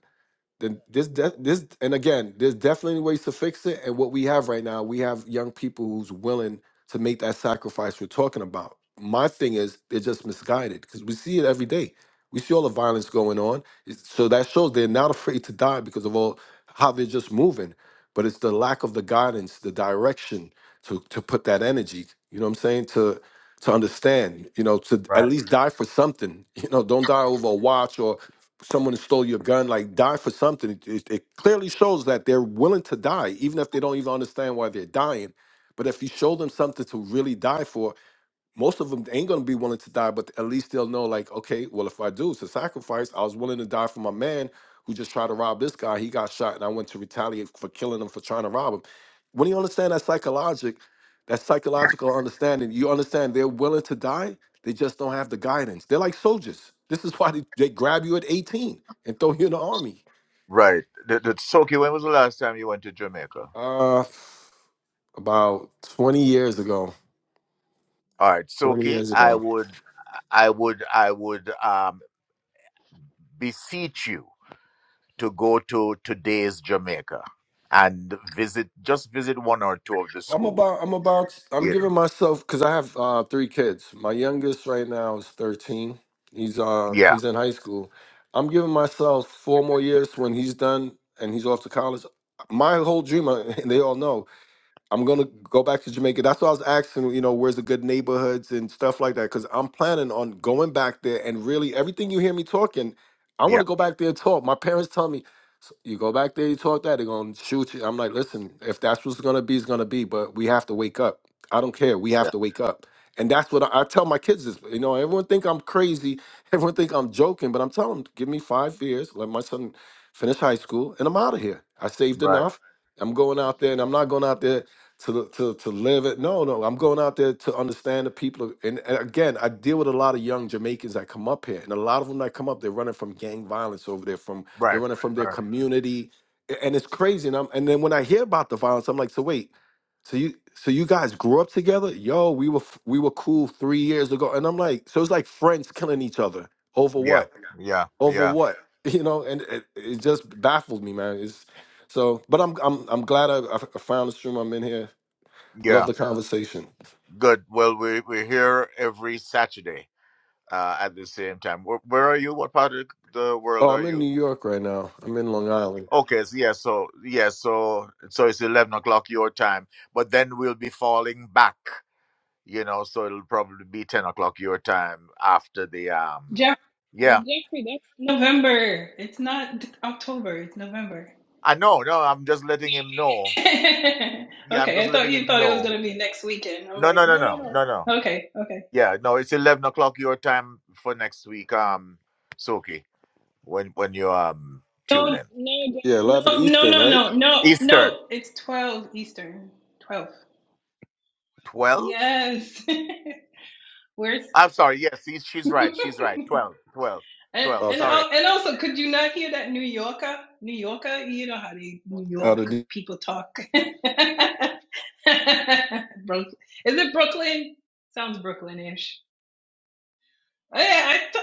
[SPEAKER 8] then this de- this and again there's definitely ways to fix it and what we have right now we have young people who's willing to make that sacrifice we're talking about my thing is they're just misguided because we see it every day we see all the violence going on It's- so that shows they're not afraid to die because of all how they're just moving but it's the lack of the guidance the direction to to put that energy you know what i'm saying to to understand you know to at
[SPEAKER 2] Right,
[SPEAKER 8] least die for something [laughs] you know don't die over a watch or someone stole your gun, like die for something. It, it, it clearly shows that they're willing to die, even if they don't even understand why they're dying. But if you show them something to really die for, most of them ain't gonna be willing to die, but at least they'll know, like, okay, well, if I do, it's a sacrifice. I was willing to die for my man who just tried to rob this guy. He got shot, and I went to retaliate for killing him for trying to rob him. When you understand that psychologic, that psychological understanding, you understand they're willing to die. They just don't have the guidance. They're like soldiers. This is why they, they grab you at 18 and throw you in the army.
[SPEAKER 2] right. The, the, Soki, when was the last time you went to Jamaica?
[SPEAKER 8] Uh, about 20 years ago.
[SPEAKER 2] All right,
[SPEAKER 8] 20
[SPEAKER 2] Soki,
[SPEAKER 8] years
[SPEAKER 2] I
[SPEAKER 8] ago.
[SPEAKER 2] would, I would, I would um, beseech you to go to today's Jamaica and visit just visit one or two of the
[SPEAKER 8] I'm
[SPEAKER 2] schools.
[SPEAKER 8] about I'm about I'm
[SPEAKER 2] You know.
[SPEAKER 8] giving myself because I have uh three kids. My youngest right now is 13. He's uh Yeah.
[SPEAKER 2] Yeah.
[SPEAKER 8] he's in high school. I'm giving myself four more years when he's done and he's off to college. My whole dream, uh, [laughs] and they all know, I'm gonna go back to Jamaica. That's why I was asking, you know, where's the good neighborhoods and stuff like that? Because I'm planning on going back there and really everything you hear me talking, I want
[SPEAKER 2] Yeah.
[SPEAKER 8] to go back there and talk. My parents tell me, "S- you go back there, you talk that, they're gonna shoot you. I'm like, listen, if that's what's gonna be, it's gonna be. But we have to wake up. I don't care. We have
[SPEAKER 2] Yeah.
[SPEAKER 8] to wake up. And that's what I, I tell my kids is, you know, everyone think I'm crazy, [laughs] everyone think I'm joking, but I'm telling them, give me five years, let my son finish high school, and I'm out of here. I saved
[SPEAKER 2] Right.
[SPEAKER 8] enough. I'm going out there, and I'm not going out there to to to live it. No, no, I'm going out there to understand the people. And, and again, I deal with a lot of young Jamaicans that come up here, and a lot of them that come up, they're running from gang violence over there. From they're
[SPEAKER 2] Right.
[SPEAKER 8] running from their
[SPEAKER 2] Right.
[SPEAKER 8] community, a- and it's crazy. And I'm and then when I hear about the violence, I'm like, so wait, so you so you guys grew up together? Yo, we were f- we were cool three years ago, and I'm like, so it's like friends killing each other over
[SPEAKER 2] Yeah.
[SPEAKER 8] what?
[SPEAKER 2] Yeah.
[SPEAKER 8] Over
[SPEAKER 2] Yeah.
[SPEAKER 8] what? [laughs] You know, and it, it just baffles me, man. It's so, but I'm I'm I'm glad I, I found this room. I'm in here. Love
[SPEAKER 2] Yeah.
[SPEAKER 8] the conversation.
[SPEAKER 2] Good. Well, we we're here every Saturday uh, at the same time. Where, where are you? What part of the world
[SPEAKER 8] Oh,
[SPEAKER 2] are
[SPEAKER 8] I'm in
[SPEAKER 2] you?
[SPEAKER 8] New York right now. I'm in Long Island.
[SPEAKER 2] Okay. So yeah. So yeah. So so it's eleven o'clock your time, but then we'll be falling back. You know. So it'll probably be ten o'clock your time after the um.
[SPEAKER 6] Jeff,
[SPEAKER 2] Yeah.
[SPEAKER 6] Jeffrey, that's November. It's not October. It's November.
[SPEAKER 2] I know, no, I'm just letting him know.
[SPEAKER 6] [laughs] okay,
[SPEAKER 2] Yeah, I'm just
[SPEAKER 6] I thought
[SPEAKER 2] letting
[SPEAKER 6] you
[SPEAKER 2] him
[SPEAKER 6] thought it was
[SPEAKER 2] know.
[SPEAKER 6] gonna be next weekend. I'm
[SPEAKER 2] No,
[SPEAKER 6] like,
[SPEAKER 2] no, no,
[SPEAKER 6] no, no,
[SPEAKER 2] no, no, no.
[SPEAKER 6] no. Okay, okay.
[SPEAKER 2] Yeah, no, it's eleven o'clock your time for next week. Um, Soki, when when you um tune
[SPEAKER 6] No,
[SPEAKER 2] in
[SPEAKER 6] no, Jeff-
[SPEAKER 8] Yeah, eleven
[SPEAKER 6] no, no,
[SPEAKER 8] Eastern,
[SPEAKER 6] no,
[SPEAKER 8] right?
[SPEAKER 6] no, no,
[SPEAKER 2] Eastern
[SPEAKER 6] no. It's twelve Eastern. Twelve.
[SPEAKER 2] twelve.
[SPEAKER 6] Yes. [laughs] Where's
[SPEAKER 2] I'm sorry. Yes, he's,
[SPEAKER 6] [laughs]
[SPEAKER 2] she's right.
[SPEAKER 6] and
[SPEAKER 2] She's right. 12, 12, 12.
[SPEAKER 6] and
[SPEAKER 8] Okay.
[SPEAKER 2] Sorry.
[SPEAKER 6] al- and also, could you not hear that New Yorker? New Yorker, you know how they New
[SPEAKER 8] Out
[SPEAKER 6] York
[SPEAKER 8] of D-
[SPEAKER 6] people talk. [laughs] Brook, is it Brooklyn? Sounds Brooklynish. Oh, yeah, I t-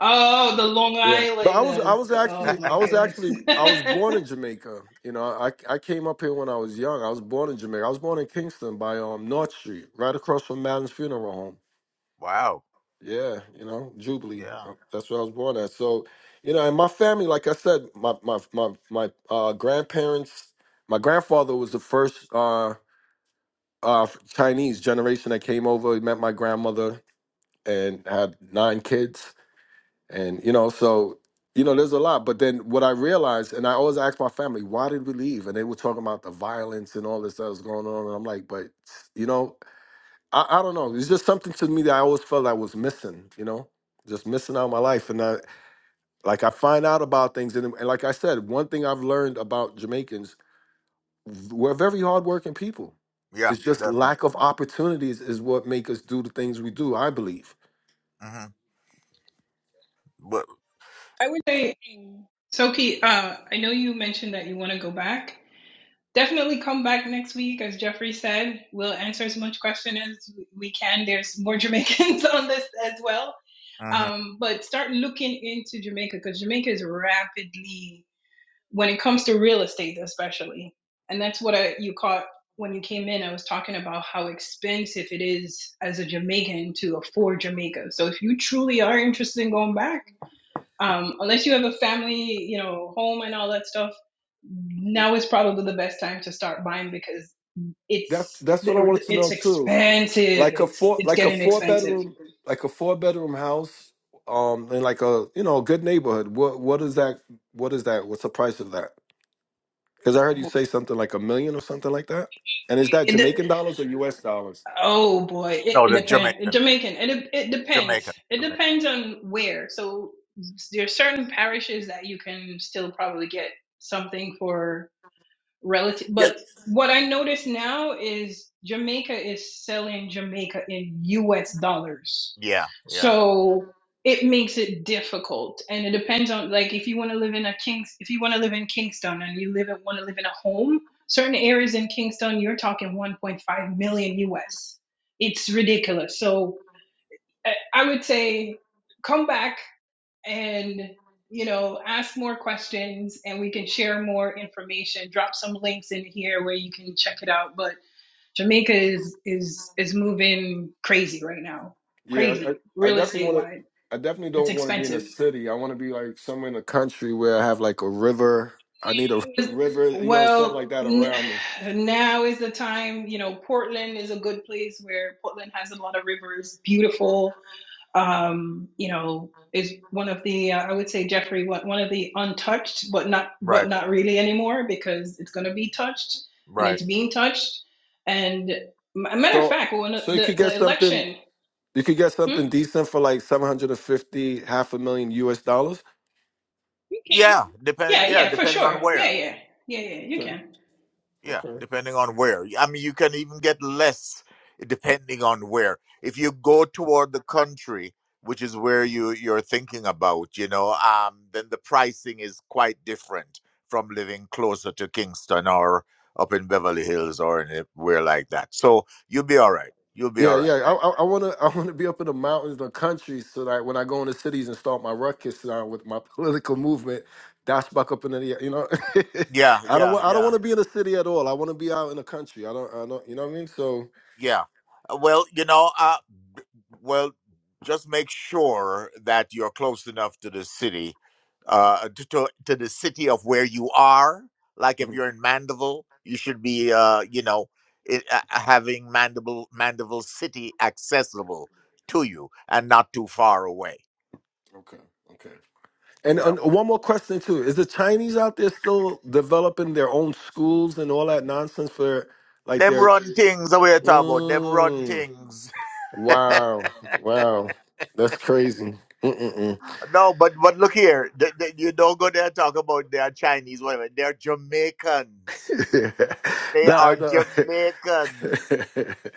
[SPEAKER 6] oh, the Long
[SPEAKER 8] yeah, but I was I
[SPEAKER 6] Islanders.
[SPEAKER 8] was
[SPEAKER 2] [laughs]
[SPEAKER 6] Oh
[SPEAKER 8] actually
[SPEAKER 6] my
[SPEAKER 8] I was
[SPEAKER 6] goodness.
[SPEAKER 8] actually
[SPEAKER 6] [laughs]
[SPEAKER 8] I was born
[SPEAKER 6] I
[SPEAKER 8] in Jamaica. You know, I I came up here when I was young. I was born in Jamaica. I was born in Kingston by um North Street, right across from Madden's funeral home.
[SPEAKER 2] wow.
[SPEAKER 8] Yeah, you know Jubilee.
[SPEAKER 2] Yeah.
[SPEAKER 8] Uh, That's where I was born at. So, you know, and my family, like I said, my my my my uh, grandparents. My grandfather was the first. Uh, uh Chinese generation that came over, He met my grandmother and had nine kids. And you know, so you know, there's a lot. But then what I realized, and I always ask my family, why did we leave? And they were talking about the violence and all this that was going on. And I'm like, but you know, I, I don't know. It's just something to me that I always felt I was missing, you know, just missing out on my life. And I like I find out about things and, and like I said, one thing I've learned about Jamaicans we're very hardworking people.
[SPEAKER 2] Yeah.
[SPEAKER 8] It's just
[SPEAKER 2] That's not.
[SPEAKER 8] lack of opportunities is what make us do the things we do. I believe.
[SPEAKER 2] hmm But,
[SPEAKER 6] would say, Soki, uh, I know you mentioned that you want to go back. Definitely come back next week, as Jeffrey said. We'll answer as much question as we can. There's more [laughs] Jamaicans on this as well.
[SPEAKER 2] hmm
[SPEAKER 6] Um, but start looking into Jamaica because Jamaica is rapidly, when it comes to real estate especially, and that's what I, you caught when you came in. I was talking about how expensive it is as a Jamaican to afford Jamaica. So if you truly are interested in going back, um, unless you have a family, you know, home and all that stuff,
[SPEAKER 8] It-
[SPEAKER 6] now is probably the best time to start buying because
[SPEAKER 8] That's
[SPEAKER 6] it's
[SPEAKER 8] that's what I wanted to
[SPEAKER 6] it's
[SPEAKER 8] know too.
[SPEAKER 6] expensive.
[SPEAKER 8] Like a
[SPEAKER 6] It's
[SPEAKER 8] four
[SPEAKER 6] it's
[SPEAKER 8] like a
[SPEAKER 6] getting
[SPEAKER 8] four
[SPEAKER 6] expensive.
[SPEAKER 8] bedroom like a four bedroom house, um, in like a you know a good neighborhood. What what is that? What is that? What's the price of that? Because I heard you say something like a million or something like that. And is that
[SPEAKER 6] It,
[SPEAKER 8] Jamaican dollars or U.S. dollars?
[SPEAKER 6] Oh boy, it,
[SPEAKER 2] No,
[SPEAKER 6] it
[SPEAKER 2] that's
[SPEAKER 6] depends.
[SPEAKER 2] Jamaican.
[SPEAKER 6] Jamaican, it it depends.
[SPEAKER 2] Jamaican.
[SPEAKER 6] It
[SPEAKER 2] Jamaican.
[SPEAKER 6] depends on where. So there's certain parishes that you can still probably get something for relative but
[SPEAKER 2] Yes.
[SPEAKER 6] what i notice now is jamaica is selling jamaica in us dollars
[SPEAKER 2] Yeah. Yeah.
[SPEAKER 6] so it makes it difficult and it depends on like if you want to live in a kings if you want to live in kingston and you live in want to live in a home certain areas in kingston you're talking 1.5 million us it's ridiculous so i I would say come back and you know ask more questions and we can share more information drop some links in here where you can check it out but jamaica is is is moving crazy right now
[SPEAKER 8] Yeah,
[SPEAKER 6] crazy
[SPEAKER 8] I, I
[SPEAKER 6] real
[SPEAKER 8] definitely
[SPEAKER 6] estate
[SPEAKER 8] want to.
[SPEAKER 6] wide
[SPEAKER 8] I definitely
[SPEAKER 6] it's
[SPEAKER 8] don't want to be in a
[SPEAKER 6] expensive
[SPEAKER 8] city. I want to be like somewhere in the country where I have like a river. I need a [laughs] river, you know, something like
[SPEAKER 6] well
[SPEAKER 8] that
[SPEAKER 6] n-
[SPEAKER 8] around me.
[SPEAKER 6] now is the time you know portland is a good place where portland has a lot of rivers beautiful um, you know, is one of the uh, I would say Jeffrey one one of the untouched, but not but
[SPEAKER 2] Right.
[SPEAKER 6] not really anymore because it's going to be touched and
[SPEAKER 2] Right.
[SPEAKER 6] it's being touched. And a matter of
[SPEAKER 8] So,
[SPEAKER 6] fact, when
[SPEAKER 8] so you
[SPEAKER 6] the
[SPEAKER 8] could get
[SPEAKER 6] the
[SPEAKER 8] something.
[SPEAKER 6] election,
[SPEAKER 8] You could get
[SPEAKER 6] hmm?
[SPEAKER 8] something decent for like seven hundred and fifty, half a million U.S. dollars.
[SPEAKER 6] You can.
[SPEAKER 2] Yeah. Depending.
[SPEAKER 6] yeah,
[SPEAKER 2] Yeah.
[SPEAKER 6] yeah, for
[SPEAKER 2] Depending on
[SPEAKER 6] sure,
[SPEAKER 2] where.
[SPEAKER 6] yeah, yeah, yeah, yeah, you
[SPEAKER 8] Okay.
[SPEAKER 6] can.
[SPEAKER 2] Yeah,
[SPEAKER 8] Okay.
[SPEAKER 2] depending on where. I mean, you can even get less depending on where. If you go toward the country, which is where you you're thinking about, you know, um, then the pricing is quite different from living closer to Kingston or up in Beverly Hills or anywhere like that. So you'll be all right. You'll be
[SPEAKER 8] Yeah,
[SPEAKER 2] all
[SPEAKER 8] yeah.
[SPEAKER 2] right.
[SPEAKER 8] I,
[SPEAKER 2] Right.
[SPEAKER 8] I, I wanna, [laughs] I wanna be up in the mountains, the country, so that when I go into cities and start my ruckus uh, with my [laughs] political movement, dash back up in the, you know.
[SPEAKER 2] Yeah,
[SPEAKER 8] [laughs] I don't,
[SPEAKER 2] yeah,
[SPEAKER 8] want, I don't
[SPEAKER 2] yeah.
[SPEAKER 8] want to be in a city at all. I want to be out in the country. I don't, I don't, you know what I mean? So,
[SPEAKER 2] Yeah. Uh, Well, you know, uh, b- well, just make sure that you're close enough to the city, uh, to, to, to the city of where you are. Like if
[SPEAKER 8] Mhm.
[SPEAKER 2] you're in Mandeville, you should be, uh, you know, it, uh, uh, having Mandeville, Mandeville City accessible to you and not too far away.
[SPEAKER 8] okay, okay. And
[SPEAKER 2] You
[SPEAKER 8] uh,
[SPEAKER 2] know,
[SPEAKER 8] one more question too: Is the Chinese out there still developing their own schools and all that nonsense for like
[SPEAKER 2] them
[SPEAKER 8] their?
[SPEAKER 2] run things away, about Them run
[SPEAKER 8] Mm.
[SPEAKER 2] things. [laughs]
[SPEAKER 8] Wow, wow, that's crazy. Mm-mm-mm.
[SPEAKER 2] No, but but look here, th- th- you don't go there and talk about they're Chinese, whatever. They're Jamaicans.
[SPEAKER 8] [laughs]
[SPEAKER 2] They
[SPEAKER 8] nah,
[SPEAKER 2] are
[SPEAKER 8] no,
[SPEAKER 2] Jamaicans.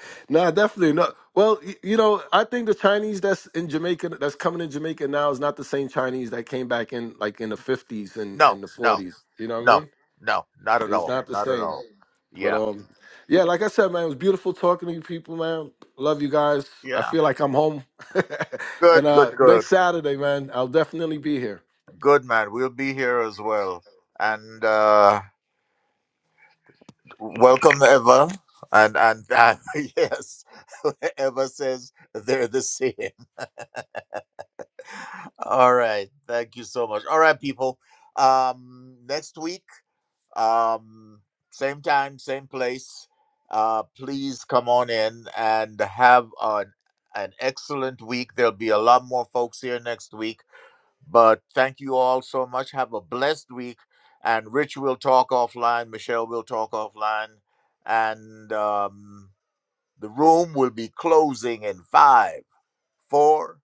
[SPEAKER 8] [laughs] nah, definitely not. Well, y- you know, I think the Chinese that's in Jamaica, that's coming in Jamaica now, is not the same Chinese that came back in like in the fifties and
[SPEAKER 2] No,
[SPEAKER 8] and the
[SPEAKER 2] no,
[SPEAKER 8] forties. You know what I
[SPEAKER 2] no,
[SPEAKER 8] mean?
[SPEAKER 2] no, not at
[SPEAKER 8] It's
[SPEAKER 2] all.
[SPEAKER 8] not the
[SPEAKER 2] Not at
[SPEAKER 8] same.
[SPEAKER 2] all.
[SPEAKER 8] But
[SPEAKER 2] Yeah.
[SPEAKER 8] um, yeah, like I said, man, it was beautiful talking to you people, man. Love you guys. I
[SPEAKER 2] Yeah.
[SPEAKER 8] feel like I'm home. [laughs] and
[SPEAKER 2] Good, good,
[SPEAKER 8] uh
[SPEAKER 2] good.
[SPEAKER 8] next Saturday, man, I'll definitely be here.
[SPEAKER 2] Good, man. We'll be here as well. And uh welcome, Eva. And, and, and [laughs] yes, [laughs] Eva says they're the same. [laughs] All right. Thank you so much. All right, people. Um, next week. Um, same time, same place. Uh, please come on in and have an, an excellent week. There'll be a lot more folks here next week. But thank you all so much. Have a blessed week. And Rich will talk offline. Michelle will talk offline. And um, the room will be closing in five, four,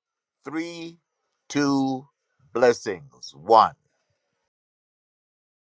[SPEAKER 2] three, two, blessings, one.